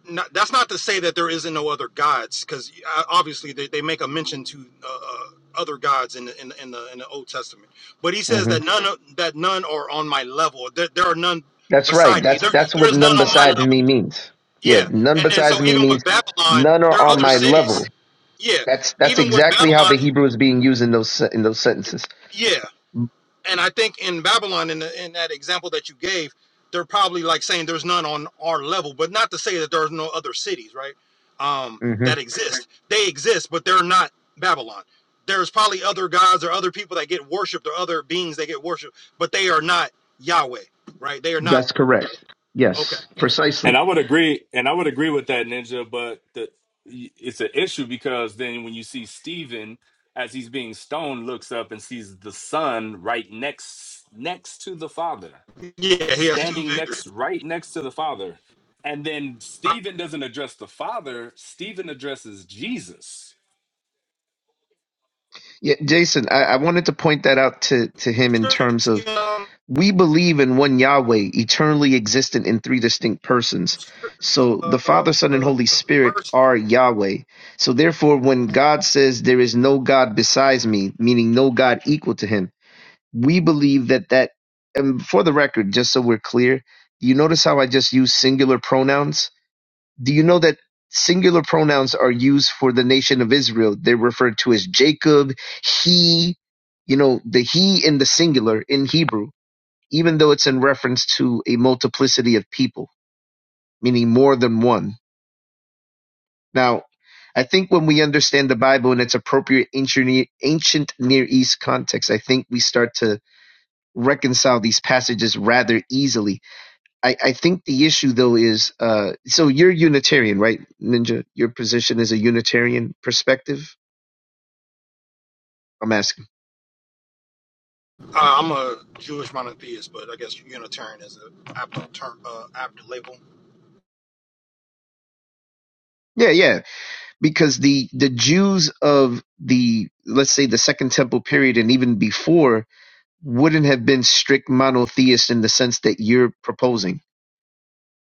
[SPEAKER 5] not, that's not to say that there isn't no other gods, because obviously they, they make a mention to uh, uh, other gods in the, in, the, in the in the Old Testament. But he says that
[SPEAKER 13] Mhm.
[SPEAKER 5] none of- that none are on my level. There, there are none
[SPEAKER 13] that's right.
[SPEAKER 5] beside me.
[SPEAKER 13] That's,
[SPEAKER 5] There
[SPEAKER 13] that's
[SPEAKER 5] there
[SPEAKER 13] what
[SPEAKER 5] is
[SPEAKER 13] none
[SPEAKER 5] none on my
[SPEAKER 13] beside
[SPEAKER 5] level.
[SPEAKER 13] me means. Yeah,
[SPEAKER 5] Yeah,
[SPEAKER 13] none
[SPEAKER 5] and then so
[SPEAKER 13] besides me
[SPEAKER 5] even with
[SPEAKER 13] means
[SPEAKER 5] Babylon,
[SPEAKER 13] none
[SPEAKER 5] there
[SPEAKER 13] are
[SPEAKER 5] are
[SPEAKER 13] on
[SPEAKER 5] other
[SPEAKER 13] my
[SPEAKER 5] cities.
[SPEAKER 13] level.
[SPEAKER 5] Yeah,
[SPEAKER 13] That's, that's
[SPEAKER 5] even with
[SPEAKER 13] exactly how
[SPEAKER 5] Babylon.
[SPEAKER 13] the Hebrew is being used in those, se- in those sentences.
[SPEAKER 5] Yeah, and I think in Babylon, in the, in that example that you gave, they're probably like saying there's none on our level, but not to say that there's no other cities, right? Um,
[SPEAKER 13] hmm
[SPEAKER 5] that exist. They exist, but they're not Babylon. There's probably other gods or other people that get worshipped or other beings that get worshipped, but they are not Yahweh, right? They are not.
[SPEAKER 13] That's correct.
[SPEAKER 5] Okay.
[SPEAKER 13] Yes, precisely.
[SPEAKER 8] and I would agree, and I would agree with that ninja, but the, it's an issue because then when you see Stephen as he's being stoned, looks up and sees the son right next, next to the father
[SPEAKER 5] Yeah, he has two.
[SPEAKER 8] standing
[SPEAKER 5] vic-
[SPEAKER 8] next right next to the father and then
[SPEAKER 5] I-
[SPEAKER 8] stephen doesn't address the father stephen addresses jesus
[SPEAKER 13] Yeah, Jason, I, I wanted to point that out to, to him in terms
[SPEAKER 5] scriptures,
[SPEAKER 13] of
[SPEAKER 5] um,
[SPEAKER 13] we believe in one Yahweh, eternally existent in three distinct persons.
[SPEAKER 5] script-
[SPEAKER 13] So the
[SPEAKER 5] uh,
[SPEAKER 13] Father, Son, and Holy
[SPEAKER 5] uh,
[SPEAKER 13] Spirit
[SPEAKER 5] verses
[SPEAKER 13] are Yahweh. So therefore, when God says there is no God besides me, meaning no God equal to him, we believe that that, and for the record, just so we're clear, you notice how I just use singular pronouns? Do you know that singular pronouns are used for the nation of Israel? They're referred to as Jacob, he, you know, the he in the singular in Hebrew, even though it's in reference to a multiplicity of people, meaning more than one. Now, I think when we understand the Bible in its appropriate ancient Near ancient Near East context, I think we start to reconcile these passages rather easily I, I think the issue though is uh, so you're Unitarian, right, Ninja? Your position is a Unitarian perspective. I'm asking.
[SPEAKER 5] Uh, I'm a Jewish monotheist, but I guess Unitarian is a apt term, uh, apt label.
[SPEAKER 13] Yeah, yeah, because the the Jews of the let's say the Second Temple period and even before wouldn't have been strict monotheists in the sense that you're proposing.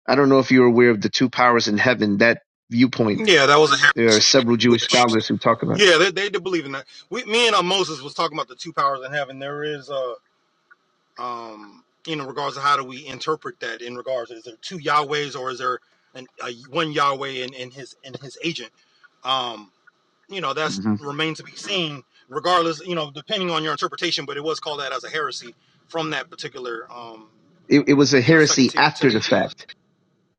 [SPEAKER 13] I don't know if you're aware of the two powers in heaven that viewpoint.
[SPEAKER 5] Yeah, that was a
[SPEAKER 13] There are
[SPEAKER 5] heresy.
[SPEAKER 13] several Jewish
[SPEAKER 5] Which,
[SPEAKER 13] scholars who talk about it.
[SPEAKER 5] yeah, they, they do believe in that. We, me and uh, Moses was talking about the two powers in heaven. There is a, um, you know, regards to how do we interpret that in regards is there two Yahwehs or is there an, a, one Yahweh and, and his and his agent? Um, you know, that's
[SPEAKER 13] hmm
[SPEAKER 5] remains to be seen. Regardless, you know, depending on your interpretation, but it was called that as a heresy from that particular, um,
[SPEAKER 13] It, it was a
[SPEAKER 5] you know, Second
[SPEAKER 13] heresy
[SPEAKER 5] Tim-
[SPEAKER 13] after
[SPEAKER 5] Temple.
[SPEAKER 13] the fact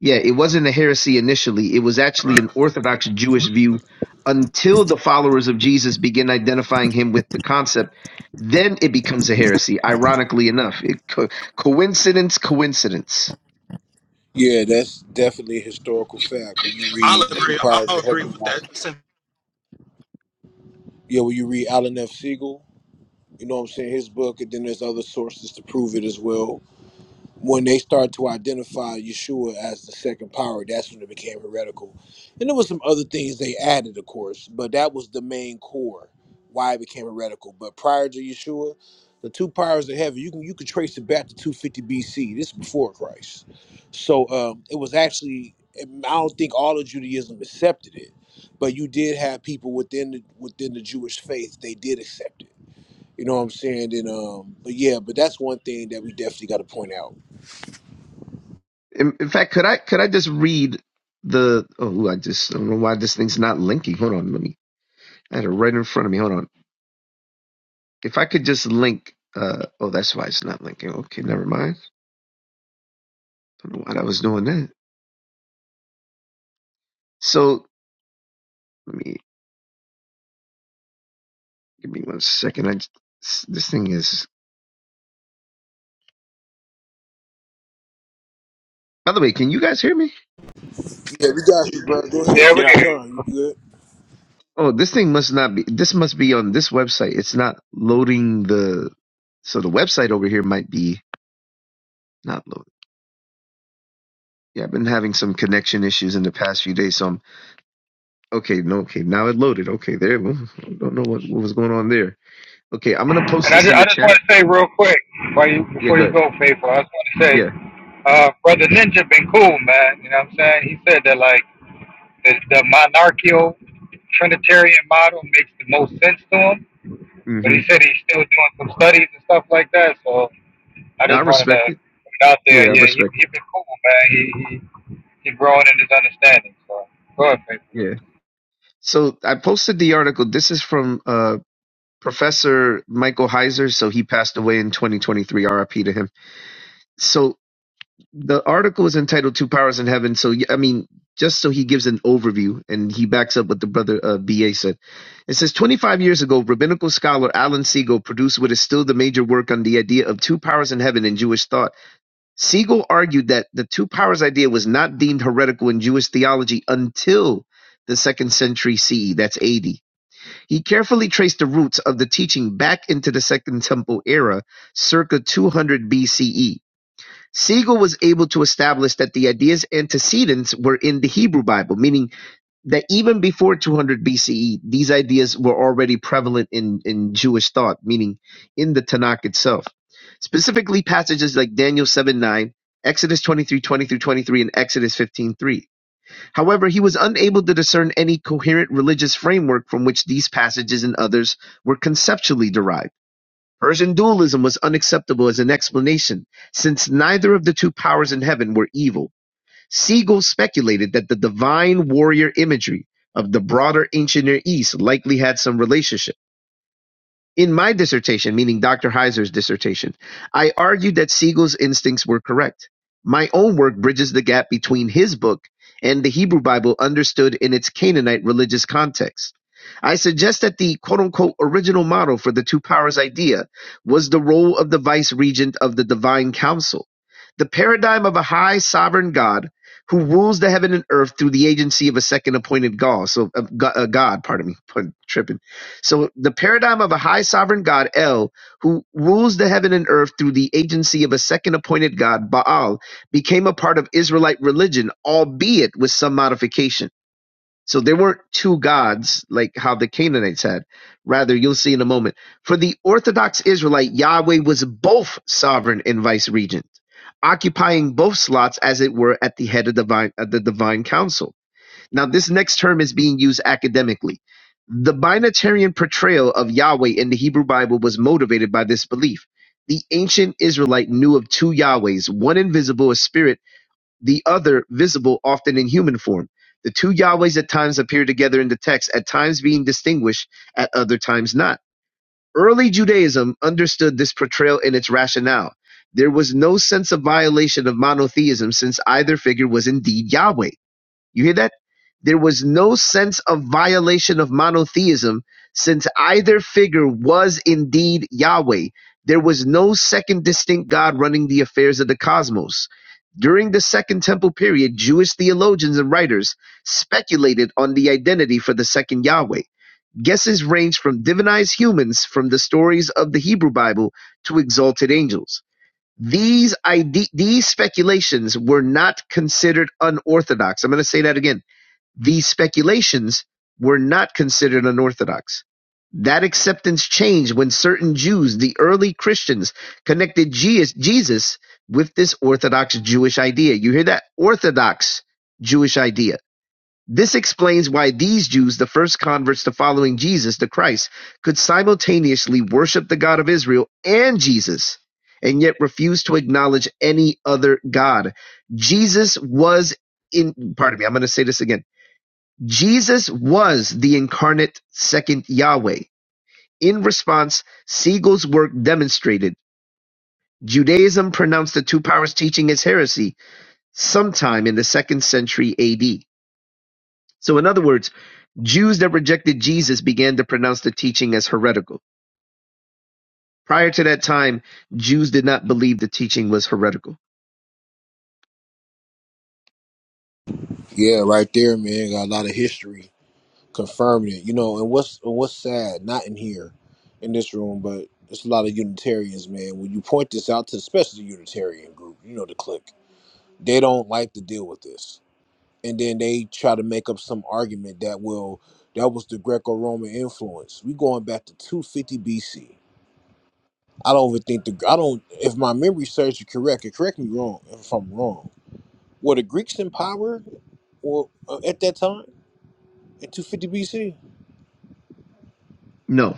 [SPEAKER 13] Yeah, it wasn't a heresy initially. It was actually
[SPEAKER 5] Right.
[SPEAKER 13] an Orthodox Jewish view until the followers of Jesus begin identifying him with the concept. Then it becomes a heresy. Ironically enough, it, co- coincidence, coincidence.
[SPEAKER 14] Yeah, that's definitely a historical fact. When you
[SPEAKER 5] I'll
[SPEAKER 14] read The Two
[SPEAKER 5] agree.
[SPEAKER 14] Powers
[SPEAKER 5] I'll
[SPEAKER 14] of
[SPEAKER 5] agree
[SPEAKER 14] Heaven,
[SPEAKER 5] with that.
[SPEAKER 14] and
[SPEAKER 5] Since
[SPEAKER 14] yeah, when you read Alan F. Siegel, you know what I'm saying, his book, and then there's other sources to prove it as well. when they started to identify Yeshua as the second power, that's when it became heretical. And there was some other things they added, of course, but that was the main core why it became heretical. But prior to Yeshua, the two powers of heaven, you can you can trace it back to 250 BC. This is before Christ. So um, it was actually I don't think all of Judaism accepted it, but you did have people within the within the Jewish faith, they did accept it. You know what I'm saying? And um, but yeah, but that's one thing that we definitely gotta point out.
[SPEAKER 13] In, in fact, could I could I just read the? Oh, I just I don't know why this thing's not linking. Hold on, let me. I had it right in front of me. Hold on. If I could just link. Uh, oh, that's why it's not linking. Okay, never mind. don't know why I was doing that. So let me. Give me one second. I just, this thing is. By the way, can you guys hear me?
[SPEAKER 14] Yeah, we got you, bro. Go ahead,
[SPEAKER 1] Yeah, we
[SPEAKER 14] take
[SPEAKER 8] Yeah,
[SPEAKER 1] can.
[SPEAKER 14] your time. You good?
[SPEAKER 13] Oh, this thing must not be. This must be on this website. It's not loading the. So the website over here might be not loaded. Yeah, I've been having some connection issues in the past few days. So I'm okay. No, okay. Now it loaded. Okay, there. well, I don't know what, what was going on there. Okay, I'm gonna post
[SPEAKER 1] And I
[SPEAKER 13] this
[SPEAKER 1] just,
[SPEAKER 13] in
[SPEAKER 1] I
[SPEAKER 13] the
[SPEAKER 1] just want
[SPEAKER 13] chat.
[SPEAKER 1] to say real quick, before you,
[SPEAKER 13] Yeah,
[SPEAKER 1] before you
[SPEAKER 13] good.
[SPEAKER 1] go, Faithful, I just want to say,
[SPEAKER 13] Yeah.
[SPEAKER 1] uh, Brother Ninja been cool, man. You know what I'm saying? He said that, like, the, the monarchical Trinitarian model makes the most sense to him, but
[SPEAKER 13] Mm-hmm.
[SPEAKER 1] he said he's still doing some studies and stuff like that. So I
[SPEAKER 13] Now I
[SPEAKER 1] just wanted to
[SPEAKER 13] respect it.
[SPEAKER 1] put it out there.
[SPEAKER 13] Yeah, I
[SPEAKER 1] Yeah, he
[SPEAKER 13] respect
[SPEAKER 1] he
[SPEAKER 13] it.
[SPEAKER 1] been cool, man. He he he growing in his understanding. So go ahead, Faith.
[SPEAKER 13] Yeah. So I posted the article. This is from uh Professor Michael Heiser, so he passed away in 2023. RIP to him. So the article is entitled Two Powers in Heaven. So, yeah, I mean, just so he gives an overview and he backs up what the brother uh, BA said. It says 25 years ago, rabbinical scholar Alan Siegel produced what is still the major work on the idea of two powers in heaven in Jewish thought. Siegel argued that the two powers idea was not deemed heretical in Jewish theology until the second century CE. That's AD. He carefully traced the roots of the teaching back into the Second Temple era, circa two hundred BCE. Siegel was able to establish that the idea's antecedents were in the Hebrew Bible, meaning that even before 200 BCE, these ideas were already prevalent in, in Jewish thought, meaning in the Tanakh itself. Specifically, passages like Daniel 7 9, Exodus 23:20 through 23, and Exodus 15:3. However, he was unable to discern any coherent religious framework from which these passages and others were conceptually derived. Persian dualism was unacceptable as an explanation, since neither of the two powers in heaven were evil. Siegel speculated that the divine warrior imagery of the broader ancient Near East likely had some relationship. In my dissertation, meaning Dr. Heiser's dissertation, I argued that Siegel's instincts were correct. My own work bridges the gap between his book and the Hebrew Bible understood in its Canaanite religious context. I suggest that the quote unquote original model for the two powers idea was the role of the vice regent of the divine council, the paradigm of a high sovereign God who rules the heaven and earth through the agency of a second appointed God. So, of Go- uh, God, pardon me, *laughs* tripping so the paradigm of a high sovereign god El, who rules the heaven and earth through the agency of a second appointed god Baal, became a part of Israelite religion, albeit with some modification. So there weren't two gods like how the Canaanites had. Rather, you'll see in a moment. For the Orthodox Israelite, Yahweh was both sovereign and vice regent, occupying both slots as it were at the head of divine, of the divine council. Now, this next term is being used academically. The binatarian portrayal of Yahweh in the Hebrew Bible was motivated by this belief. The ancient Israelite knew of two Yahwehs, one invisible as spirit, the other visible, often in human form. The two Yahwehs at times appear together in the text, at times being distinguished, at other times not. Early Judaism understood this portrayal in its rationale. There was no sense of violation of monotheism since either figure was indeed Yahweh. You hear that? There was no sense of violation of monotheism since either figure was indeed Yahweh. There was no second distinct God running the affairs of the cosmos. During the Second Temple period, Jewish theologians and writers speculated on the identity for the second Yahweh. Guesses ranged from divinized humans from the stories of the Hebrew Bible to exalted angels these ide- these speculations were not considered unorthodox. I'm going to say that again. These speculations were not considered unorthodox. That acceptance changed when certain Jews, the early Christians, connected Jesus with this orthodox Jewish idea. You hear that? Orthodox Jewish idea. This explains why these Jews, the first converts to following Jesus, the Christ, could simultaneously worship the God of Israel and Jesus and yet refuse to acknowledge any other God. Jesus was in, pardon me, I'm going to say this again. Jesus was the incarnate second Yahweh. In response, Siegel's work demonstrated Judaism pronounced the two powers teaching as heresy sometime in the second century AD. So, in other words, Jews that rejected Jesus began to pronounce the teaching as heretical. Prior to that time, Jews did not believe the teaching was heretical.
[SPEAKER 14] Yeah, right there, man. Got a lot of history confirming it. You know, and what's and what's sad, not in here, in this room, but it's a lot of Unitarians, man. When you point this out to, especially the Unitarian group, you know the clique, they don't like to deal with this, and then they try to make up some argument that will that was the Greco-Roman influence. We going back to 250 BC. I don't even think the I don't. If my memory serves you correct, and correct me wrong if I'm wrong Were the Greeks in power or uh, at that time in 250 BC?
[SPEAKER 13] No.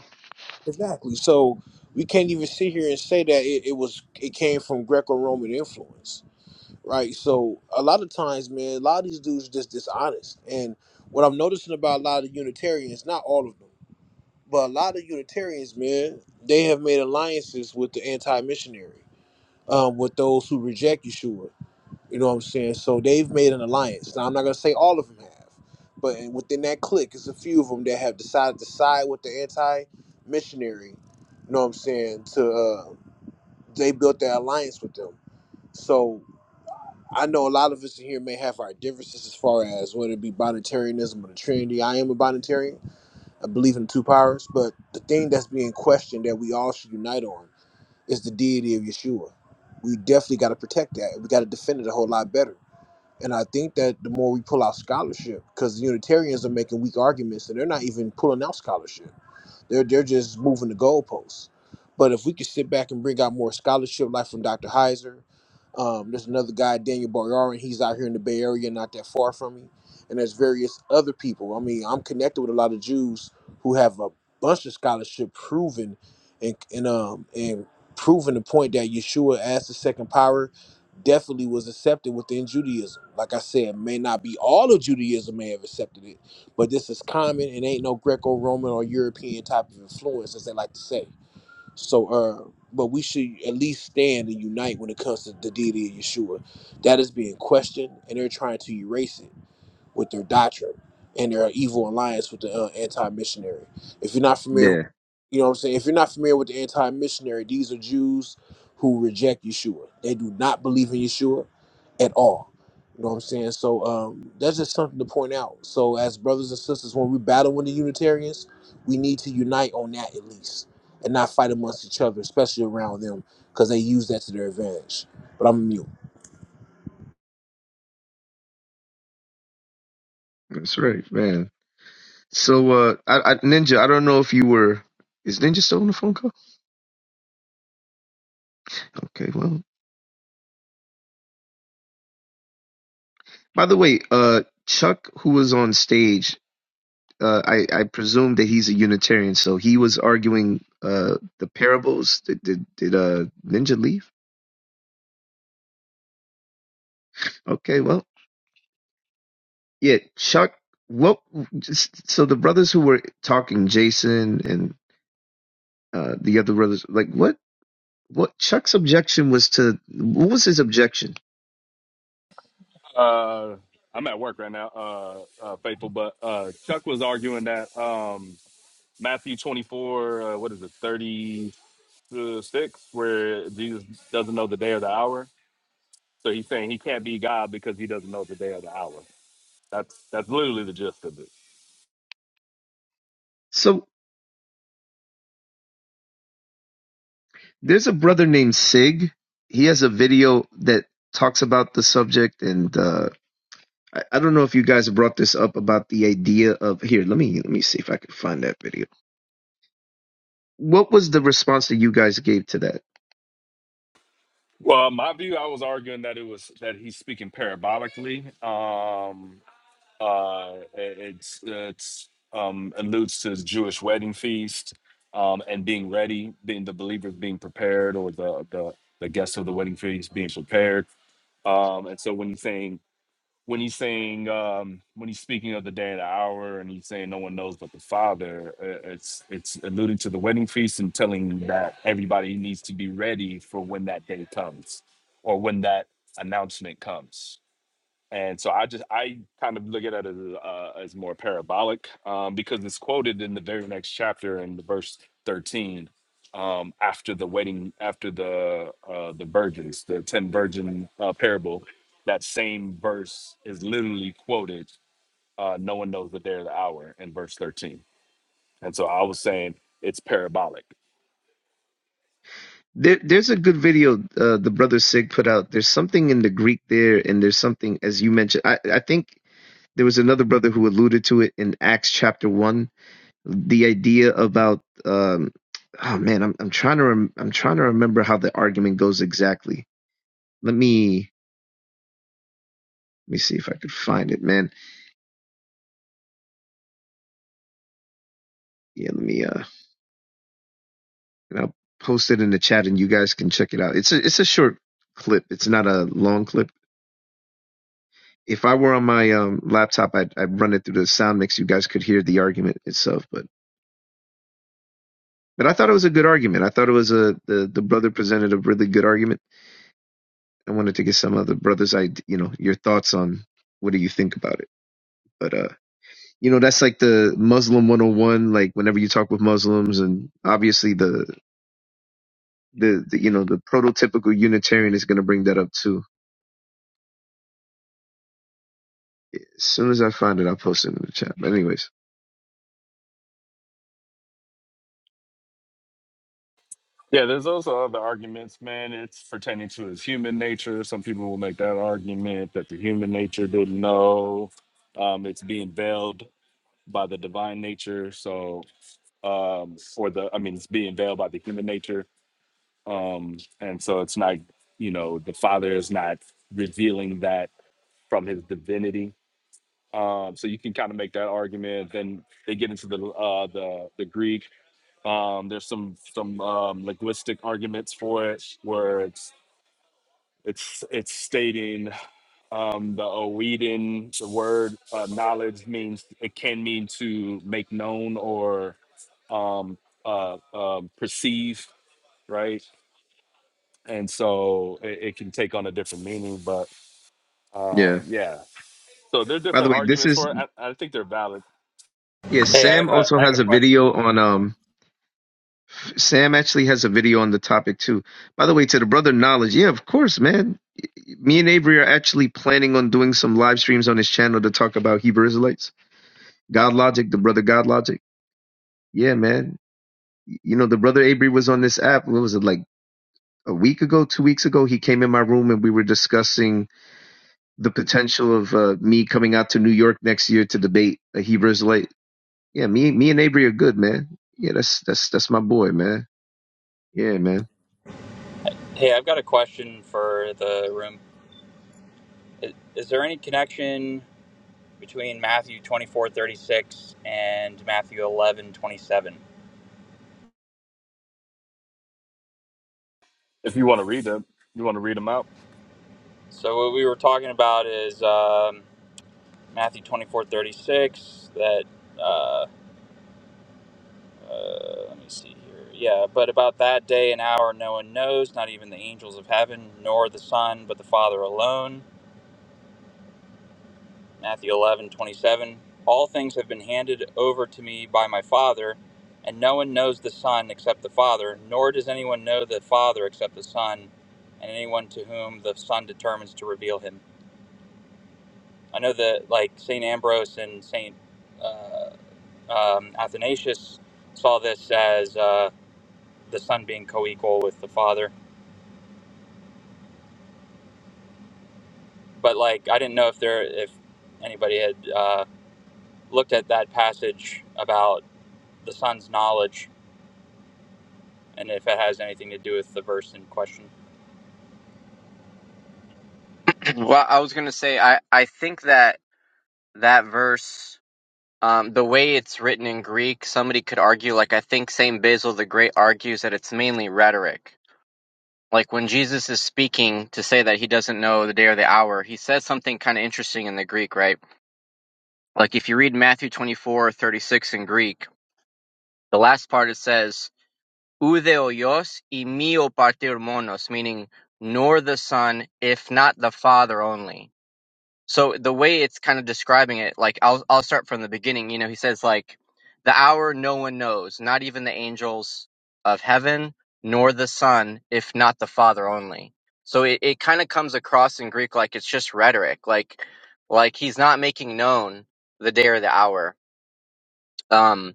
[SPEAKER 14] Exactly. So we can't even sit here and say that it, it was it came from Greco-Roman influence, right? So a lot of times, man, a lot of these dudes just dishonest. And what I'm noticing about a lot of Unitarians, not all of them, but a lot of Unitarians, man, they have made alliances with the anti-missionary, um, with those who reject Yeshua You know what I'm saying? So they've made an alliance. Now I'm not gonna say all of them have, but within that clique, it's a few of them that have decided to side with the anti-missionary. You know what I'm saying? To uh, they built that alliance with them. So I know a lot of us in here may have our differences as far as whether it be bonitarianism or the Trinity. I am a bonitarian. I believe in the two powers, but the thing that's being questioned that we all should unite on is the deity of Yeshua. We definitely got to protect that. We got to defend it a whole lot better and I think that the more we pull out scholarship, because Unitarians are making weak arguments and they're not even pulling out scholarship. They're they're just moving the goalposts. But if we could sit back and bring out more scholarship, like from Dr. Heiser, um, there's another guy, Daniel Boyarin. He's out here in the Bay Area, not that far from me. And there's various other people. I mean, I'm connected with a lot of Jews who have a bunch of scholarship proven and and um and proving the point that Yeshua as the second power definitely was accepted within Judaism. Like I said, may not be all of Judaism may have accepted it, but this is common and ain't no Greco-Roman or European type of influence, as they like to say. So, uh, but we should at least stand and unite when it comes to the deity of Yeshua. That is being questioned, and they're trying to erase it with their doctrine and their evil alliance with the uh, anti-missionary. If you're not familiar
[SPEAKER 13] Yeah,
[SPEAKER 14] you know what I'm saying? If you're not familiar with the anti-missionary, these are Jews who reject Yeshua. They do not believe in Yeshua at all. You know what I'm saying? So um, that's just something to point out. So as brothers and sisters, when we battle with the Unitarians, we need to unite on that at least, and not fight amongst each other, especially around them, because they use that to their advantage. But I'm mute.
[SPEAKER 13] that's right, man. So, uh, I, I, Ninja, I don't know if you were. Is Ninja still on the phone call? Okay, well, By the way, uh, Chuck, who was on stage, uh, I, I presume that he's a Unitarian, so he was arguing uh, the parables. Did, did, did uh, Ninja leave? Okay, well, yeah, Chuck. What? Just, so the brothers who were talking, Jason and uh, the other brothers, like what? What Chuck's objection was to what was his objection?
[SPEAKER 8] uh, I'm at work right now, uh, uh, faithful. But uh, Chuck was arguing that um, Matthew 24, uh, what is it, 36, where Jesus doesn't know the day or the hour. So he's saying he can't be God because he doesn't know the day or the hour. That's that's literally the gist of it.
[SPEAKER 13] So there's a brother named Sig. He has a video that talks about the subject, and uh, I, I don't know if you guys brought this up about the idea of here. Let me let me see if I can find that video. What was the response that you guys gave to that?
[SPEAKER 8] Well, my view, I was arguing that it was that he's speaking parabolically, um, uh, it- it's it's um, alludes to his Jewish wedding feast um, and being ready, being the believers being prepared, or the the the guests of the wedding feast being prepared. Um, and so when he's saying when he's saying um, when he's speaking of the day and the hour, and he's saying no one knows but the Father, uh, it's it's alluding to the wedding feast and telling that everybody needs to be ready for when that day comes, or when that announcement comes and so I just I kind of look at it as, uh, as more parabolic um, because it's quoted in the very next chapter in the verse thirteen um, after the wedding after the uh, the virgins the ten virgin uh, parable that same verse is literally quoted uh, no one knows the day or the hour in verse thirteen and so I was saying it's parabolic
[SPEAKER 13] There, there's a good video uh, the brother Sig put out. There's something in the Greek there, and there's something as you mentioned. I, I think there was another brother who alluded to it in Acts chapter one. the idea about um oh man i'm i'm trying to rem- i'm trying to remember how the argument goes exactly let me let me see if i could find it man yeah let me uh and i'll post it in the chat and you guys can check it out it's a it's a short clip it's not a long clip if i were on my um laptop i'd i'd run it through the sound mix you guys could hear the argument itself but but i thought it was a good argument i thought it was a the the brother presented a really good argument i wanted to get some of the brothers i you know your thoughts on what do you think about it but uh you know that's like the muslim 101 like whenever you talk with muslims and obviously the the, the you know the prototypical unitarian is going to bring that up too as soon as i find it i'll post it in the chat but anyways
[SPEAKER 8] Yeah, there's also other arguments, man. It's pertaining to his human nature. Some people will make that argument that the human nature didn't know. Um, it's being veiled by the divine nature. So, um, for the, I mean, it's being veiled by the human nature. Um, and so it's not, you know, the Father is not revealing that from his divinity. Um, so you can kind of make that argument. Then they get into the uh, the the Greek. Um, there's some some um, linguistic arguments for it, where it's it's it's stating um, the Oedin, the word uh, knowledge means it can mean to make known or um, uh, um, perceive, right? And so it, it can take on a different meaning, but um,
[SPEAKER 13] yeah
[SPEAKER 8] yeah. So there are
[SPEAKER 13] by the
[SPEAKER 8] different
[SPEAKER 13] way this
[SPEAKER 8] arguments
[SPEAKER 13] is
[SPEAKER 8] for it. I, I think they're valid.
[SPEAKER 13] yeah
[SPEAKER 11] Hey, I
[SPEAKER 13] sam
[SPEAKER 11] have a
[SPEAKER 13] also
[SPEAKER 11] I have a
[SPEAKER 13] has a
[SPEAKER 11] question.
[SPEAKER 13] video on um sam actually has a video on the topic too by the way to the brother knowledge yeah of course man me and avery are actually planning on doing some live streams on his channel to talk about hebrew israelites god logic the brother god logic yeah man you know, the brother Avery was on this app. What was it like a week ago, two weeks ago? He came in my room and we were discussing the potential of uh, me coming out to New York next year to debate a Hebrew Israelite. Yeah, me, me and Avery are good, man. Yeah, that's that's that's my boy, man. Yeah, man.
[SPEAKER 11] Hey, I've got a question for the room. Is, is there any connection between Matthew twenty four thirty six and Matthew eleven twenty seven?
[SPEAKER 8] If you want to read them, you want to read them out.
[SPEAKER 11] So what we were talking about is um, Matthew twenty four thirty six. That uh, uh, let me see here. Yeah, but about that day and hour, no one knows, not even the angels of heaven, nor the Son, but the Father alone. Matthew 11 27. All things have been handed over to me by my Father, and no one knows the Son except the Father, nor does anyone know the Father except the Son, and anyone to whom the Son determines to reveal him. I know that, like, St. Ambrose and St. Uh, um, Athanasius saw this as uh, the Son being co equal with the Father, but, like, I didn't know if there, if anybody had uh, looked at that passage about the Son's knowledge and if it has anything to do with the verse in question.
[SPEAKER 7] *clears throat* Well, I was going to say, I, I think that that verse, um, the way it's written in Greek, somebody could argue, like, I think St. Basil the Great argues that it's mainly rhetoric. Like, when Jesus is speaking to say that he doesn't know the day or the hour, he says something kind of interesting in the Greek, right? Like, if you read Matthew 24 36 in Greek, the last part it says, Oude Hoyos y mio partir monos, meaning nor the son, if not the father only. So the way it's kind of describing it, like I'll I'll start from the beginning. You know, he says like the hour no one knows, not even the angels of heaven, nor the son, if not the father only. So it, it kind of comes across in Greek like it's just rhetoric, like like he's not making known the day or the hour. Um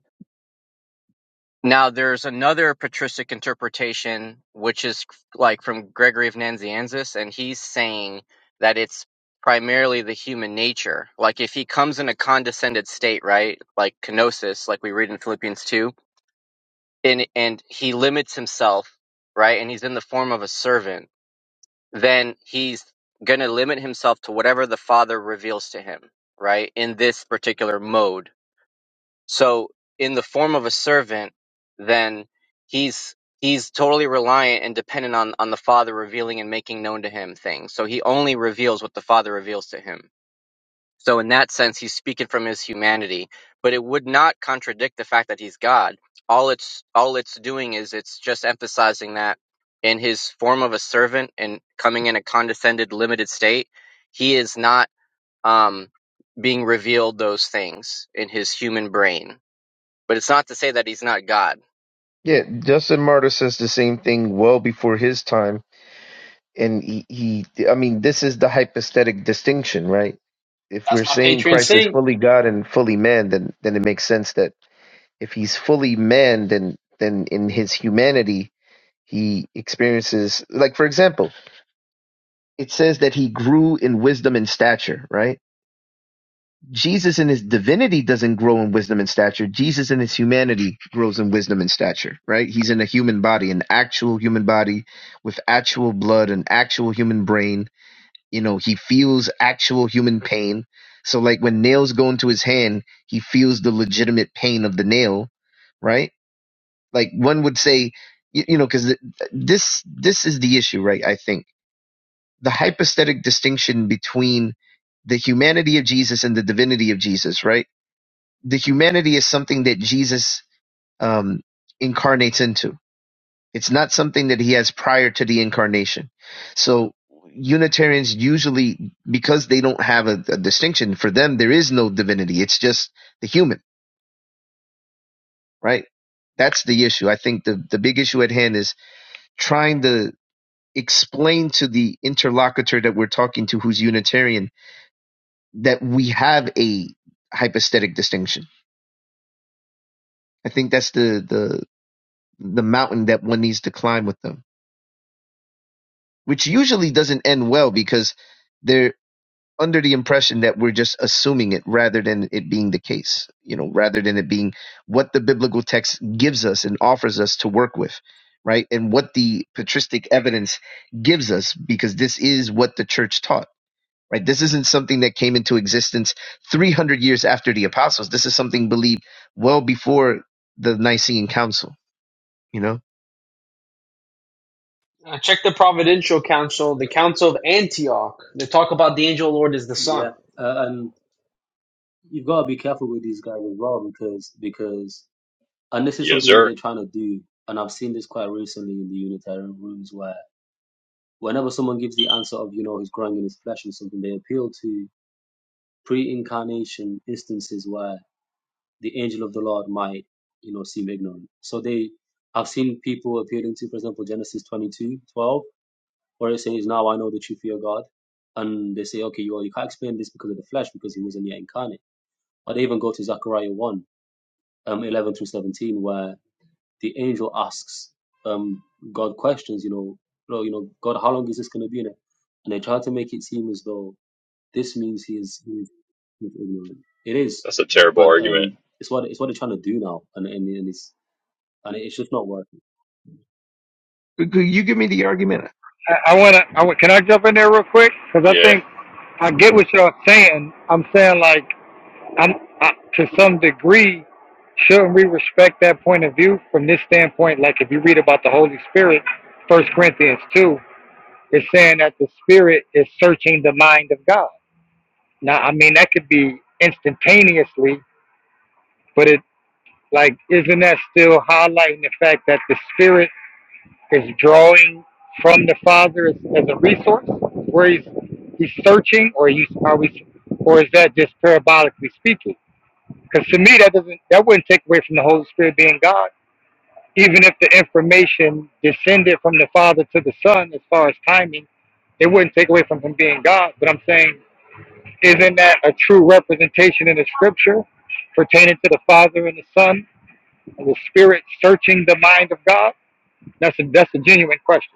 [SPEAKER 7] now, there's another patristic interpretation, which is like from Gregory of Nazianzus, and he's saying that it's primarily the human nature. Like if he comes in a condescended state, right? Like kenosis, like we read in Philippians 2, and, and he limits himself, right? And he's in the form of a servant, then he's going to limit himself to whatever the Father reveals to him, right? In this particular mode so in the form of a servant, then he's he's totally reliant and dependent on on the Father revealing and making known to him things. So he only reveals what the Father reveals to him. So in that sense, he's speaking from his humanity, but it would not contradict the fact that he's God. All it's all it's doing is it's just emphasizing that in his form of a servant and coming in a condescended, limited state, he is not um, being revealed those things in his human brain but it's not to say that he's not God.
[SPEAKER 13] Yeah, Justin Martyr says the same thing well before his time, and he, he I mean, this is the hypostatic distinction, right? If we're
[SPEAKER 12] That's my
[SPEAKER 13] saying
[SPEAKER 12] patron
[SPEAKER 13] Christ is
[SPEAKER 12] saint.
[SPEAKER 13] fully God and fully man, then then it makes sense that if he's fully man, then then in his humanity he experiences like for example, it says that he grew in wisdom and stature, right? Jesus in his divinity doesn't grow in wisdom and stature. Jesus in his humanity grows in wisdom and stature, right? He's in a human body, an actual human body with actual blood, an actual human brain. You know, he feels actual human pain. So like when nails go into his hand, he feels the legitimate pain of the nail, right? Like one would say, you, you know, because this this is the issue, right? I think the hypostatic distinction between the humanity of Jesus and the divinity of Jesus, right? The humanity is something that Jesus um, incarnates into. It's not something that he has prior to the incarnation. So Unitarians usually, because they don't have a, a distinction, for them there is no divinity. It's just the human, right? That's the issue. I think the, the big issue at hand is trying to explain to the interlocutor that we're talking to who's Unitarian that we have a hypostatic distinction. I think that's the the the mountain that one needs to climb with them, which usually doesn't end well because they're under the impression that we're just assuming it rather than it being the case, you know, rather than it being what the biblical text gives us and offers us to work with, right? And what the patristic evidence gives us because this is what the church taught right? This isn't something that came into existence 300 years after the apostles. This is something believed well before the Nicene Council, you know?
[SPEAKER 12] Uh, check the Providential Council, the Council of Antioch. They talk about the angel of the Lord is the Son.
[SPEAKER 15] Yeah, uh, and you've got to be careful with these guys as well because because and this is
[SPEAKER 16] Yes,
[SPEAKER 15] something that
[SPEAKER 16] sir.
[SPEAKER 15] they're trying to do, and I've seen this quite recently in the Unitarian rooms where whenever someone gives the answer of you know he's growing in his flesh or something, they appeal to pre-incarnation instances where the angel of the Lord might you know seem ignorant. So they, I've seen people appealing to, for example, Genesis 22 12, where it says, "Now I know that you fear of God," and they say, "Okay, well you can't explain this because of the flesh because he wasn't yet incarnate." I'd even go to Zechariah 1, um, 11 through 17, where the angel asks um, God questions, you know, you know, God, how long is this going to be in it? And they try to make it seem as though this means he is, he is, he is ignorant. It is,
[SPEAKER 16] That's a terrible
[SPEAKER 15] but
[SPEAKER 16] argument.
[SPEAKER 15] um, it's what it's what they're trying to do now, and and, and it's and it's just not working.
[SPEAKER 13] Could- You give me the argument.
[SPEAKER 1] I, I wanna I wa- can I jump in there real quick because I
[SPEAKER 16] Yeah.
[SPEAKER 1] think I get
[SPEAKER 13] Yeah.
[SPEAKER 1] what y'all saying. I'm saying like I'm I, to some degree. Shouldn't we respect that point of view from this standpoint? Like if you read about the Holy Spirit, First Corinthians two, it's saying that the Spirit is searching the mind of God. Now, I mean that could be instantaneously, but it. Like, isn't that still highlighting the fact that the Spirit is drawing from the Father as, as a resource, where he's he's searching, or you are we, or is that just parabolically speaking? Because to me, that doesn't that wouldn't take away from the Holy Spirit being God, even if the information descended from the Father to the Son as far as timing, it wouldn't take away from him being God. But I'm saying, isn't that a true representation in the Scripture pertaining to the Father and the Son? the spirit searching the mind of God? That's a that's a genuine question.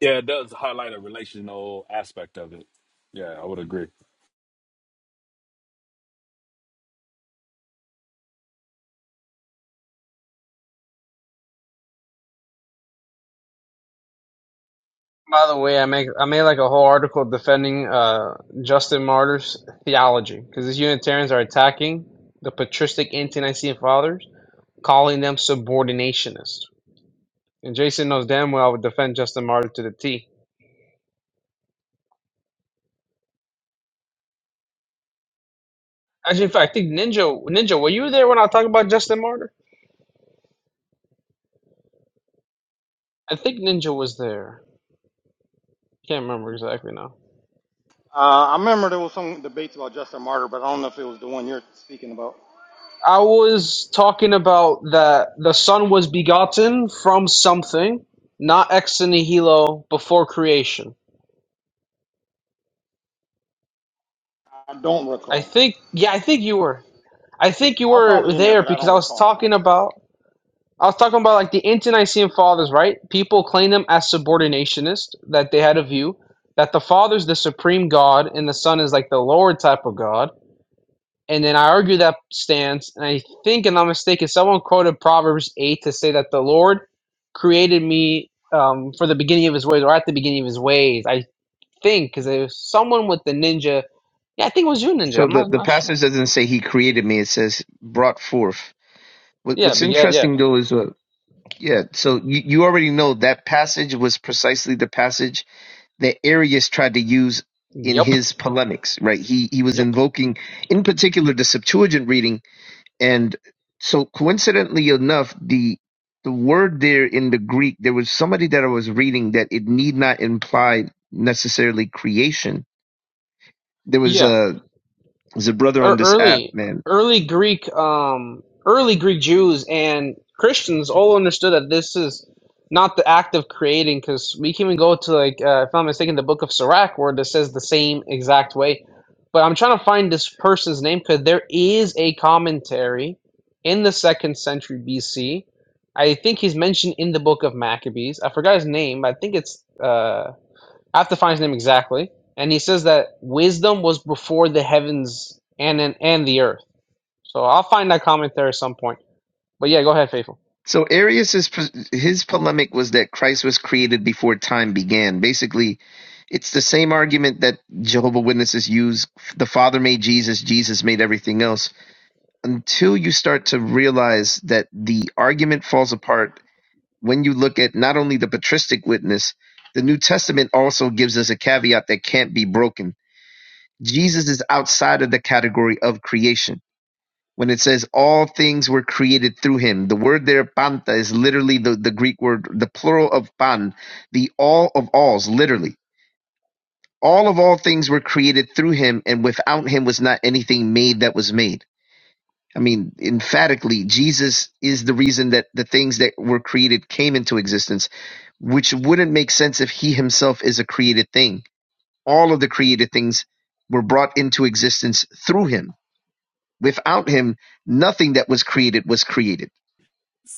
[SPEAKER 8] Yeah, it does highlight a relational aspect of it. Yeah, I would agree.
[SPEAKER 12] By the way, I make I made like a whole article defending uh, Justin Martyr's theology because these Unitarians are attacking the patristic anti-Nicene fathers, calling them subordinationists. And Jason knows damn well I would defend Justin Martyr to the T. Actually, in fact, I think Ninja, Ninja, were you there when I talked about Justin Martyr? I think Ninja was there. Can't remember exactly now.
[SPEAKER 5] Uh, I remember there was some debates about Just Martyr, but I don't know if it was the one you're speaking about.
[SPEAKER 12] I was talking about that the Son was begotten from something, not ex nihilo before creation.
[SPEAKER 5] I don't
[SPEAKER 12] I
[SPEAKER 5] recall.
[SPEAKER 12] think, yeah, I think you were. I think you
[SPEAKER 5] I was
[SPEAKER 12] were
[SPEAKER 5] probably in there,
[SPEAKER 12] there
[SPEAKER 5] but I
[SPEAKER 12] because
[SPEAKER 5] don't
[SPEAKER 12] I was
[SPEAKER 5] recall the
[SPEAKER 12] talking
[SPEAKER 5] conversation.
[SPEAKER 12] about. I was talking about like the anti-Nicene fathers, right? People claim them as subordinationist, that they had a view that the Father's the supreme God and the Son is like the lower type of God And then I argue that stance, and I think, and I'm not mistaken, someone quoted Proverbs 8 to say that the Lord created me um, for the beginning of his ways, or at the beginning of his ways. I think, because there was someone with the ninja. Yeah, I think it was you, ninja.
[SPEAKER 13] So
[SPEAKER 12] I'm
[SPEAKER 13] the,
[SPEAKER 12] not,
[SPEAKER 13] the
[SPEAKER 12] not sure.
[SPEAKER 13] passage doesn't say he created me. It says brought forth. What,
[SPEAKER 12] Yeah,
[SPEAKER 13] what's
[SPEAKER 12] but yeah, yeah.
[SPEAKER 13] interesting though is, uh, yeah, so you, you already know that passage was precisely the passage that Arius tried to use in
[SPEAKER 12] Yep,
[SPEAKER 13] his polemics, right? He, he was
[SPEAKER 12] yep.
[SPEAKER 13] invoking in particular the Septuagint reading And so coincidentally enough, the the word there in the Greek, there was somebody that I was reading that it need not imply necessarily creation. There was
[SPEAKER 12] Yeah.
[SPEAKER 13] a there's a brother
[SPEAKER 12] er,
[SPEAKER 13] on this app,
[SPEAKER 12] early
[SPEAKER 13] man.
[SPEAKER 12] early Greek um early Greek Jews and Christians all understood that this is not the act of creating because we can even go to like uh, if I'm not mistaken the book of Sirach where this says the same exact way. But I'm trying to find this person's name because there is a commentary in the second century BC. I think he's mentioned in the book of Maccabees. I forgot his name, but I think it's uh I have to find his name exactly. And he says that wisdom was before the heavens and and, and the earth. So I'll find that comment there at some point. But yeah, go ahead, faithful.
[SPEAKER 13] So Arius's his polemic was that Christ was created before time began. Basically, it's the same argument that Jehovah Witnesses use: the Father made Jesus, Jesus made everything else. Until you start to realize that the argument falls apart when you look at not only the patristic witness, the New Testament also gives us a caveat that can't be broken. Jesus is outside of the category of creation. When it says all things were created through him, the word there, panta, is literally the, the Greek word, the plural of pan, the all of alls, literally. All of all things were created through him, and without him was not anything made that was made I mean, emphatically, Jesus is the reason that the things that were created came into existence, which wouldn't make sense if he himself is a created thing. All of the created things were brought into existence through him. Without him, nothing that was created was created.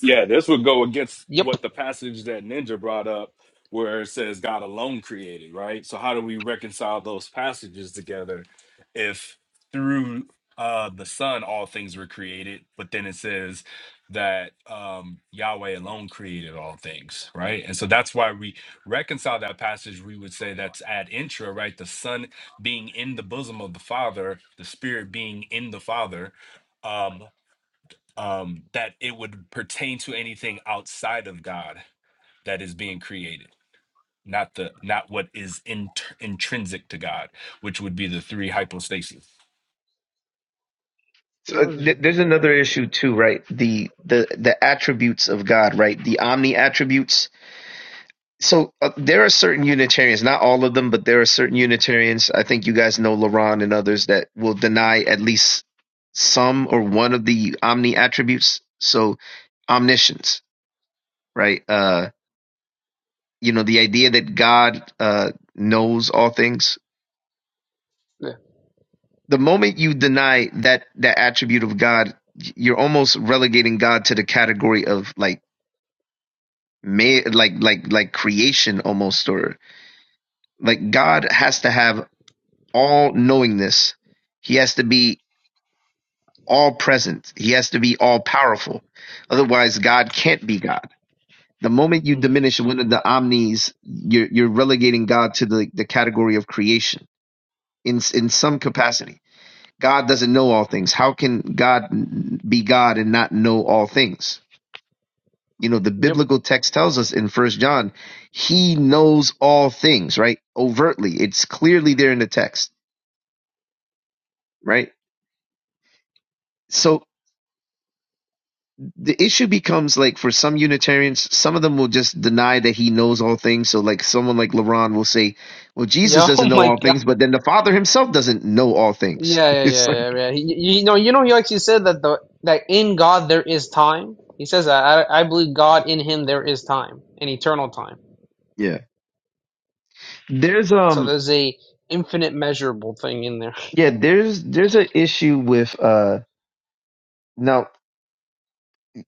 [SPEAKER 8] Yeah, this would go against
[SPEAKER 12] Yep.
[SPEAKER 8] what the passage that Ninja brought up, where it says God alone created, right? So how do we reconcile those passages together if through uh the Son all things were created, but then it says that um Yahweh alone created all things, right? And so that's why we reconcile that passage. We would say that's ad intra, right? The Son being in the bosom of the Father, the Spirit being in the Father. um, um, that it would pertain to anything outside of God that is being created, not the not what is int- intrinsic to God, which would be the three hypostases.
[SPEAKER 12] You
[SPEAKER 13] So, uh,
[SPEAKER 12] know.
[SPEAKER 13] th- there's another issue too, right? The the the attributes of God, right? The omni attributes so uh, there are certain Unitarians, not all of them, but there are certain Unitarians. I think you guys know Laron and others that will deny at least some or one of the omni attributes. So omniscience, right? Uh, you know, the idea that God uh, knows all things. The moment you deny that that attribute of God, you're almost relegating God to the category of like may like like like creation almost or like God has to have all knowingness. He has to be all present. He has to be all powerful. Otherwise, God can't be God. The moment you
[SPEAKER 12] mhm.
[SPEAKER 13] diminish one of the omnis, you're, you're relegating God to the, the category of creation in, in some capacity. God
[SPEAKER 12] Yep.
[SPEAKER 13] doesn't know all things. How can God be God and not know all things? You know, the
[SPEAKER 12] Yep. *laughs*
[SPEAKER 13] biblical text tells us in First John, he knows all things, right? Overtly. It's clearly there in the text, right? So the issue becomes like for some Unitarians, some of them will just deny that he knows all things. So like someone like LaRon will say, Well, Jesus
[SPEAKER 12] Yeah. Oh
[SPEAKER 13] doesn't know
[SPEAKER 12] my
[SPEAKER 13] all
[SPEAKER 12] God.
[SPEAKER 13] things, but then the Father himself doesn't know all things.
[SPEAKER 12] Yeah.
[SPEAKER 13] *laughs*
[SPEAKER 12] Yeah.
[SPEAKER 13] It's
[SPEAKER 12] Yeah.
[SPEAKER 13] like
[SPEAKER 12] Yeah. yeah. he- you know. You know. He actually said that the that in God there is time. He says that I, I believe God in Him there is time, an eternal time.
[SPEAKER 13] Yeah. there's
[SPEAKER 12] So
[SPEAKER 13] um
[SPEAKER 12] there's a infinite measurable thing in there.
[SPEAKER 13] yeah, there's there's an issue with uh now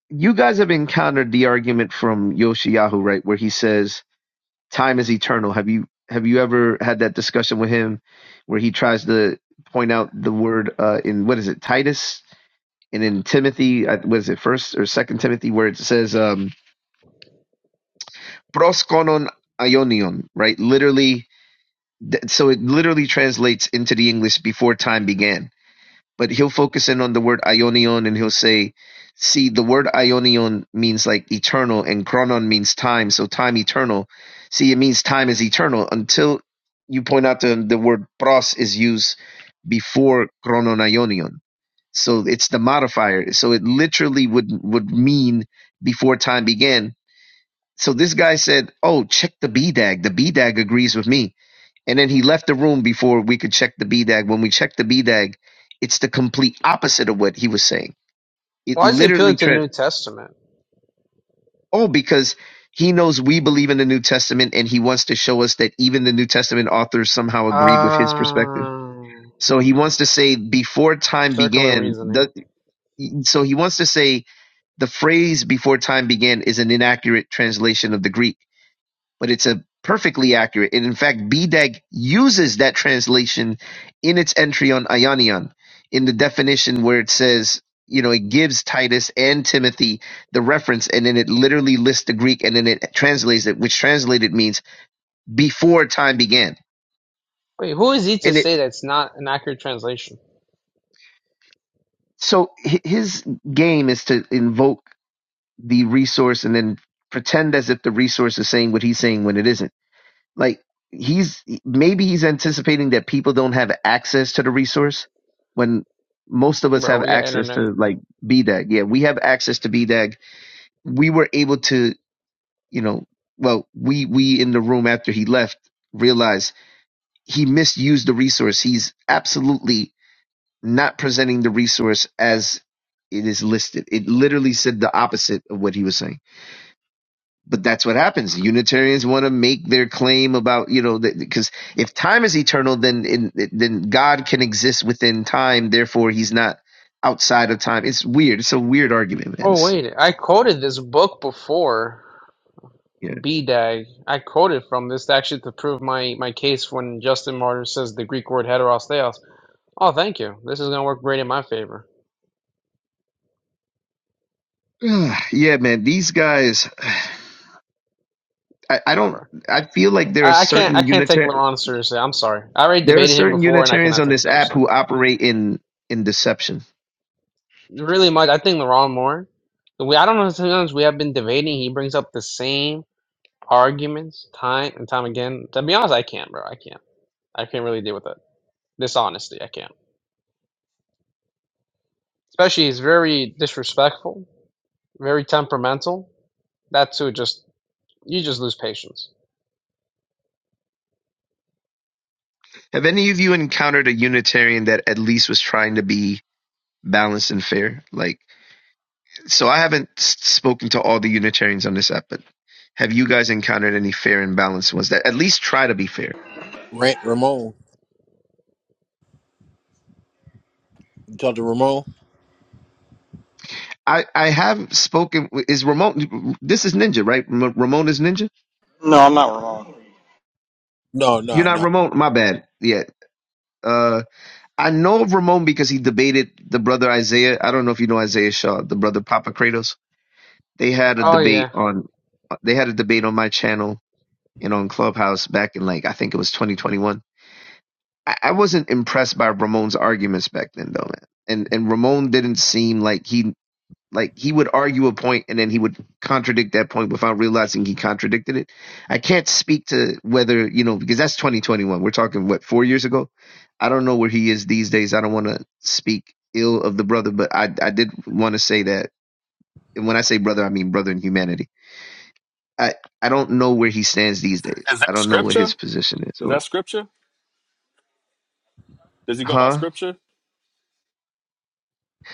[SPEAKER 13] you guys have encountered the argument from Yoshiyahu, right, where he says time is eternal. Have you have you ever had that discussion with him where he tries to point out the word uh in what is it, Titus? and in Timothy, was it first or second Timothy, where it says um, proskonon ionion, right? Literally, so it literally translates into the English before time began. But he'll focus in on the word "aionion" and he'll say, "See, the word ionion means like eternal, and chronon means time. So time eternal. See, it means time is eternal until you point out to him the word pros is used before chronon ionion." So it's the modifier. So it literally would would mean before time began. So this guy said, "Oh, check the B dag. The B dag agrees with me." And then he left the room before we could check the B dag. When we checked the B dag, it's the complete opposite of what he was saying.
[SPEAKER 12] *laughs*
[SPEAKER 13] It
[SPEAKER 12] Why is he appealing
[SPEAKER 13] literally
[SPEAKER 12] to the
[SPEAKER 13] trans.
[SPEAKER 12] New Testament?
[SPEAKER 13] Oh, because he knows we believe in the New Testament, and he wants to show us that even the New Testament authors somehow agreed with his perspective.
[SPEAKER 12] Um.
[SPEAKER 13] So he wants to say before time
[SPEAKER 12] Circular
[SPEAKER 13] began.
[SPEAKER 12] reasoning.
[SPEAKER 13] The, so he wants to say The phrase "before time began" is an inaccurate translation of the Greek, but it's a perfectly accurate. And in fact, Bedag uses that translation in its entry on Ionion in the definition where it says, you know, it gives Titus and Timothy the reference, and then it literally lists the Greek, and then it translates it, which translated means "before time began."
[SPEAKER 12] Wait, who is he to
[SPEAKER 13] And it
[SPEAKER 12] say that's not an accurate translation?
[SPEAKER 13] so hi- his game is to invoke the resource and then pretend as if the resource is saying what he's saying when it isn't Like he's maybe he's anticipating that people don't have access to the resource when most of us
[SPEAKER 12] Bro,
[SPEAKER 13] have
[SPEAKER 12] we got
[SPEAKER 13] access
[SPEAKER 12] internet.
[SPEAKER 13] to like B dag Yeah, we have access to B dag We were able to, you know, well, we we in the room after he left realized he misused the resource. He's absolutely not presenting the resource as it is listed. It literally said the opposite of what he was saying but that's what happens. Unitarians want to make their claim about you know because if time is eternal, then in, then God can exist within time. Therefore, He's not outside of time. It's weird. It's a weird argument, man.
[SPEAKER 12] Oh,
[SPEAKER 13] It's,
[SPEAKER 12] wait. I quoted this book before. B dag, I quoted from this actually to prove my, my case when Justin Martyr says the Greek word heteros theos. Oh, thank you. This is going to work great in my favor.
[SPEAKER 13] yeah, *sighs* yeah, man. These guys, I, I
[SPEAKER 12] Nah,
[SPEAKER 13] don't.
[SPEAKER 12] bro.
[SPEAKER 13] I feel like there are
[SPEAKER 12] I, I can't I
[SPEAKER 13] certain
[SPEAKER 12] can't take
[SPEAKER 13] unitar
[SPEAKER 12] Laurent seriously. I'm sorry. I already
[SPEAKER 13] there are
[SPEAKER 12] debated him
[SPEAKER 13] certain
[SPEAKER 12] before, and I
[SPEAKER 13] Unitarians
[SPEAKER 12] cannot
[SPEAKER 13] on
[SPEAKER 12] take
[SPEAKER 13] this app
[SPEAKER 12] seriously.
[SPEAKER 13] who operate in in deception.
[SPEAKER 12] Really much. I think Laurent more. We, I don't know. Sometimes we have been debating. He brings up the same arguments time and time again. To be honest, I can't, bro. I can't. I can't really deal with it. Dishonesty, I can't. Especially he's very disrespectful, very temperamental. That too, just you just lose patience.
[SPEAKER 13] Have any of you encountered a Unitarian that at least was trying to be balanced and fair? Like so I haven't spoken to all the Unitarians on this app, but have you guys encountered any fair and balanced ones that at least try to be fair?
[SPEAKER 14] Rant Ramon, you talk to Ramon?
[SPEAKER 13] I, I have spoken. Is Ramon? This is Ninja, right? Ra- Ramon is Ninja.
[SPEAKER 5] No, I'm not recalling.
[SPEAKER 14] No,
[SPEAKER 13] You're
[SPEAKER 14] no,
[SPEAKER 13] not
[SPEAKER 14] no.
[SPEAKER 13] Ramon. My bad. Yeah. Uh, I know of Ramon because he debated the brother Isaiah. I don't know if you know Isaiah Shaw, the brother Papa Kratos. They had a
[SPEAKER 12] Oh yeah.
[SPEAKER 13] debate on. They had a debate on my channel and on Clubhouse back in like I think it was 2021 I, I wasn't impressed by Ramon's arguments back then, though, man. And and Ramon didn't seem like he like he would argue a point and then he would contradict that point without realizing he contradicted it. I can't speak to whether you know because that's 2021. We're talking what four years ago. I don't know where he is these days. I don't want to speak ill of the brother, but I I did want to say that. And when I say brother, I mean brother in humanity. I I don't know where he stands these days.
[SPEAKER 8] Is
[SPEAKER 13] I
[SPEAKER 8] that
[SPEAKER 13] don't know what his
[SPEAKER 8] scripture?
[SPEAKER 13] position is
[SPEAKER 8] Is
[SPEAKER 13] or
[SPEAKER 8] that scripture? Does he go by
[SPEAKER 13] huh?
[SPEAKER 8] scripture?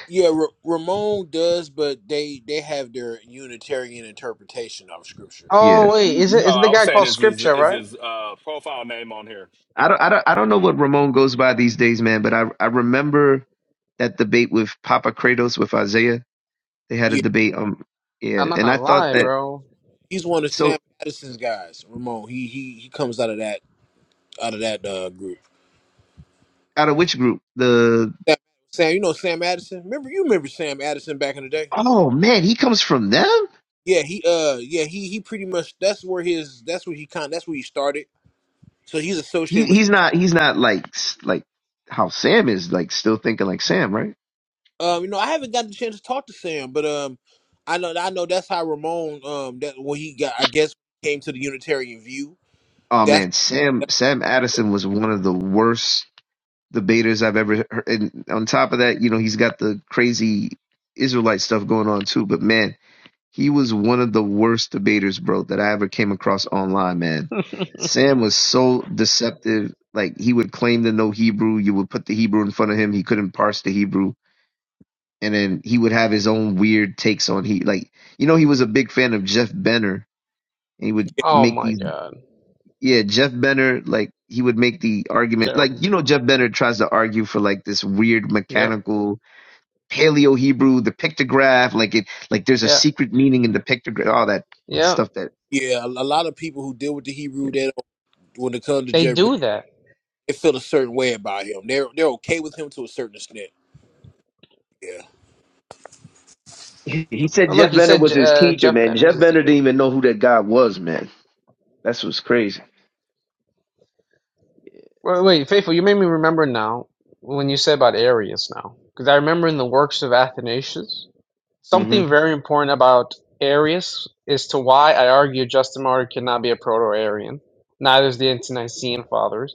[SPEAKER 14] Yeah, Ra- Ramon does, but they they have their Unitarian interpretation of Scripture.
[SPEAKER 13] Yeah.
[SPEAKER 12] Oh wait, is it
[SPEAKER 8] No,
[SPEAKER 12] is it the
[SPEAKER 8] I was
[SPEAKER 12] guy
[SPEAKER 8] saying
[SPEAKER 12] called
[SPEAKER 8] is his
[SPEAKER 12] Scripture,
[SPEAKER 8] is
[SPEAKER 12] right?
[SPEAKER 8] his uh, profile name on here.
[SPEAKER 13] I don't, I don't, I don't know what Ramon goes by these days, man. But I, I remember that debate with Papa Kratos with Isaiah. They had a debate. Um, yeah,
[SPEAKER 12] I'm not
[SPEAKER 13] and I
[SPEAKER 12] gonna
[SPEAKER 13] thought
[SPEAKER 12] lie,
[SPEAKER 14] Yeah,
[SPEAKER 13] that.
[SPEAKER 12] bro.
[SPEAKER 14] he's one of Sam
[SPEAKER 13] So,
[SPEAKER 14] Addison's guys, Ramon. He he he comes out of that out of that uh, group.
[SPEAKER 13] out of which group? The
[SPEAKER 14] Sam, Sam, you know Sam Addison. Remember you remember Sam Addison back in the day?
[SPEAKER 13] oh man, he comes from them.
[SPEAKER 14] Yeah, he uh yeah he he pretty much that's where his that's where he kind that's where he started. So he's
[SPEAKER 13] He,
[SPEAKER 14] associated with
[SPEAKER 13] he's not, he's not like, s- like how Sam is like still thinking like Sam, right?
[SPEAKER 14] um you know I haven't got the chance to talk to Sam, but um I know I know that's how Ramon um that when he got I guess came to the Unitarian view.
[SPEAKER 13] Oh
[SPEAKER 14] That's,
[SPEAKER 13] man, Sam,
[SPEAKER 14] that's
[SPEAKER 13] Sam Addison was one of the worst debaters I've ever heard. And on top of that, you know, he's got the crazy Israelite stuff going on too. But man He was one of the worst debaters, bro, that I ever came across online, man. Sam was so deceptive. Like he would claim to know Hebrew. You would put the Hebrew in front of him. He couldn't parse the Hebrew. And then he would have his own weird takes on he like you know, he was a big fan of Jeff Benner. And he would
[SPEAKER 14] yeah
[SPEAKER 12] Oh
[SPEAKER 13] make
[SPEAKER 12] my
[SPEAKER 13] these
[SPEAKER 12] god,
[SPEAKER 13] yeah, Jeff Benner, like he would make the argument like
[SPEAKER 12] terrible.
[SPEAKER 13] you know Jeff Benner tries to argue for like this weird
[SPEAKER 12] Yep,
[SPEAKER 13] mechanical paleo Hebrew, the pictograph, like it like there's a
[SPEAKER 12] yeah,
[SPEAKER 13] secret meaning in the pictograph, all that
[SPEAKER 12] yeah.
[SPEAKER 13] stuff that
[SPEAKER 14] yeah a, a lot of people who deal with the Hebrew that when it comes to
[SPEAKER 12] They
[SPEAKER 14] Jeff
[SPEAKER 12] do that.
[SPEAKER 14] they feel a certain way about him. They're they're okay with him to a certain extent. Yeah.
[SPEAKER 13] He he said
[SPEAKER 12] Oh, look,
[SPEAKER 13] Jeff
[SPEAKER 12] he
[SPEAKER 13] Bender
[SPEAKER 12] said
[SPEAKER 13] was his
[SPEAKER 12] uh,
[SPEAKER 13] teacher,
[SPEAKER 12] Jeff
[SPEAKER 13] man.
[SPEAKER 12] Benner's
[SPEAKER 13] Jeff
[SPEAKER 12] his
[SPEAKER 13] Bender didn't
[SPEAKER 12] teacher.
[SPEAKER 13] even know who that guy was, man. That's what's crazy.
[SPEAKER 12] Wait, wait, faithful, you made me remember now when you said about Arius now, because I remember in the works of Athanasius Something
[SPEAKER 13] Mm-hmm.
[SPEAKER 12] very important about Arius is to why I argue Justin Martyr cannot be a Proto-Arian. Neither is the Nicene Fathers.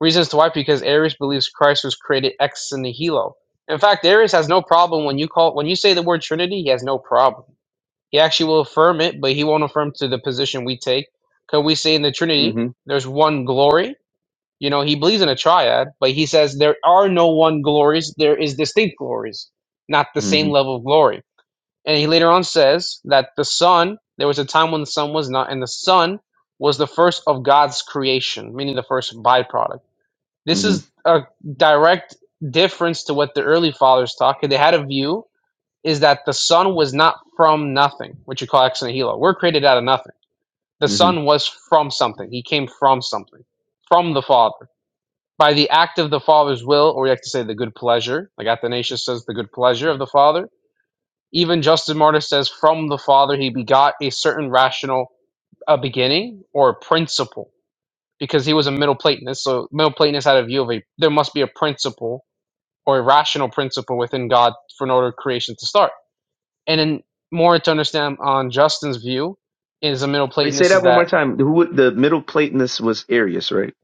[SPEAKER 12] Reasons to why, because Arius believes Christ was created ex nihilo. In fact, Arius has no problem when you call when you say the word Trinity. He has no problem. He actually will affirm it, but he won't affirm to the position we take. Because we say in the Trinity,
[SPEAKER 13] Mm-hmm.
[SPEAKER 12] there's one glory. You know, he believes in a triad, but he says there are no one glories. There is distinct glories, not the same
[SPEAKER 13] Mm-hmm.
[SPEAKER 12] level of glory and he later on says that the sun, there was a time when the sun was not, and the sun was the first of God's creation, meaning the first byproduct. This
[SPEAKER 13] Mm-hmm.
[SPEAKER 12] is a direct difference to what the early fathers taught. 'cause They had a view is that the sun was not from nothing, which you call ex nihilo. We're created out of nothing. The
[SPEAKER 13] Mm-hmm.
[SPEAKER 12] sun was from something. He came from something, from the Father. By the act of the Father's will, or you have to say the good pleasure, like Athanasius says, the good pleasure of the Father even Justin Martyr says, From the Father he begot a certain rational uh, beginning or principle, because he was a Middle Platonist. So Middle Platonists had a view of a there must be a principle or a rational principle within God for in order creation to start. And then more to understand on Justin's view is a Middle
[SPEAKER 13] Wait, say
[SPEAKER 12] Platonist is
[SPEAKER 13] that one more
[SPEAKER 12] that
[SPEAKER 13] time. Who would- the middle Platonist was Arius, right?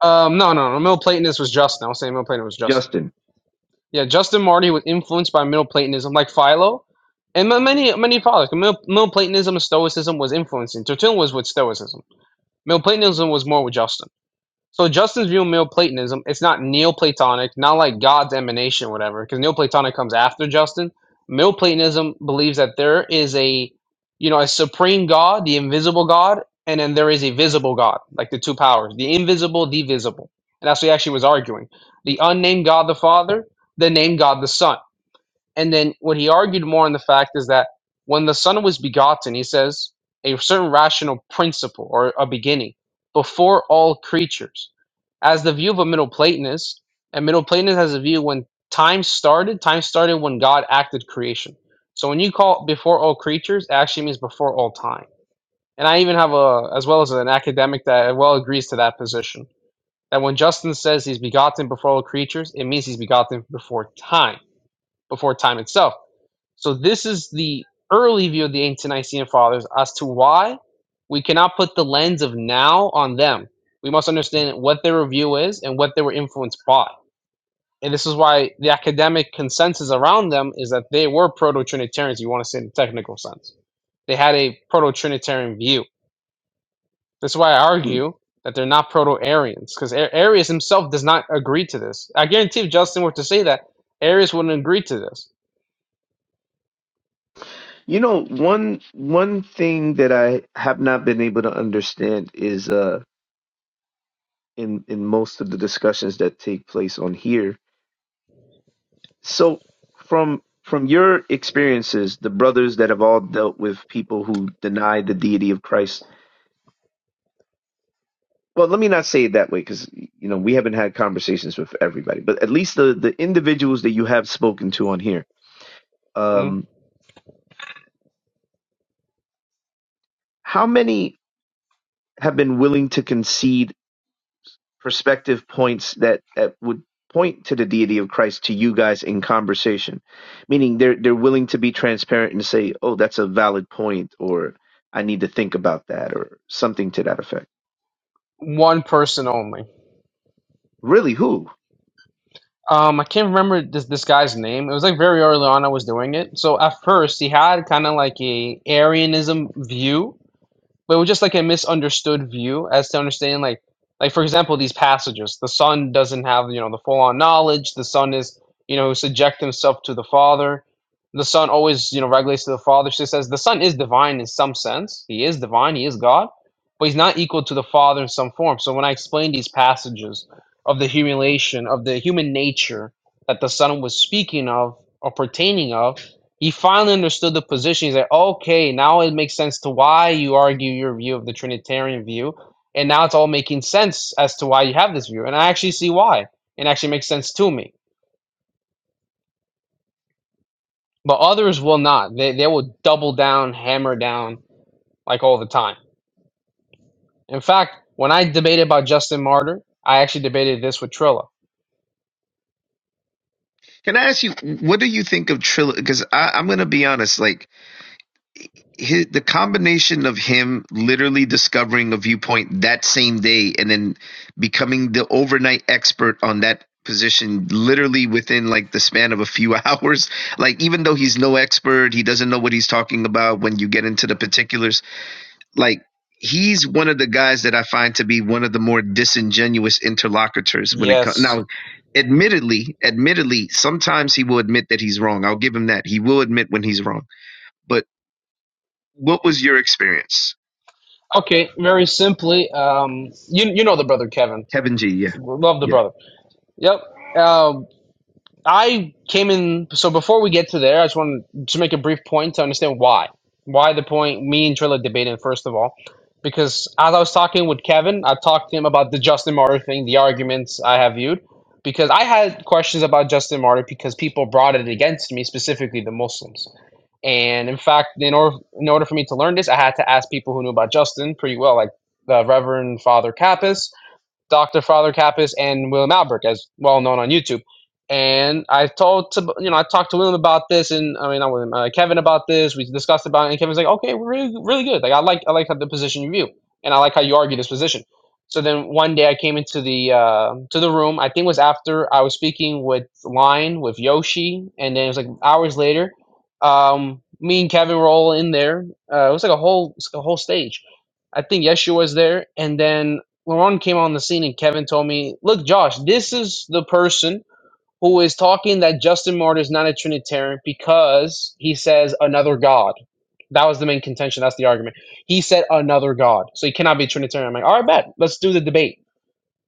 [SPEAKER 12] um no no no Middle Platonist was Justin. I was saying Middle Platonist was Justin.
[SPEAKER 13] Justin.
[SPEAKER 12] Yeah, Justin Martyr was influenced by Middle Platonism like Philo and ma- many many fathers. Middle, Middle Platonism and Stoicism was influencing. Tertullian was with Stoicism Neoplatonism was more with Justin. So Justin's view of Neoplatonism, it's not Neoplatonic, not like God's emanation or whatever, because Neoplatonic comes after Justin. Neoplatonism believes that there is a, you know, a supreme God, the invisible God, and then there is a visible God, like the two powers, the invisible, the visible. And that's what he actually was arguing. The unnamed God the Father, the named God the Son. And then what he argued more on the fact is that when the Son was begotten, he says, a certain rational principle or a beginning before all creatures. As the view of a Middle Platonist, and Middle Platonist has a view when time started, time started when God acted creation. So when you call before all creatures, it actually means before all time. And I even have a, as well as an academic that well agrees to that position. That when Justin says he's begotten before all creatures, it means he's begotten before time, before time itself so this is the early view of the ancient Nicene Fathers as to why we cannot put the lens of now on them. We must understand what their view is and what they were influenced by. And this is why the academic consensus around them is that they were proto-Trinitarians, you want to say in the technical sense. They had a proto-Trinitarian view. That's why I
[SPEAKER 13] Mm.
[SPEAKER 12] argue that they're not proto-Arians, because A- Arius himself does not agree to this. I guarantee if Justin were to say that, Arius wouldn't agree to this.
[SPEAKER 13] You know, one one thing that I have not been able to understand is uh in in most of the discussions that take place on here. So from from your experiences, the brothers that have all dealt with people who deny the deity of Christ Well, let me not say it that way because you know we haven't had conversations with everybody, but at least the the individuals that you have spoken to on here,
[SPEAKER 12] Mm.
[SPEAKER 13] um, how many have been willing to concede perspective points that that would point to the deity of Christ to you guys in conversation, meaning they're they're willing to be transparent and say, oh, that's a valid point, or I need to think about that, or something to that effect.
[SPEAKER 12] One person only.
[SPEAKER 13] Really, who?
[SPEAKER 12] Um, I can't remember this this guy's name. It was like very early on I was doing it. So at first he had kind of like a Arianism view, but it was just like a misunderstood view as to understanding like like for example these passages the son doesn't have you know the full on knowledge the son is you know subject himself to the father the son always you know regulates to the father she says the son is divine in some sense he is divine he is god but he's not equal to the father in some form so when i explain these passages of the humiliation of the human nature that the son was speaking of or pertaining of he finally understood the position. He's like, okay, now it makes sense to why you argue your view of the Trinitarian view. And now it's all making sense as to why you have this view. And I actually see why. It actually makes sense to me. But others will not. They, they will double down, hammer down, like all the time. In fact, when I debated about Justin Martyr, I actually debated this with Trilla.
[SPEAKER 13] Can I ask you, what do you think of trilogy? Because I'm going to be honest, like his, the combination of him literally discovering a viewpoint that same day and then becoming the overnight expert on that position literally within like the span of a few *laughs* hours like even though he's no expert he doesn't know what he's talking about when you get into the particulars like he's one of the guys that i find to be one of the more disingenuous interlocutors when it comes
[SPEAKER 12] Yes.
[SPEAKER 13] now admittedly admittedly sometimes he will admit that he's wrong i'll give him that he will admit when he's wrong but what was your experience?
[SPEAKER 12] Okay, very simply, um, you, you know the brother, Kevin.
[SPEAKER 13] Kevin G. Yeah.
[SPEAKER 12] Love the
[SPEAKER 13] Yeah.
[SPEAKER 12] brother. Yep. Uh, I came in. So before we get to there, I just wanted to make a brief point to understand why. Why the point me and Trilla debated, first of all. Because as I was talking with Kevin, I talked to him about the Justin Martyr thing, the arguments I have viewed. Because I had questions about Justin Martyr because people brought it against me, specifically the Muslims. And in fact, in order, in order for me to learn this, I had to ask people who knew about Justin pretty well, like the Reverend Father Kappas Dr. Father Kappas and William Albrecht, as well known on YouTube. And I told to you know I talked to William about this, and I mean I William, uh, Kevin about this. We discussed about it, and Kevin's like, okay, we're really really good. Like I like I like how the position you view, and I like how you argue this position. So then one day I came into the uh, to the room. I think it was after I was speaking with Line with Yoshi, and then it was like hours later. Um, me and Kevin were all in there. Uh, it was like a whole a whole stage. I think Yeshua was there, and then Lauren came on the scene and Kevin told me, "Look, Josh, this is the person who is talking that Justin Martyr is not a Trinitarian because he says another God." That was the main contention. That's the argument. He said another God, so he cannot be Trinitarian. I'm like, "All right, bet. Let's do the debate."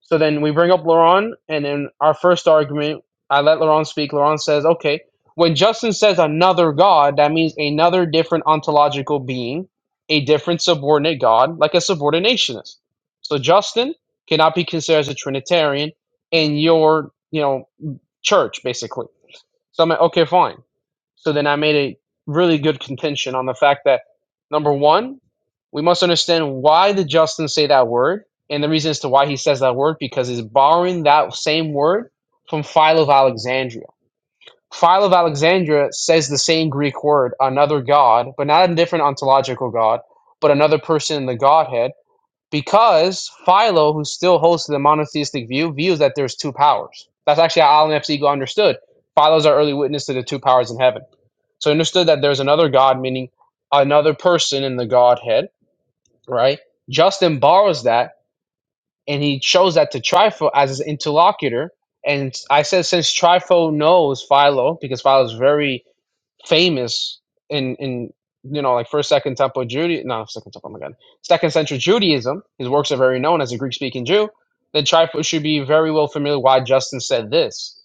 [SPEAKER 12] So then we bring up Laurent, and in our first argument, I let Laurent speak. Laurent says, okay, when Justin says another God, that means another different ontological being, a different subordinate God, like a subordinationist. So Justin cannot be considered as a Trinitarian, and your, you know, church basically. So I'm like, okay, fine. So then I made a really good contention on the fact that number one, we must understand why did Justin say that word, and the reason as to why he says that word because he's borrowing that same word from Philo of Alexandria. Philo of Alexandria says the same Greek word, another god, but not a different ontological god, but another person in the Godhead because Philo, who still holds to the monotheistic view, views that there's two powers. That's actually how Alan F. Siegel understood. Philo's our early witness to the two powers in heaven. So he understood that there's another God, meaning another person in the Godhead, right? Justin borrows that and he shows that to Trifo as his interlocutor. And I said, since Trifo knows Philo, because Philo is very famous in in you know like first second temple Judaism no second temple oh my god second century Judaism. His works are very known as a Greek speaking Jew. the Trifle should be very well familiar why Justin said this.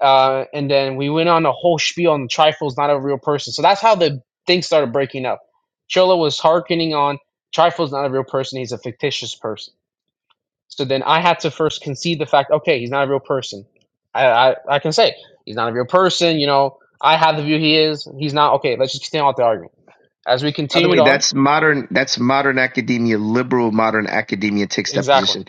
[SPEAKER 12] Uh, and then we went on a whole spiel on Trifle's not a real person. So that's how the thing started breaking up. Chola was hearkening on Trifle's not a real person, he's a fictitious person so then I had to first concede the fact, okay, he's not a real person. I, I, I can say he's not a real person. You know, I have the view he is. He's not. Okay, let's just continue out the argument. As we
[SPEAKER 13] By the
[SPEAKER 12] continued
[SPEAKER 13] way,
[SPEAKER 12] on,
[SPEAKER 13] that's modern. That's modern academia, liberal modern academia takes that
[SPEAKER 12] exactly.
[SPEAKER 13] position.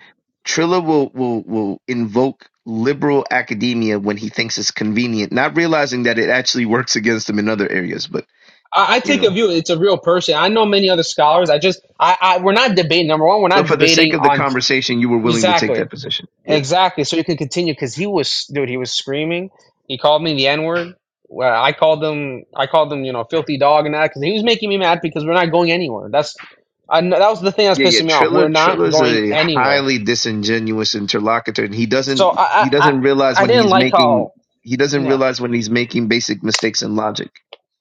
[SPEAKER 13] Trilla will will will invoke liberal academia when he thinks it's convenient, not realizing that it actually works against him in other areas. But
[SPEAKER 12] I, I
[SPEAKER 13] you
[SPEAKER 12] take a
[SPEAKER 13] know,
[SPEAKER 12] view. It's a real person. I know many other scholars. I just, I, I, we're not debating. Number one, we're
[SPEAKER 13] but
[SPEAKER 12] not
[SPEAKER 13] for the sake
[SPEAKER 12] debating
[SPEAKER 13] of the
[SPEAKER 12] on
[SPEAKER 13] conversation, you were willing to take
[SPEAKER 12] exactly.
[SPEAKER 13] that position. Yeah.
[SPEAKER 12] Exactly. So he could continue because he was, dude, he was screaming. He called me the N word. Well, I called them. I called them, you know, filthy dog and that because he was making me mad because we're not going anywhere. That's, I know, that was the thing that's
[SPEAKER 13] Yeah, yeah.
[SPEAKER 12] pissing me off. We're
[SPEAKER 13] Triller
[SPEAKER 12] not
[SPEAKER 13] Triller's
[SPEAKER 12] going
[SPEAKER 13] a
[SPEAKER 12] anywhere.
[SPEAKER 13] highly disingenuous interlocutor, and he
[SPEAKER 12] So I,
[SPEAKER 13] doesn't
[SPEAKER 12] I,
[SPEAKER 13] he
[SPEAKER 12] I,
[SPEAKER 13] doesn't realize
[SPEAKER 12] I
[SPEAKER 13] when
[SPEAKER 12] didn't
[SPEAKER 13] he's
[SPEAKER 12] like
[SPEAKER 13] making
[SPEAKER 12] how,
[SPEAKER 13] he doesn't
[SPEAKER 12] yeah.
[SPEAKER 13] realize when he's making basic mistakes in logic.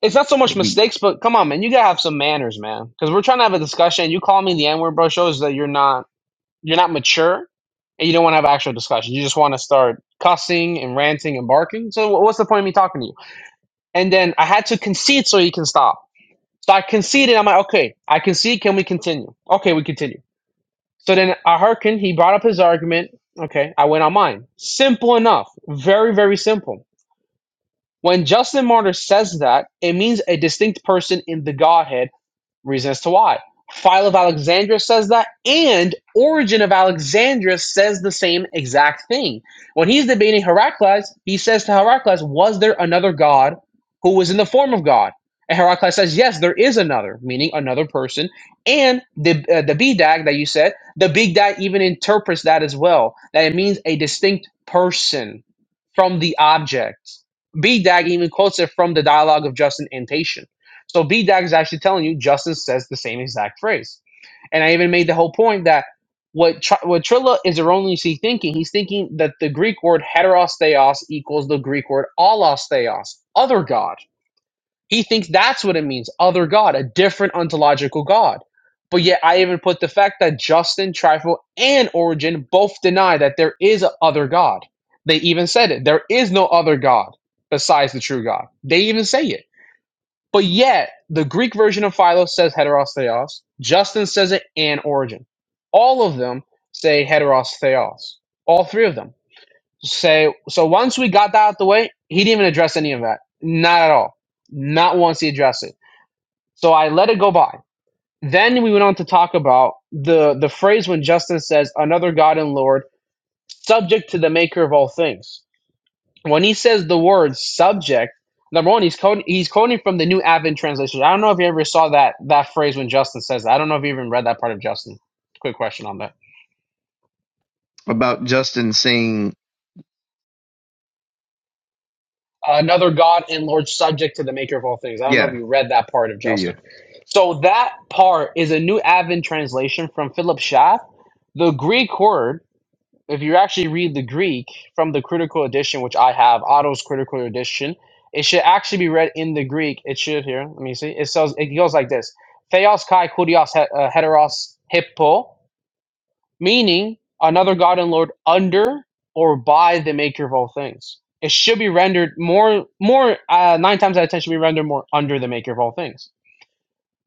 [SPEAKER 12] It's not so much
[SPEAKER 13] Like he
[SPEAKER 12] mistakes, but come on, man, you gotta have some manners, man. Because we're trying to have a discussion. You call me the N word, bro, shows that you're not, you're not mature, and you don't want to have an actual discussion. You just want to start cussing and ranting and barking. So wh- what's the point of me talking to you? And then I had to concede so he can stop. So I conceded. I'm like, okay, I concede. Can we continue? Okay, we continue. So then I hearkened. He brought up his argument. Okay, I went on mine. Simple enough. Very, very simple. When Justin Martyr says that, it means a distinct person in the Godhead Reasons to why. Philo of Alexandria says that, and Origin of Alexandria says the same exact thing. When he's debating Heracles, he says to Heracles, Was there another God who was in the form of God? And Heracles says, Yes, there is another, meaning another person. And the, uh, the dag that you said, the big dag even interprets that as well, that it means a distinct person from the object. dag even quotes it from the dialogue of Justin and Tatian. So B Dag is actually telling you Justin says the same exact phrase. And I even made the whole point that what Tr- what Trilla is erroneously thinking, he's thinking that the Greek word heterosteos equals the Greek word allosteos, other god. He thinks that's what it means, other god, a different ontological god. But yet I even put the fact that Justin, Trifle, and Origin both deny that there is a other god. They even said it. There is no other god besides the true God. They even say it. But yet, the Greek version of Philo says heteros theos. Justin says it and Origin. All of them say heteros theos. All three of them say. So once we got that out the way, he didn't even address any of that. Not at all. Not once he addressed it. So I let it go by. Then we went on to talk about the the phrase when Justin says another God and Lord, subject to the Maker of all things when he says the word subject, number one, he's quoting he's quoting from the New Advent Translation. I don't know if you ever saw that that phrase when Justin says that. I don't know if you even read that part of Justin. Quick question on that.
[SPEAKER 13] about Justin saying,
[SPEAKER 12] another God and Lord subject to the Maker of all things. I don't know if
[SPEAKER 13] "Yeah,
[SPEAKER 12] you read that part of
[SPEAKER 13] yeah, yeah,
[SPEAKER 12] Justin. So that part is a New Advent translation from Philip Schaff. The Greek word if you actually read the Greek from the critical edition, which I have, Otto's critical edition, it should actually be read in the Greek. It should here. Let me see. It says it goes like this: Theos kai kurios uh, heteros hippo, meaning another god and lord under or by the maker of all things. It should be rendered more more uh, nine times out of ten should be rendered more under the maker of all things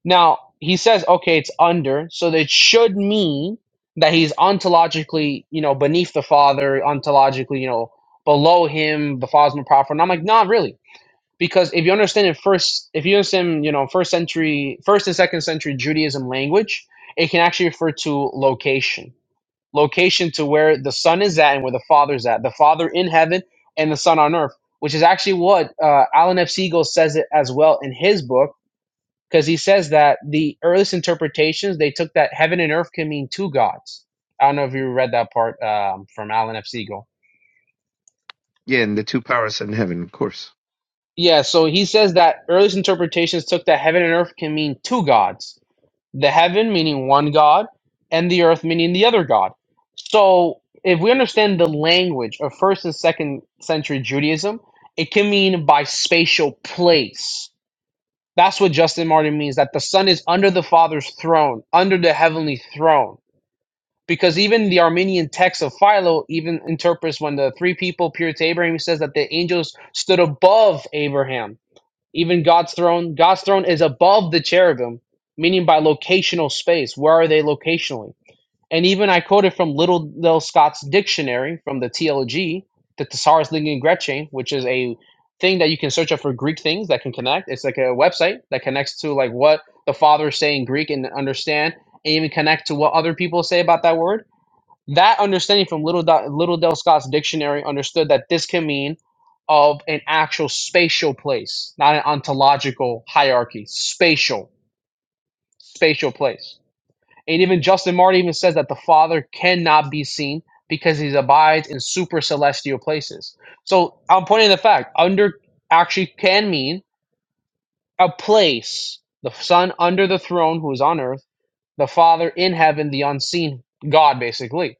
[SPEAKER 12] now, he says, okay, it's under, so it should mean that he's ontologically, you know, beneath the father, ontologically, you know, below him, the father's more powerful. And I'm like, not really. Because if you understand in first, if you understand, you know, first century, first and second century Judaism language, it can actually refer to location. Location to where the son is at and where the father's at. The father in heaven and the son on earth, which is actually what uh, Alan F. Siegel says it as well in his book because he says that the earliest interpretations they took that heaven and earth can mean two gods. I don't know if you read that part um, from Alan F. Siegel.
[SPEAKER 13] yeah," and the two powers in heaven, of course.
[SPEAKER 12] Yeah, so he says that earliest interpretations took that heaven and earth can mean two gods. The heaven meaning one god, and the earth meaning the other god. So if we understand the language of first and second century Judaism, it can mean by spatial place. That's what Justin Martyr means that the Son is under the Father's throne, under the heavenly throne because even the Armenian text of Philo even interprets when the three people peer to Abraham, he says that the angels stood above Abraham. Even God's throne, God's throne is above the cherubim, meaning by locational space. Where are they locationally? And even I quoted from Little Del Scott's dictionary from the TLG, the Thesaurus Lingua Grece, which is a thing that you can search up for Greek things that can connect. It's like a website that connects to like what the fathers say in Greek and understand, and even connect to what other people say about that word that understanding from Little, Do- Little Del Scott's dictionary understood that this can mean of an actual spatial place, not an ontological hierarchy. Spatial, spatial place. And even Justin Marty even says that the Father cannot be seen because he abides in super celestial places. So I'm pointing the fact under actually can mean a place. The Son under the throne, who is on earth, the Father in heaven, the unseen God, basically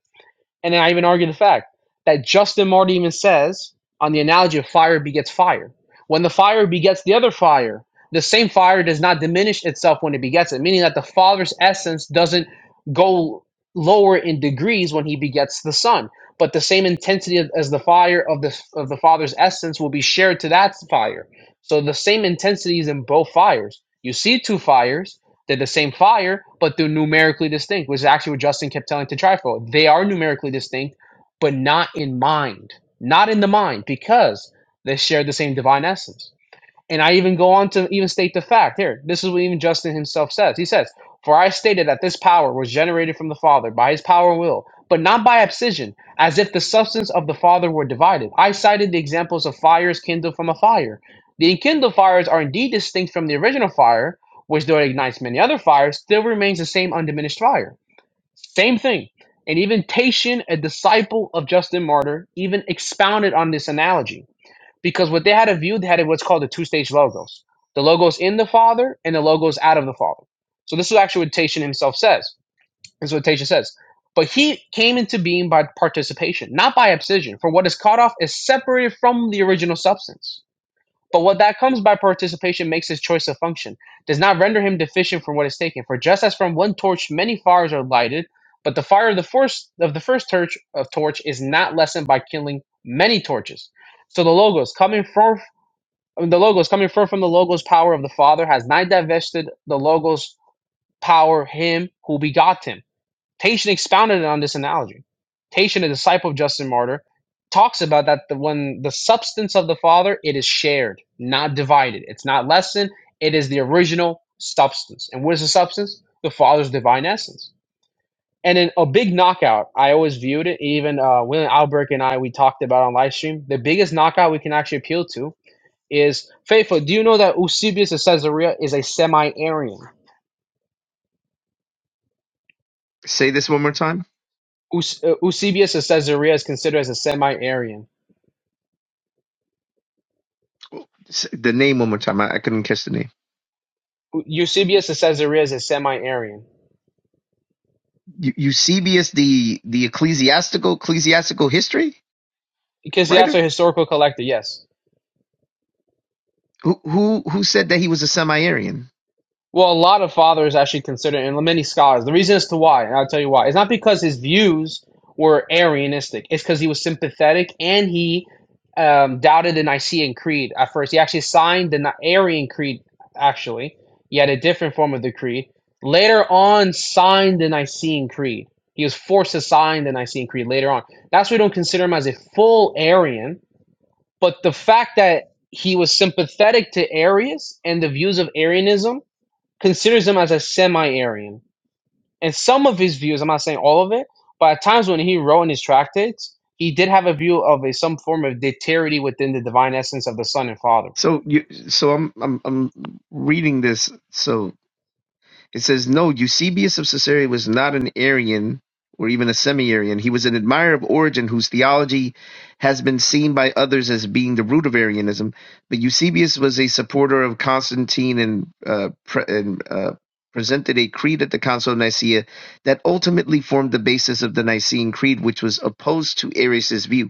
[SPEAKER 12] and then I even argue the fact that Justin Marty even says on the analogy of fire begets fire. When the fire begets the other fire, the same fire does not diminish itself when it begets it, meaning that the Father's essence doesn't go lower in degrees when he begets the Son. But the same intensity of- as the fire of the of the Father's essence will be shared to that fire. So the same intensity is in both fires. You see two fires, they're the same fire, but they're numerically distinct, which is actually what Justin kept telling Tetrifo. They are numerically distinct, but not in mind, not in the mind, because they share the same divine essence. And I even go on to even state the fact here. This is what even Justin himself says. He says, For I stated that this power was generated from the Father by his power and will, but not by abscission, as if the substance of the Father were divided. I cited the examples of fires kindled from a fire. The enkindled fires are indeed distinct from the original fire, which though it ignites many other fires, still remains the same undiminished fire. Same thing. And even Tatian, a disciple of Justin Martyr, even expounded on this analogy because what they had a view they had what's called the two-stage logos the logos in the father and the logos out of the father so this is actually what tatian himself says this is what tatian says but he came into being by participation not by abscission for what is cut off is separated from the original substance but what that comes by participation makes his choice of function does not render him deficient from what is taken for just as from one torch many fires are lighted but the fire of the first of the first torch of torch is not lessened by kindling many torches so the logos coming from I mean, the logos coming forth from the logos power of the Father has not divested the logos power him who begot him. Tatian expounded on this analogy. Tatian, a disciple of Justin Martyr, talks about that the when the substance of the Father it is shared, not divided. It's not lessened. It is the original substance. And what is the substance? The Father's divine essence. And in a big knockout, I always viewed it. Even uh, William Albrecht and I, we talked about on live stream. The biggest knockout we can actually appeal to is faithful. Do you know that Eusebius of Caesarea is a semi-Arian?
[SPEAKER 13] Say this one more time.
[SPEAKER 12] Eus- uh, Eusebius of Caesarea is considered as a semi-Arian.
[SPEAKER 13] S- The name one more time. I, I couldn't catch the name.
[SPEAKER 12] Eu- Eusebius of Caesarea is a semi-Arian
[SPEAKER 13] Eu- Eusebius, the the ecclesiastical ecclesiastical history
[SPEAKER 12] because he has
[SPEAKER 13] writer,
[SPEAKER 12] a historical collector. Yes.
[SPEAKER 13] who who who said that he was a semi-Aryan.
[SPEAKER 12] Well, a lot of fathers actually consider, and many scholars, the reason as to why, and I'll tell you why. It's not because his views were Arianistic. It's because he was sympathetic and he um, doubted the Nicene Creed at first. He actually signed the Ni- Arian Creed, actually. He had a different form of the creed. Later on, signed the Nicene Creed. He was forced to sign the Nicene Creed later on. That's why we don't consider him as a full Arian. But the fact that he was sympathetic to Arius and the views of Arianism considers him as a semi-Aryan. And some of his views, I'm not saying all of it, but at times when he wrote in his tractates, he did have a view of a some form of deity within the divine essence of the Son and Father.
[SPEAKER 13] So you, so I'm I'm I'm reading this. So it says, No, Eusebius of Caesarea was not an Arian or even a semi Arian. He was an admirer of Origen, whose theology has been seen by others as being the root of Arianism. But Eusebius was a supporter of Constantine and, uh, pre- and uh, presented a creed at the Council of Nicaea that ultimately formed the basis of the Nicene Creed, which was opposed to Arius' view.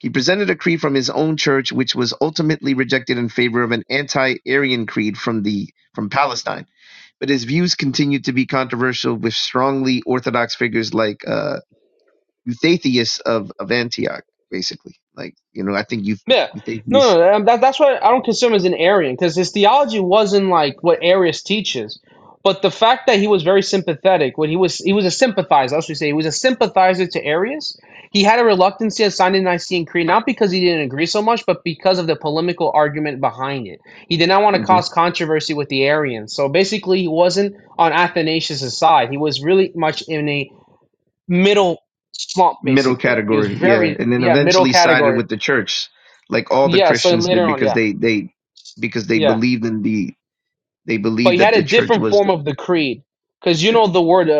[SPEAKER 13] He presented a creed from his own church, which was ultimately rejected in favor of an anti Arian creed from, the, from Palestine but his views continued to be controversial with strongly orthodox figures like uh, Eustathius of, of Antioch, basically. Like, you know, I think Euth-
[SPEAKER 12] Yeah. No,
[SPEAKER 13] Eustathius,
[SPEAKER 12] no, no, that, that's why I don't consider him as an Arian because his theology wasn't like what Arius teaches, but the fact that he was very sympathetic when he was he was a sympathizer. I should say he was a sympathizer to Arius. He had a reluctance to sign the Nicene Creed not because he didn't agree so much, but because of the polemical argument behind it. He did not want to
[SPEAKER 13] mhm,
[SPEAKER 12] cause controversy with the Arians. So basically, he wasn't on Athanasius' side. He was really much in a middle slump.
[SPEAKER 13] middle
[SPEAKER 12] Basically, he was
[SPEAKER 13] category, yeah.
[SPEAKER 12] very
[SPEAKER 13] And then
[SPEAKER 12] yeah middle
[SPEAKER 13] eventually sided
[SPEAKER 12] category.
[SPEAKER 13] with the church, like all the
[SPEAKER 12] Yeah. So
[SPEAKER 13] Christians
[SPEAKER 12] later
[SPEAKER 13] did,
[SPEAKER 12] on, yeah.
[SPEAKER 13] because they, they because they
[SPEAKER 12] Yeah,
[SPEAKER 13] believed in the they
[SPEAKER 12] but
[SPEAKER 13] believed
[SPEAKER 12] he
[SPEAKER 13] that
[SPEAKER 12] had a
[SPEAKER 13] the church
[SPEAKER 12] different
[SPEAKER 13] was
[SPEAKER 12] form
[SPEAKER 13] the
[SPEAKER 12] of the creed, because you know
[SPEAKER 13] yeah.
[SPEAKER 12] the word uh, uh,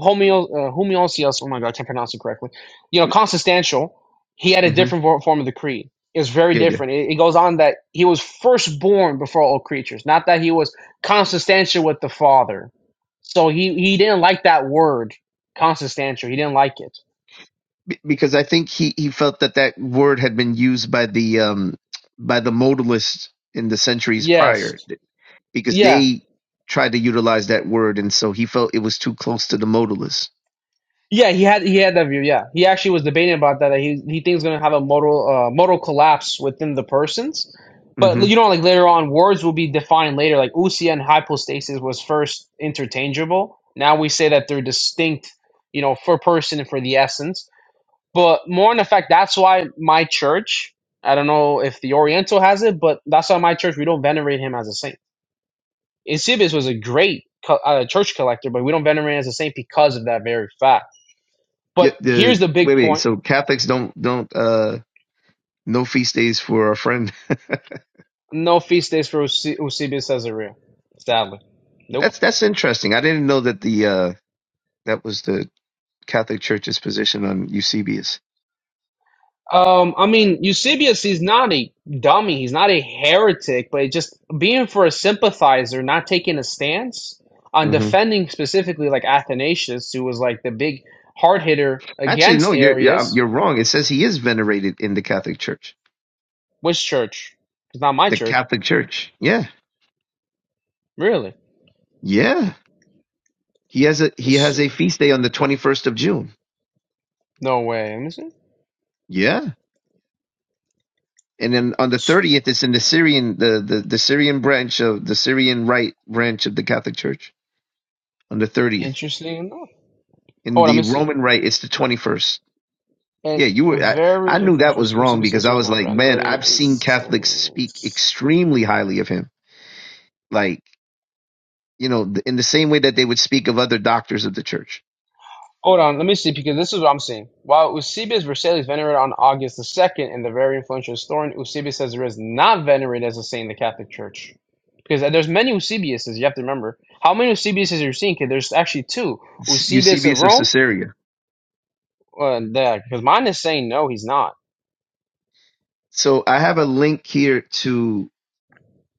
[SPEAKER 12] homeo uh, homeostasis. Oh my god, I can't pronounce it correctly. You know, consubstantial. He had a
[SPEAKER 13] hmm
[SPEAKER 12] different vor- form of the creed. It's very
[SPEAKER 13] yeah yeah
[SPEAKER 12] different. It, it goes on that he was firstborn before all creatures, not that he was consubstantial with the Father. So he he didn't like that word consubstantial. He didn't like it.
[SPEAKER 13] Be- because I think he he felt that that word had been used by the um by the modalists in the centuries
[SPEAKER 12] Yes.
[SPEAKER 13] prior because
[SPEAKER 12] Yeah.
[SPEAKER 13] they tried to utilize that word, and so he felt it was too close to the modalist.
[SPEAKER 12] Yeah, he had he had that view. Yeah, he actually was debating about that. that He he thinks going to have a modal uh, modal collapse within the persons, but
[SPEAKER 13] hmm
[SPEAKER 12] you know, like later on, words will be defined later. Like ousia and hypostasis was first interchangeable. Now we say that they're distinct, you know, for person and for the essence. But more in effect, that's why my church. I don't know if the Oriental has it, but that's why my church we don't venerate him as a saint. Eusebius was a great co- uh, church collector, but we don't venerate him as a saint because of that very fact
[SPEAKER 13] Yeah,
[SPEAKER 12] but here's
[SPEAKER 13] the
[SPEAKER 12] the big
[SPEAKER 13] wait, wait.
[SPEAKER 12] point:
[SPEAKER 13] So Catholics don't don't uh no feast days for our friend.
[SPEAKER 12] no feast days for Eusebius Eusebius Caesarea. Sadly,
[SPEAKER 13] *laughs*
[SPEAKER 12] nope.
[SPEAKER 13] That's that's interesting. I didn't know that the uh that was the Catholic Church's position on Eusebius.
[SPEAKER 12] Um, I mean, Eusebius, he's not a dummy. He's not a heretic, but it just being for a sympathizer, not taking a stance on
[SPEAKER 13] hmm
[SPEAKER 12] defending specifically like Athanasius, who was like the big hard hitter
[SPEAKER 13] Actually, no,
[SPEAKER 12] against
[SPEAKER 13] you're yeah,
[SPEAKER 12] Arius.
[SPEAKER 13] you're wrong. It says he is venerated in the Catholic Church.
[SPEAKER 12] Which church? It's not my
[SPEAKER 13] The
[SPEAKER 12] church.
[SPEAKER 13] Catholic Church. Yeah.
[SPEAKER 12] Really?
[SPEAKER 13] Yeah. He has a he
[SPEAKER 12] Let's
[SPEAKER 13] has
[SPEAKER 12] see.
[SPEAKER 13] a feast day on the 21st of June.
[SPEAKER 12] No way. Let me see.
[SPEAKER 13] Yeah. and then on
[SPEAKER 12] Let me
[SPEAKER 13] the
[SPEAKER 12] see.
[SPEAKER 13] 30th it's in the syrian the, the the syrian branch of the syrian right branch of the catholic church on the 30th
[SPEAKER 12] Interesting enough. Oh,
[SPEAKER 13] in
[SPEAKER 12] let
[SPEAKER 13] the
[SPEAKER 12] me see.
[SPEAKER 13] roman right it's the 21st
[SPEAKER 12] And
[SPEAKER 13] yeah you were i, I
[SPEAKER 12] very
[SPEAKER 13] knew that
[SPEAKER 12] influential
[SPEAKER 13] was wrong
[SPEAKER 12] Mitsubishi
[SPEAKER 13] because
[SPEAKER 12] Sensor
[SPEAKER 13] i
[SPEAKER 12] is
[SPEAKER 13] was
[SPEAKER 12] not
[SPEAKER 13] like man
[SPEAKER 12] renovated
[SPEAKER 13] i've
[SPEAKER 12] a
[SPEAKER 13] seen catholics speak
[SPEAKER 12] Saints.
[SPEAKER 13] extremely highly of him like you know in the same way that they would speak of other doctors of the church
[SPEAKER 12] Hold on, let me see because this is what I'm seeing. While Eusebius Vercelli is venerated on August the 2nd, and the very influential historian Eusebius Caesar is not venerated as a saint in the Catholic Church. Because there's many Eusebiuses, you have to remember. How many Eusebiuses are you seeing? Because there's actually two.
[SPEAKER 13] It's
[SPEAKER 12] Eusebius of
[SPEAKER 13] eusebius of
[SPEAKER 12] Rome,
[SPEAKER 13] caesarea
[SPEAKER 12] uh, that, because mine is saying no, he's not.
[SPEAKER 13] so i have a link here to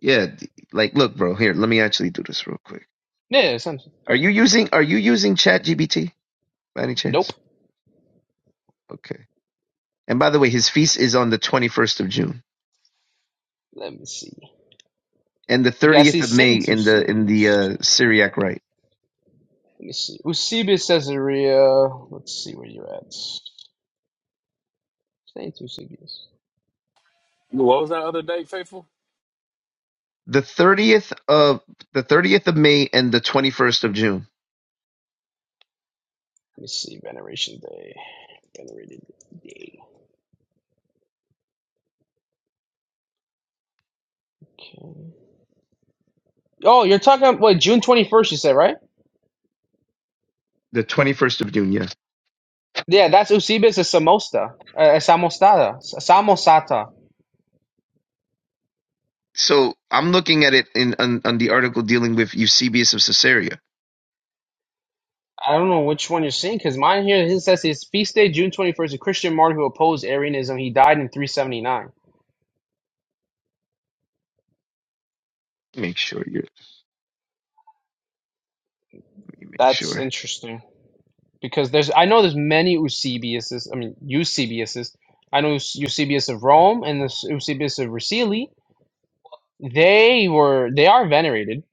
[SPEAKER 13] yeah like look bro here let me actually do this real quick
[SPEAKER 12] Yeah, it's-
[SPEAKER 13] are you using are you using ChatGPT? by any
[SPEAKER 12] nope.
[SPEAKER 13] chance? Okay. And by the way, his feast is on the 21st of June
[SPEAKER 12] Let me see.
[SPEAKER 13] and the
[SPEAKER 12] Because I
[SPEAKER 13] 30th
[SPEAKER 12] see
[SPEAKER 13] of May
[SPEAKER 12] Saint
[SPEAKER 13] in the in the
[SPEAKER 12] Eusebius.
[SPEAKER 13] uh, Syriac rite.
[SPEAKER 12] Let me see. Eusebius Caesarea. Let's see where you're at. Saint Eusebius.
[SPEAKER 8] What was that other day, Faithful?
[SPEAKER 13] The 30th of the 30th of May and the 21st of June.
[SPEAKER 12] Let me see. Veneration Day. Venerated Day. Okay. Oh, you're talking about what June 21st? You said right?
[SPEAKER 13] The 21st of June, yes.
[SPEAKER 12] Yeah, that's Eusebius of Samosta. Uh, Samostada. Samosata. S- Samosata.
[SPEAKER 13] So I'm looking at it in on, on the article dealing with Eusebius of Caesarea.
[SPEAKER 12] I don't know which one you're seeing because mine here it says his feast day June 21st. A Christian martyr who opposed Arianism. He died in 379.
[SPEAKER 13] Make sure you're, you make
[SPEAKER 12] That's
[SPEAKER 13] sure.
[SPEAKER 12] interesting. because there's I know there's many Eusebiuses. I mean Eusebiuses. I know Eus- Eusebius of Rome and the Eusebius of Vercelli. They were they are venerated.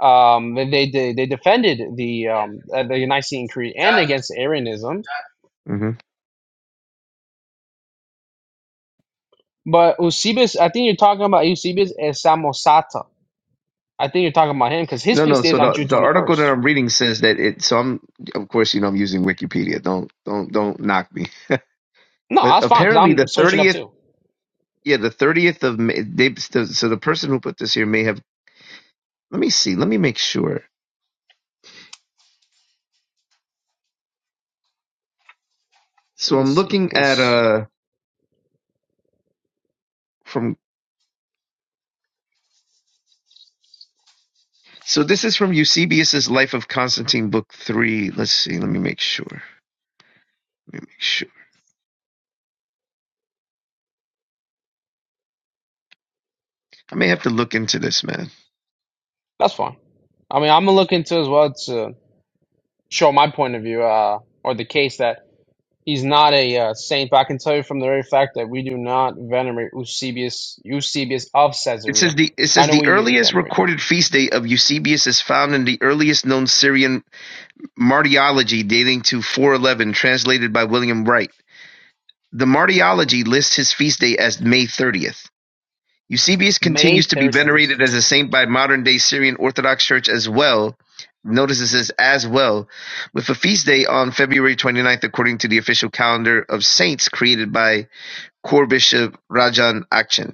[SPEAKER 12] Um, they they they defended the um uh, the Nicene Creed and against Arianism.
[SPEAKER 13] hmm
[SPEAKER 12] But Eusebius, I think you're talking about Eusebius as Samosata. I think you're talking about him because his
[SPEAKER 13] No, no.
[SPEAKER 12] feast day
[SPEAKER 13] So
[SPEAKER 12] is on
[SPEAKER 13] the
[SPEAKER 12] June
[SPEAKER 13] the article
[SPEAKER 12] 21st.
[SPEAKER 13] that I'm reading says that it. So I'm of course you know I'm using Wikipedia. Don't don't don't knock me.
[SPEAKER 12] No,
[SPEAKER 13] But
[SPEAKER 12] that's fine because
[SPEAKER 13] apparently the
[SPEAKER 12] I'm searching up
[SPEAKER 13] 30th
[SPEAKER 12] too.
[SPEAKER 13] Yeah, the thirtieth of May. They, so so the person who put this here may have. Let me see. Let me make sure.
[SPEAKER 12] Let
[SPEAKER 13] So
[SPEAKER 12] me
[SPEAKER 13] I'm
[SPEAKER 12] see
[SPEAKER 13] looking at
[SPEAKER 12] because
[SPEAKER 13] uh from. So this is from Eusebius's Life of Constantine, book three. Let's see. Let me make sure. Let me make sure. I may have to look into this, man.
[SPEAKER 12] that's fine. I mean, I'm gonna look into it as well to show my point of view uh, or the case that He's not a uh, saint, but I can tell you from the very fact that we do not venerate Eusebius, Eusebius of
[SPEAKER 13] It says
[SPEAKER 12] Caesarea.
[SPEAKER 13] the it
[SPEAKER 12] I
[SPEAKER 13] says
[SPEAKER 12] know
[SPEAKER 13] the
[SPEAKER 12] we
[SPEAKER 13] earliest
[SPEAKER 12] venerate
[SPEAKER 13] recorded feast day of Eusebius is found in the earliest known Syrian martyrology dating to 411, translated by William Wright. The martyrology lists his feast day as May 30th. Eusebius
[SPEAKER 12] May
[SPEAKER 13] continues to be
[SPEAKER 12] 30th. Let me see.
[SPEAKER 13] venerated as a saint by modern-day Syrian Orthodox Church as well notice it says as well, with a feast day on February 29th according to the official calendar of saints created by Chorbishop Rajan Akchin.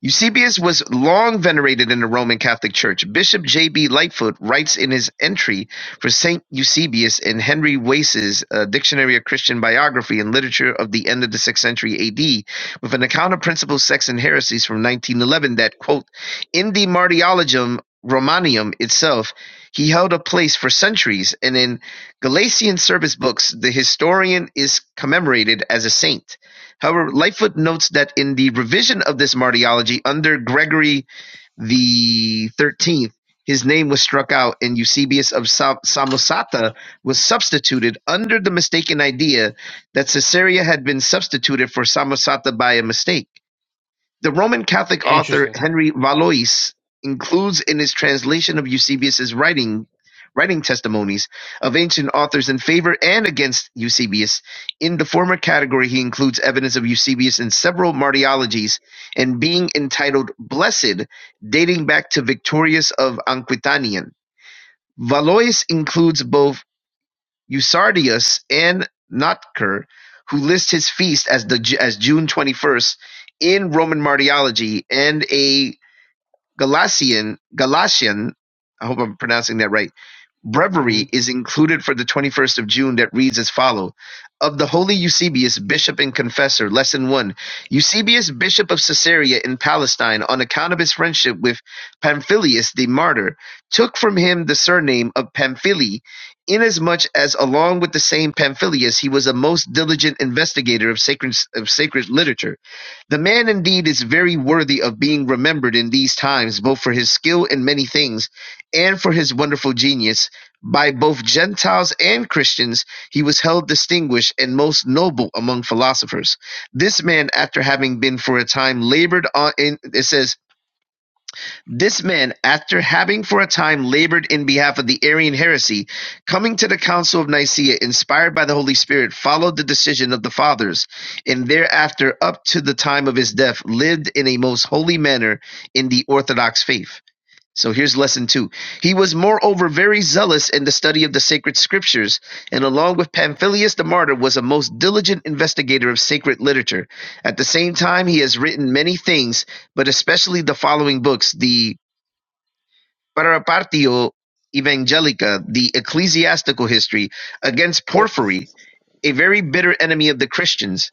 [SPEAKER 13] Eusebius was long venerated in the Roman Catholic Church. Bishop J. B. Lightfoot writes in his entry for Saint Eusebius in Henry Wace's uh, Dictionary of Christian Biography and Literature of the end of the 6th century AD with an account of principal sects and heresies from 1911 that, quote, in the Martyrologium Romanium itself, he held a place for centuries, and in Galatian service books, the historian is commemorated as a saint. However, Lightfoot notes that in the revision of this martyrology under Gregory the Thirteenth, his name was struck out, and Eusebius of Sa- Samosata was substituted under the mistaken idea that Caesarea had been substituted for Samosata by a mistake. The Roman Catholic author
[SPEAKER 12] Interesting.
[SPEAKER 13] Henry Valois includes in his translation of Eusebius's writing writing testimonies of ancient authors in favor and against Eusebius. In the former category, he includes evidence of Eusebius in several martyrologies and being entitled Blessed, dating back to Victorius of Aquitanian. Valois includes both Eusebius and Notker, who lists his feast as the as June twenty-first in Roman Martyrology and A. Galatian Galatian, I hope I'm pronouncing that right,
[SPEAKER 12] hmm
[SPEAKER 13] breviary is included for the 21st of June that reads as follow. Of the Holy Eusebius, Bishop and Confessor, Lesson 1. Eusebius, Bishop of Caesarea in Palestine, on account of his friendship with Pamphilus the martyr, took from him the surname of Pamphili, inasmuch as along with the same Pamphilus he was a most diligent investigator of sacred, of sacred literature the man indeed is very worthy of being remembered in these times, both for his skill in many things and for his wonderful genius. By both Gentiles and Christians, he was held distinguished and most noble among philosophers. This man, after having been for a time labored on, in, it says, this man, after having for a time labored in behalf of the Arian heresy, coming to the Council of Nicaea inspired by the Holy Spirit, followed the decision of the fathers, and thereafter, up to the time of his death, lived in a most holy manner in the Orthodox faith. So here's lesson two. He was moreover very zealous in the study of the sacred scriptures, and along with Pamphilus the martyr, was a most diligent investigator of sacred literature. At the same time, he has written many things, but especially the following books: the "Para Partio Evangelica: The Ecclesiastical History", against
[SPEAKER 12] Yep.
[SPEAKER 13] Porphyry, a very bitter enemy of the Christians.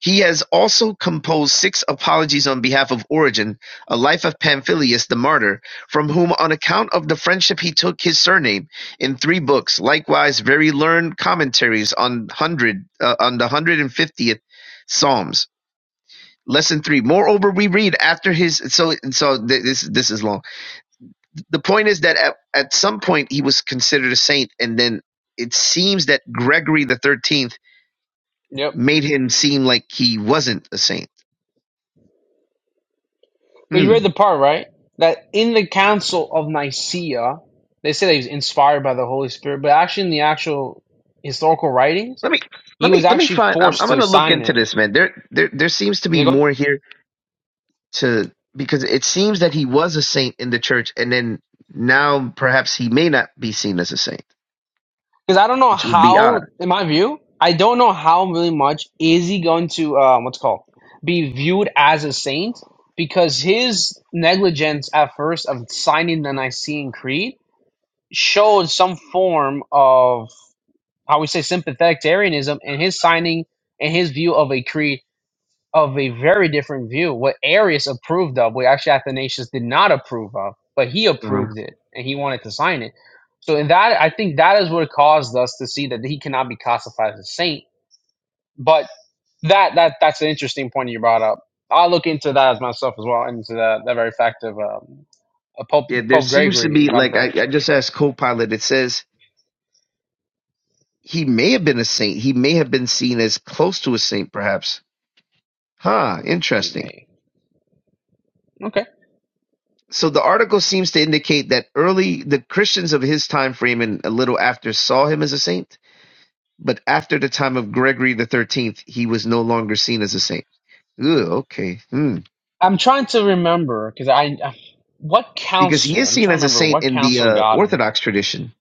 [SPEAKER 13] He has also composed six apologies on behalf of Origen, a life of Pamphilus the martyr, from whom on account of the friendship he took his surname, in three books, likewise very learned commentaries on hundred uh, on the 150th Psalms. Lesson 3. Moreover, we read after his so so th- this this is long the point is that at, at some point he was considered a saint and then it seems that gregory the 13th
[SPEAKER 12] Yep.
[SPEAKER 13] made him seem like he wasn't a saint
[SPEAKER 12] But you
[SPEAKER 13] hmm.
[SPEAKER 12] read the part, right? That in the Council of Nicaea, they say that he was inspired by the Holy Spirit, but actually in the actual historical writings,
[SPEAKER 13] let me let
[SPEAKER 12] he was
[SPEAKER 13] me let me
[SPEAKER 12] actually
[SPEAKER 13] find I'm,
[SPEAKER 12] forced
[SPEAKER 13] I'm
[SPEAKER 12] to
[SPEAKER 13] gonna look
[SPEAKER 12] sign
[SPEAKER 13] into
[SPEAKER 12] it.
[SPEAKER 13] this man there there there seems to be
[SPEAKER 12] There you go.
[SPEAKER 13] more here to because it seems that he was a saint in the church and then now perhaps he may not be seen as a saint
[SPEAKER 12] Because I don't know
[SPEAKER 13] which would be
[SPEAKER 12] how,
[SPEAKER 13] odd
[SPEAKER 12] in my view, I don't know how really much is he going to um, what's it called be viewed as a saint because his negligence at first of signing the Nicene Creed showed some form of how we say sympathetic to Arianism and his signing and his view of a creed of a very different view. What Arius approved of, what actually Athanasius did not approve of, but he
[SPEAKER 13] uh-huh.
[SPEAKER 12] approved it and he wanted to sign it. So in that, I think that is what caused us to see that he cannot be classified as a saint. But that that that's an interesting point you brought up. I'll look into that as myself as well, into that, that very fact of um, uh, Pope
[SPEAKER 13] yeah there
[SPEAKER 12] Pope
[SPEAKER 13] seems to
[SPEAKER 12] Gregory,
[SPEAKER 13] be
[SPEAKER 12] if I'm
[SPEAKER 13] like
[SPEAKER 12] correct.
[SPEAKER 13] I, I just asked copilot it says he may have been a saint he may have been seen as close to a saint perhaps Huh,
[SPEAKER 12] He
[SPEAKER 13] interesting.
[SPEAKER 12] may. Okay.
[SPEAKER 13] So the article seems to indicate that early the Christians of his time frame and a little after saw him as a saint, but after the time of Gregory the Thirteenth, he was no longer seen as a saint. Ooh, okay. Hmm.
[SPEAKER 12] I'm trying to remember because I, I what
[SPEAKER 13] Because he
[SPEAKER 12] council.
[SPEAKER 13] is
[SPEAKER 12] I'm
[SPEAKER 13] seen
[SPEAKER 12] trying to
[SPEAKER 13] as a
[SPEAKER 12] remember
[SPEAKER 13] saint
[SPEAKER 12] what
[SPEAKER 13] in the
[SPEAKER 12] council
[SPEAKER 13] uh,
[SPEAKER 12] got him
[SPEAKER 13] Orthodox tradition.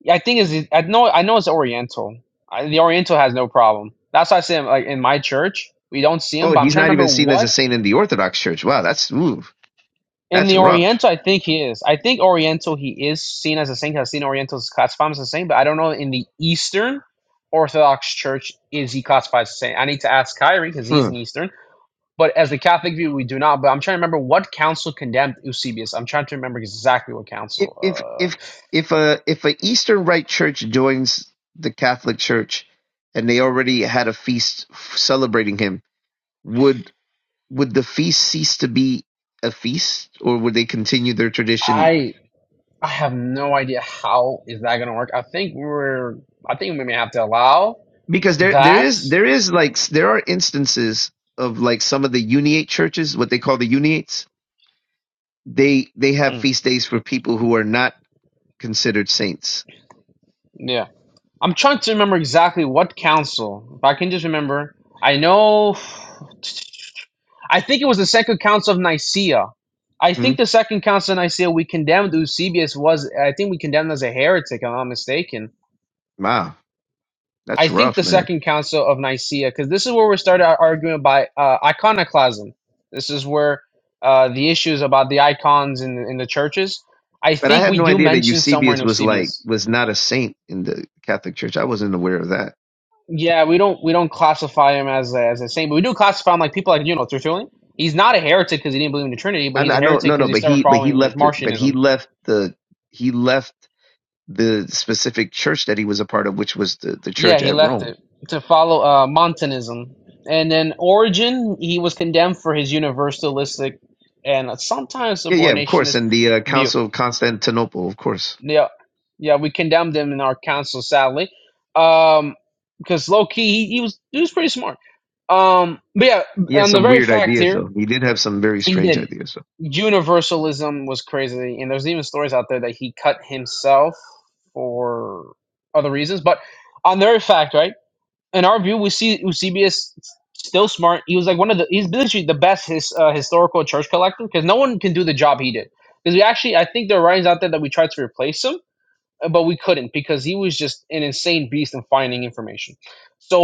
[SPEAKER 12] Yeah, I think is I know I know it's Oriental. I, the Oriental has no problem. That's why I say like in my church we don't see him,
[SPEAKER 13] Oh,
[SPEAKER 12] but I'm
[SPEAKER 13] he's
[SPEAKER 12] trying to
[SPEAKER 13] not
[SPEAKER 12] remember
[SPEAKER 13] even seen as a
[SPEAKER 12] what
[SPEAKER 13] saint in the Orthodox Church. Wow, that's ooh,
[SPEAKER 12] in
[SPEAKER 13] that's
[SPEAKER 12] the
[SPEAKER 13] rough.
[SPEAKER 12] Oriental I think he is. I think Oriental he is seen as a saint. 'cause I've seen Orientals classified as a saint, but I don't know in the Eastern Orthodox Church is he classified as a saint. I need to ask Kyrie because he's
[SPEAKER 13] Huh.
[SPEAKER 12] an Eastern. But as the Catholic view, we do not. But I'm trying to remember what council condemned Eusebius. I'm trying to remember exactly what
[SPEAKER 13] If
[SPEAKER 12] council.
[SPEAKER 13] if if
[SPEAKER 12] Uh,
[SPEAKER 13] if a if a Eastern Rite Church joins the Catholic Church, and they already had a feast f- celebrating him would would the feast cease to be a feast or would they continue their tradition
[SPEAKER 12] I I have no idea how is that gonna work. I think we're I think we may have to allow
[SPEAKER 13] because there there
[SPEAKER 12] that.
[SPEAKER 13] is there is like there are instances of like some of the uniate churches what they call the uniates they they have
[SPEAKER 12] Mm,
[SPEAKER 13] feast days for people who are not considered saints
[SPEAKER 12] yeah. I'm trying to remember exactly what council. If I can just remember. I know I think it was the second council of Nicaea. I
[SPEAKER 13] hmm?
[SPEAKER 12] think the second council of Nicaea we condemned Eusebius was I think we condemned as a heretic, if I'm not mistaken
[SPEAKER 13] wow
[SPEAKER 12] I
[SPEAKER 13] that's
[SPEAKER 12] think the
[SPEAKER 13] rough man
[SPEAKER 12] Second Council of Nicaea, because this is where we started our argument by uh, iconoclasm. This is where uh, the issues about the icons in in the churches. I
[SPEAKER 13] but i
[SPEAKER 12] think
[SPEAKER 13] had
[SPEAKER 12] we
[SPEAKER 13] no
[SPEAKER 12] do
[SPEAKER 13] idea that
[SPEAKER 12] mention somewhere in
[SPEAKER 13] eusebius was like
[SPEAKER 12] Eusebius.
[SPEAKER 13] was not a saint in the catholic church i wasn't aware of that
[SPEAKER 12] Yeah, we don't we don't classify him as a, as a saint, but we do classify him like people like you know Tertullian. He's not a heretic because he didn't believe in the Trinity, but
[SPEAKER 13] i,
[SPEAKER 12] he's a
[SPEAKER 13] I know
[SPEAKER 12] heretic
[SPEAKER 13] no
[SPEAKER 12] because
[SPEAKER 13] no
[SPEAKER 12] he
[SPEAKER 13] but
[SPEAKER 12] started
[SPEAKER 13] he but he
[SPEAKER 12] following like
[SPEAKER 13] left it but he
[SPEAKER 12] Martianism.
[SPEAKER 13] left the he left the specific church that he was a part of, which was the, the
[SPEAKER 12] Yeah,
[SPEAKER 13] church
[SPEAKER 12] he
[SPEAKER 13] at
[SPEAKER 12] left
[SPEAKER 13] Rome.
[SPEAKER 12] it to follow uh, Montanism. And then Origen, he was condemned for his universalistic and sometimes
[SPEAKER 13] Yeah, yeah, of course.
[SPEAKER 12] subordinationist
[SPEAKER 13] And the uh,
[SPEAKER 12] view.
[SPEAKER 13] Council of Constantinople, of course.
[SPEAKER 12] Yeah, yeah, we condemned him in our council, sadly, um, because low key he, he was he was pretty smart. Um, but yeah,
[SPEAKER 13] He had
[SPEAKER 12] on the
[SPEAKER 13] some
[SPEAKER 12] very
[SPEAKER 13] weird
[SPEAKER 12] fact
[SPEAKER 13] ideas,
[SPEAKER 12] here,
[SPEAKER 13] though. He did have some very
[SPEAKER 12] he
[SPEAKER 13] strange
[SPEAKER 12] did.
[SPEAKER 13] ideas,
[SPEAKER 12] Universalism was crazy, and there's even stories out there that he cut himself for other reasons. But on the very fact, right? in our view, we see Eusebius still smart. He was like one of the he's literally the best his uh, historical church collector because no one can do the job he did. Because we actually, I think there are writings out there that we tried to replace him, uh, but we couldn't because he was just an insane beast in finding information.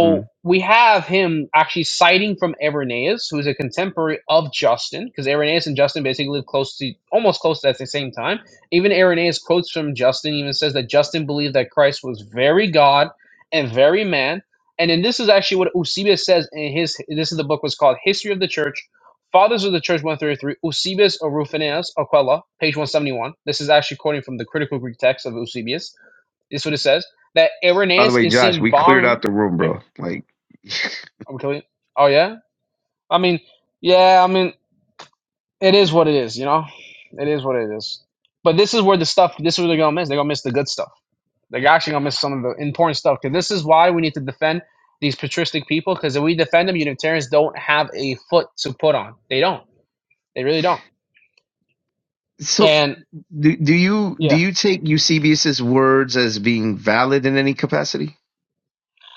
[SPEAKER 13] though. Mm.
[SPEAKER 12] we have him actually citing from Irenaeus, who is a contemporary of Justin, because Irenaeus and Justin basically live close to, almost close to at the same time. Even Irenaeus quotes from Justin, even says that Justin believed that Christ was very God and very man. And then this is actually what Eusebius says in his. This is the book was called History of the Church Fathers of the Church 133, Eusebius Orufinus Aquella, page 171. This is actually quoting from the critical Greek text of Eusebius. This is what it says that
[SPEAKER 13] By the
[SPEAKER 12] Irenaeus
[SPEAKER 13] way,
[SPEAKER 12] is
[SPEAKER 13] Josh,
[SPEAKER 12] seen
[SPEAKER 13] we cleared
[SPEAKER 12] barn.
[SPEAKER 13] out the room,
[SPEAKER 12] Yeah,
[SPEAKER 13] bro. Like, *laughs*
[SPEAKER 12] I'm killing. it. Oh, yeah? I mean, yeah, I mean, it is what it is, you know? It is what it is. But this is where the stuff, this is where they're going to miss. They're going to miss the good stuff. They're actually going to miss some of the important stuff. Because this is why we need to defend these patristic people. Because if we defend them, Unitarians don't have a foot to put on. They don't. They really don't.
[SPEAKER 13] so
[SPEAKER 12] And
[SPEAKER 13] do, do you
[SPEAKER 12] yeah.
[SPEAKER 13] do you take Eusebius's words as being valid in any capacity?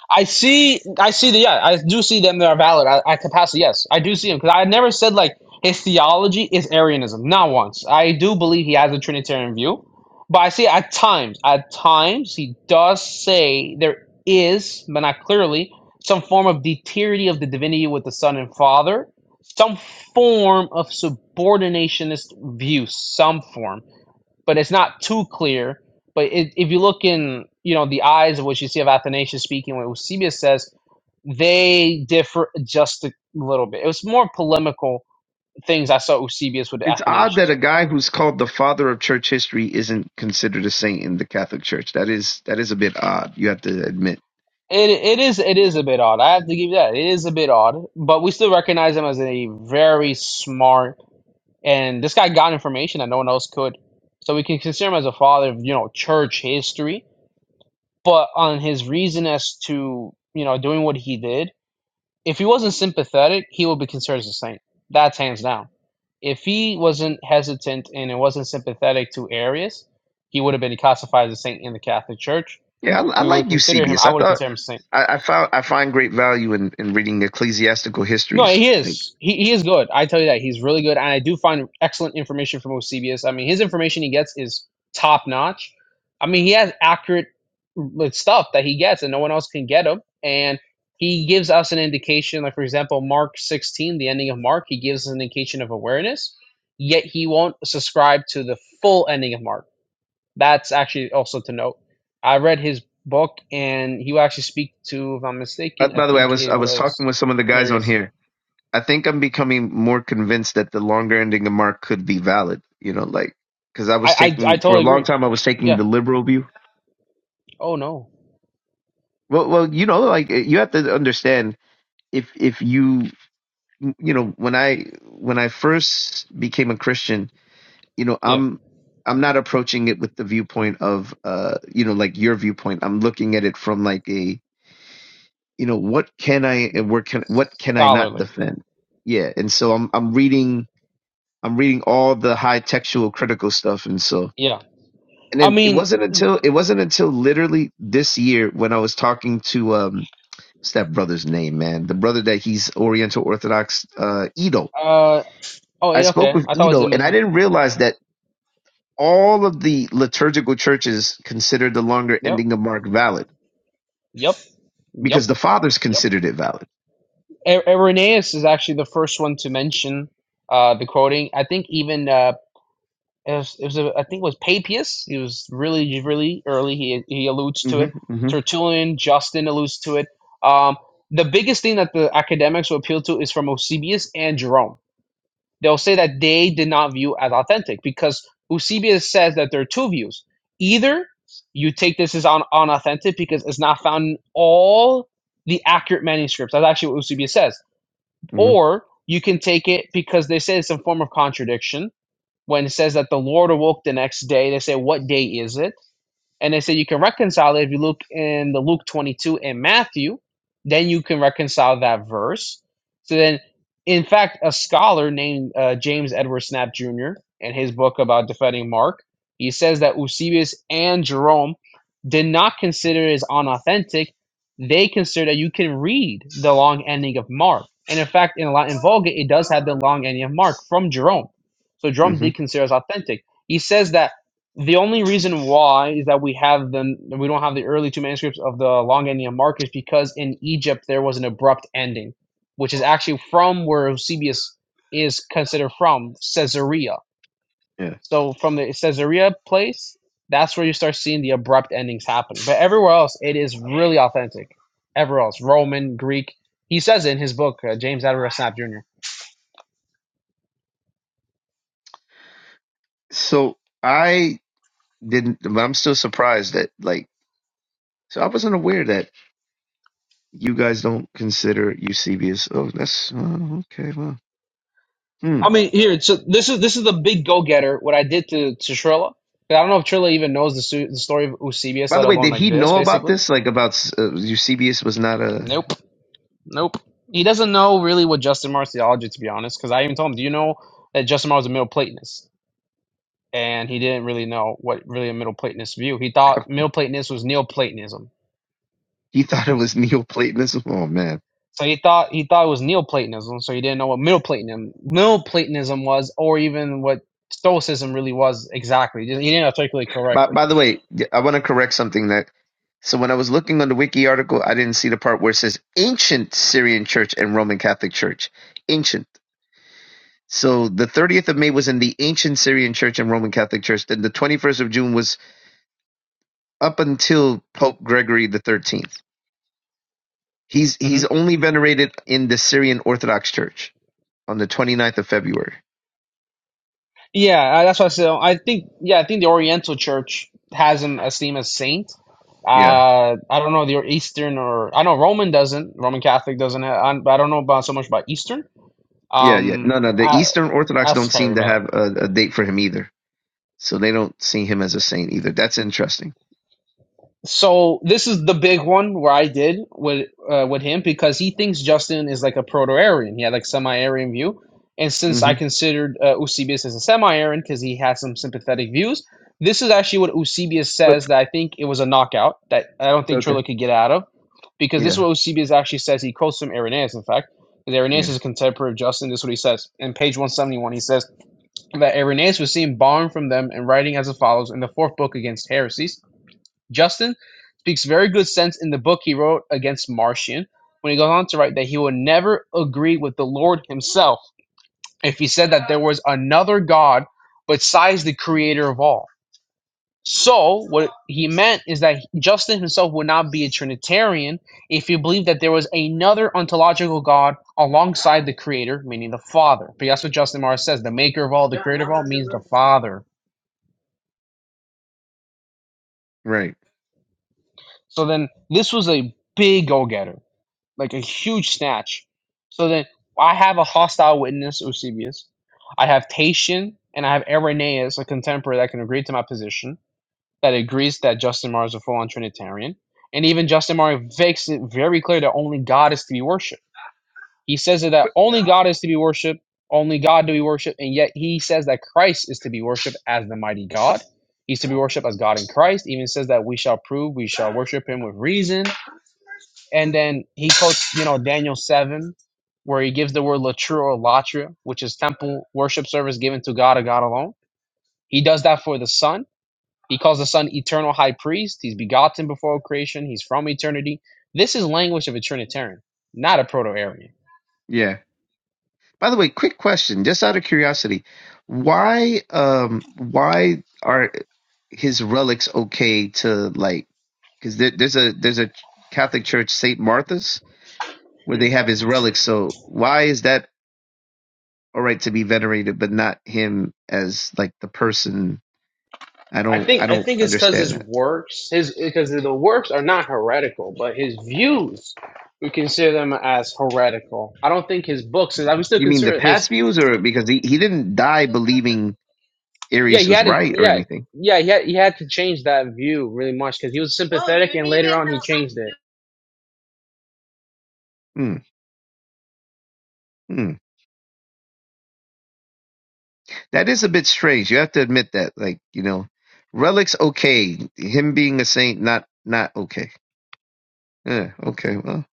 [SPEAKER 12] I see, I see the, yeah, I do see them They are valid at, at capacity. Yes, I do see them because I never said like his theology is Arianism, not once. I do believe he has a Trinitarian view, but I see at times, at times he does say there is, but not clearly, some form of deteriorating of the divinity with the Son and Father, some form of subordinationist view, some form but it's not too clear. But it, if you look in, you know, the eyes of what you see of Athanasius speaking, what Eusebius says, they differ just a little bit. It was more polemical things I saw Eusebius with
[SPEAKER 13] It's odd that
[SPEAKER 12] Athanasius.
[SPEAKER 13] a guy who's called the father of church history isn't considered a saint in the Catholic Church. That is that is a bit odd. You have to admit.
[SPEAKER 12] It it is it is a bit odd. I have to give you that. It is a bit odd, but we still recognize him as a very smart and this guy got information that no one else could. So we can consider him as a father of you know church history, but on his reason as to you know doing what he did If he wasn't sympathetic, he would be considered as a saint. That's hands down. If he wasn't hesitant and it wasn't sympathetic to Arius, he would have been classified as a saint in the Catholic Church.
[SPEAKER 13] Yeah, I, I
[SPEAKER 12] We would
[SPEAKER 13] like
[SPEAKER 12] consider him.
[SPEAKER 13] Eusebius.
[SPEAKER 12] I
[SPEAKER 13] I
[SPEAKER 12] would
[SPEAKER 13] thought
[SPEAKER 12] consider him a saint.
[SPEAKER 13] I, I found I find great value in, in reading ecclesiastical
[SPEAKER 12] No,
[SPEAKER 13] histories.
[SPEAKER 12] he
[SPEAKER 13] Like,
[SPEAKER 12] is. He, he is good. I tell you that he's really good, and I do find excellent information from Eusebius. I mean, his information he gets is top notch. I mean, he has accurate like, stuff that he gets, and no one else can get him. And he gives us an indication, like for example, Mark sixteen, the ending of Mark, he gives us an indication of awareness. Yet he won't subscribe to the full ending of Mark. That's actually also to note. I read his book, and he will actually speak to, if I'm
[SPEAKER 13] uh,
[SPEAKER 12] mistaken, I
[SPEAKER 13] by the way, I
[SPEAKER 12] think
[SPEAKER 13] was
[SPEAKER 12] it
[SPEAKER 13] I was talking
[SPEAKER 12] was
[SPEAKER 13] with some of the guys on
[SPEAKER 12] Marius
[SPEAKER 13] here. I think I'm becoming more convinced that the longer ending of Mark could be valid. You know, like because I
[SPEAKER 12] I,
[SPEAKER 13] was
[SPEAKER 12] I I
[SPEAKER 13] taking for a
[SPEAKER 12] totally
[SPEAKER 13] long
[SPEAKER 12] agree.
[SPEAKER 13] time I was taking
[SPEAKER 12] Yeah.
[SPEAKER 13] the liberal view.
[SPEAKER 12] Oh no.
[SPEAKER 13] Well, well, you know, like uh, you have to understand if if you you know when I when I first became a Christian, you know
[SPEAKER 12] Yeah.
[SPEAKER 13] i'm i'm not approaching it with the viewpoint of uh you know like your viewpoint i'm looking at it from like a you know what can i and where can what can i not
[SPEAKER 12] Scholarly.
[SPEAKER 13] defend yeah and so i'm i'm reading i'm reading all the high textual critical stuff and so
[SPEAKER 12] Yeah.
[SPEAKER 13] and
[SPEAKER 12] I
[SPEAKER 13] then it
[SPEAKER 12] mean,
[SPEAKER 13] wasn't until it wasn't until literally this year when i was talking to um what's that brother's name man the brother that he's oriental orthodox uh edo
[SPEAKER 12] uh. Oh,
[SPEAKER 13] i
[SPEAKER 12] yeah,
[SPEAKER 13] spoke
[SPEAKER 12] okay.
[SPEAKER 13] with
[SPEAKER 12] I thought it was
[SPEAKER 13] edo and i
[SPEAKER 12] Immisal.
[SPEAKER 13] didn't realize that all of the liturgical churches consider the longer
[SPEAKER 12] Yep.
[SPEAKER 13] ending of Mark valid
[SPEAKER 12] Yep. Yep.
[SPEAKER 13] because the fathers
[SPEAKER 12] Yep.
[SPEAKER 13] considered it valid.
[SPEAKER 12] A- Irenaeus is actually the first one to mention uh the quoting. I think even uh it was, it was a, I think it was Papias. He was really really early. He he alludes to
[SPEAKER 13] hmm
[SPEAKER 12] it.
[SPEAKER 13] hmm
[SPEAKER 12] Tertullian, Justin alludes to it. Um, the biggest thing that the academics will appeal to is from Eusebius and Jerome they'll say that they did not view as authentic because Eusebius says that there are two views. Either you take this as un- unauthentic because it's not found in all the accurate manuscripts. That's actually what Eusebius says.
[SPEAKER 13] hmm
[SPEAKER 12] Or you can take it because they say it's a form of contradiction. When it says that the Lord awoke the next day, they say, What day is it? And they say you can reconcile it if you look in the Luke 22 and Matthew, then you can reconcile that verse. So then, in fact, a scholar named uh, James Edward Snap Jr. in his book about defending Mark, he says that Eusebius and Jerome did not consider it as unauthentic. They consider that you can read the long ending of Mark. And in fact, in the Latin Vulgate, it does have the long ending of Mark from Jerome. So Jerome
[SPEAKER 13] hmm
[SPEAKER 12] did consider it as authentic. He says that the only reason why is that we have them, we don't have the early two manuscripts of the Long Ending of Mark is because in Egypt there was an abrupt ending, which is actually from where Eusebius is considered from, Caesarea.
[SPEAKER 13] Yeah.
[SPEAKER 12] So from the Caesarea place, that's where you start seeing the abrupt endings happen. But everywhere else, it is really authentic. Everywhere else, Roman, Greek. He says it in his book, uh, James Atterbury Snap Jr.
[SPEAKER 13] So I didn't, but I'm still surprised that like. So I wasn't aware that you guys don't consider Eusebius. Oh, that's oh, okay. Well, hmm.
[SPEAKER 12] I mean, here. So this is this is the big go getter. What I did to to Trilla. I don't know if Trilla even knows the, su- the story of Eusebius,
[SPEAKER 13] By
[SPEAKER 12] let
[SPEAKER 13] the way,
[SPEAKER 12] alone
[SPEAKER 13] did
[SPEAKER 12] like
[SPEAKER 13] he
[SPEAKER 12] this.
[SPEAKER 13] know about
[SPEAKER 12] Basically,
[SPEAKER 13] this? Like about uh, Eusebius was not a.
[SPEAKER 12] nope, nope. He doesn't know really what Justin Marr's theology, to be honest. Because I even told him, "Do you know that Justin Marr was a Middle Platonist?" And he didn't really know what really a Middle Platonist view. He thought Middle Platonist was Neoplatonism.
[SPEAKER 13] He *laughs* thought it was Neoplatonism. Oh man.
[SPEAKER 12] So he thought he thought it was Neoplatonism. So he didn't know what Middle Platonism Middle Platonism was, or even what Stoicism really was exactly. He didn't articulate
[SPEAKER 13] By,
[SPEAKER 12] correctly.
[SPEAKER 13] by the way, yeah, I want to correct something that. So when I was looking on the wiki article, I didn't see the part where it says ancient Syrian Church and Roman Catholic Church. Ancient. So the 30th of May was in the ancient Syrian Church and Roman Catholic Church. Then the 21st of June was up until Pope Gregory the 13th. He's
[SPEAKER 12] Mhm.
[SPEAKER 13] he's only venerated in the Syrian Orthodox Church on the 29th of February.
[SPEAKER 12] Yeah, I- that's what I said. I think yeah, I think the Oriental Church has him esteemed as saint. Uh,
[SPEAKER 13] Yeah.
[SPEAKER 12] I don't know the Eastern or I know Roman doesn't. Roman Catholic doesn't. I, I don't know about so much about Eastern.
[SPEAKER 13] Yeah, yeah.
[SPEAKER 12] Um,
[SPEAKER 13] No, no, the
[SPEAKER 12] I
[SPEAKER 13] Eastern Orthodox don't
[SPEAKER 12] ask Kyrie
[SPEAKER 13] seem to
[SPEAKER 12] about that.
[SPEAKER 13] have a, a date for him either. So they don't see him as a saint either. That's interesting.
[SPEAKER 12] So this is the big one where I did with uh, with him because he thinks Justin is like a proto-Aryan. He had like semi-Aryan view, and since
[SPEAKER 13] Mm-hmm.
[SPEAKER 12] I considered uh, Eusebius as a semi-Aryan because he has some sympathetic views, this is actually what Eusebius
[SPEAKER 13] But
[SPEAKER 12] says that I think it was a knockout that I don't think
[SPEAKER 13] okay.
[SPEAKER 12] Trilla could get out of because this is
[SPEAKER 13] Yeah.
[SPEAKER 12] what Eusebius actually says. He quotes from Irenaeus, in fact. Because Irenaeus is
[SPEAKER 13] Yeah.
[SPEAKER 12] a contemporary of Justin. This is what he says. In page 171, he says that Irenaeus was seen borrowing from them and writing as follows in the fourth book against heresies Justin speaks very good sense in the book he wrote against Martian when he goes on to write that he would never agree with the Lord himself if he said that there was another God besides the creator of all. So, what he meant is that Justin himself would not be a Trinitarian if he believed that there was another ontological God alongside the creator, meaning the Father. But that's what Justin Mars says the maker of all, the creator of all means the Father.
[SPEAKER 13] Right.
[SPEAKER 12] So, then this was a big go getter like a huge snatch. So then I have a hostile witness, Eusebius. I have Tatian, and I have Irenaeus, a contemporary that can agree to my position, that agrees that Justin Martyr is a full-on Trinitarian. And even Justin Martyr makes it very clear that only God is to be worshipped. He says that
[SPEAKER 13] But-
[SPEAKER 12] only God is to be worshipped, only God to be worshipped, and yet he says that Christ is to be worshipped as the mighty God. He's to be worshipped as God in Christ. He Even says that we shall prove, we shall worship him with reason and then he quotes, you know, Daniel 7, where he gives the word latra or latra, which is temple worship service given to God or God alone. He does that for the Son. He calls the Son eternal high priest. He's begotten before creation. He's from eternity. This is language of a Trinitarian, not a Proto-Aryan.
[SPEAKER 13] Yeah. By the way, quick question, just out of curiosity, why um why are his relics okay to like because there, there's a there's a Catholic church St. Martha's where
[SPEAKER 12] Mhm.
[SPEAKER 13] they have his relics. So why is that all right to be venerated but not him as like the person? I
[SPEAKER 12] I
[SPEAKER 13] don't I
[SPEAKER 12] think I
[SPEAKER 13] don't
[SPEAKER 12] think it's because
[SPEAKER 13] understand
[SPEAKER 12] his
[SPEAKER 13] that.
[SPEAKER 12] works, his because the works are not heretical, but his views we consider them as heretical. I don't think his books, I would still
[SPEAKER 13] You mean the
[SPEAKER 12] consider his
[SPEAKER 13] past views or because he, he didn't die believing
[SPEAKER 12] Yeah,
[SPEAKER 13] Arius
[SPEAKER 12] he had
[SPEAKER 13] was
[SPEAKER 12] to.
[SPEAKER 13] right or
[SPEAKER 12] Yeah,
[SPEAKER 13] anything?
[SPEAKER 12] yeah, he had, he had to change that view really much because he was sympathetic, and later on he changed it.
[SPEAKER 13] Hmm. Hmm. That is a bit strange. You have to admit that. Like, you know, Relic's okay. Him being a saint, not not okay. Yeah, okay. Well,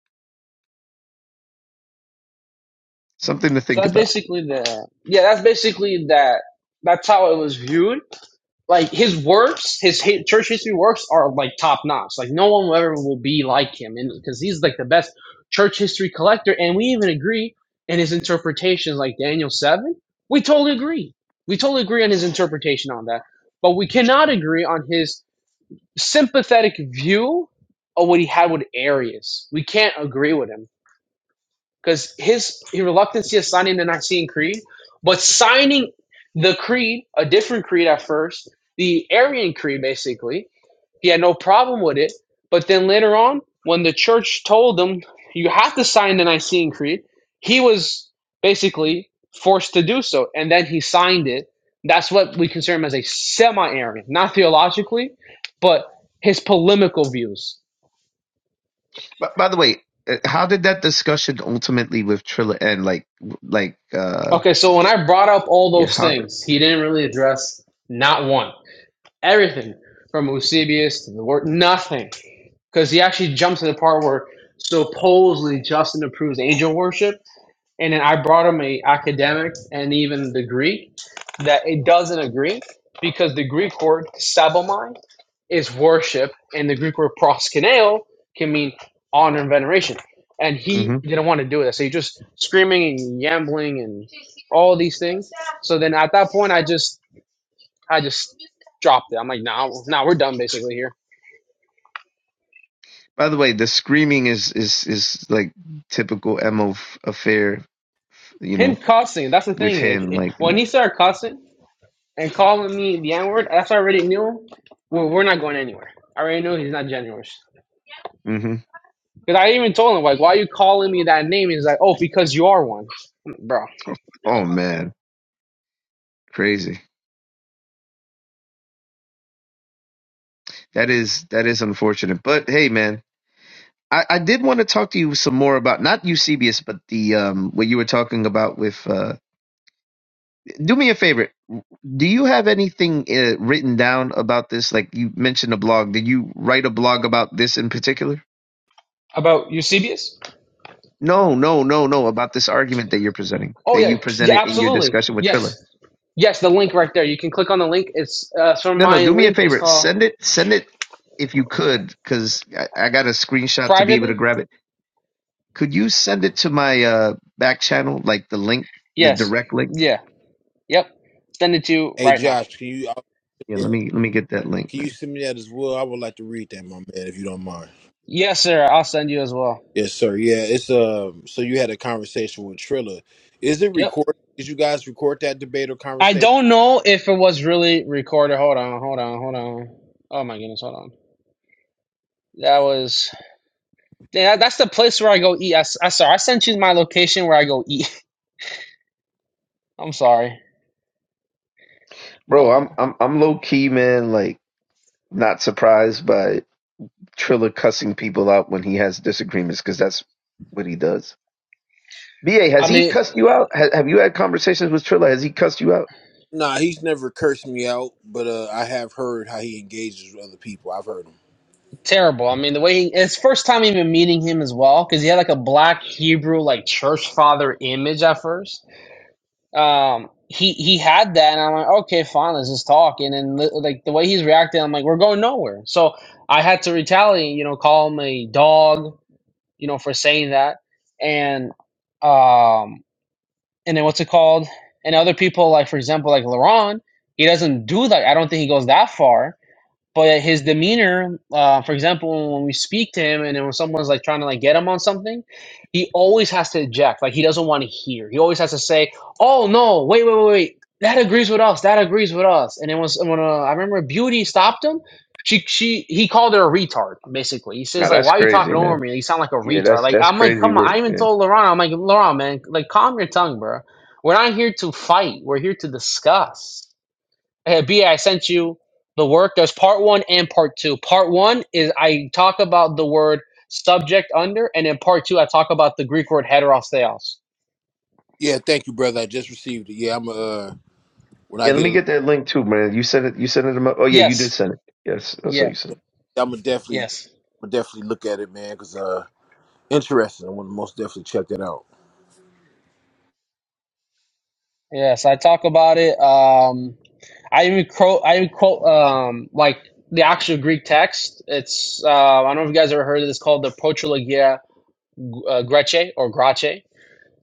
[SPEAKER 13] something to
[SPEAKER 12] So
[SPEAKER 13] think
[SPEAKER 12] that's
[SPEAKER 13] about.
[SPEAKER 12] basically the. Yeah, that's basically that. That's how it was viewed. Like his works, his hi- church history works are like top notch. Like no one will ever will be like him, and because he's like the best church history collector, and we even agree in his interpretations, like Daniel seven. We totally agree. We totally agree on his interpretation on that, but we cannot agree on his sympathetic view of what he had with Arius. We can't agree with him because his, his reluctancy of signing the Nicene Creed, but signing the creed, a different creed at first, the Arian creed basically, he had no problem with it. But then later on, when the church told him, you have to sign the Nicene Creed, he was basically forced to do so. And then he signed it. That's what we consider him as a semi Arian, not theologically, but his polemical views.
[SPEAKER 13] But by the way, uh, how did that discussion ultimately with Trilla end? Like, like, uh,
[SPEAKER 12] Okay, so when I brought up all
[SPEAKER 13] yeah,
[SPEAKER 12] those
[SPEAKER 13] how did?
[SPEAKER 12] things, he didn't really address not one. Everything from Eusebius to the word, nothing. Because he actually jumps to the part where supposedly Justin approves angel worship and then I brought him a academics and even the Greek that it doesn't agree because the Greek word sabomai is worship and the Greek word proskuneo can mean honor and veneration. And he
[SPEAKER 13] hmm
[SPEAKER 12] didn't want to do that. So he just screaming and yambling and all these things. So then at that point I just I just dropped it. I'm like, nah, nah, we're done basically here.
[SPEAKER 13] By the way, the screaming is is is like typical mo affair. You
[SPEAKER 12] Him
[SPEAKER 13] know,
[SPEAKER 12] cussing, that's the
[SPEAKER 13] with
[SPEAKER 12] thing.
[SPEAKER 13] him, like,
[SPEAKER 12] When he started cussing, and calling me the N word, that's already knew. Well, we're not going anywhere. I already knew he's not generous.
[SPEAKER 13] hmm
[SPEAKER 12] Because I even told him, like, why are you calling me that name? He's like, oh, because you are one. I'm like, Bro.
[SPEAKER 13] oh man, crazy. That is that is unfortunate. But hey, man. I, I did want to talk to you some more about not Eusebius, but the um what you were talking about with. Uh, do me a favor. Do you have anything uh, written down about this? Like you mentioned a blog. Did you write a blog about this in particular?
[SPEAKER 12] About Eusebius?
[SPEAKER 13] No, no, no, no. About this argument that you're presenting,
[SPEAKER 12] Oh,
[SPEAKER 13] that
[SPEAKER 12] yeah.
[SPEAKER 13] you
[SPEAKER 12] Yeah,
[SPEAKER 13] presented in your
[SPEAKER 12] absolutely.
[SPEAKER 13] discussion with Triller.
[SPEAKER 12] Yes. Yes, the link right there. You can click on the link. It's uh, so
[SPEAKER 13] No, no.
[SPEAKER 12] my
[SPEAKER 13] Do me a
[SPEAKER 12] link is
[SPEAKER 13] favor.
[SPEAKER 12] called
[SPEAKER 13] Send it. Send it if you could, because I, I got a screenshot to be able to
[SPEAKER 12] privately.
[SPEAKER 13] grab it. Could you send it to my uh, back channel, like the link, the
[SPEAKER 12] Yes.
[SPEAKER 13] direct link?
[SPEAKER 12] Yeah. Yep. Send it to you
[SPEAKER 14] Hey
[SPEAKER 12] right now.
[SPEAKER 14] Josh, can you uh,
[SPEAKER 13] Yeah,
[SPEAKER 14] yeah,
[SPEAKER 13] let me let me get that link,
[SPEAKER 14] can you
[SPEAKER 13] man.
[SPEAKER 14] send me that as well? I would like to read that, my man, if you don't mind.
[SPEAKER 12] Yes, sir. I'll send you as well.
[SPEAKER 14] Yes, sir. Yeah, it's um. So you had a conversation with Trilla. Is it
[SPEAKER 12] Yep.
[SPEAKER 14] recorded? Did you guys record that debate or
[SPEAKER 12] I
[SPEAKER 14] conversation?
[SPEAKER 12] don't know if it was really recorded. Hold on. Hold on. Hold on. Oh my goodness. Hold on. That was yeah, that's the place where I go eat. I I sorry, I sent you my location where I go eat. *laughs* I'm sorry.
[SPEAKER 13] Bro,
[SPEAKER 12] Oh,
[SPEAKER 13] I'm
[SPEAKER 12] no.
[SPEAKER 13] I'm I'm low key, man. Like not surprised by Triller cussing people out when he has disagreements because that's what he does. Ba, has
[SPEAKER 12] I
[SPEAKER 13] he cussed
[SPEAKER 12] mean,
[SPEAKER 13] you out? Ha have you had conversations with Triller? Has he cussed you out?
[SPEAKER 14] Nah, he's never cursed me out, but uh, I have heard how he engages with other people. I've heard him.
[SPEAKER 12] terrible. I mean, the way he, it's first time even meeting him as well because he had like a black Hebrew like church father image at first. Um, he he had that, and I'm like, okay, fine, let's just talk. And then li- like the way he's reacting, I'm like, we're going nowhere. So I had to retaliate. You know, call him a dog. You know, for saying that, and um and then what's it called? And other people, like for example, like LeBron, he doesn't do that. I don't think he goes that far but his demeanor uh, for example when we speak to him and then when someone's like trying to like get him on something he always has to eject like he doesn't want to hear he always has to say oh no wait wait wait wait that agrees with us that agrees with us and it was when uh, i remember beauty stopped him she she he called her a retard basically he
[SPEAKER 13] Nah,
[SPEAKER 12] says like
[SPEAKER 13] that's
[SPEAKER 12] why are you
[SPEAKER 13] crazy,
[SPEAKER 12] talking over
[SPEAKER 13] man.
[SPEAKER 12] me you sound like a
[SPEAKER 13] Yeah,
[SPEAKER 12] retard
[SPEAKER 13] that's
[SPEAKER 12] like
[SPEAKER 13] that's
[SPEAKER 12] i'm like
[SPEAKER 13] crazy
[SPEAKER 12] come on
[SPEAKER 13] work,
[SPEAKER 12] i even
[SPEAKER 13] man.
[SPEAKER 12] told laurent i'm like laurent man like calm your tongue bro we're not here to fight we're here to discuss Hey, B, A, I sent you the work. There's part one and part two. Part one is I talk about the word subject under, and in part two, I talk about the Greek word heterosteos.
[SPEAKER 14] Yeah, thank you, brother. I just received it. Yeah, I'm uh. When
[SPEAKER 13] Yeah,
[SPEAKER 14] I
[SPEAKER 13] let
[SPEAKER 14] get
[SPEAKER 13] me get that link too, man. You sent it. You sent it to my. Oh yeah, you did
[SPEAKER 12] Yes.
[SPEAKER 13] send it. Yes, that's what
[SPEAKER 12] Yeah.
[SPEAKER 13] you sent. It.
[SPEAKER 14] I'm gonna definitely,
[SPEAKER 12] Yes.
[SPEAKER 14] I'm gonna definitely look at it, man, because uh, interesting. I'm gonna most definitely check that out.
[SPEAKER 12] Yes. I talk about it. Um, I even quote. I even quote um, like the actual Greek text. It's uh, I don't know if you guys ever heard of this called the Protrologia uh, Grece or Grace.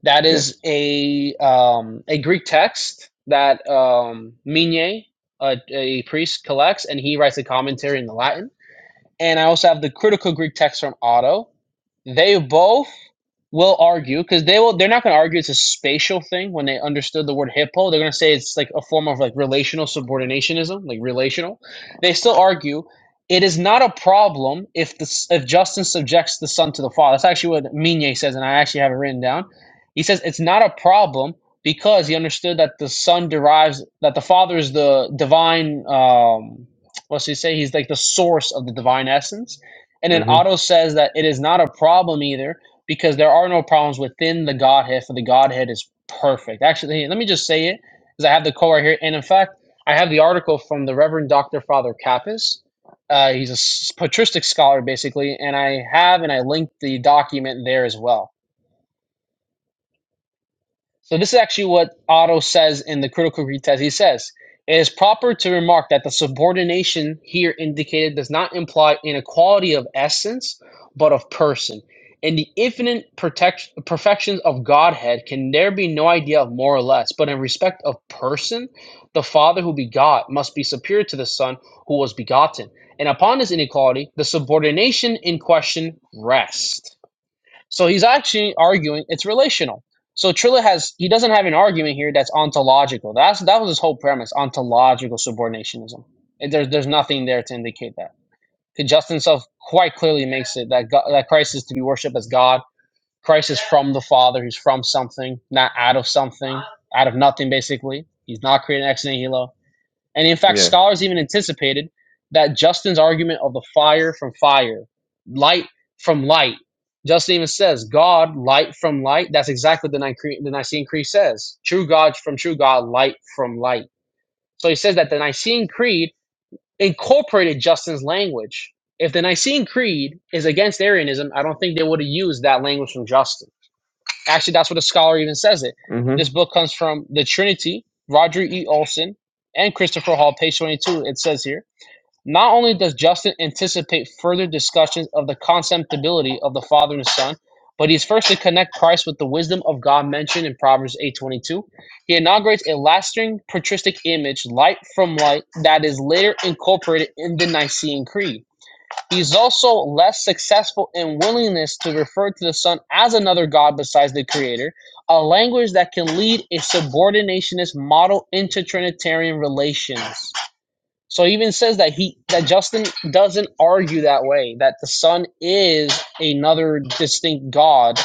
[SPEAKER 12] That
[SPEAKER 13] Yeah.
[SPEAKER 12] is a um, a Greek text that um, Minye, a, a priest, collects, and he writes a commentary in the Latin. And I also have the critical Greek text from Otto, they both will argue because they will. They're not going to argue it's a spatial thing when they understood the word hippo. They're going to say it's like a form of like relational subordinationism, like relational. They still argue it is not a problem if the if Justin subjects the son to the father. That's actually what Migne says, and I actually have it written down. He says it's not a problem because he understood that the son derives that the father is the divine. Um, what's he say? He's like the source of the divine essence and then
[SPEAKER 13] Mm-hmm.
[SPEAKER 12] Otto says that it is not a problem either because there are no problems within the Godhead, for the Godhead is perfect. Actually, let me just say it because I have the quote right here. And in fact, I have the article from the Reverend Dr. Father Kappas. Uh, he's a patristic scholar, basically. And I have and I linked the document there as well. So this is actually what Otto says in the critical Greek test. He says it is proper to remark that the subordination here indicated does not imply inequality of essence, but of person. In the infinite protect- perfections of Godhead, can there be no idea of more or less? But in respect of person, the Father who begot must be superior to the Son who was begotten. And upon this inequality, the subordination in question rests. So he's actually arguing it's relational. So Trilla has he doesn't have an argument here that's ontological. That's that was his whole premise: ontological subordinationism. And there's there's nothing there to indicate that. Because Justin himself quite clearly makes it that God, that Christ is to be worshipped as God. Christ is from the Father. He's from something, not out of something, out of nothing. Basically, he's not created ex nihilo. And in fact,
[SPEAKER 13] Yeah.
[SPEAKER 12] scholars even anticipated that Justin's argument of the fire from fire, light from light, Justin even says, God, light from light. That's exactly what the, Nicre- the Nicene Creed says. True God from true God, light from light. So he says that the Nicene Creed incorporated Justin's language. If the Nicene Creed is against Arianism, I don't think they would have used that language from Justin. Actually, that's what the scholar even says it. This
[SPEAKER 13] Mm-hmm.
[SPEAKER 12] book comes from the Trinity, Roger E. Olson, and Christopher Hall, page 22. It says here Not only does Justin anticipate further discussions of the contemptibility of the Father and the Son, but he's first to connect Christ with the wisdom of God mentioned in Proverbs 8:22. He inaugurates a lasting patristic image, light from light, that is later incorporated in the Nicene Creed. He is also less successful in willingness to refer to the Son as another God besides the Creator, a language that can lead a subordinationist model into Trinitarian relations. So he even says that he that Justin doesn't argue that way, that the Son is another distinct God, a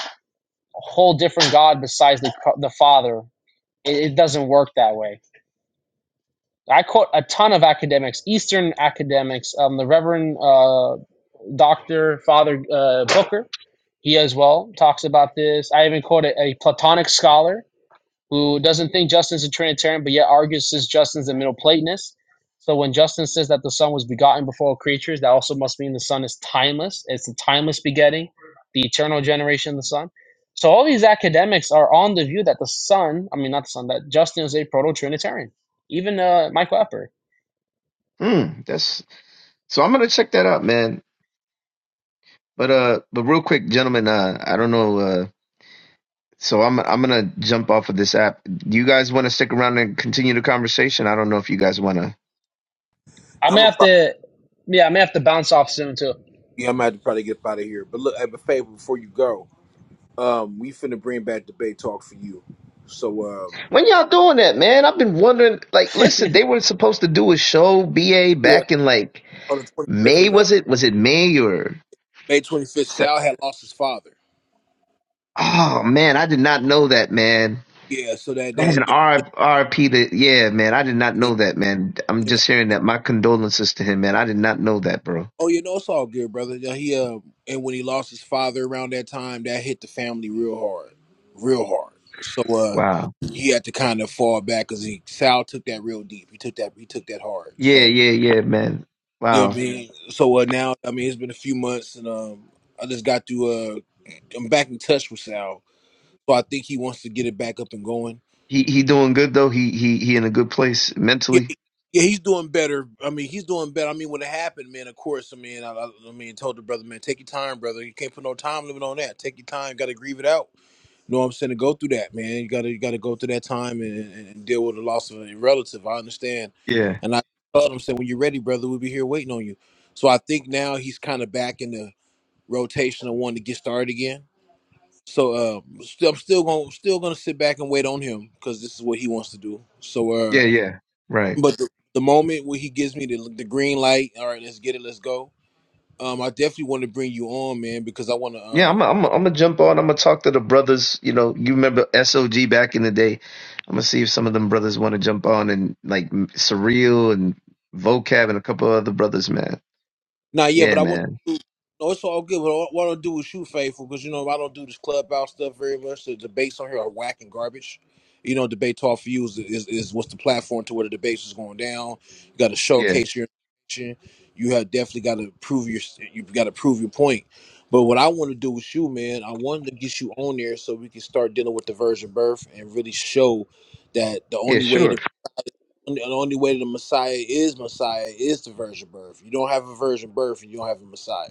[SPEAKER 12] whole different God besides the, the Father. It, it doesn't work that way. I quote a ton of academics, Eastern academics. Um, the Reverend uh, Doctor Father uh, Booker, he as well talks about this. I even quoted a a Platonic scholar who doesn't think Justin's a Trinitarian, but yet argues since Justin's a Middle Platonist. So when Justin says that the Son was begotten before all creatures, that also must mean the Son is timeless. It's the timeless begetting, the eternal generation of the Son. So all these academics are on the view that the Son, I mean not the Son, that Justin is a proto-Trinitarian. Even uh, Michael Epper.
[SPEAKER 13] Mm, that's so. I'm gonna check that out, man. But uh, but real quick, gentlemen, uh, I don't know, uh. So I'm I'm gonna jump off of this app. Do you guys want to stick around and continue the conversation? I don't know if you guys want to.
[SPEAKER 12] I'm
[SPEAKER 14] I'm
[SPEAKER 12] gonna
[SPEAKER 14] gonna
[SPEAKER 12] have
[SPEAKER 14] probably,
[SPEAKER 12] to, yeah, I'm gonna have to bounce off soon too.
[SPEAKER 14] yeah, I'm gonna have to probably get up out of here. But look, I have a favor before you go. Um, we finna bring back the Bay Talk for you. So um,
[SPEAKER 13] When y'all doing that, man? I've been wondering. Like, listen, they were supposed to do a show, BA,
[SPEAKER 14] yeah,
[SPEAKER 13] back in like
[SPEAKER 14] on the 25th
[SPEAKER 13] May.
[SPEAKER 14] of May,
[SPEAKER 13] Was it? Was it May or?
[SPEAKER 14] May 25th,
[SPEAKER 13] so?
[SPEAKER 14] Sal had lost his father.
[SPEAKER 13] Oh man, I did not know that, man.
[SPEAKER 14] Yeah, so that
[SPEAKER 13] That's an
[SPEAKER 14] that, that
[SPEAKER 13] R RP. To yeah, man, I did not
[SPEAKER 14] yeah.
[SPEAKER 13] know that, man. I'm just hearing that. My condolences to him, man. I did not know that, bro.
[SPEAKER 14] Oh, you know, it's all good, brother. Yeah, He uh, and when he lost his father around that time, that hit the family real hard, real hard. So uh,
[SPEAKER 13] Wow.
[SPEAKER 14] he had to kind of fall back because he Sal took that real deep. He took that he took that hard.
[SPEAKER 13] Yeah,
[SPEAKER 14] So
[SPEAKER 13] yeah, yeah, man.
[SPEAKER 14] you know
[SPEAKER 13] Wow.
[SPEAKER 14] what I mean. So uh, now I mean it's been a few months, and um, I just got to uh, I'm back in touch with Sal. So I think he wants to get it back up and going.
[SPEAKER 13] He he doing good though. He he he in a good place
[SPEAKER 14] Yeah,
[SPEAKER 13] mentally.
[SPEAKER 14] yeah, he's doing better. I mean, he's doing better. I mean, when it happened, man, of course, I mean, I, I, I mean, told the brother, man, take your time, brother. You can't put no time limit on that. Take your time. Got to grieve it out. You know what I'm saying? To go through that, man. You gotta, you gotta go through that time and, and and deal with the loss of a relative. I understand,
[SPEAKER 13] Yeah.
[SPEAKER 14] and I told him, said, when you're ready, brother, we'll be here waiting on you. So I think now he's kind of back in the rotation of wanting to get started again. So uh, still, I'm still gonna, still gonna sit back and wait on him because this is what he wants to do. So uh.
[SPEAKER 13] Yeah, yeah. Right.
[SPEAKER 14] But the, the moment where he gives me the the green light, all right, let's get it, let's go. Um, I definitely want to bring you on, man, because I want
[SPEAKER 13] Yeah,
[SPEAKER 14] to.
[SPEAKER 13] I'm i I'm i am I'm gonna jump on. I'm gonna talk to the brothers, you know, you remember SOG back in the day. I'm gonna see if some of them brothers want to jump on and like M- Surreal and Vocab and a couple other brothers, man.
[SPEAKER 14] Nah, yeah,
[SPEAKER 13] Yeah,
[SPEAKER 14] but I want
[SPEAKER 13] man.
[SPEAKER 14] to do. No, it's all good. But what what I don't do is shoot faithful because you know I don't do this clubhouse stuff very much. The debates on here are whack and garbage. You know, debate talk for you is, is, is what's the platform to where the debates is going down. You got to
[SPEAKER 13] Yeah.
[SPEAKER 14] showcase your information. You have definitely got to prove your you got to prove your point. But what I want to do with you, man, I wanted to get you on there so we can start dealing with the virgin birth and really show that the
[SPEAKER 13] Yeah,
[SPEAKER 14] only way
[SPEAKER 13] sure.
[SPEAKER 14] to and the only way the Messiah is Messiah is the virgin birth. You don't have a virgin birth, and you don't have a Messiah.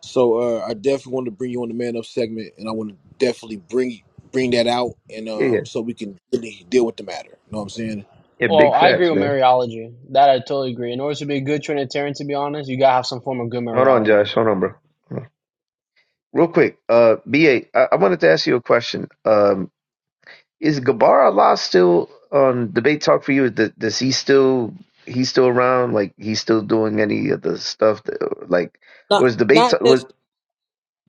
[SPEAKER 14] So uh, I definitely want to bring you on the man up segment, and I want to definitely bring bring that out, and
[SPEAKER 13] Yeah, yeah.
[SPEAKER 14] um, so we can really deal with the matter. You know what I'm saying?
[SPEAKER 13] Yeah,
[SPEAKER 12] Well,
[SPEAKER 13] big
[SPEAKER 12] I agree
[SPEAKER 13] facts,
[SPEAKER 12] with
[SPEAKER 13] man.
[SPEAKER 12] Mariology. That I totally agree. In order to be a good Trinitarian, to be honest, you gotta have some form of good
[SPEAKER 13] Hold on,
[SPEAKER 12] Mariology.
[SPEAKER 13] Josh. Hold on, bro. Hold on. Real quick, uh BA, I, I wanted to ask you a question. um. Is Gabar Allah still on debate talk for you? Th- Does he still he's still around? Like he's still doing any of the stuff? That, like
[SPEAKER 14] Not
[SPEAKER 13] was debate
[SPEAKER 14] not
[SPEAKER 13] talk,
[SPEAKER 14] nec-
[SPEAKER 13] was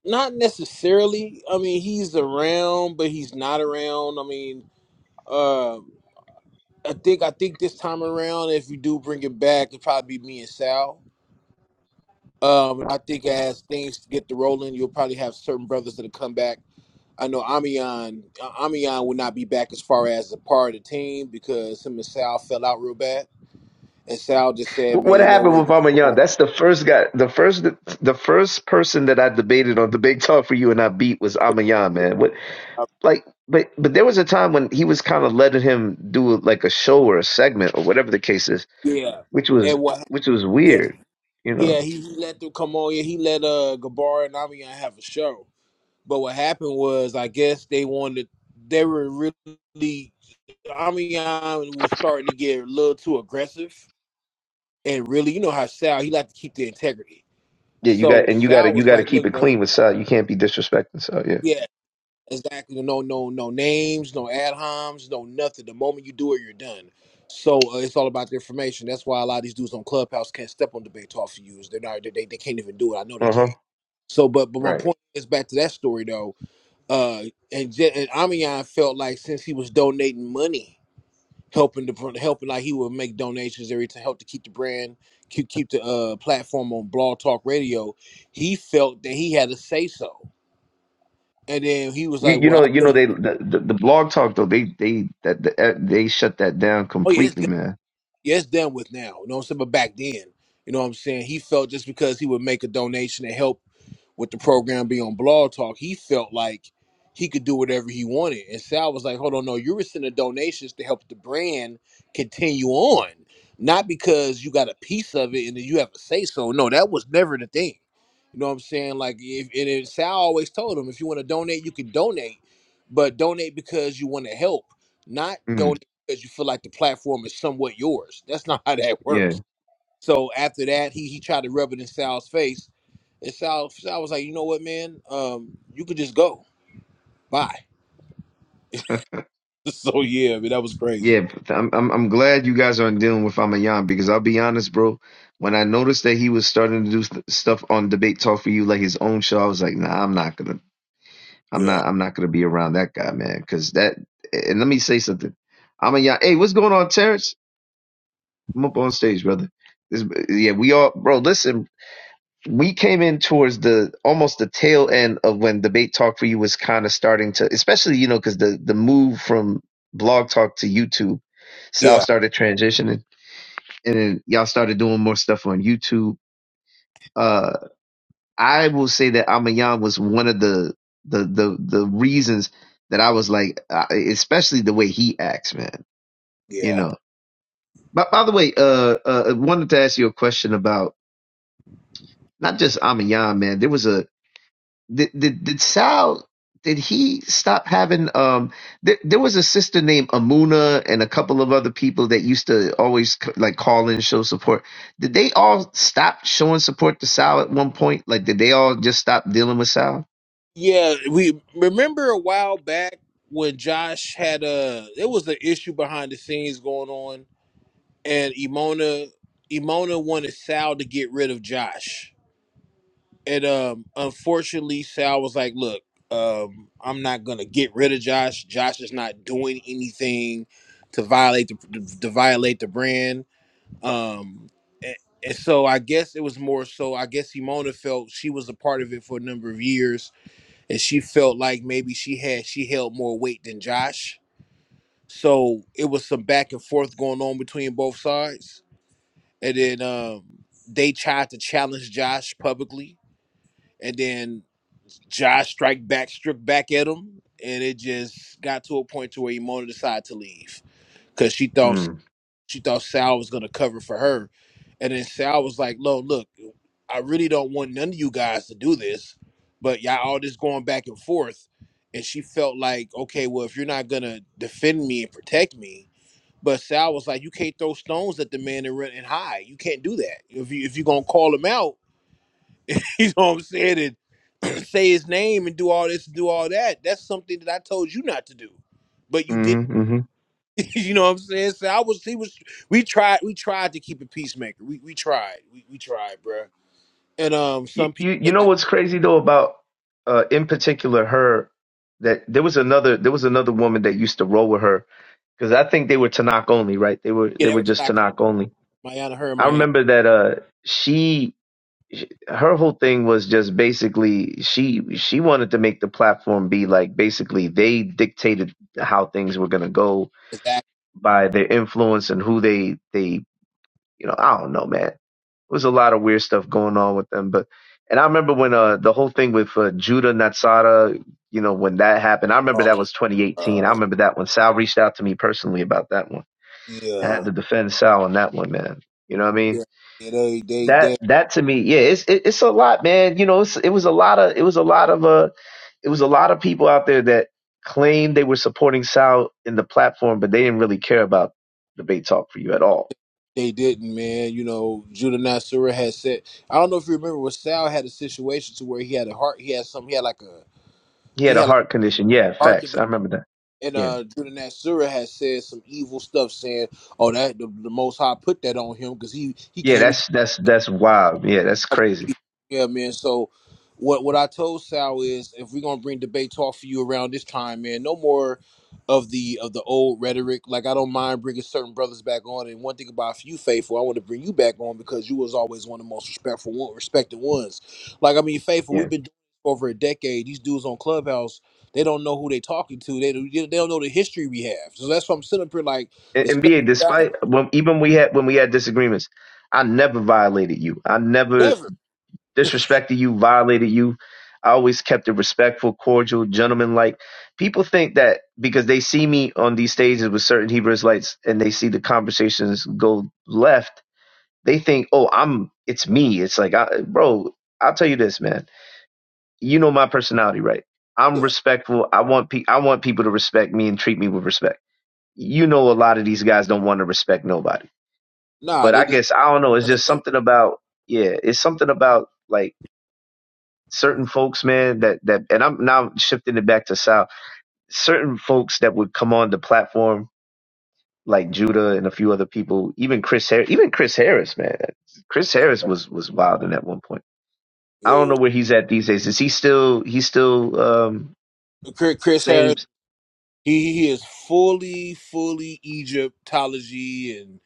[SPEAKER 14] not necessarily. I mean, he's around, but he's not around. I mean. uh, I think I think this time around, if you do bring it back, it'll probably be me and Sal. Um, I think as things get to rolling, you'll probably have certain brothers that'll come back. I know Amion uh, Amion will not be back as far as a part of the team because him and Sal fell out real bad, and Sal just said, "Man,
[SPEAKER 13] what
[SPEAKER 14] you know
[SPEAKER 13] happened
[SPEAKER 14] what?
[SPEAKER 13] with
[SPEAKER 14] You can
[SPEAKER 13] Mama
[SPEAKER 14] come
[SPEAKER 13] Young? That's the first guy, the first the first person that I debated on debate talk for you and I beat was Amayan, man. What
[SPEAKER 14] out."
[SPEAKER 13] like but but there was a time when he was kind of letting him do like a show or a segment or whatever the case is,
[SPEAKER 14] Yeah,
[SPEAKER 13] which was
[SPEAKER 14] and what?
[SPEAKER 13] which was
[SPEAKER 14] Yeah,
[SPEAKER 13] weird, you know.
[SPEAKER 14] yeah. He, he let them come on. Yeah, he let uh Gabar and Amion have a show. But what happened was, I guess they wanted they were really Amiyan was starting to get a little too aggressive. And really, you know how Sal, he liked to keep the integrity.
[SPEAKER 13] Yeah, you got
[SPEAKER 14] So
[SPEAKER 13] and you got to
[SPEAKER 14] Sal
[SPEAKER 13] you
[SPEAKER 14] was
[SPEAKER 13] got to
[SPEAKER 14] like,
[SPEAKER 13] keep
[SPEAKER 14] look,
[SPEAKER 13] it
[SPEAKER 14] brother,
[SPEAKER 13] clean with Sal. You can't be disrespecting Sal.
[SPEAKER 14] yeah, exactly. No, no, no names, no ad homs, no nothing. The moment you do it, you're done. So uh, it's all about the information. That's why a lot of these dudes on Clubhouse can't step on debate talk for you. is They're not, they, they they can't even do it. I know they
[SPEAKER 13] Uh-huh.
[SPEAKER 14] can't. So, but but my
[SPEAKER 13] Right.
[SPEAKER 14] point is back to that story though. Uh, and, Je- and Amiyan felt like since he was donating money helping to helping like he would make donations every to help to keep the brand keep keep the uh platform on Blog Talk Radio. He felt that he had a say so, and then he was
[SPEAKER 13] You
[SPEAKER 14] like,
[SPEAKER 13] you
[SPEAKER 14] "Well,
[SPEAKER 13] know you
[SPEAKER 14] I,
[SPEAKER 13] know they the, the, the blog talk though they they that the, eh, they shut that down
[SPEAKER 14] oh yeah, it's
[SPEAKER 13] completely man.
[SPEAKER 14] yeah, it's done with now. You know what I'm saying? But back then, you know what I'm saying? He felt just because he would make a donation to help with the program be on Blog Talk, he felt like he could do whatever he wanted. And Sal was like, hold on, no, you were sending donations to help the brand continue on, not because you got a piece of it and then you have a say so. No, that was never the thing. You know what I'm saying? Like, if, and then Sal always told him, if you want to donate, you can donate, but donate because you want to help. Not donate
[SPEAKER 13] Mm,
[SPEAKER 14] because you feel like the platform is somewhat yours. That's *laughs* not how that
[SPEAKER 13] yeah.
[SPEAKER 14] works. So after that, he he tried to rub it in Sal's face, and Sal Sal was like, "You know what, man? Um, you could just go. Bye." *laughs* So yeah, I mean that was
[SPEAKER 13] Yeah,
[SPEAKER 14] crazy.
[SPEAKER 13] but I'm I'm I'm glad you guys aren't dealing with Amayan because I'll be honest, bro. When I noticed that he was starting to do st- stuff on Debate Talk for You like his own show, I was like, nah, I'm not gonna, I'm
[SPEAKER 14] Yeah,
[SPEAKER 13] not, I'm not gonna be around that guy, man. Because that, and let me say something, Amayan. Hey, what's going on, Terrence? Come up on stage, brother. This, yeah, we all, bro. Listen, we came in towards the almost the tail end of when debate talk for you was kind of starting to especially you know because the the move from blog talk to youtube So y'all
[SPEAKER 14] yeah,
[SPEAKER 13] started transitioning and then y'all started doing more stuff on youtube uh i will say that amayan was one of the the the the reasons that i was like uh, especially the way he acts man you
[SPEAKER 14] yeah,
[SPEAKER 13] know but by the way uh uh I wanted to ask you a question about not just amayan man there was a did did, did Sal did he stop having um there, there was a sister named Amuna and a couple of other people that used to always c- like call in show support did they all stop showing support to Sal at one point like did they all just stop dealing with Sal
[SPEAKER 14] yeah. We remember a while back when Josh had a there was an issue behind the scenes going on, and Imona Imona wanted Sal to get rid of Josh And um, unfortunately, Sal was like, "Look, um, I'm not gonna get rid of Josh. Josh is not doing anything to violate the to violate the brand." Um, and, and so I guess it was more so. I guess Simona felt she was a part of it for a number of years, and she felt like maybe she had she held more weight than Josh. So it was some back and forth going on between both sides, and then um, they tried to challenge Josh publicly and then Josh strike back, stripped back at him, and it just got to a point to where Emona decided to leave because she thought
[SPEAKER 13] Mm.
[SPEAKER 14] she thought Sal was gonna cover for her, and then Sal was like, "No, look, I really don't want none of you guys to do this, but y'all all this going back and forth." And she felt like, okay, well, if you're not gonna defend me and protect me, but Sal was like, you can't throw stones at the man and run and hide. You can't do that. If you if you're gonna call him out, *laughs* you know what I'm saying? And *clears throat* say his name and do all this and do all that. That's something that I told you not to do. But you did
[SPEAKER 13] Mm-hmm, mm-hmm.
[SPEAKER 14] *laughs* you know what I'm saying? So I was he was we tried we tried to keep it peacemaker. We we tried. We we tried, bruh. And um
[SPEAKER 13] You,
[SPEAKER 14] some
[SPEAKER 13] you
[SPEAKER 14] people
[SPEAKER 13] you
[SPEAKER 14] that
[SPEAKER 13] know
[SPEAKER 14] got
[SPEAKER 13] what's crazy though about uh in particular her that there was another there was another woman that used to roll with her because I think they were Tanakh only right they were
[SPEAKER 14] yeah,
[SPEAKER 13] they
[SPEAKER 14] they
[SPEAKER 13] were
[SPEAKER 14] were
[SPEAKER 13] just
[SPEAKER 14] tackling
[SPEAKER 13] Tanakh only
[SPEAKER 14] Mayana, her and
[SPEAKER 13] I
[SPEAKER 14] Mayana
[SPEAKER 13] remember that uh she her whole thing was just basically she she wanted to make the platform be like basically they dictated how things were going to go
[SPEAKER 14] is
[SPEAKER 13] by their influence and who they they you know I don't know man it was a lot of weird stuff going on with them but and I remember when uh the whole thing with uh, Judah Natsara you know when that happened I remember that
[SPEAKER 14] um
[SPEAKER 13] was 2018 I
[SPEAKER 14] uh
[SPEAKER 13] remember that one Sal reached out to me personally about that one I
[SPEAKER 14] yeah.
[SPEAKER 13] had to defend Sal on that one man you know what I mean
[SPEAKER 14] Yeah. yeah they they
[SPEAKER 13] that
[SPEAKER 14] they
[SPEAKER 13] that to me, yeah, it's it, it's a lot, man. You know, it's, it was a lot of it was a lot of uh, it was a lot of people out there that claimed they were supporting Sal in the platform, but they didn't really care about debate talk for you at all.
[SPEAKER 14] they didn't, man. You know, Judah Nasura had said I don't know if you remember when Sal had a situation to where he had a heart he had something he had like a.
[SPEAKER 13] He
[SPEAKER 14] think
[SPEAKER 13] had
[SPEAKER 14] he
[SPEAKER 13] a
[SPEAKER 14] had like
[SPEAKER 13] heart condition. Yeah,
[SPEAKER 14] a heart
[SPEAKER 13] facts. I remember that.
[SPEAKER 14] and
[SPEAKER 13] Yeah,
[SPEAKER 14] uh Judah Nasura has said some evil stuff saying, Oh, that the, the most high put that on him because he he
[SPEAKER 13] yeah,
[SPEAKER 14] came
[SPEAKER 13] that's that's that's wild. Yeah, that's crazy.
[SPEAKER 14] yeah, man. So what what I told Sal is if we're gonna bring debate talk for you around this time, man, no more of the of the old rhetoric. Like I don't mind bringing certain brothers back on. And one thing about you, Faithful, I want to bring you back on because you was always one of the most respectful one, respected ones. Like I mean, Faithful, we've
[SPEAKER 13] Yeah,
[SPEAKER 14] been doing this for over a decade. These dudes on Clubhouse, they don't know who they talking to. They don't- they don't know the history we have. So that's why I'm sitting up here like
[SPEAKER 13] and,
[SPEAKER 14] the
[SPEAKER 13] and
[SPEAKER 14] stuff
[SPEAKER 13] BA,
[SPEAKER 14] you got
[SPEAKER 13] despite when even we had when we had disagreements, I never violated you. I never.
[SPEAKER 14] never.
[SPEAKER 13] disrespected you, violated you. I always kept it respectful, cordial, gentleman like. People think that because they see me on these stages with certain Hebrew Israelites and they see the conversations go left, they think, oh, I'm, it's me. It's like, I, bro, I'll tell you this, man. You know my personality, right? I'm
[SPEAKER 14] Yeah,
[SPEAKER 13] respectful. I want pe- I want people to respect me and treat me with respect. You know, a lot of these guys don't want to respect nobody.
[SPEAKER 14] nah,
[SPEAKER 13] But
[SPEAKER 14] they
[SPEAKER 13] I
[SPEAKER 14] just
[SPEAKER 13] guess I don't know. It's just something about yeah. It's something about like certain folks, man, that that and I'm now shifting it back to South. Certain folks that would come on the platform, like Judah and a few other people, even Chris Harris, even Chris Harris, man. Chris Harris was was wild in at one point. I don't
[SPEAKER 14] yeah.
[SPEAKER 13] know where he's at these days. Is he still he's still um
[SPEAKER 14] Chris Chris Harris.
[SPEAKER 13] same
[SPEAKER 14] He he is fully, fully Egyptology, and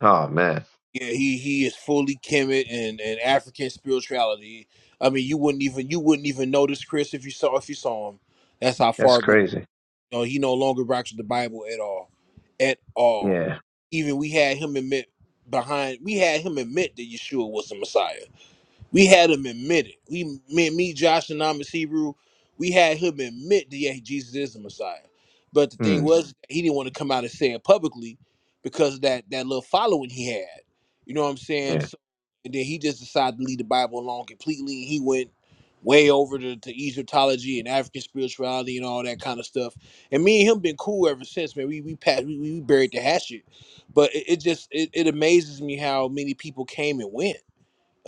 [SPEAKER 13] oh man,
[SPEAKER 14] yeah, he he is fully Kemet and and African spirituality. I mean, you wouldn't even you wouldn't even notice Chris if you saw if you saw him. That's how
[SPEAKER 13] that's
[SPEAKER 14] far gone.
[SPEAKER 13] crazy.
[SPEAKER 14] You know, he no longer rocks with the Bible at all, at all.
[SPEAKER 13] Yeah.
[SPEAKER 14] Even we had him admit behind we had him admit that Yeshua was the Messiah. We had him admit it. We, me, me, Josh, and Amos Hebrew, we had him admit that yeah, Jesus is the Messiah. But the thing
[SPEAKER 13] Hmm.
[SPEAKER 14] was, he didn't want to come out and say it publicly because of that that little following he had. You know what I'm saying?
[SPEAKER 13] Yeah.
[SPEAKER 14] So, and then he just decided to leave the Bible alone completely. He went way over to, to Egyptology and African spirituality and all that kind of stuff. And me and him been cool ever since, man. We we passed, we, we buried the hatchet, but it, it just it, it amazes me how many people came and went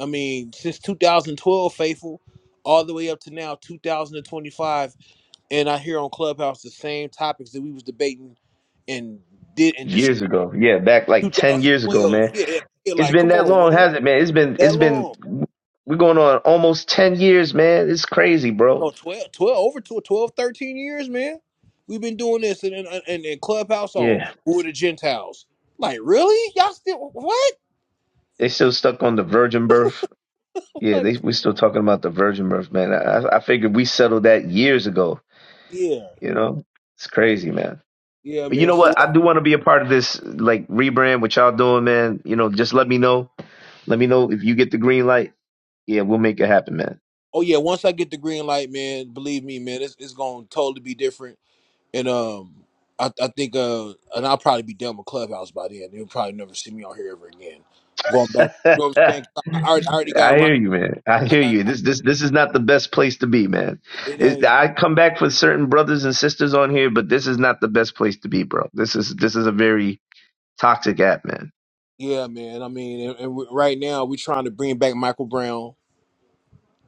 [SPEAKER 14] I mean, since 2012, faithful, all the way up to now 2025, and I hear on Clubhouse the same topics that we was debating and did in dis-
[SPEAKER 13] Years ago. Yeah, back like ten years ago,
[SPEAKER 14] 2012.
[SPEAKER 13] man.
[SPEAKER 14] Yeah, yeah, yeah,
[SPEAKER 13] It's
[SPEAKER 14] like
[SPEAKER 13] been
[SPEAKER 14] come
[SPEAKER 13] that
[SPEAKER 14] on,
[SPEAKER 13] long,
[SPEAKER 14] man,
[SPEAKER 13] has it, man? It's been
[SPEAKER 14] that
[SPEAKER 13] it's been
[SPEAKER 14] long?
[SPEAKER 13] we're going on almost ten years, man. It's crazy, bro.
[SPEAKER 14] No, twelve, twelve, over to 12, 13 years, man. We've been doing this in in, in, in Clubhouse. Oh,
[SPEAKER 13] Yeah.
[SPEAKER 14] who are the Gentiles? Like, really? Y'all still what?
[SPEAKER 13] They still stuck on the virgin birth. Yeah,
[SPEAKER 14] Like,
[SPEAKER 13] they we're still talking about the virgin birth, man. I, I figured we settled that years ago.
[SPEAKER 14] yeah,
[SPEAKER 13] You know, it's crazy, man.
[SPEAKER 14] yeah,
[SPEAKER 13] But you
[SPEAKER 14] man.
[SPEAKER 13] know
[SPEAKER 14] So,
[SPEAKER 13] what? I do want to be a part of this like rebrand, what y'all doing, man. You know, just let me know. Let me know if you get the green light. Yeah, we'll make it happen, man.
[SPEAKER 14] oh yeah, once I get the green light, man, believe me, man, it's, it's gonna totally be different And um, I, I think uh, and I'll probably be done with Clubhouse by then. You'll probably never see me on here ever again. Going back, you know what I'm
[SPEAKER 13] *laughs*
[SPEAKER 14] saying? 'Cause I, I already, I already
[SPEAKER 13] I
[SPEAKER 14] got run.
[SPEAKER 13] hear you, man. I
[SPEAKER 14] I
[SPEAKER 13] hear
[SPEAKER 14] got
[SPEAKER 13] you. This this this is not the best place to be, man.
[SPEAKER 14] it
[SPEAKER 13] It,
[SPEAKER 14] ain't.
[SPEAKER 13] I come back for certain brothers and sisters on here, but this is not the best place to be, bro. This is this is a very toxic app, man.
[SPEAKER 14] Yeah, man. I mean, and, and we, right now we trying to bring back Michael Brown,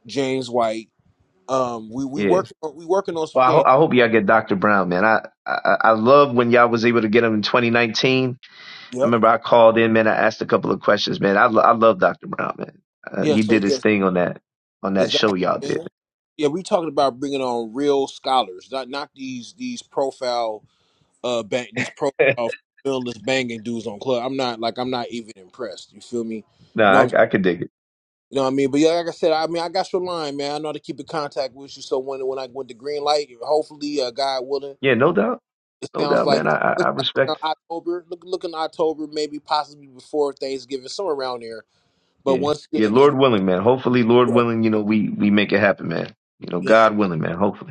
[SPEAKER 14] James White. Um, we we
[SPEAKER 13] Yeah.
[SPEAKER 14] work we working on some
[SPEAKER 13] Well, I, ho-
[SPEAKER 14] things.
[SPEAKER 13] I hope y'all get Dr. Brown, man. I, I I love when y'all was able to get him in 2019. I
[SPEAKER 14] Yep.
[SPEAKER 13] remember I called in, man. I asked a couple of questions, man. I, lo- I love Dr. Brown, man. Uh,
[SPEAKER 14] Yeah.
[SPEAKER 13] he
[SPEAKER 14] So
[SPEAKER 13] did his
[SPEAKER 14] yes,
[SPEAKER 13] thing on that on that
[SPEAKER 14] exactly.
[SPEAKER 13] show y'all did.
[SPEAKER 14] Man. Yeah, we talking about bringing on real scholars, not not these these profile uh bang these
[SPEAKER 13] *laughs*
[SPEAKER 14] profiles villainous banging dudes on club. I'm not like I'm not even impressed. You feel me? You
[SPEAKER 13] no,
[SPEAKER 14] know what I'm,
[SPEAKER 13] I I could dig it.
[SPEAKER 14] you know what I mean? But yeah, like I said, I mean I got your line, man. I know how to keep in contact with you. So when when I went to green light, hopefully, uh, God willing,
[SPEAKER 13] Yeah, no doubt,
[SPEAKER 14] it
[SPEAKER 13] no
[SPEAKER 14] sounds
[SPEAKER 13] doubt, man.
[SPEAKER 14] like
[SPEAKER 13] I, I
[SPEAKER 14] look
[SPEAKER 13] I
[SPEAKER 14] like
[SPEAKER 13] respect.
[SPEAKER 14] around October, look looking October, maybe possibly before Thanksgiving, somewhere around there. But
[SPEAKER 13] Yeah,
[SPEAKER 14] once
[SPEAKER 13] yeah.
[SPEAKER 14] again, because we
[SPEAKER 13] Lord willing, man. Hopefully, Lord
[SPEAKER 14] yeah,
[SPEAKER 13] willing, you know we we make it happen, man. You know,
[SPEAKER 14] yes, sir.
[SPEAKER 13] God willing, man. Hopefully.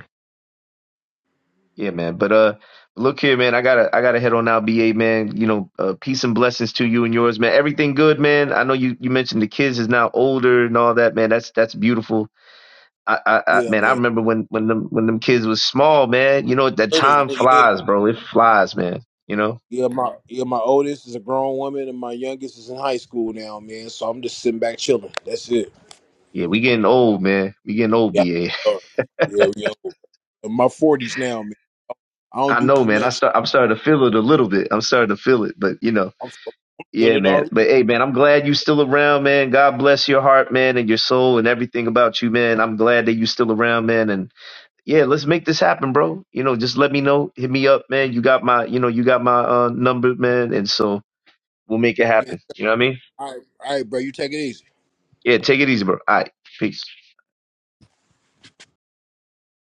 [SPEAKER 13] Yeah, man. But uh, look here, man. I gotta, I gotta head on out, BA, man. You know, uh, peace and blessings to you and yours, man. Everything good, man. I know you, you mentioned the kids is now older and all that, man. That's that's beautiful. I, I, I
[SPEAKER 14] yeah,
[SPEAKER 13] man, I
[SPEAKER 14] man,
[SPEAKER 13] remember when when them when them kids was small, man. You know, that
[SPEAKER 14] little
[SPEAKER 13] time
[SPEAKER 14] little, yeah.
[SPEAKER 13] flies, bro. It flies, man. You know.
[SPEAKER 14] Yeah, my yeah, my oldest is a grown woman and my youngest is in high school now, man. So I'm just sitting back chilling. That's it.
[SPEAKER 13] Yeah, we getting old, man. We getting old,
[SPEAKER 14] Yeah,
[SPEAKER 13] BA.
[SPEAKER 14] all right. yeah, we old. In my forties now, man. I
[SPEAKER 13] *laughs*
[SPEAKER 14] don't
[SPEAKER 13] I
[SPEAKER 14] do
[SPEAKER 13] know,
[SPEAKER 14] too
[SPEAKER 13] man. I
[SPEAKER 14] much.
[SPEAKER 13] start, I'm starting to feel it a little bit. I'm starting to feel it, but you know.
[SPEAKER 14] I'm fulfilled
[SPEAKER 13] Yeah,
[SPEAKER 14] it
[SPEAKER 13] man.
[SPEAKER 14] already.
[SPEAKER 13] But hey, man, I'm glad you still around, man. God bless your heart, man, and your soul and everything about you, man. I'm glad that you still around, man. And yeah, let's make this happen, bro. You know, just let me know. Hit me up, man. You got my, you know, you got my uh, number, man. And so we'll make it
[SPEAKER 14] Yes.
[SPEAKER 13] happen. You know what I mean?
[SPEAKER 14] All right, all right, bro. You take it easy.
[SPEAKER 13] Yeah, take it easy, bro. All right. Peace.